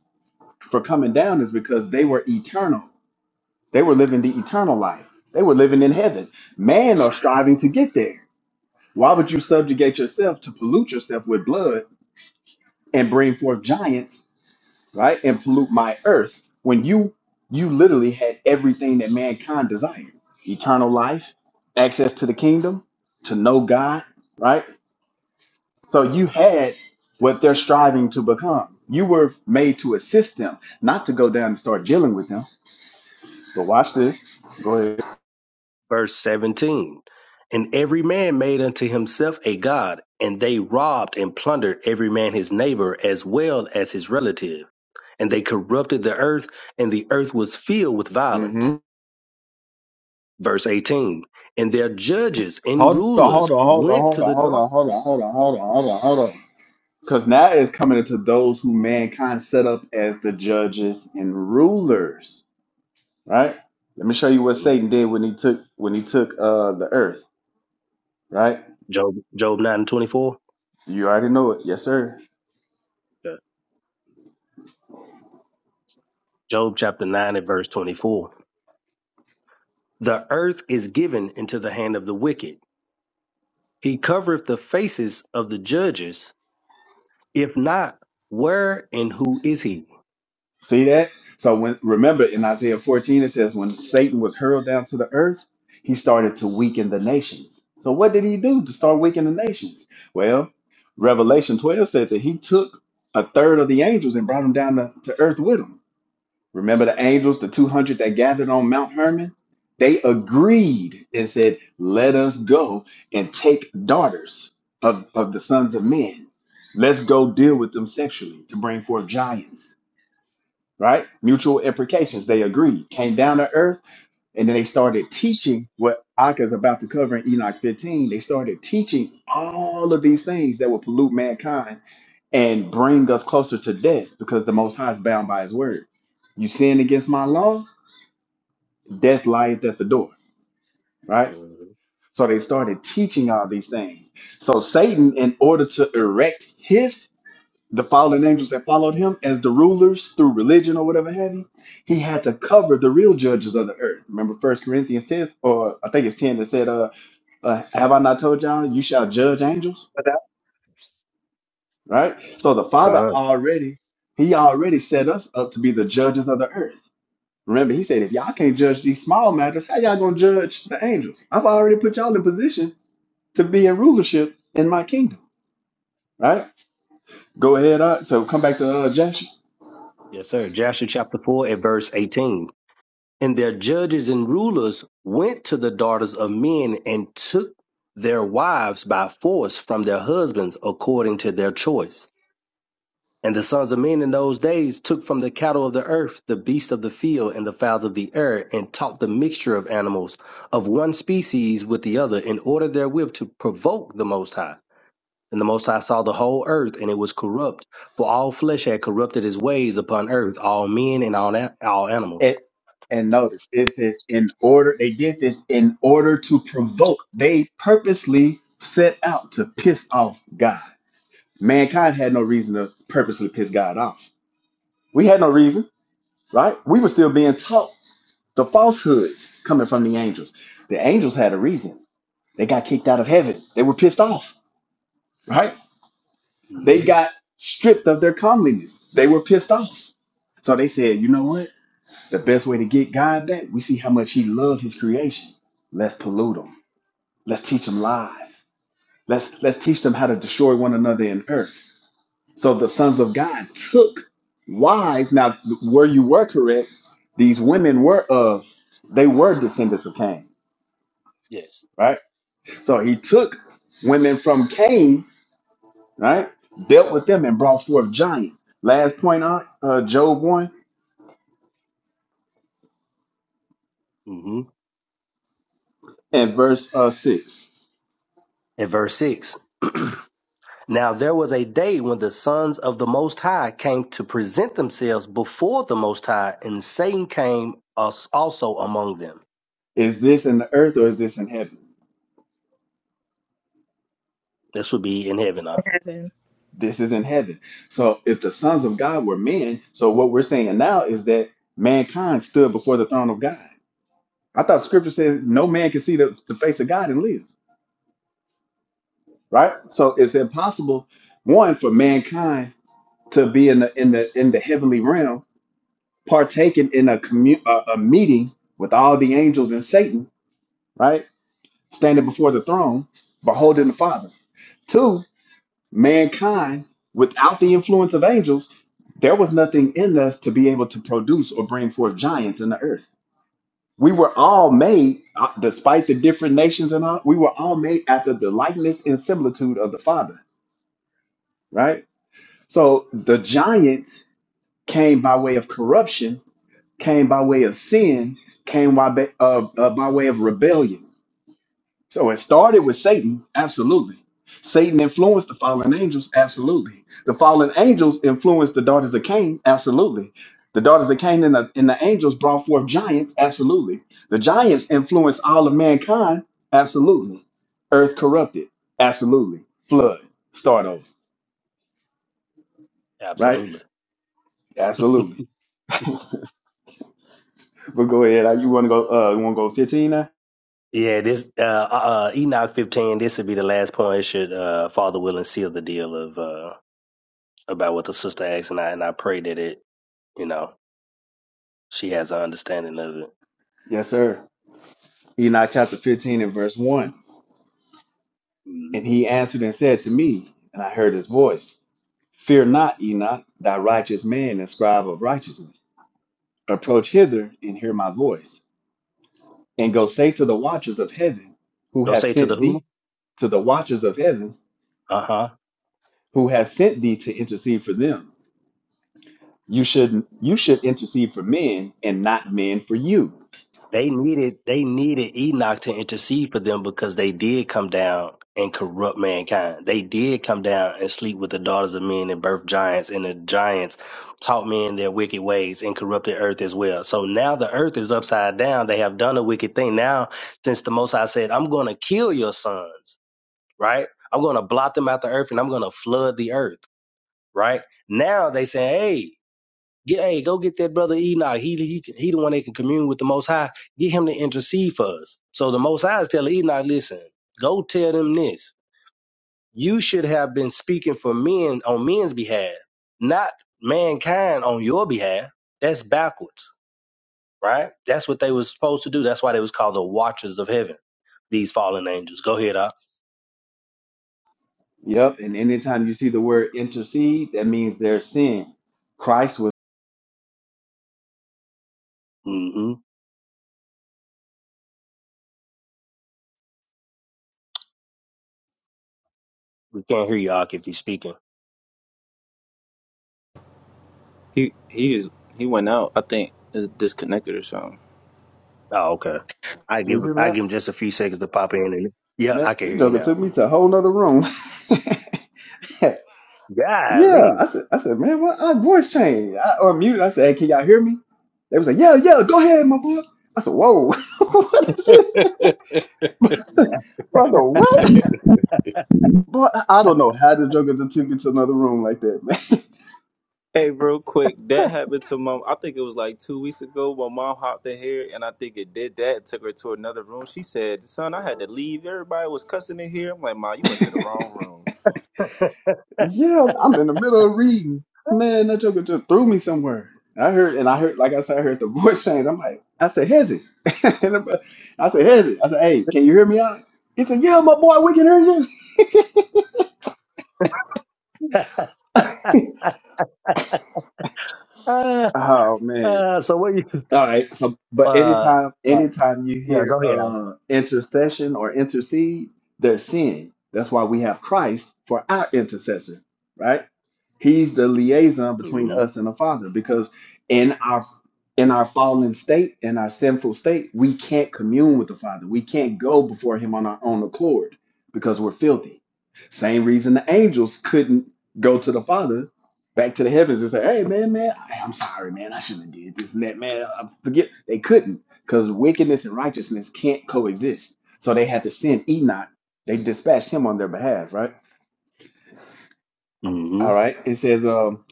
Speaker 16: for coming down is because they were eternal. They were living the eternal life. They were living in heaven. Man are striving to get there Why would you subjugate yourself to pollute yourself with blood and bring forth giants, right? And pollute my earth when you you literally had everything that mankind desired. Eternal life, access to the kingdom, to know God, right? So you had what they're striving to become. You were made to assist them, not to go down and start dealing with them. But watch this. Go ahead.
Speaker 17: Verse 17 And every man made unto himself a god, and they robbed and plundered every man his neighbor as well as his relative. And they corrupted the earth, and the earth was filled with violence.
Speaker 16: Mm-hmm.
Speaker 17: Verse 18 And their judges and
Speaker 16: Hold on, hold
Speaker 17: rulers
Speaker 16: on, hold on, hold
Speaker 17: went
Speaker 16: on,
Speaker 17: to the
Speaker 16: hold
Speaker 17: dark.
Speaker 16: on, hold on, hold on, hold on, hold on, hold on. Because now it's coming into those who mankind set up as the judges and rulers, right? Let me show you what Satan did when he took when he took uh the earth, right?
Speaker 17: Job, Job 9 and 24.
Speaker 16: You already know it, yes, sir.
Speaker 17: Okay. Job chapter 9 and verse 24. The earth is given into the hand of the wicked. He covereth the faces of the judges If not, where and who is he?
Speaker 16: See that? So when remember in Isaiah 14 it says when Satan was hurled down to the earth, he started to weaken the nations. So what did he do to start weakening the nations? Well, Revelation 12 said that he took a third of the angels and brought them down to, to earth with him. Remember the angels, the 200 that gathered on Mount Hermon? They agreed and said, Let us go and take daughters of, of the sons of men. Let's go deal with them sexually to bring forth giants, right? Mutual imprecations. They agreed, came down to earth, and then they started teaching what Akka is about to cover in Enoch 15. They started teaching all of these things that will pollute mankind and bring us closer to death because the Most High is bound by his word. You sin against my law? death lieth at the door, right?
Speaker 17: Mhm.
Speaker 16: So they started teaching all these things. So Satan, in order to erect his the fallen angels that followed him as the rulers through religion or whatever have you, he had to cover the real judges of the earth. Remember First Corinthians says, or I think it's ten that said, uh, uh have I not told y'all you shall judge angels?
Speaker 17: But that-
Speaker 16: Right? So the Father
Speaker 17: God.
Speaker 16: already he already set us up to be the judges of the earth. Remember, he said, if y'all can't judge these small matters, how y'all gonna judge the angels? I've already put y'all in position to be in rulership in my kingdom, right? Go ahead. Uh, so come back to the other Joshua.
Speaker 17: Yes, sir. Joshua chapter 4 and verse 18. And their judges and rulers went to the daughters of men and took their wives by force from their husbands according to their choice. And the sons of men in those days took from the cattle of the earth the beasts of the field and the fowls of the air and taught the mixture of animals of one species with the other in order therewith to provoke the Most High. And the Most High saw the whole earth, and it was corrupt, for all flesh had corrupted his ways upon earth, all men and all, na- all animals.
Speaker 16: And, and notice it says in order they did this in order to provoke. They purposely set out to piss off God. Mankind had no reason to purposely piss God off. We had no reason, right? We were still being taught the falsehoods coming from the angels. The angels had a reason. They got kicked out of heaven. They were pissed off, right? They
Speaker 17: hmm
Speaker 16: got stripped of their comeliness. They were pissed off. So they said, you know what? The best way to get God back, we see how much He loved His creation. Let's pollute them. Let's teach them lies. Let's let's teach them how to destroy one another in earth. So the sons of God took wives. Now, where you were correct, these women were of they were descendants of Cain,
Speaker 17: Yes.
Speaker 16: right? So he took women from Cain, right? Dealt with them and brought forth giants. Last point on uh, Job one
Speaker 17: hmm
Speaker 16: and verse uh, six:
Speaker 17: At verse 6. Now there was a day when the sons of the Most High came to present themselves before the Most High, and Satan came us also among them.
Speaker 16: Is this in the earth or is this in heaven?
Speaker 17: This would be in heaven, huh?
Speaker 14: heaven.
Speaker 16: This is in heaven. So if the sons of God were men, so what we're saying now is that mankind stood before the throne of God. I thought scripture says no man can see the, the face of God and live, right? So it's impossible, one, for mankind to be in the in the in the heavenly realm, partaking in a commu- a, a meeting with all the angels and Satan, right? Standing before the throne, beholding the Father. Two, mankind without the influence of angels There was nothing in us to be able to produce or bring forth giants in the earth. We were all made, uh, despite the different nations and all, we were all made after the likeness and similitude of the Father, right? So the giants came by way of corruption, came by way of sin, came by, ba- of, uh, by way of rebellion So it started with Satan, absolutely. Satan influenced the fallen angels, absolutely. The fallen angels influenced the daughters of Cain, absolutely. The daughters of Cain and the, and the angels brought forth giants, absolutely. The giants influenced all of mankind, absolutely. Earth corrupted, absolutely. Flood, start over, right?
Speaker 17: Absolutely.
Speaker 16: Absolutely. But go ahead. uh, You want to go? Uh, you want to go fifteen now?
Speaker 17: Yeah, this uh, uh uh, Enoch fifteen. This would be the last point. It should uh, Father will and seal the deal of uh, about what the sister asked, and I and I pray that it, you know, she has an understanding of
Speaker 16: Yes, sir. Enoch chapter fifteen and verse one.
Speaker 17: it.
Speaker 16: And
Speaker 17: Mhm.
Speaker 16: he answered and said to me, and I heard his voice. Fear not, Enoch, thy righteous man and scribe of righteousness. Approach hither and hear my voice. And go say to the watchers of heaven who
Speaker 17: Don't
Speaker 16: have
Speaker 17: say to the
Speaker 16: sent thee
Speaker 17: who.
Speaker 16: to the watchers of heaven
Speaker 17: Uh huh.
Speaker 16: who have sent thee to intercede for them. You should you should intercede for men and not men for you.
Speaker 17: They needed they needed Enoch to intercede for them because they did come down and corrupt mankind. They did come down and sleep with the daughters of men and birth giants, and the giants taught men their wicked ways and corrupted earth as well. So now the earth is upside down. They have done a wicked thing. Now, since the Most High said, "I'm going to kill your sons," right? I'm going to blot them out the earth and I'm going to flood the earth, right? Now they say, hey, get, hey, go get that brother Enoch. He, he, he the one that can commune with the Most High. Get him to intercede for us. So the Most High is telling Enoch, listen, go tell them this. You should have been speaking for men on men's behalf, not mankind on your behalf. That's backwards, right? That's what they was supposed to do. That's why they was called the Watchers of Heaven. These fallen angels. Go ahead, Ak.
Speaker 16: Yep, and anytime you see the word intercede, that means there's sin. Christ was
Speaker 17: hmm We can't hear you, Ak, if you're speaking.
Speaker 10: He he is he went out. I think is disconnected or something.
Speaker 17: Oh, okay. I
Speaker 16: Can
Speaker 17: give
Speaker 16: you hear me
Speaker 17: I
Speaker 16: out?
Speaker 17: give him just a few seconds to pop in, and yeah,
Speaker 16: Man,
Speaker 17: I can
Speaker 16: this
Speaker 17: hear you
Speaker 16: joker
Speaker 17: now.
Speaker 16: took me to a whole nother room. yeah.
Speaker 17: Golly.
Speaker 16: I said I said, man, what I voice changed. I unmuted. I said, hey, can y'all hear me? They was like, yeah, yeah, go ahead, my boy. I said, whoa, what is this? Brother,
Speaker 1: him.
Speaker 16: what? Boy, I don't know how the Joker just took me to another room like that,
Speaker 10: Hey, real quick, that happened to my. I think it was like two weeks ago. My mom hopped in here, and I think it did that. It took her to another room. She said, "Son, I had to leave. Everybody was cussing in here." I'm like, "Ma, you went to the
Speaker 16: man.
Speaker 10: wrong room."
Speaker 16: yeah, I'm in the middle of reading. Man, that Joker just threw me somewhere. I heard, and I heard, like I said, I heard the voice change. I'm like, I said, Hezzy. And I said, Hezzy. I said, hey, can you hear me out? He said, yeah, my boy, we can hear you.
Speaker 17: uh,
Speaker 16: Oh, man.
Speaker 17: uh, so what you?
Speaker 16: All right. So, but
Speaker 17: Uh,
Speaker 16: anytime,
Speaker 17: uh,
Speaker 16: anytime you
Speaker 17: yeah,
Speaker 16: hear
Speaker 17: go ahead.
Speaker 16: uh, intercession or intercede, there's sin. That's why we have Christ for our intercession, right? He's the liaison between
Speaker 17: Mm-hmm.
Speaker 16: us and the Father, because in our in our fallen state, in our sinful state, we can't commune with the Father. We can't go before Him on our own accord because we're filthy. Same reason the angels couldn't go to the Father back to the heavens and say, "Hey, man, man, I- I'm sorry, man. I shouldn't have did this and that, man. I forget." They couldn't because wickedness and righteousness can't coexist. So they had to send Enoch. They dispatched him on their behalf, right?
Speaker 17: Mm-hmm.
Speaker 16: All right. It says, um,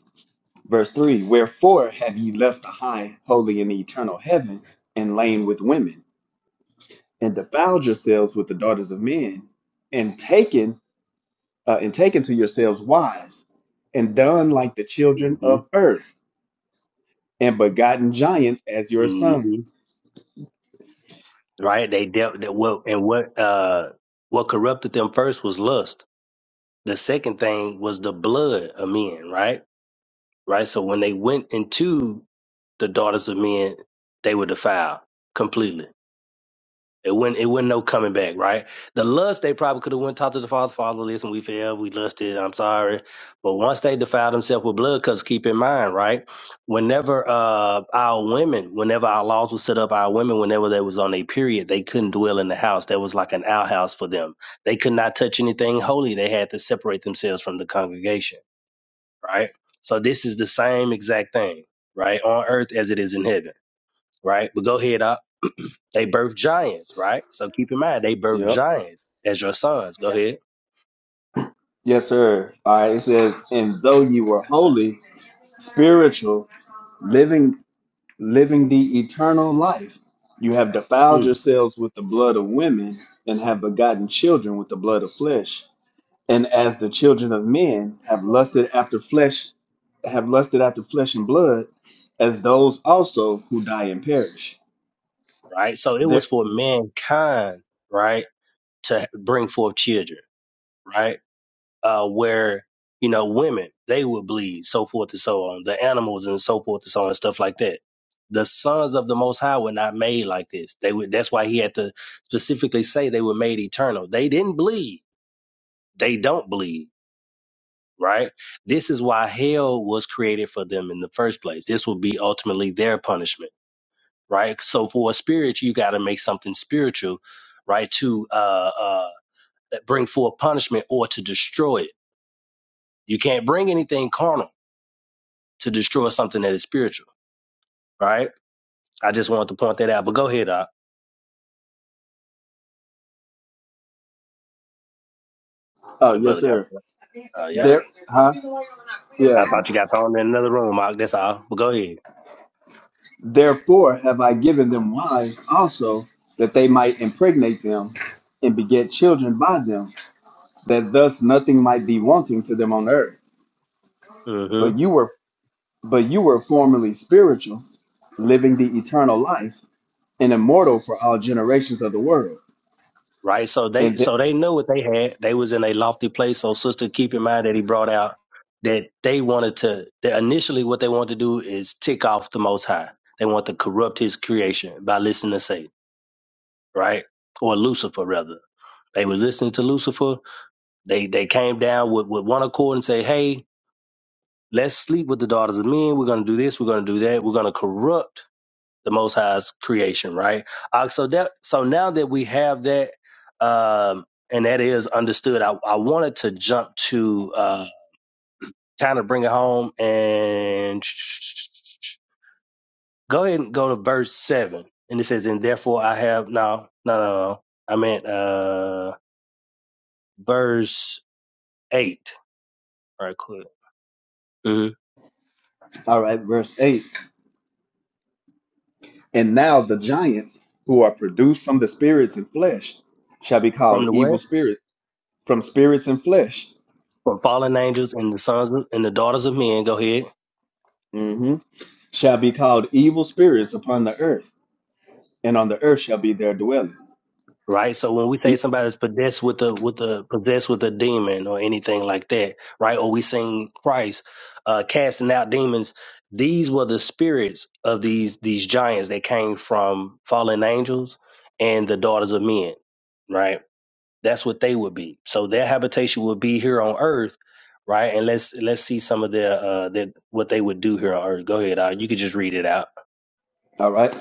Speaker 16: verse three: Wherefore have ye left the high, holy, and eternal heaven, and lain with women, and defiled yourselves with the daughters of men, and taken uh, and taken to yourselves wives, and done like the children
Speaker 17: Mm-hmm.
Speaker 16: of earth, and begotten giants as your sons.
Speaker 17: Mm-hmm. Right? They dealt that what and what uh what corrupted them first was lust. The second thing was the blood of men. Right? Right. So when they went into the daughters of men, they were defiled completely It wouldn't it wouldn't no coming back, right? The lust they probably could have went talked to the father, father, listen, we failed, we lusted, I'm sorry. But once they defiled themselves with blood, because keep in mind, right? Whenever uh our women, whenever our laws were set up, our women, whenever they was on a period, they couldn't dwell in the house. That was like an outhouse for them. They could not touch anything holy. They had to separate themselves from the congregation, right? So this is the same exact thing, right? On earth as it is in heaven, right? But go ahead, Op. They birth giants, right? So keep in mind, they birth
Speaker 16: Yep.
Speaker 17: giants as your sons. Go ahead.
Speaker 16: Yes, sir. All right. It says, and though you were holy, spiritual, living, living the eternal life, you have defiled
Speaker 17: Mm,
Speaker 16: yourselves with the blood of women, and have begotten children with the blood of flesh. And as the children of men have lusted after flesh, have lusted after flesh and blood, as those also who die and perish.
Speaker 17: right? So it
Speaker 16: there.
Speaker 17: was for mankind, right, to bring forth children, right? Uh, where, you know, women, they would bleed, so forth and so on. The animals and so forth and so on, and stuff like that. The sons of the Most High were not made like this. They would. That's why he had to specifically say they were made eternal. They didn't bleed. They don't bleed right? This is why hell was created for them in the first place. This will be ultimately their punishment, right? So for a spirit, you got to make something spiritual, right? To uh, uh, bring forth punishment or to destroy it. You can't bring anything carnal to destroy something that is spiritual, right? I just wanted to point that out. But go ahead, Doc.
Speaker 16: Oh,
Speaker 17: That
Speaker 16: yes,
Speaker 17: brother got.
Speaker 16: sir.
Speaker 17: Uh, yeah.
Speaker 16: There, huh? Yeah.
Speaker 17: I thought you got thrown in another room, Mark. That's all. But go ahead.
Speaker 16: Therefore have I given them wives also, that they might impregnate them and beget children by them, that thus nothing might be wanting to them on earth.
Speaker 17: hmm
Speaker 16: But you were but you were formerly spiritual, living the eternal life, and immortal for all generations of the world.
Speaker 17: right? So they
Speaker 16: And the,
Speaker 17: so they knew what they had. They was in a lofty place. So sister, keep in mind that he brought out that they wanted to that initially what they wanted to do is tick off the Most High. They want to corrupt His creation by listening to Satan, right? Or Lucifer rather. They were listening to Lucifer. They they came down with, with one accord and say, hey. Let's sleep with the daughters of men. We're going to do this. We're going to do that. We're going to corrupt the Most High's creation, right? Uh, so that so now that we have that, um, and that is understood, I, I wanted to jump to uh, kind of bring it home and go ahead and go to verse seven, and it says, "And therefore I have no, no, no, no. I meant uh, verse eight, right? Quick, hmm
Speaker 16: all right, verse eight. And now the giants who are produced from the spirits and flesh shall be
Speaker 17: from
Speaker 16: called
Speaker 17: the
Speaker 16: evil
Speaker 17: what?
Speaker 16: spirits from spirits and flesh
Speaker 17: From fallen angels and the sons of, and the daughters of men. Go ahead.
Speaker 16: hmm shall be called evil spirits upon the earth, and on the earth shall be their dwelling.
Speaker 17: right? So when we say
Speaker 16: E-
Speaker 17: somebody's possessed with a with a possessed with a demon or anything like that, right? Or we seen Christ uh, casting out demons. These were the spirits of these these giants that came from fallen angels and the daughters of men, right? That's what they would be. So their habitation would be here on earth, right? And let's let's see some of their uh their, what they would do here on earth. Go ahead, uh, you could just read it out.
Speaker 16: all right.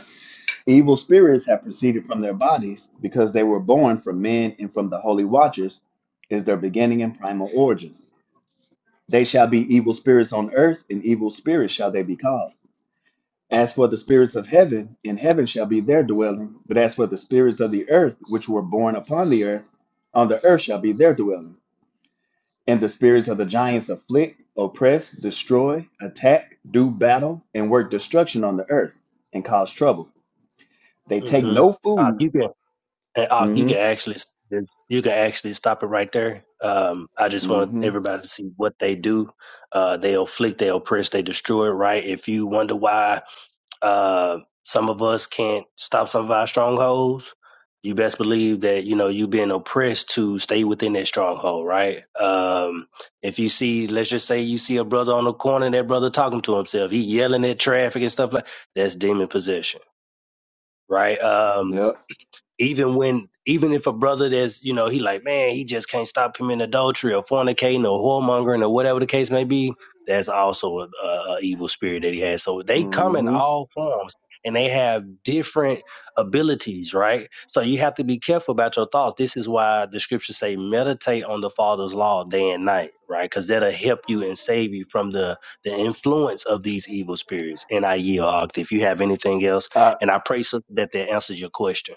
Speaker 16: Evil spirits have proceeded from their bodies because they were born from men and from the holy watchers, is their beginning and primal origin. They shall be evil spirits on earth, and evil spirits shall they be called. As for the spirits of heaven, in heaven shall be their dwelling. But as for the spirits of the earth, which were born upon the earth, on the earth shall be their dwelling. And the spirits of the giants afflict, oppress, destroy, attack, do battle, and work destruction on the earth and cause trouble. They take
Speaker 17: Mm-hmm.
Speaker 16: no
Speaker 17: Uh,
Speaker 16: food.
Speaker 17: you can And Ak, you can
Speaker 16: Mm-hmm.
Speaker 17: actually just you can actually stop it right there. Um, I just want
Speaker 16: Mm-hmm.
Speaker 17: everybody to see what they do. Uh, they afflict, they oppress, they destroy. Right? If you wonder why uh, some of us can't stop some of our strongholds, you best believe that you know you've been oppressed to stay within that stronghold. Right? Um, if you see, let's just say you see a brother on the corner, and that brother talking to himself, he yelling at traffic and stuff like that's demon possession. Right? Um,
Speaker 16: Yep.
Speaker 17: even when even if a brother that's you know he like man he just can't stop committing adultery or fornicating or whoremongering or whatever the case may be that's also a, a, a evil spirit that he has so they come in
Speaker 16: Mm-hmm.
Speaker 17: all forms and they have different abilities right so you have to be careful about your thoughts this is why the scriptures say meditate on the father's law day and night right because that'll help you and save you from the the influence of these evil spirits and i yield Ogden, if you have anything else
Speaker 16: Uh
Speaker 17: and i pray sister, that that answers your question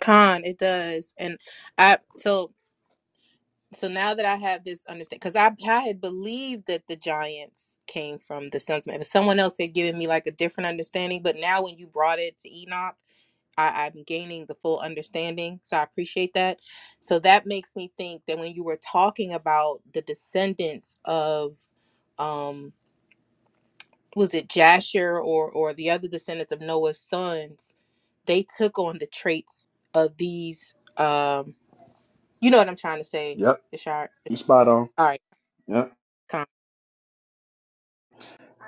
Speaker 14: Con, it does. And I so so now that I have this understanding, because I I had believed that the giants came from the sons of man, but someone else had given me like a different understanding. But now when you brought it to Enoch, I, I'm gaining the full understanding. So I appreciate that. So that makes me think that when you were talking about the descendants of, um, was it Jasher or or the other descendants of Noah's sons, they took on the traits of these. Um, you know what I'm trying to say,
Speaker 16: yep,
Speaker 14: Ishar.
Speaker 16: you spot on.
Speaker 14: All right,
Speaker 16: Yep.
Speaker 14: come.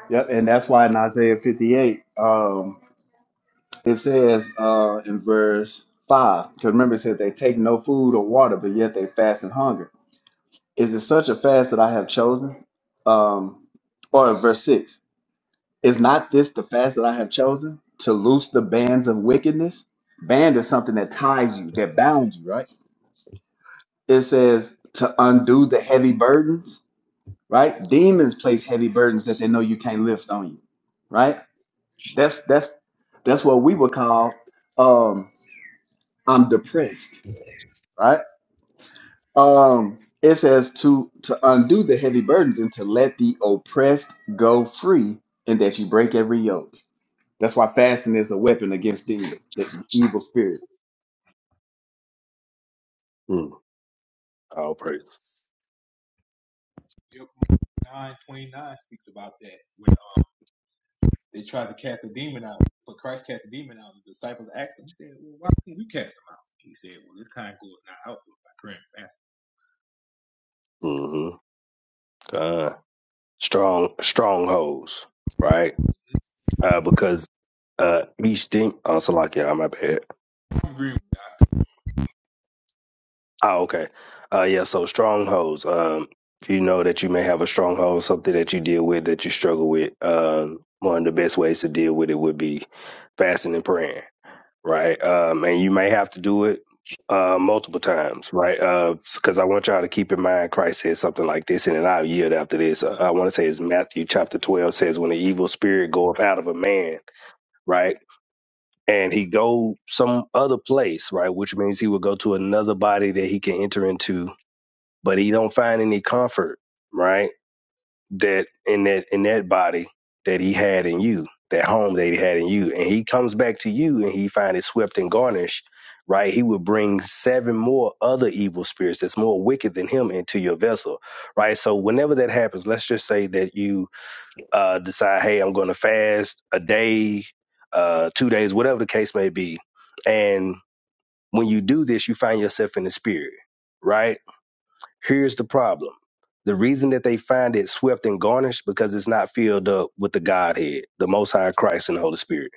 Speaker 16: Yep. And that's why in Isaiah 58, um, it says uh in verse five, because remember it says they take no food or water, but yet they fast and hunger. Is it such a fast that I have chosen? Um or verse six. Is not this the fast that I have chosen to loose the bands of wickedness? Band is something that ties you, that bounds you, right? It says to undo the heavy burdens, right? Demons place heavy burdens that they know you can't lift on you, right? That's that's that's what we would call um I'm depressed, right? Um it says to to undo the heavy burdens and to let the oppressed go free and that you break every yoke. That's why fasting is a weapon against these the evil spirits.
Speaker 17: All praise.
Speaker 3: Yep. Nine twenty nine speaks about that. When They tried to cast the demon out, but Christ cast the demon out. The disciples asked him, he said, Well, why can't we cast them out? He said, Well, this kind goes not out but by prayer and fasting.
Speaker 17: hmm Uh, strong strongholds, right? Uh, because uh, each thing. Oh, so like yeah, my bad.
Speaker 3: I'm agreeing with
Speaker 17: Oh, okay. Uh, yeah. So strongholds. Um, if you know that you may have a stronghold, something that you deal with that you struggle with. Um, one of the best ways to deal with it would be fasting and praying. right? Um, and you may have to do it uh, multiple times, right? Because I want y'all to keep in mind Christ said something like this, and then I'll yield after this. Uh, I want to say it's Matthew chapter 12 says, When the evil spirit goeth out of a man, right? And he go some other place, right? Which means he will go to another body that he can enter into, but he don't find any comfort, right? that in that in that body that he had in you, that home that he had in you, and he comes back to you and he finds it swept and garnished, right? He will bring seven more other evil spirits that's more wicked than him into your vessel, right? So whenever that happens, let's just say that you uh, decide, hey, I'm going to fast a day, uh, two days, whatever the case may be, and when you do this, you find yourself in the spirit, right? Here's the problem. The reason that they find it swept and garnished because it's not filled up with the Godhead, the Most High Christ and the Holy Spirit.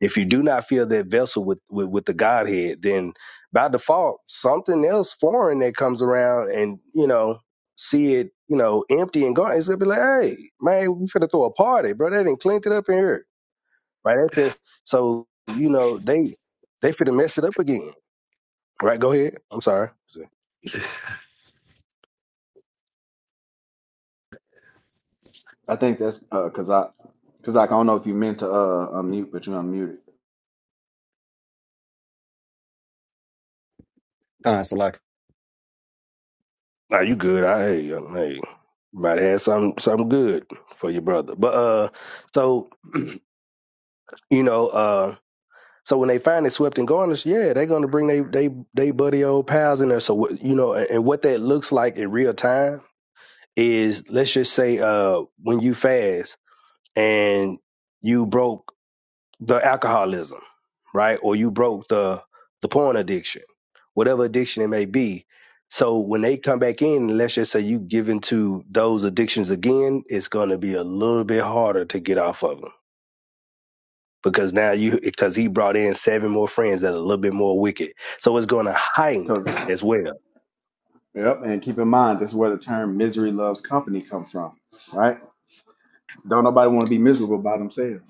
Speaker 17: If you do not fill that vessel with, with, with the Godhead, then by default, something else foreign that comes around and, you know, see it, you know, empty and gone, it's gonna be like, hey, man, we finna throw a party, bro. They didn't cleaned it up in here. Right after so, you know, they they finna mess it up again. Right, go ahead. I'm sorry.
Speaker 16: I think that's uh, cause I, cause like, I don't know if you meant to uh unmute, but you unmuted.
Speaker 15: God, so like
Speaker 17: Nah, you good. I hey, you hey. You might have some something good for your brother. But uh so you know, uh so when they finally swept and garnished, yeah, they're gonna bring they they they buddy old pals in there. So what you know, and, and what that looks like in real time is let's just say uh when you fast and you broke the alcoholism, right? Or you broke the the porn addiction, whatever addiction it may be. So when they come back in, let's just say you give into those addictions again, it's going to be a little bit harder to get off of them because now you because he brought in seven more friends that are a little bit more wicked. So it's going to heighten
Speaker 16: Cause
Speaker 17: as well.
Speaker 16: yep, and keep in mind that's where the term misery loves company comes from, right? Don't nobody want to be miserable by themselves,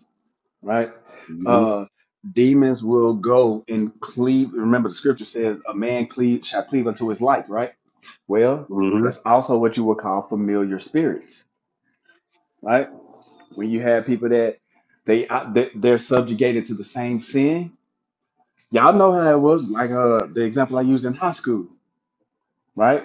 Speaker 16: right?
Speaker 17: Mm-hmm.
Speaker 16: Uh, demons will go and cleave. Remember the scripture says a man cleave shall cleave unto his like," right? Well,
Speaker 17: Mm-hmm.
Speaker 16: that's also what you would call familiar spirits, right? when you have people that they uh, they- they're subjugated to the same sin. Y'all know how it was, like uh, the example I used in high school, right?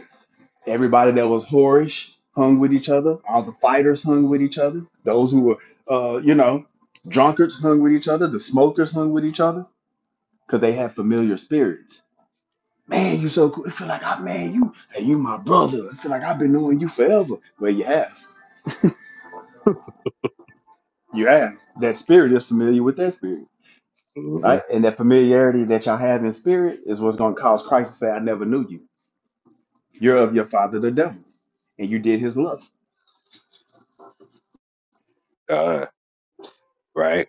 Speaker 16: Everybody that was whorish hung with each other. All the fighters hung with each other. Those who were, uh, you know, drunkards hung with each other. The smokers hung with each other because they had familiar spirits. Man, you so cool. It feel like I, man, you, hey, you my brother. I feel like I've been knowing you forever. Well, you have, you have. That spirit is familiar with that spirit.
Speaker 17: Mm-hmm.
Speaker 16: right? And that familiarity that y'all have in spirit is what's going to cause Christ to say, I never knew you. You're of your father, the devil, and you did his lust.
Speaker 17: Uh-huh. right?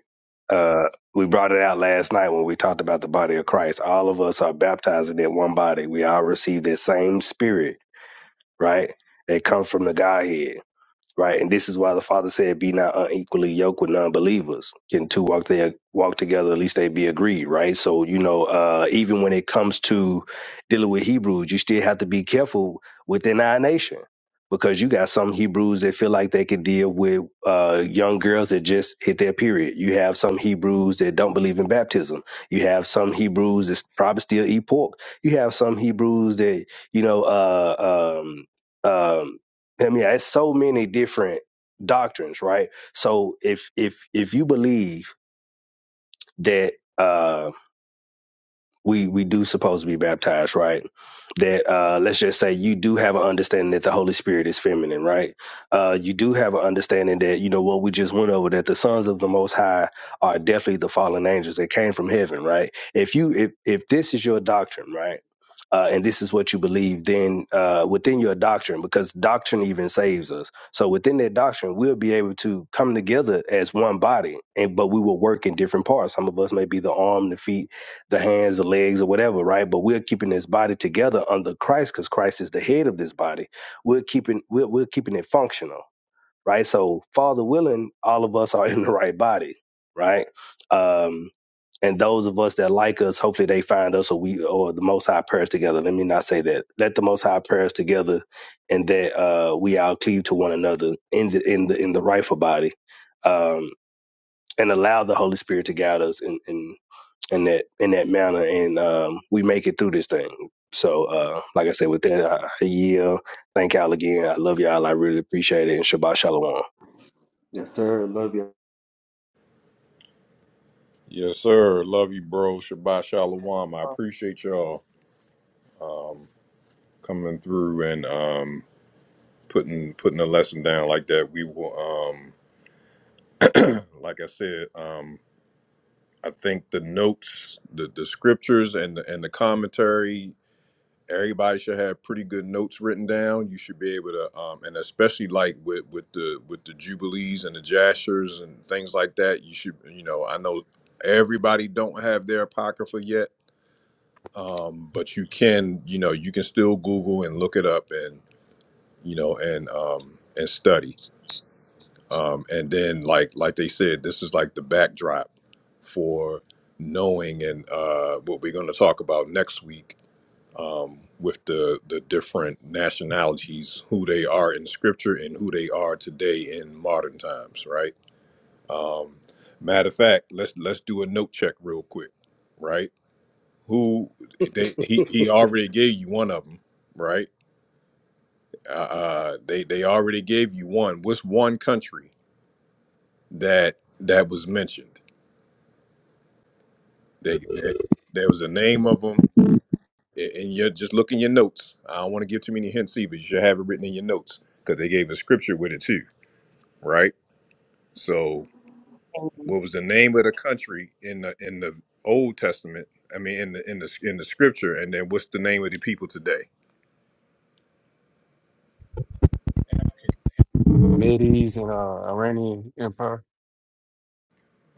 Speaker 17: Uh, we brought it out last night when we talked about the body of Christ. All of us are baptized in that one body. We all receive that same spirit, right? That comes from the Godhead right? And this is why the Father said, "Be not unequally yoked with non-believers. Can two walk there walk together? At least they be agreed, right?" So you know, uh, even when it comes to dealing with Hebrews, you still have to be careful within our nation because you got some Hebrews that feel like they can deal with uh, young girls that just hit their period. You have some Hebrews that don't believe in baptism. You have some Hebrews that probably still eat pork. You have some Hebrews that you know. Uh, um, um, I mean, it's so many different doctrines, right? So if if if you believe that uh we we do supposed to be baptized, right? That uh, let's just say you do have an understanding that the Holy Spirit is feminine, right? Uh, you do have an understanding that you know what we just went over that the sons of the Most High are definitely the fallen angels that came from heaven, right? If you if if this is your doctrine, right? Uh, and this is what you believe, then uh, within your doctrine, because doctrine even saves us. So within that doctrine, we'll be able to come together as one body, and but we will work in different parts. Some of us may be the arm, the feet, the hands, the legs, or whatever, right? But we're keeping this body together under Christ because Christ is the head of this body. We're keeping we're, we're keeping it functional, right? So, Father willing, all of us are in the right body, right? Um, and those of us that like us, hopefully they find us, or we or the Most High prayers together. Let me not say that. Let the Most High prayers together, and that uh, we all cleave to one another in the in the in the rightful body, um, and allow the Holy Spirit to guide us and in that in that manner, and um, we make it through this thing. So, uh, like I said, with that, I I yield. Thank y'all again. I love y'all. I really appreciate it. And Shabbat Shalom.
Speaker 16: Yes, sir. Love you.
Speaker 1: Yes, sir. Love you, bro. Shabbat shalom. I
Speaker 4: Uh,
Speaker 1: appreciate y'all coming through and um putting putting a lesson down like that. We will um like I said, um. I think the notes, the, the scriptures, and the, and the commentary, everybody should have pretty good notes written down. You should be able to, um, and especially like with, with the with the jubilees and the jashers and things like that. You should, you know, I know everybody don't have their apocrypha yet, um, but you can, you know, you can still Google and look it up and you know and um, and study um, and then like like they said this is like the backdrop for knowing and uh, what we're going to talk about next week um, with the the different nationalities who they are in scripture and who they are today in modern times right um, matter of fact let's let's do a note check real quick right who they he, he already gave you one of them right uh, uh, they they already gave you one what's one country that that was mentioned They, they, there was a name of them, and you just look in your notes. I don't want to give too many hints either. You should have it written in your notes because they gave a scripture with it too, right? So,
Speaker 4: James
Speaker 1: what was the name of the country in the in the Old Testament? I mean, in the in the in the scripture, and then what's the name of the people today?
Speaker 15: Medes and uh, Iranian Empire.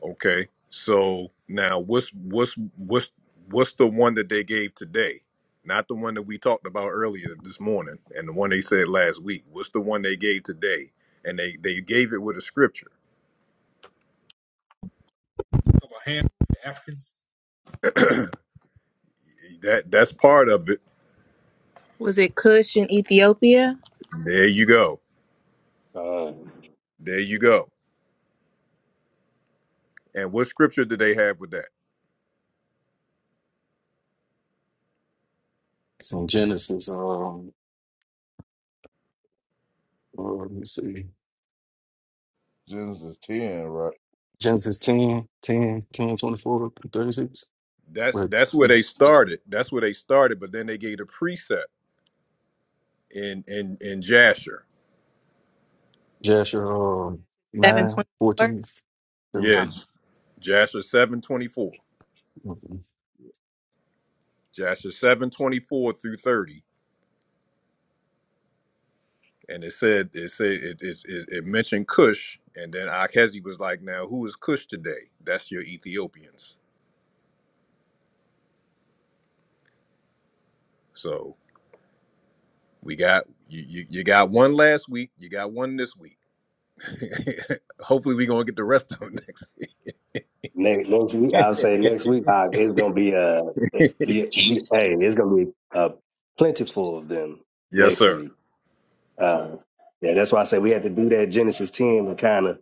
Speaker 1: Okay. So now what's what's what's what's the one that they gave today? Not the one that we talked about earlier this morning and the one they said last week. What's the one they gave today? And they they gave it with a scripture.
Speaker 3: about hand the Africans.
Speaker 1: That that's part of it.
Speaker 14: Was it Cush in Ethiopia?
Speaker 1: There you go.
Speaker 17: Uh,
Speaker 1: There you go. And what scripture did they have with that?
Speaker 15: It's in Genesis. Um, uh, let me see.
Speaker 13: Genesis ten, right?
Speaker 15: Genesis ten, ten, ten, twenty-four, thirty-six. 10, 10,
Speaker 1: That's
Speaker 15: 24, But
Speaker 1: that's where they started. That's where they started, but then they gave a precept in in in Jasher.
Speaker 15: Jasher um,
Speaker 14: Seven
Speaker 15: 9,
Speaker 14: twenty-four.
Speaker 15: fourteen,
Speaker 1: Yeah,
Speaker 14: Uh,
Speaker 15: seventeen.
Speaker 1: J- Jasher 724.
Speaker 15: Mhm.
Speaker 1: Jasher 724 through 30 and it said it said it it, it, it mentioned Cush, and then Akhezi was like, "Now who is Cush today? That's your Ethiopians." So we got you, you, you got one last week, you got one this week. Hopefully, we gonna get the rest of them next.
Speaker 17: next, next week, I'll say
Speaker 1: Week.
Speaker 17: next week, uh, it's gonna be uh, you, you, hey, it's gonna be uh, plentiful of them
Speaker 1: yes,
Speaker 17: next week.
Speaker 1: sir.
Speaker 17: Um, yeah, that's why I say we had to do that Genesis 10 and kind of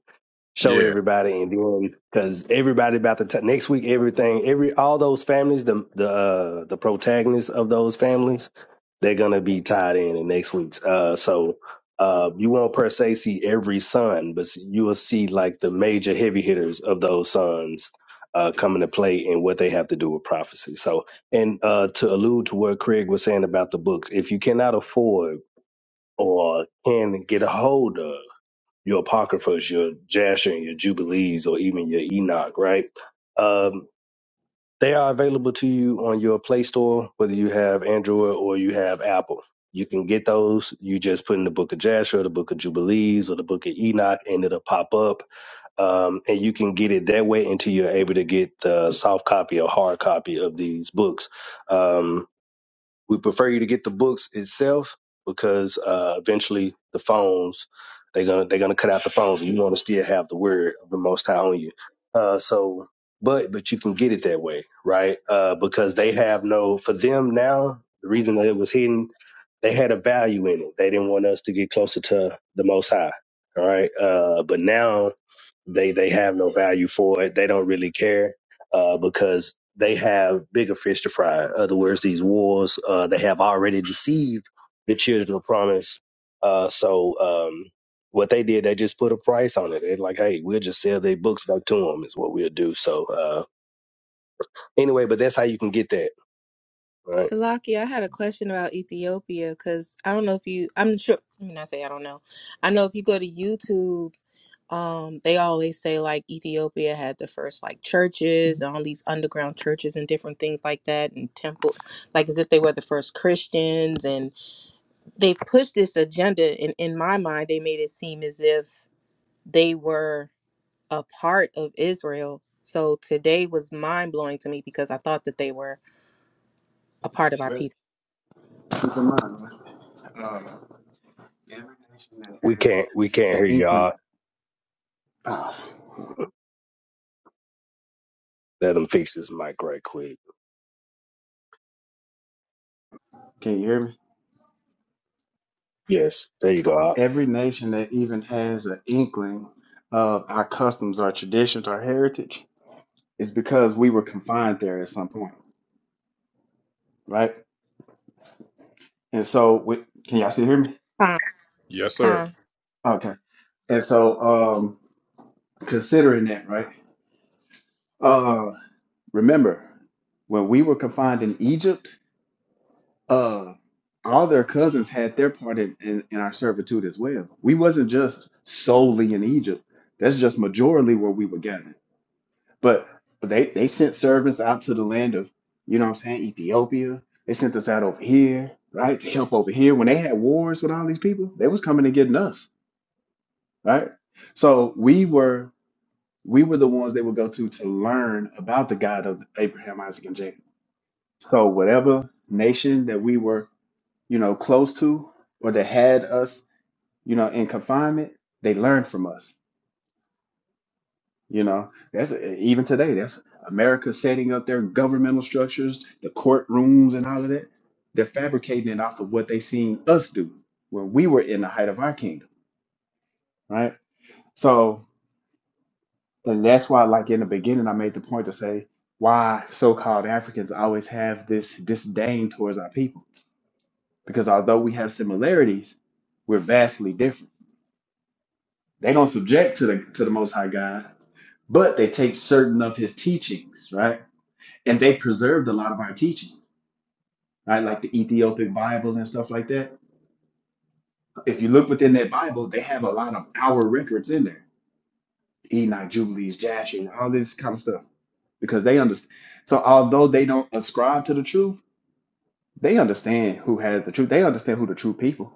Speaker 17: show
Speaker 1: Yeah,
Speaker 17: everybody and then because everybody about the t- next week, everything, every all those families, the the uh, the protagonists of those families, they're gonna be tied in in next week's. Uh, so uh, you won't per se see every son, but you will see like the major heavy hitters of those sons uh, come into play and what they have to do with prophecy. So, and uh, to allude to what Craig was saying about the books, if you cannot afford or can get a hold of your apocryphas, your Jasher and your Jubilees, or even your Enoch, right? Um, they are available to you on your Play Store, whether you have Android or you have Apple. You can get those. You just put in the Book of Jasher, the Book of Jubilees, or the Book of Enoch, and it'll pop up. Um, and you can get it that way until you're able to get the soft copy or hard copy of these books. Um, we prefer you to get the books itself because uh, eventually the phones they're gonna they're gonna cut out the phones and you want to still have the word of the Most High on you. Uh, so, but but you can get it that way, right? Uh, because they have no for them now. The reason that it was hidden, they had a value in it. They didn't want us to get closer to the Most High. All right, uh, but now they they have no value for it. They don't really care uh, because they have bigger fish to fry. In other words, these wars uh, they have already deceived the children of promise. Uh, so um, what they did, they just put a price on it. They're like, hey, we'll just sell their books back to them is what we'll do. So uh, anyway, but that's how you can get that. Right?
Speaker 14: Salaki, I had a question about Ethiopia because I don't know if you. I'm sure. Let me not say I don't know. I know if you go to YouTube, um, they always say like Ethiopia had the first like churches and all these underground churches and different things like that and temple, like as if they were the first Christians and they pushed this agenda. And in my mind, they made it seem as if they were a part of Israel. So today was mind blowing to me because I thought that they were a part of our
Speaker 16: Well,
Speaker 14: people.
Speaker 16: keep in mind, every nation that
Speaker 17: We
Speaker 16: has
Speaker 17: can't we
Speaker 16: even
Speaker 17: can't
Speaker 16: an
Speaker 17: hear
Speaker 16: inkling.
Speaker 17: y'all.
Speaker 16: ah,
Speaker 17: Let them fix this mic right quick.
Speaker 16: Can you hear me?
Speaker 17: Yes, there you go.
Speaker 16: Every nation that even has an inkling of our customs, our traditions, our heritage is because we were confined there at some point, right? And so, we, can y'all still hear me?
Speaker 14: Con,
Speaker 1: yes, sir.
Speaker 16: Okay. And so, um, considering that, right? Uh, Remember, when we were confined in Egypt, uh, all their cousins had their part in, in, in our servitude as well. We wasn't just solely in Egypt. That's just majorly where we were gathered. But they, they sent servants out to the land of, you know what I'm saying, Ethiopia. They sent us out over here, right, to help over here. When they had wars with all these people, they was coming and getting us, right? So we were we were the ones they would go to to learn about the God of Abraham, Isaac, and Jacob So whatever nation that we were, you know, close to or that had us, you know, in confinement, they learned from us. You know, that's even today. That's America setting up their governmental structures, the courtrooms, and all of that. They're fabricating it off of what they seen us do when we were in the height of our kingdom, right? So, and that's why, like in the beginning, I made the point to say why so-called Africans always have this disdain towards our people because although we have similarities, we're vastly different. They don't subject to the to the Most High God, but they take certain of His teachings, right? And they preserved a lot of our teachings, right? Like the Ethiopic Bible and stuff like that. If you look within that Bible, they have a lot of our records in there: Enoch, Jubilees, Jasher, all this kind of stuff, because they understand. So although they don't ascribe to the truth, they understand who has the truth. They understand who the true people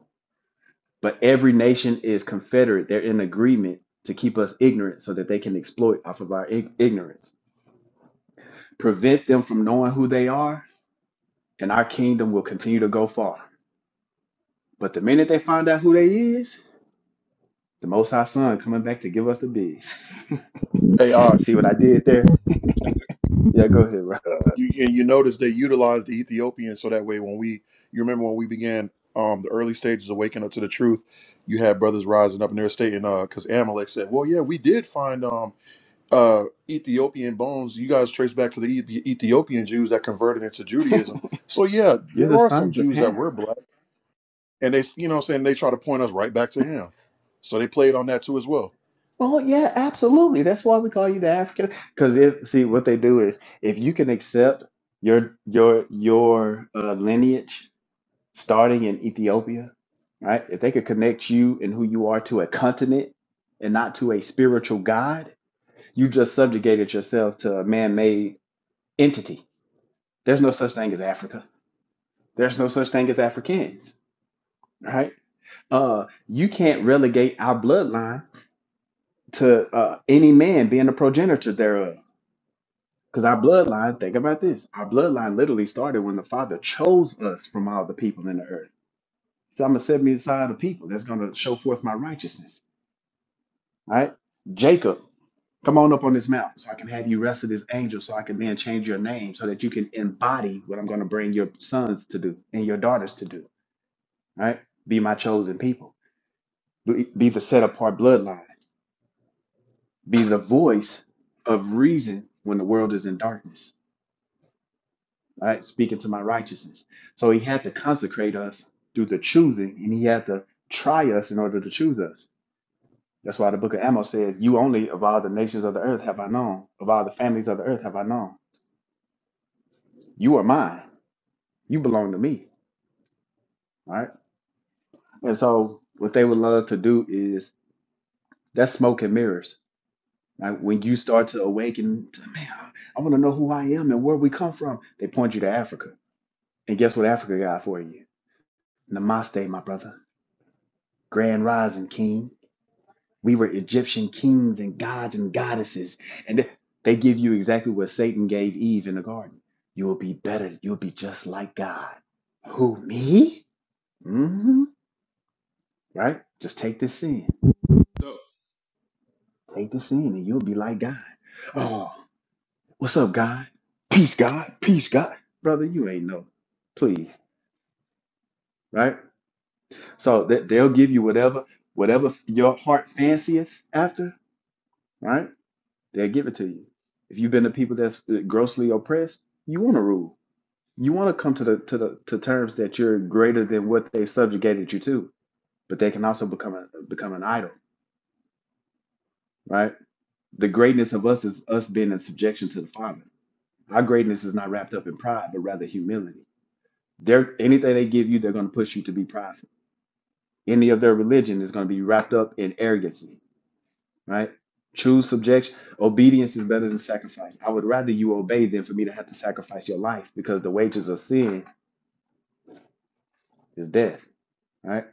Speaker 16: But every nation is confederate. They're in agreement to keep us ignorant so that they can exploit off of our ig- ignorance. Prevent them from knowing who they are, and our kingdom will continue to go far. But the minute they find out who they is, the Most High Son coming back to give us the bigs.
Speaker 11: Hey, uh,
Speaker 16: See what I did there? Yeah, go ahead, bro.
Speaker 17: Uh,
Speaker 11: you and you notice they utilized the Ethiopians so that way when we, you remember when we began um the early stages of waking up to the truth, you had brothers rising up in their state and uh, because Amalek said, well, yeah, we did find um uh Ethiopian bones. You guys trace back to the Eth- Ethiopian Jews that converted into Judaism. So yeah,
Speaker 16: You're
Speaker 11: there
Speaker 16: the
Speaker 11: are some
Speaker 16: sons of
Speaker 11: Jews that
Speaker 16: Ham.
Speaker 11: were black. and they you know what I'm saying they try to point us right back to him. So they played on that too as well.
Speaker 16: Oh yeah, absolutely. That's why we call you the African. Because if see what they do is if you can accept your your your uh, lineage starting in Ethiopia, right? If they could connect you and who you are to a continent and not to a spiritual God, you just subjugated yourself to a man made entity. There's no such thing as Africa. There's no such thing as Africans, right? Uh, you can't relegate our bloodline to uh, any man being a progenitor thereof. Because our bloodline, think about this, our bloodline literally started when the Father chose us from all the people in the earth. So I'm going to set me aside a people that's going to show forth my righteousness All right. Jacob, come on up on this mount so I can have you rested as angel so I can then change your name so that you can embody what I'm going to bring your sons to do and your daughters to do. All right. Be my chosen people. Be be the set apart bloodline. Be the voice of reason when the world is in darkness. All right. Speaking to my righteousness. So he had to consecrate us through the choosing and he had to try us in order to choose us. That's why the book of Amos says, You only of all the nations of the earth have I known, of all the families of the earth have I known. You are mine. You belong to me. Right. And so what they would love to do is that's smoke and mirrors. Like when you start to awaken, to, man, I want to know who I am and where we come from. They point you to Africa. And guess what Africa got for you? Namaste, my brother. Grand rising king. We were Egyptian kings and gods and goddesses. And they they give you exactly what Satan gave Eve in the garden. You'll be better. You'll be just like God. Who, me? hmm Right? Just take this sin.
Speaker 3: So,
Speaker 16: Take the sin and you'll be like God. Oh, what's up, God? Peace, God. Peace, God. Brother, you ain't no. Please, right? So that they'll give you whatever, whatever your heart fancieth after, right? They'll give it to you. If you've been the people that's grossly oppressed, you want to rule. You want to come to the to the to terms that you're greater than what they subjugated you to. But they can also become a, become an idol, right? The greatness of us is us being in subjection to the Father Our greatness is not wrapped up in pride, but rather humility. They're, anything they give you, they're going to push you to be prideful. Any of their religion is going to be wrapped up in arrogancy, right? True subjection, obedience is better than sacrifice. I would rather you obey than for me to have to sacrifice your life because the wages of sin is death, right?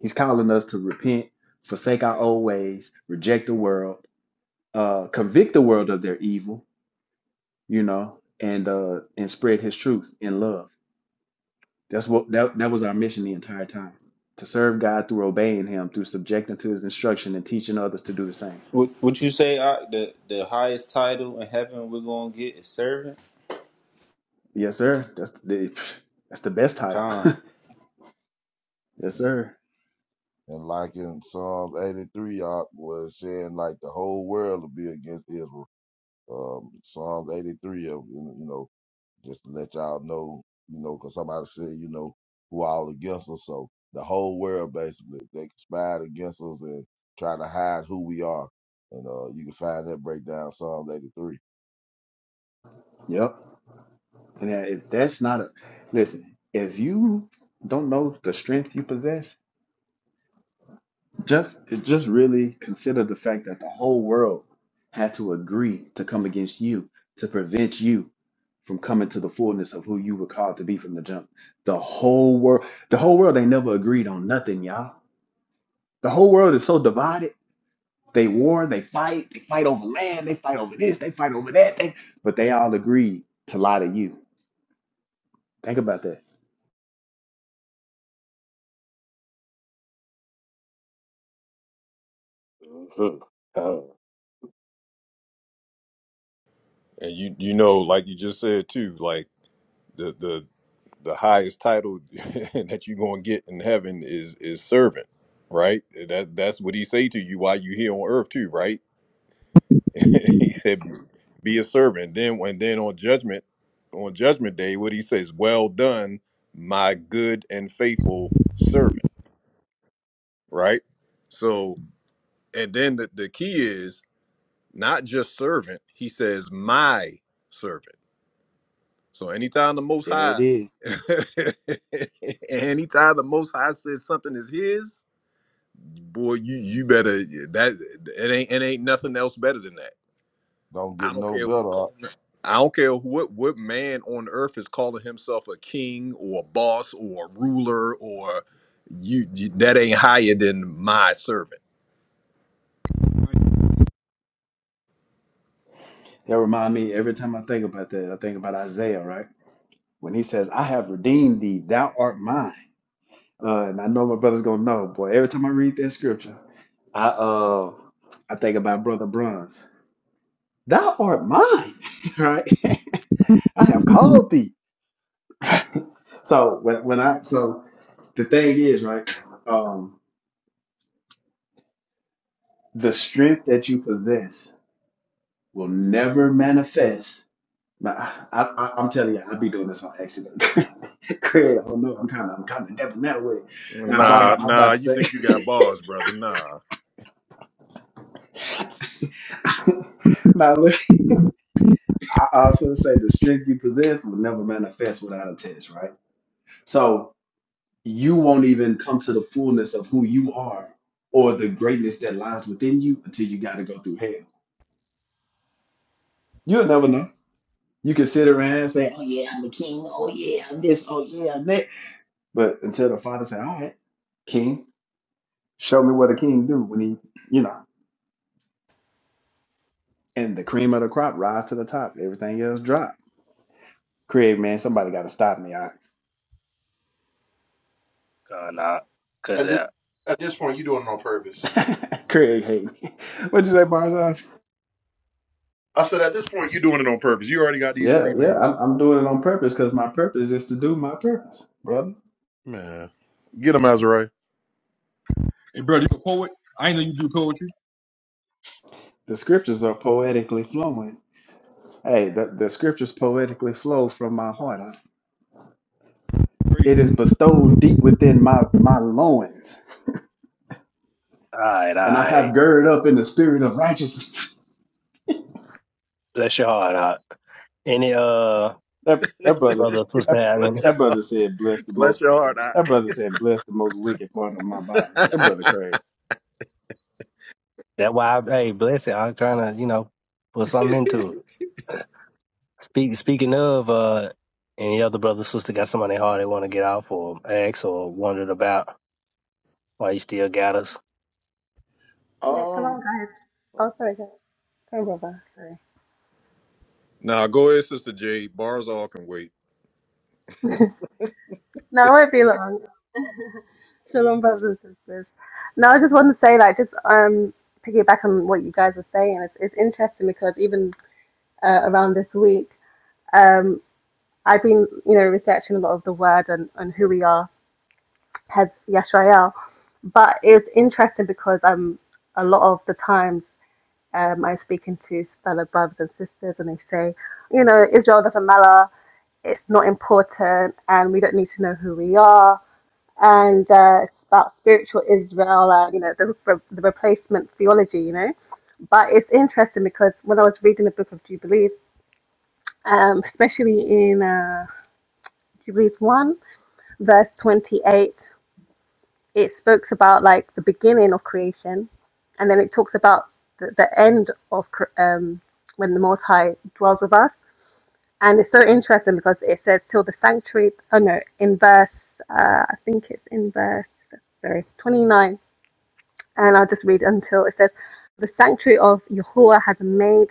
Speaker 16: He's calling us to repent, forsake our old ways, reject the world, uh, convict the world of their evil, you know, and uh, and spread his truth in love. That's what that, that was our mission the entire time. To serve God through obeying him, through subjecting to his instruction and teaching others to do the same.
Speaker 10: Would Would you say I, the the highest title in heaven we're gonna get is servant?
Speaker 16: Yes, sir. That's the that's the best title.
Speaker 10: Con.
Speaker 16: yes, sir.
Speaker 13: And like in Psalms eighty three, y'all was saying like the whole world will be against Israel. Um, Psalms eighty three of you know. just to let y'all know, you know, 'cause somebody said, you know, who all against us. So the whole world basically they conspired against us and try to hide who we are. And uh, you can find that breakdown Psalm 83.
Speaker 16: Yep. And if that's not a listen, if you don't know the strength you possess, Just just really consider the fact that the whole world had to agree to come against you to prevent you from coming to the fullness of who you were called to be from the jump. The whole world the whole world ain't never agreed on nothing, y'all. The whole world is so divided. They war, they fight, they fight over land, they fight over this, they fight over that, they, but they all agreed to lie to you. Think about that.
Speaker 17: mhm. Oh,
Speaker 1: And you you know, like you just said too, like the the the highest title that you gonna get in heaven is is servant, right? That that's what he say to you while you here on earth too, right? he said, "Be a servant." Then when then on judgment, on judgment day, what he says, "Well done, my good and faithful servant." Right. So, and then the, the key is not just servant. He says, "My servant." So anytime the Most
Speaker 16: There it
Speaker 1: High,
Speaker 16: is.
Speaker 1: anytime the Most High says something is His, boy, you you better that it ain't it ain't nothing else better than that
Speaker 13: Don't get
Speaker 1: I don't
Speaker 13: no
Speaker 1: care who
Speaker 13: better. uh,
Speaker 1: calling him. I don't care what what man on earth is calling himself a king or a boss or a ruler or you, you that ain't higher than my servant.
Speaker 16: That remind me every time I think about that, I think about Isaiah, right? When he says, I have redeemed thee, thou art mine. Uh, and I know my brother's gonna know, boy. Every time I read that scripture, I uh I think about Brother Bronze. Thou art mine, right? I have called thee. So when when I so the thing is, right? Um, the strength that you possess will never manifest. Now, I, I, I'm telling you, I'll be doing this on accident. Craig, I don't know. I'm kind of, I'm kind of dabbing that way. Now, I'm about,
Speaker 1: Nah,
Speaker 16: I'm
Speaker 1: nah.
Speaker 16: about
Speaker 1: You
Speaker 16: to
Speaker 1: think you got bars, brother? Nah.
Speaker 16: say, now I also say the strength you possess will never manifest without a test, right? So you won't even come to the fullness of who you are or the greatness that lies within you until you got to go through hell. You'll never know. You can sit around and say, "Oh yeah, I'm a king. Oh yeah, I'm this. Oh yeah, I'm that." But until the father say, "All right, king, show me what a king do when he, you know." And the cream of the crop rise to the top. Everything else drop. Craig, man, somebody got to stop me. I,
Speaker 17: God, nah, cut it
Speaker 11: At this
Speaker 17: out.
Speaker 11: at this point, you doing it on purpose.
Speaker 16: Craig, hate me. What'd you say, Barzal?
Speaker 11: I said at this point, you doing it on purpose. You already got these
Speaker 16: Yeah, yeah,
Speaker 11: pre-made.
Speaker 16: I'm, I'm doing it on purpose because my purpose is to do my purpose, brother.
Speaker 11: Man, get him Azariah.
Speaker 3: hey brother, you a poet? I ain't know you do poetry.
Speaker 16: The scriptures are poetically flowing. Hey, the, the scriptures poetically flow from my heart. I-
Speaker 3: Crazy.
Speaker 16: it is bestowed deep within my my loins,
Speaker 17: Alright,
Speaker 16: and I have
Speaker 17: alright.
Speaker 16: girded up in the spirit of righteousness.
Speaker 17: Bless your heart out. Any uh
Speaker 16: That that brother,
Speaker 17: brother sister
Speaker 16: that,
Speaker 17: having
Speaker 16: that brother said, "Bless the most." That brother said, "Bless the most wicked part of my body." That brother crazy.
Speaker 17: that why I, hey bless it. I'm trying to, you know, put something into it. Speak speaking of uh any other brother sister got somebody hard they want to get out for ex or wondered about why you still got us.
Speaker 18: Yeah,
Speaker 11: Um,
Speaker 18: shalom, guys. Oh, sorry, guys. Sorry, brother. Sorry.
Speaker 1: nah. go ahead, sister J. Bars all can wait.
Speaker 18: No, it won't be long. Shalom, brothers and sisters. No, I just want to say, like, just um, piggyback on what you guys were saying. It's, it's interesting because even uh, around this week, um, I've been, you know, researching a lot of the word and, and who we are as Yisrael. But it's interesting because um, a lot of the times um, I'm speaking to fellow brothers and sisters, and they say, you know, Israel doesn't matter. it's not important and we don't need to know who we are and uh, it's about spiritual israel uh, you know the, the replacement theology you know but it's interesting because when i was reading the book of jubilees um, especially in uh, jubilees 1 verse 28 it speaks about like the beginning of creation and then it talks about the, the end of um, when the most high dwells with us And it's so interesting because it says till the sanctuary, oh no, in verse, uh, I think it's in verse, sorry, 29. And I'll just read until it says, the sanctuary of Yahuwah has made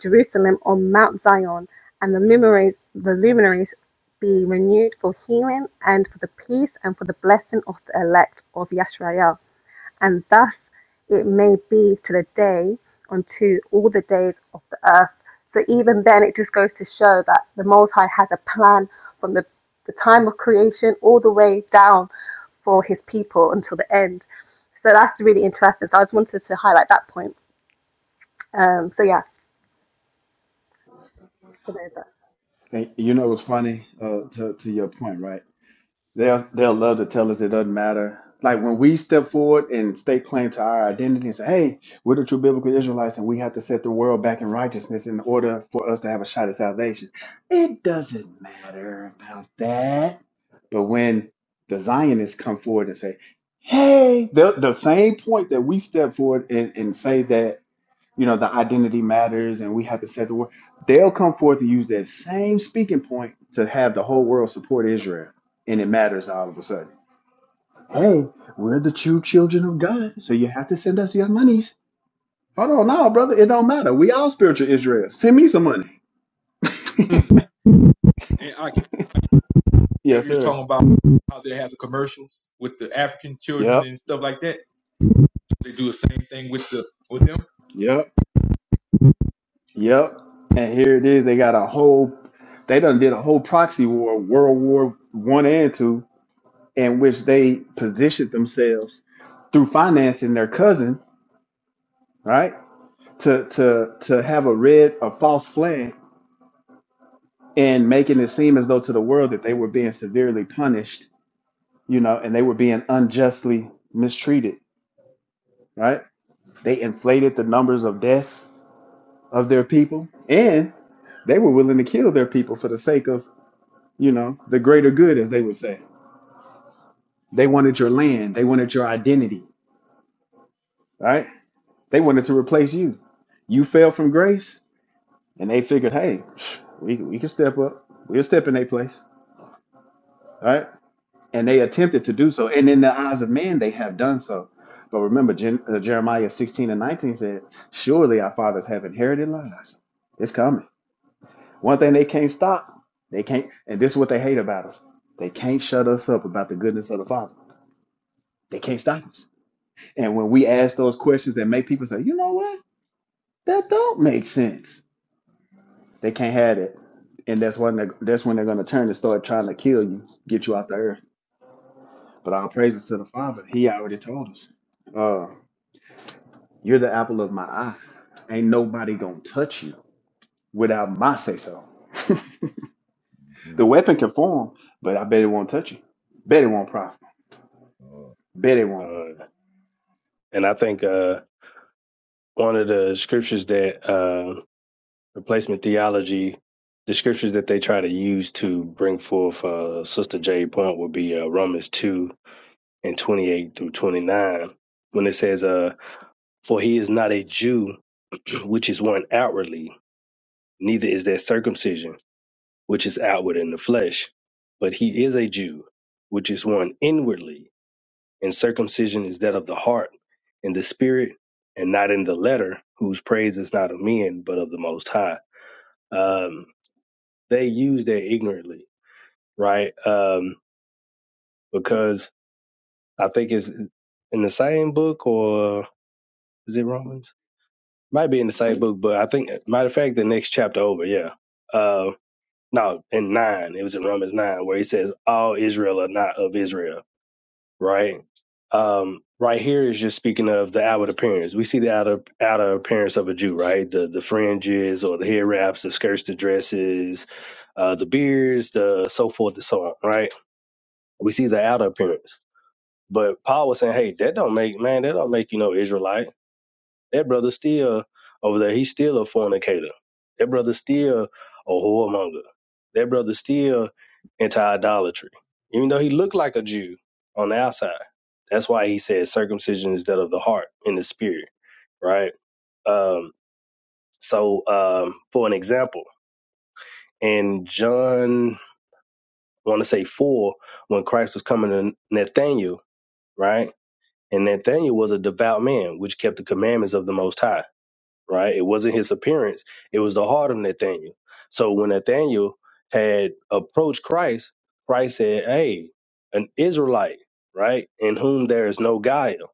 Speaker 18: Jerusalem on Mount Zion and the luminaries, the luminaries be renewed for healing and for the peace and for the blessing of the elect of Yashael and thus it may be to the day unto all the days of the earth. So even then, it just goes to show that the Most High has a plan from the, the time of creation all the way down for His people until the end. So that's really interesting. So I just wanted to highlight that point. Um, so yeah, to know that.
Speaker 16: And you know what's funny? Uh, to to your point, right? They'll they'll love to tell us it doesn't matter. Like when we step forward and stake claim to our identity and say, "Hey, we're the true biblical Israelites, and we have to set the world back in righteousness in order for us to have a shot at salvation." It doesn't matter about that. But when the Zionists come forward and say, "Hey," the, the same point that we step forward and, and say that you know, the identity matters and we have to set the world. They'll come forth and use that same speaking point to have the whole world support Israel. And it matters all of a sudden. Hey, we're the true children of God, so you have to send us your monies. Hold on no, brother. It don't matter. We all spiritual Israel. Send me some money.
Speaker 3: Mm. And I can remember
Speaker 16: Yes,
Speaker 3: you was
Speaker 16: sir.
Speaker 3: talking about how they have the commercials with the African children
Speaker 16: Yep.
Speaker 3: and stuff like that. They do the same thing with the with them.
Speaker 16: Yep. Yep. And here it is. They got a whole they done did a whole proxy war, World War One and Two, in which they positioned themselves through financing their cousin, right? to to to have a red a false flag and making it seem as though to the world that they were being severely punished, you know, and they were being unjustly mistreated, right? They inflated the numbers of deaths of their people and they were willing to kill their people for the sake of, you know, the greater good as they would say. They wanted your land, they wanted your identity, right? They wanted to replace you. You fell from grace and they figured, "Hey, we we can step up. We'll step in their place." right? and they attempted to do so. And in the eyes of man, they have done so. But remember, Gen- uh, Jeremiah 16 and 19 said, Surely our fathers have inherited lies. It's coming. One thing they can't stop, they can't, and this is what they hate about us they can't shut us up about the goodness of the Father. They can't stop us. And when we ask those questions that make people say, you know what? That don't make sense. They can't have it. And that's when they're, that's when they're going to turn and start trying to kill you, get you out the earth. But all praises to the Father. He already told us. Uh, You're the apple of my eye. Ain't nobody gonna touch you without my say so. the
Speaker 13: mhm,
Speaker 16: weapon can form, but I bet it won't touch you. Bet it won't prosper.
Speaker 13: uh, uh,
Speaker 16: Bet it won't.
Speaker 17: Uh, and I think uh one of the scriptures that uh replacement theology the scriptures that they try to use to bring forth uh, Sister J point would be uh, Romans 2 and 28 through 29 when it says uh for he is not a jew which is one outwardly neither is there circumcision which is outward in the flesh but he is a jew which is one inwardly and circumcision is that of the heart in the spirit and not in the letter whose praise is not of men but of the most high um they use that ignorantly right um because i think it's in the same book or is it romans Might be in the same book, but I think, matter of fact, the next chapter over, yeah. Uh, no, in nine, it was in Romans nine, where he says, All Israel are not of Israel, right? Um, right here is just speaking of the outward appearance. We see the outer, outer appearance of a Jew, right? The the fringes or the head wraps, the skirts, the dresses, uh, the beards, the so forth and so on, right? We see the outer appearance. But Paul was saying, Hey, that don't make, man, that don't make you no Israelite that brother still over there, he's still a fornicator. That brother still a whoremonger. That brother still into idolatry. Even though he looked like a Jew on the outside. That's why he says circumcision is that of the heart and the spirit, right? Um, so um, for an example, in John, I want to say four, when Christ was coming to Nathanael, right? And Nathanael was a devout man, which kept the commandments of the Most High right? It wasn't his appearance, it was the heart of Nathaniel. So when Nathaniel had approached Christ, Christ said, Hey, an Israelite, right? In whom there is no guile,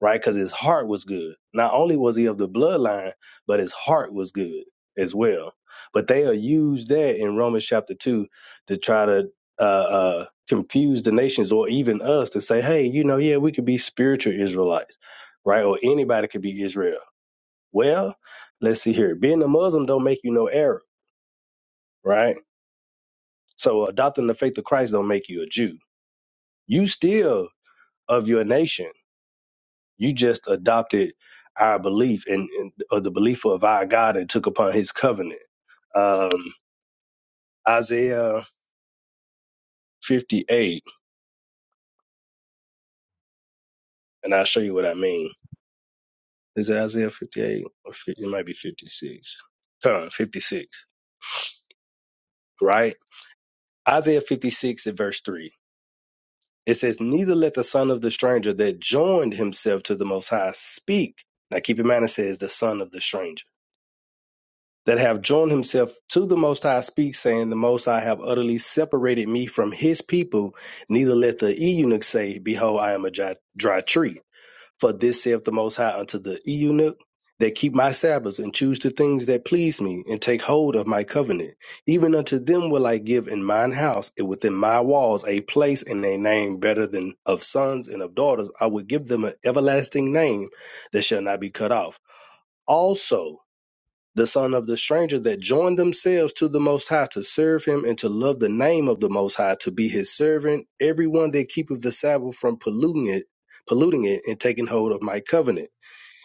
Speaker 17: right? Because his heart was good. Not only was he of the bloodline, but his heart was good as well. But they are used that in Romans chapter 2 to try to uh, uh, confuse the nations or even us to say, hey, you know, yeah, we could be spiritual Israelites, right? Or anybody could be Israel well, let's see here. Being a Muslim don't make you no Arab, right? So adopting the faith of Christ don't make you a Jew. You still of your nation. You just adopted our belief and, and or the belief of our God and took upon His covenant. Um, Isaiah 58, and I'll show you what I mean. Is it Isaiah 58 or 50? It might be 56. Come, on, 56, right? Isaiah 56 and verse 3. It says, Neither let the son of the stranger that joined himself to the Most High speak. Now keep in mind, it says, The son of the stranger that have joined himself to the Most High speak, saying, The Most High have utterly separated me from his people. Neither let the eunuch say, Behold, I am a dry, dry tree. For this saith the Most High unto the eunuch, that keep my Sabbaths and choose the things that please me, and take hold of my covenant. Even unto them will I give in mine house and within my walls a place and a name better than of sons and of daughters. I will give them an everlasting name that shall not be cut off. Also, the son of the stranger that joined themselves to the Most High to serve him and to love the name of the Most High to be his servant, everyone that keepeth the Sabbath from polluting it, polluting it and taking hold of my covenant.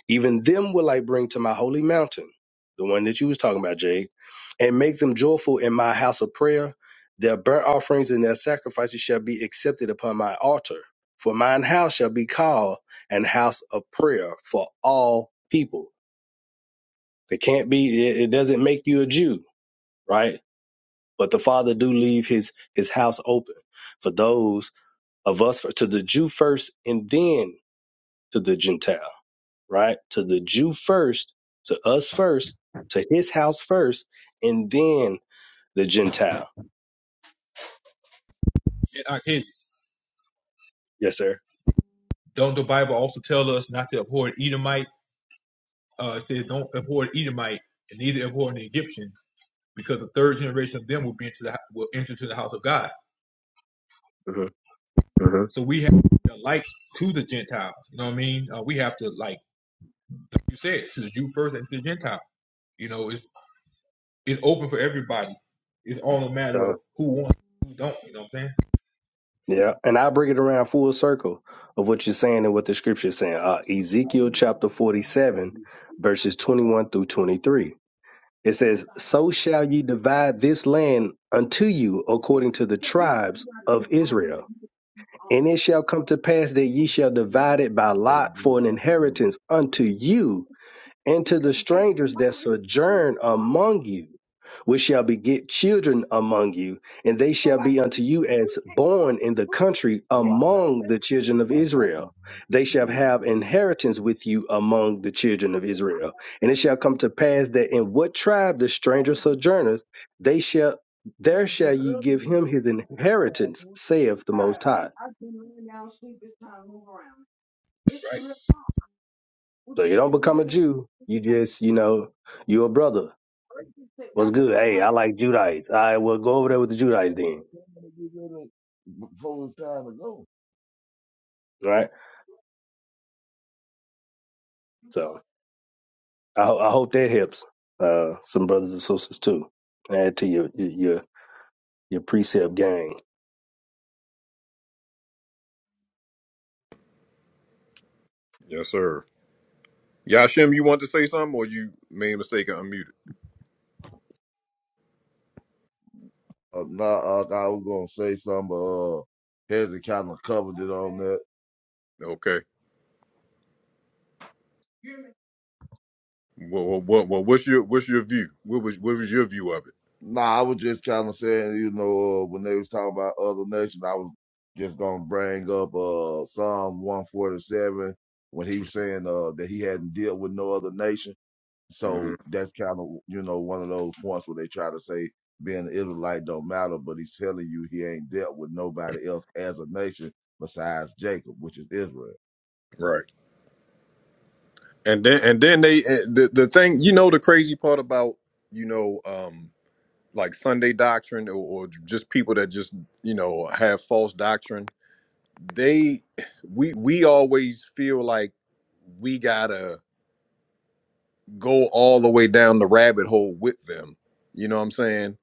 Speaker 17: Even them will I bring to my holy mountain, the one that you was talking about, Jay, and make them joyful in my house of prayer. Their burnt offerings and their sacrifices shall be accepted upon my altar. For mine house shall be called an house of prayer for all people they can't be. It, it doesn't make you a Jew, right? But the Father do leave his his house open for those of us for, to the Jew first, and then to the Gentile, right? To the Jew first, to us first, to his house first, and then the Gentile.
Speaker 3: And I can
Speaker 17: Yes, sir.
Speaker 3: don't the Bible also tell us not to abhor an Edomite uh, it says, "Don't abhor the Edomite, and neither abhor the Egyptian, because the third generation of them will be into the will enter to the house of God."
Speaker 17: hmm hmm
Speaker 3: So we have to be a light to the Gentiles. You know what I mean? Uh, we have to like, like you said, to the Jew first and to the Gentile. You know, it's it's open for everybody. It's all a matter of who wants, who don't. You know what I'm saying?
Speaker 17: yeah,
Speaker 13: That's
Speaker 17: and I bring it around full circle of what you're saying and what the scripture is saying. Uh, Ezekiel chapter 47, verses 21 through 23 It says, So shall ye divide this land unto you according to the tribes of Israel. And it shall come to pass that ye shall divide it by lot for an inheritance unto you and to the strangers that sojourn among you, which shall beget children among you, and they shall be unto you as born in the country
Speaker 13: why I thought-
Speaker 17: among the children
Speaker 13: that's
Speaker 17: of
Speaker 13: we
Speaker 17: Israel. They shall
Speaker 13: do it
Speaker 17: have
Speaker 13: together.
Speaker 17: inheritance with you among the children of Israel. And it shall come to pass that in what tribe the stranger sojourneth, they shall there shall ye give him his inheritance, saith the Most High. So you don't become a Jew. You just, you know, you're a brother What's good? Hey, I like Judites. I will go over there with the Judites then.
Speaker 13: Before it's time to go.
Speaker 17: All right. So I, ho- I hope that helps uh, some brothers and sisters too. Add to your your your, your precept gang.
Speaker 1: Yes, sir. Yashim, you want to say something or you made a mistake and unmuted?
Speaker 13: Uh, nah, uh, I was gonna say something, but uh, Hezzy kind of covered it on that.
Speaker 1: Okay. Well, well, well, well what's your what's your view? What was what was your view of it?
Speaker 13: Nah, I was just kind of saying, you know, uh, when they was talking about other nations, I was just gonna bring up uh Psalm one forty seven when he was saying uh that he hadn't dealt with no other nation. So
Speaker 1: hmm
Speaker 13: that's kind of you know one of those points where they try to say being an Israelite don't matter, but he's telling you he ain't dealt with nobody else as a nation besides Jacob, which is Israel.
Speaker 1: Right. And then and then they eh, the the thing you know the crazy part about you know um like Sunday doctrine or, or just people that just you know have false doctrine they we we always feel like we gotta go all the way down the rabbit hole with them you know what I'm saying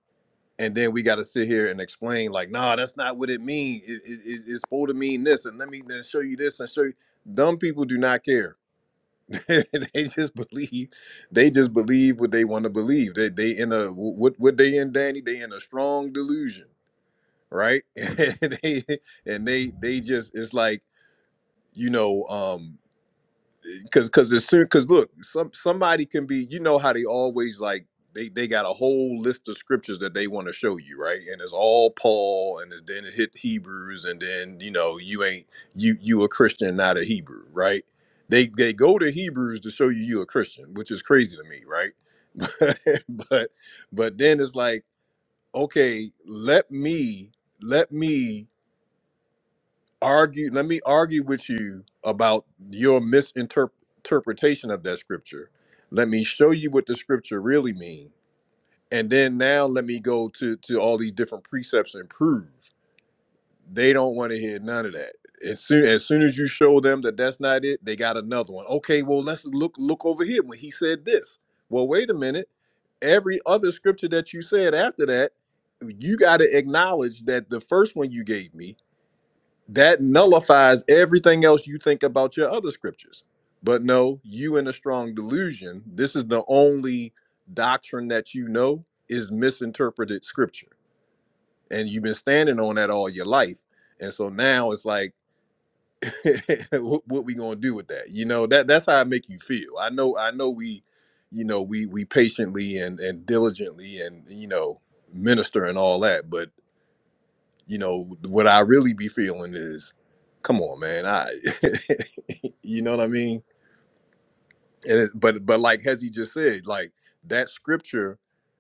Speaker 1: and then we gotta sit here and explain like nah that's not what it means it, it, it- it's supposed to mean this and let me then show you this and show you dumb people do not care they just believe they just believe what they want to believe they they in a what what they in danny they in a strong delusion right and they and they they just it's like you know um Cause, cause as soon, cause look, some somebody can be, you know how they always like they they got a whole list of scriptures that they want to show you, right? And it's all Paul, and then it hit Hebrews, and then you know you ain't you you a Christian, not a Hebrew, right? They they go to Hebrews to show you you a Christian, which is crazy to me, right? but but then it's like, okay, let me let me argue let me argue with you about your misinterpretation of that scripture let me show you what the scripture really means, and then now let me go to to all these different precepts and prove they don't want to hear none of that as soon as soon as you show them that that's not it they got another one okay well let's look look over here when he said this well wait a minute every other scripture that you said after that you got to acknowledge that the first one you gave me that nullifies everything else you think about your other scriptures. But no, you in a strong delusion, this is the only doctrine that you know is misinterpreted scripture. And you've been standing on that all your life. And so now it's like, what, what we gonna do with that? You know, that that's how I make you feel. I know, I know we, you know, we we patiently and and diligently and you know, minister and all that. But you know, what I really be feeling is, come on, man. I You know what I mean? And it, but but like Hezzy just said, like that scripture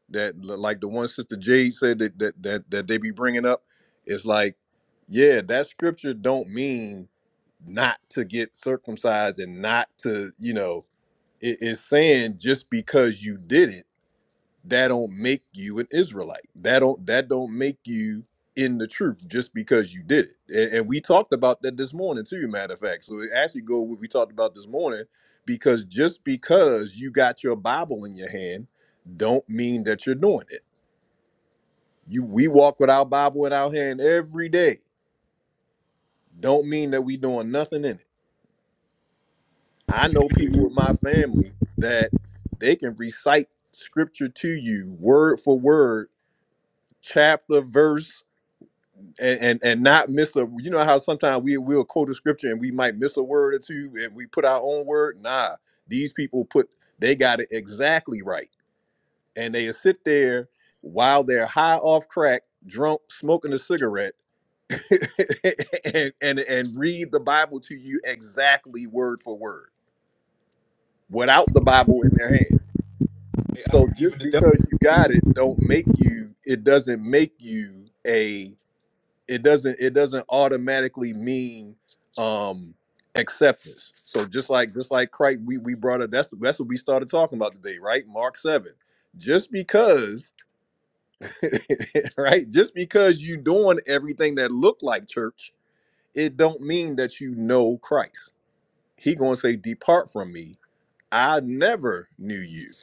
Speaker 1: that like the one sister Jade said that that that, that they be bringing up is like, yeah, that scripture don't mean not to get circumcised and not to you know it is saying just because you did it that don't make you an Israelite. That don't that don't make you in the truth just because you did it. And, and we talked about that this morning too, matter of fact. So it actually go what we talked about this morning because just because you got your Bible in your hand, don't mean that you're doing it. You we walk with our Bible in our hand every day. Don't mean that we doing nothing in it. I know
Speaker 3: Even
Speaker 1: people
Speaker 17: Mhm.
Speaker 1: with my family that they can recite scripture to you word for word, chapter verse and and, and not miss a you know how sometimes we will quote a scripture and we might miss a word or two and we put our own word nah these people put they got it exactly right and they sit there while they're high off crack drunk smoking a cigarette and, and and read the bible to you exactly word for word without the bible in their hand
Speaker 3: the,
Speaker 1: so
Speaker 3: even
Speaker 1: just
Speaker 3: the devil,
Speaker 1: because you got it don't make you it doesn't make you a it doesn't it doesn't automatically mean um acceptance so just like just like christ we, we brought up that's that's what we started talking about today right mark 7 just because right just because you doing everything that look like church it don't mean that you know christ he gonna say depart from me i never knew you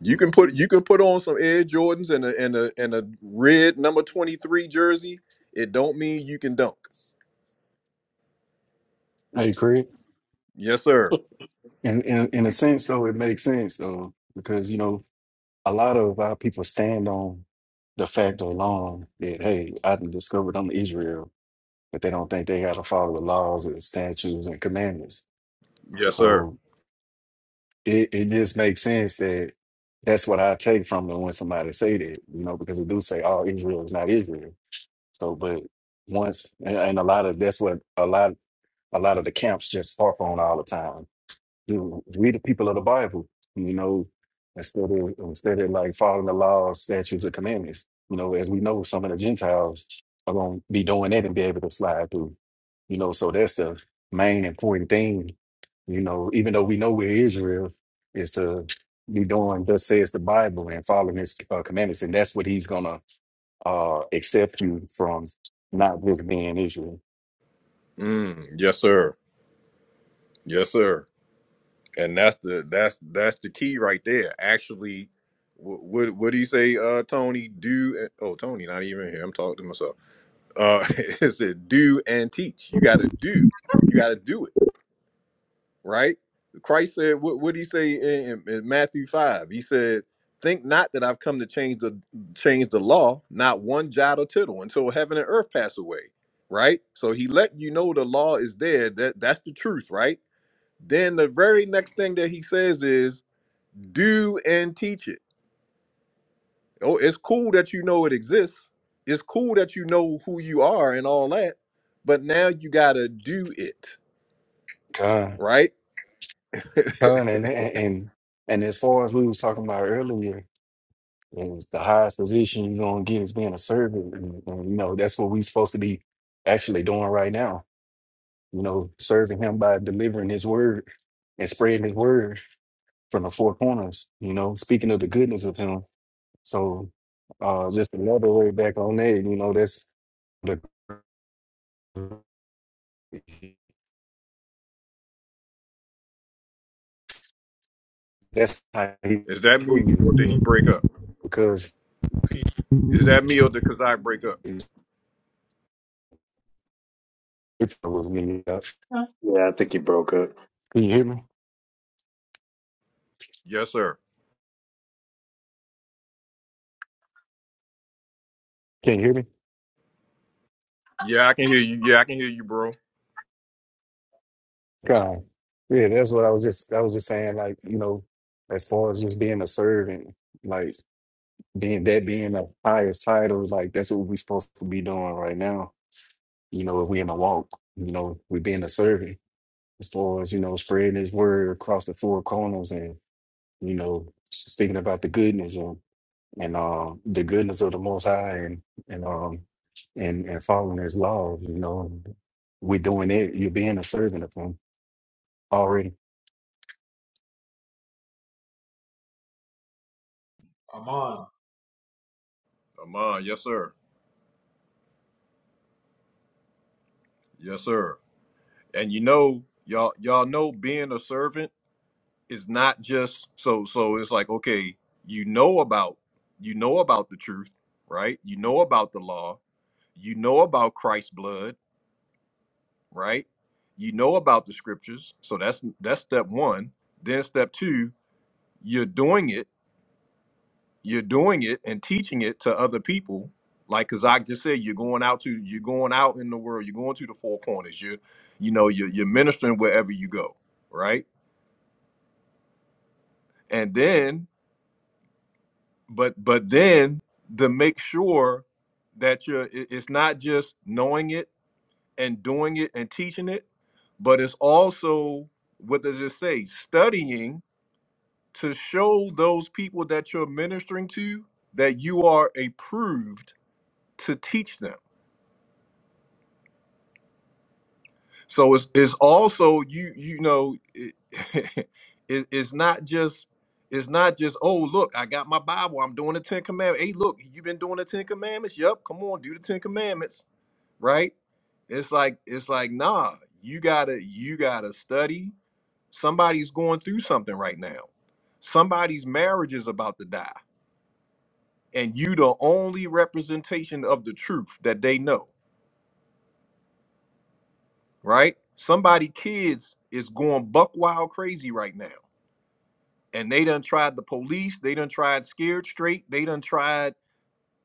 Speaker 1: you
Speaker 17: Mm.
Speaker 1: can put you can put on some Air Jordans and a and a and a red number 23 jersey. It don't mean you can dunk.
Speaker 15: Hey, Craig.
Speaker 1: Yes, sir.
Speaker 15: In, in, in a sense, though, it makes sense, though, because, you know, a lot of our people stand on the fact alone that hey, I done discovered I'm Israel, but they don't think they gotta follow the laws and statutes and commandments.
Speaker 1: Yes, sir.
Speaker 15: So it, it just makes sense that that's what I take from it when somebody say that, you know, because they do say, "Oh, Israel is not Israel." So, but once and and a lot of that's what a lot a lot of the camps just harp on all the time you know, read the people of the Bible, you know, instead of instead of like following the laws, statutes, and commandments. You know, as we know, some of the Gentiles are gonna be doing that and be able to slide through. You know, so that's the main important thing. You know, even though we know we're Israel, is to be doing thus says the Bible and following His uh, commandments, and that's what He's gonna uh accept you from not just being Israel.
Speaker 1: Mm, yes, sir. Yes, sir. And that's the that's that's the key right there. Actually, wh- what what do you say, uh, Tony? Do oh, Tony, not even here. I'm talking to myself. Uh, it said do and teach. You got to do. You got to do it. right? Christ said, what what did he say in, in Matthew 5? He said, Think not that I've come to change the change the law, not one jot or tittle, until heaven and earth pass away. Right? So he let you know the law is there. That that's the truth, right? Then the very next thing that he says is do and teach it. Oh, it's cool that you know it exists. It's cool that you know who you are and all that, but now you gotta do it,
Speaker 15: Con,
Speaker 1: right?
Speaker 15: con, and and and and as far as we was talking about earlier And it's the highest position you're gonna get is being a servant. And, and, you know, that's what we're supposed to be actually doing right now. You know, serving him by delivering his word and spreading his word from the four corners, you know, speaking of the goodness of him. So uh just another way back on that, you know, that's the that's how he
Speaker 1: Is that me
Speaker 15: told you
Speaker 1: or did he break up?
Speaker 15: because
Speaker 1: Is that me or did Kazak break up?
Speaker 15: was when you- can
Speaker 17: Yeah, I think you broke up.
Speaker 15: you hear me?
Speaker 1: Yes, sir.
Speaker 15: Can you hear me?
Speaker 1: Yeah, I can hear you. Yeah, I can hear you, bro.
Speaker 15: God. Yeah, that's what I was just I was just saying, like, you know, as far as just being a servant, like being that being the highest title, like that's what we're supposed to be doing right now. You know, if we in a walk, you know, we being a servant as far as, you know, spreading his word across the four corners and, you know, speaking about the goodness and and uh, the goodness of the most high and and um and and following his laws, you know. We're doing it, you're being a servant of him already.
Speaker 3: Amon,
Speaker 1: Come on, yes, sir. Yes, sir. And you know, y'all, y'all know being a servant is not just so so it's like, okay, you know about you know about the truth, right? You know about the law, you know about Christ's blood, right? You know about the scriptures. So that's that's step one. Then step two, you're doing it you're doing it and teaching it to other people like as i just said you're going out to you're going out in the world you're going to the four corners you're you know you're, you're ministering wherever you go right and then but but then to make sure that you're it- it's not just knowing it and doing it and teaching it but it's also what does it say studying to show those people that you're ministering to that you are approved to teach them So it's it's also you you know it, it it's not just it's not just oh look I got my Bible I'm doing the Ten Commandments. Hey look you been doing the Ten Commandments. Yep, come on do the Ten Commandments, right? It's like it's like nah you gotta you gotta study. Somebody's going through something right now. Somebody's marriage is about to die, and you the only representation of the truth that they know right? Somebody kids is going buck wild crazy right now. And they done tried the police, they done tried scared straight, they done tried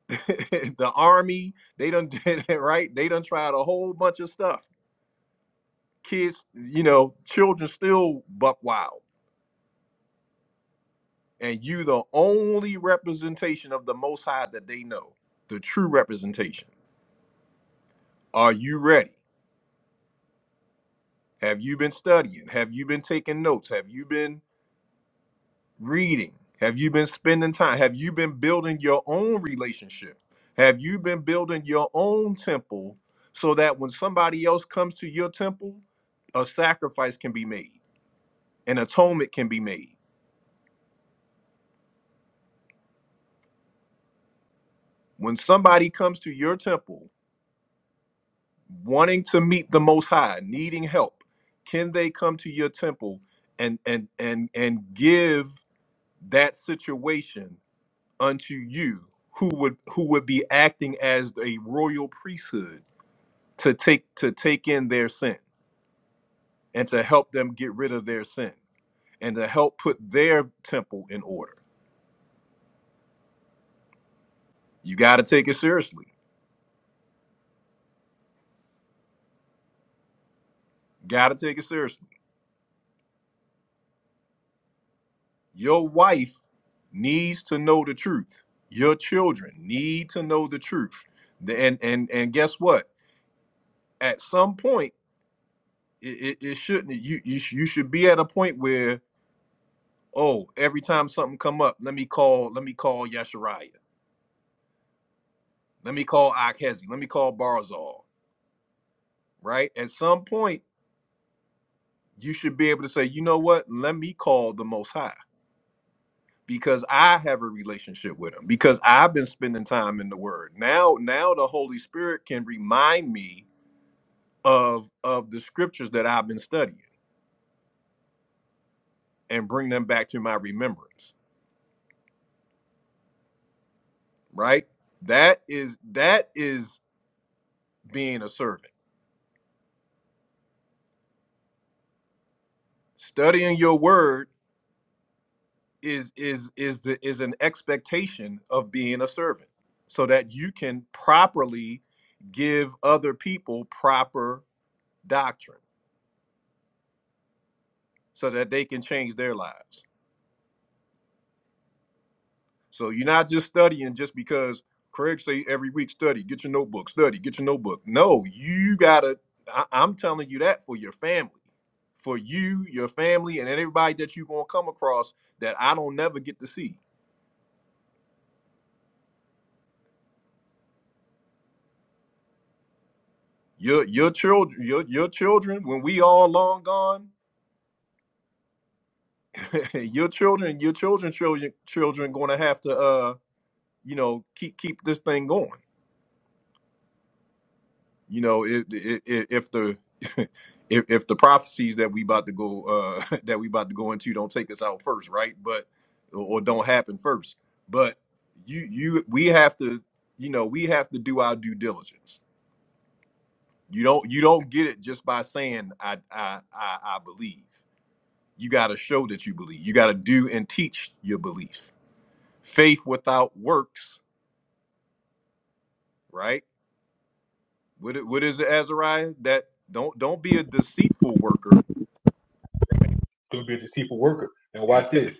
Speaker 1: the army, they done did it right, they done tried a whole bunch of stuff. Kids, you know, children still buck wild. And you the only representation of the most high that they know, the true representation. Are you ready? Have you been studying? Have you been taking notes? Have you been reading? Have you been spending time? Have you been building your own relationship? Have you been building your own temple so that when somebody else comes to your temple, a sacrifice can be made, an atonement can be made. When somebody comes to your temple wanting to meet the most high, needing help, can they come to your temple and and and and give that situation unto you who would who would be acting as a royal priesthood to take to take in their sin and to help them get rid of their sin and to help put their temple in order. You got to take it seriously. Got to take it seriously. Your wife needs to know the truth. Your children need to know the truth. The- And and and guess what? At some point, it, it, it shouldn't. You you sh- you should be at a point where oh, every time something come up, let me call let me call Yeshariah. Let me call Akhezi. Let me call Barzal. Right at some point you should be able to say, you know what? Let me call the Most High because I have a relationship with Him because I've been spending time in the Word. Now, now the Holy Spirit can remind me of of the scriptures that I've been studying and bring them back to my remembrance. Right? That is that is being a servant. Studying your Word is is is the is an expectation of being a servant so that you can properly give other people proper doctrine so that they can change their lives. So you're not just studying just because Craig say every week study, get your notebook, study, get your notebook. No, you gotta. I, I'm telling you that for your family, for you, your family, and everybody that you're gonna come across that I don't never get to see. Your your children, your your children, when we all long gone, your children, your children, children, children, gonna have to uh, you know, keep keep this thing going you know it, it, it, if the if, if the prophecies that we about to go uh that we about to go into don't take us out first right but or don't happen first but you you we have to you know we have to do our due diligence you don't you don't get it just by saying i i i, I believe you got to show that you believe you got to do and teach your belief faith without works right what, it- what is it azariah that don't don't be a deceitful worker
Speaker 3: going to be a deceitful worker. And watch this,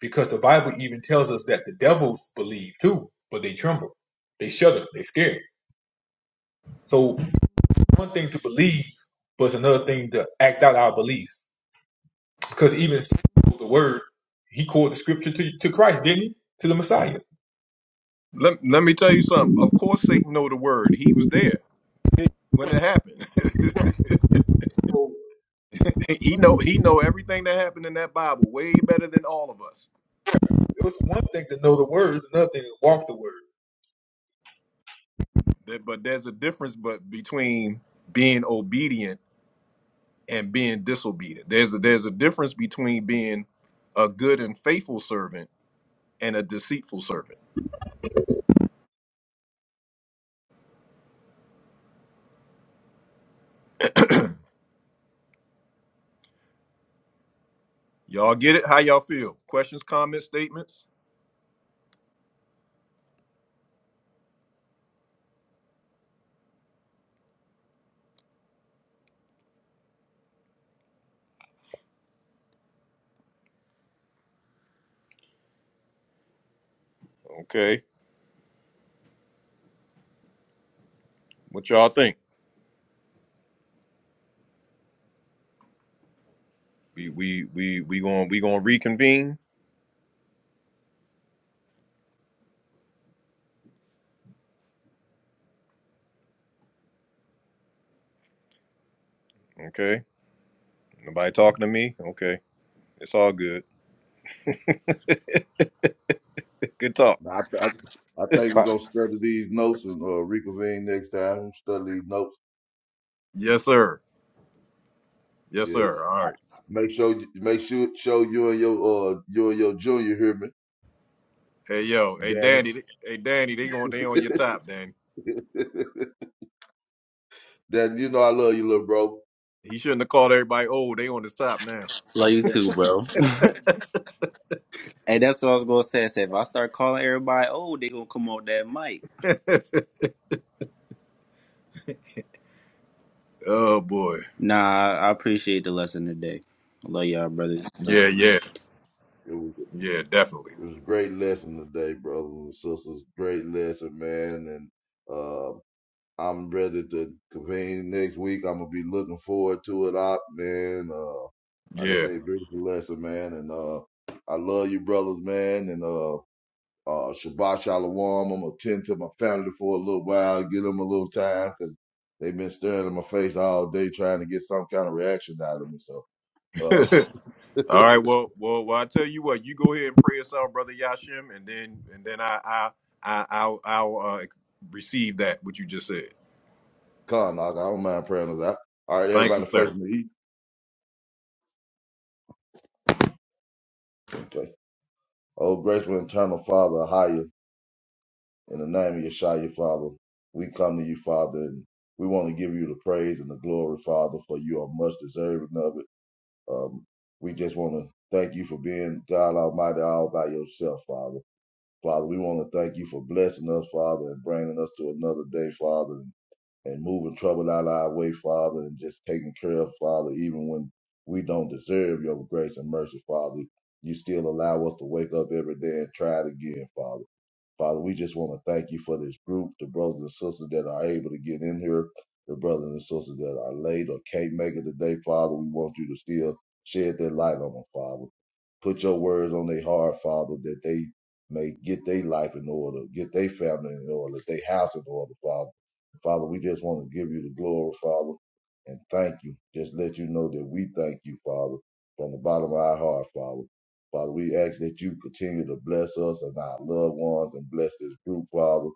Speaker 3: because the Bible even tells us that the devils believe too, but they tremble, they shudder, they scared. So one thing to believe, but it's another thing to act out our beliefs. Because even the word, he called the scripture to, to Christ, didn't he? To the Messiah.
Speaker 1: Let, let me tell you something. Of course Satan know the word. He was there
Speaker 3: It,
Speaker 1: when it happened. he know he know everything that happened in that Bible way better than all of us.
Speaker 3: it was one thing to know the word, it's another thing to walk the word.
Speaker 1: That- But there's a difference but between being obedient and being disobedient. There's a there's a difference between being a good and faithful servant and a deceitful servant. Y'all get it? How y'all feel? Questions, comments, statements? Okay. What y'all think? We we we we going we going to reconvene, okay? Nobody talking to me? Okay. It's all good. Good talk.
Speaker 13: I, I, I think we're
Speaker 10: Fuck.
Speaker 13: gonna study these notes and uh, reconvene next time. Study these notes.
Speaker 1: Yes, sir. Yes,
Speaker 13: Yeah.
Speaker 1: sir. All
Speaker 13: I,
Speaker 1: right.
Speaker 13: make sure make sure show you and your uh you and your junior hear me,
Speaker 1: Hey, yo. Hey,
Speaker 13: Danny.
Speaker 1: Danny. Hey, Danny. They going. They on your top, Danny.
Speaker 13: Danny, you know I love you, little bro.
Speaker 1: He shouldn't have called everybody old. They on his top now.
Speaker 10: Love you too, bro. Hey, that's what I was gonna say. I said if I start calling everybody, oh, they gonna come on that mic.
Speaker 1: Oh boy.
Speaker 10: Nah, I I appreciate the lesson today. I love y'all, brothers.
Speaker 1: Yeah. Yeah.
Speaker 13: It was
Speaker 1: Yeah. Definitely.
Speaker 13: it was a great lesson today, brothers and sisters. Great lesson, man. And uh, I'm ready to convene next week. I'm gonna be looking forward to it, op man. Uh, like I
Speaker 1: Yeah.
Speaker 13: say, big blessing, man, and uh, I love you, brothers, man, and uh, uh, Shabbat Shalom. I'm gonna tend to my family for a little while, give them a little time because they've been staring in my face all day trying to get some kind of reaction out of me. So, uh,
Speaker 1: All right. Well. Well. Well. I tell you what. You go ahead and pray us out, brother Yashim, and then and then I I I I'll, I'll uh, receive that what you just said.
Speaker 13: Con, I don't mind praying us out. All right,
Speaker 1: Thank you,
Speaker 13: everybody, faith
Speaker 1: sir.
Speaker 13: me. Okay. Oh, graceful, eternal Father, higher. In the name of Yeshua, Father, we come to you, Father, and we want to give you the praise and the glory, Father, for you are much deserving of it. Um, we just want to thank you for being God Almighty all by yourself, Father. Father, we want to thank you for blessing us, Father, and bringing us to another day, Father, and, and moving trouble out of our way, Father, and just taking care of, Father, even when we don't deserve your grace and mercy, Father. You still allow us to wake up every day and try it again, Father. Father, we just want to thank you for this group, the brothers and sisters that are able to get in here, the brothers and sisters that are late or can't make it today, Father. We want you to still shed that light on them, Father. Put your words on their heart, Father, that they may get their life in order, get their family in order, their house in order, Father. Father, we just want to give you the glory, Father, and thank you. Just let you know that we thank you, Father, from the bottom of our heart, Father. Father, we ask that you continue to bless us and our loved ones and bless this group, Father,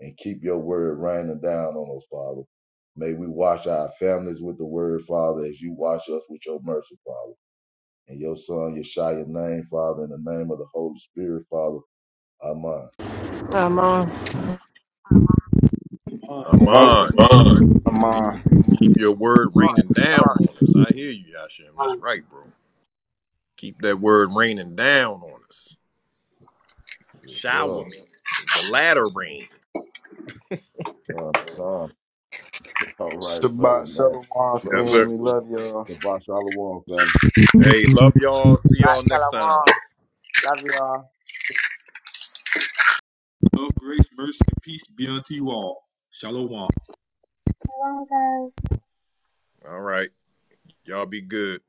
Speaker 13: and keep your word raining down on us, Father. May we wash our families with the word, Father, as you wash us with your mercy, Father. And your son, Yeshua, name, Father, in the name of the Holy Spirit, Father. Amen.
Speaker 2: I'm, uh,
Speaker 3: Fine.
Speaker 7: Among.
Speaker 1: Aman.
Speaker 7: Shalom.
Speaker 1: Hey, you keep your word raining down on us. I hear you, Yashim. That's right, bro. Keep that word raining down on us.
Speaker 13: What's
Speaker 1: Shower
Speaker 13: up?
Speaker 1: me. The latter rain.
Speaker 13: Come, come. All right,
Speaker 10: Shabbat
Speaker 13: fellas, man.
Speaker 10: shalom,
Speaker 1: Yes,
Speaker 13: Fellas,
Speaker 1: sir.
Speaker 10: family.
Speaker 13: the
Speaker 10: Love y'all.
Speaker 13: Shabbat Shalom, family.
Speaker 1: Hey, love y'all. See y'all next time.
Speaker 4: Bond.
Speaker 3: Love, grace, mercy, and peace be unto you all. Shalom.
Speaker 1: All right. Y'all be good.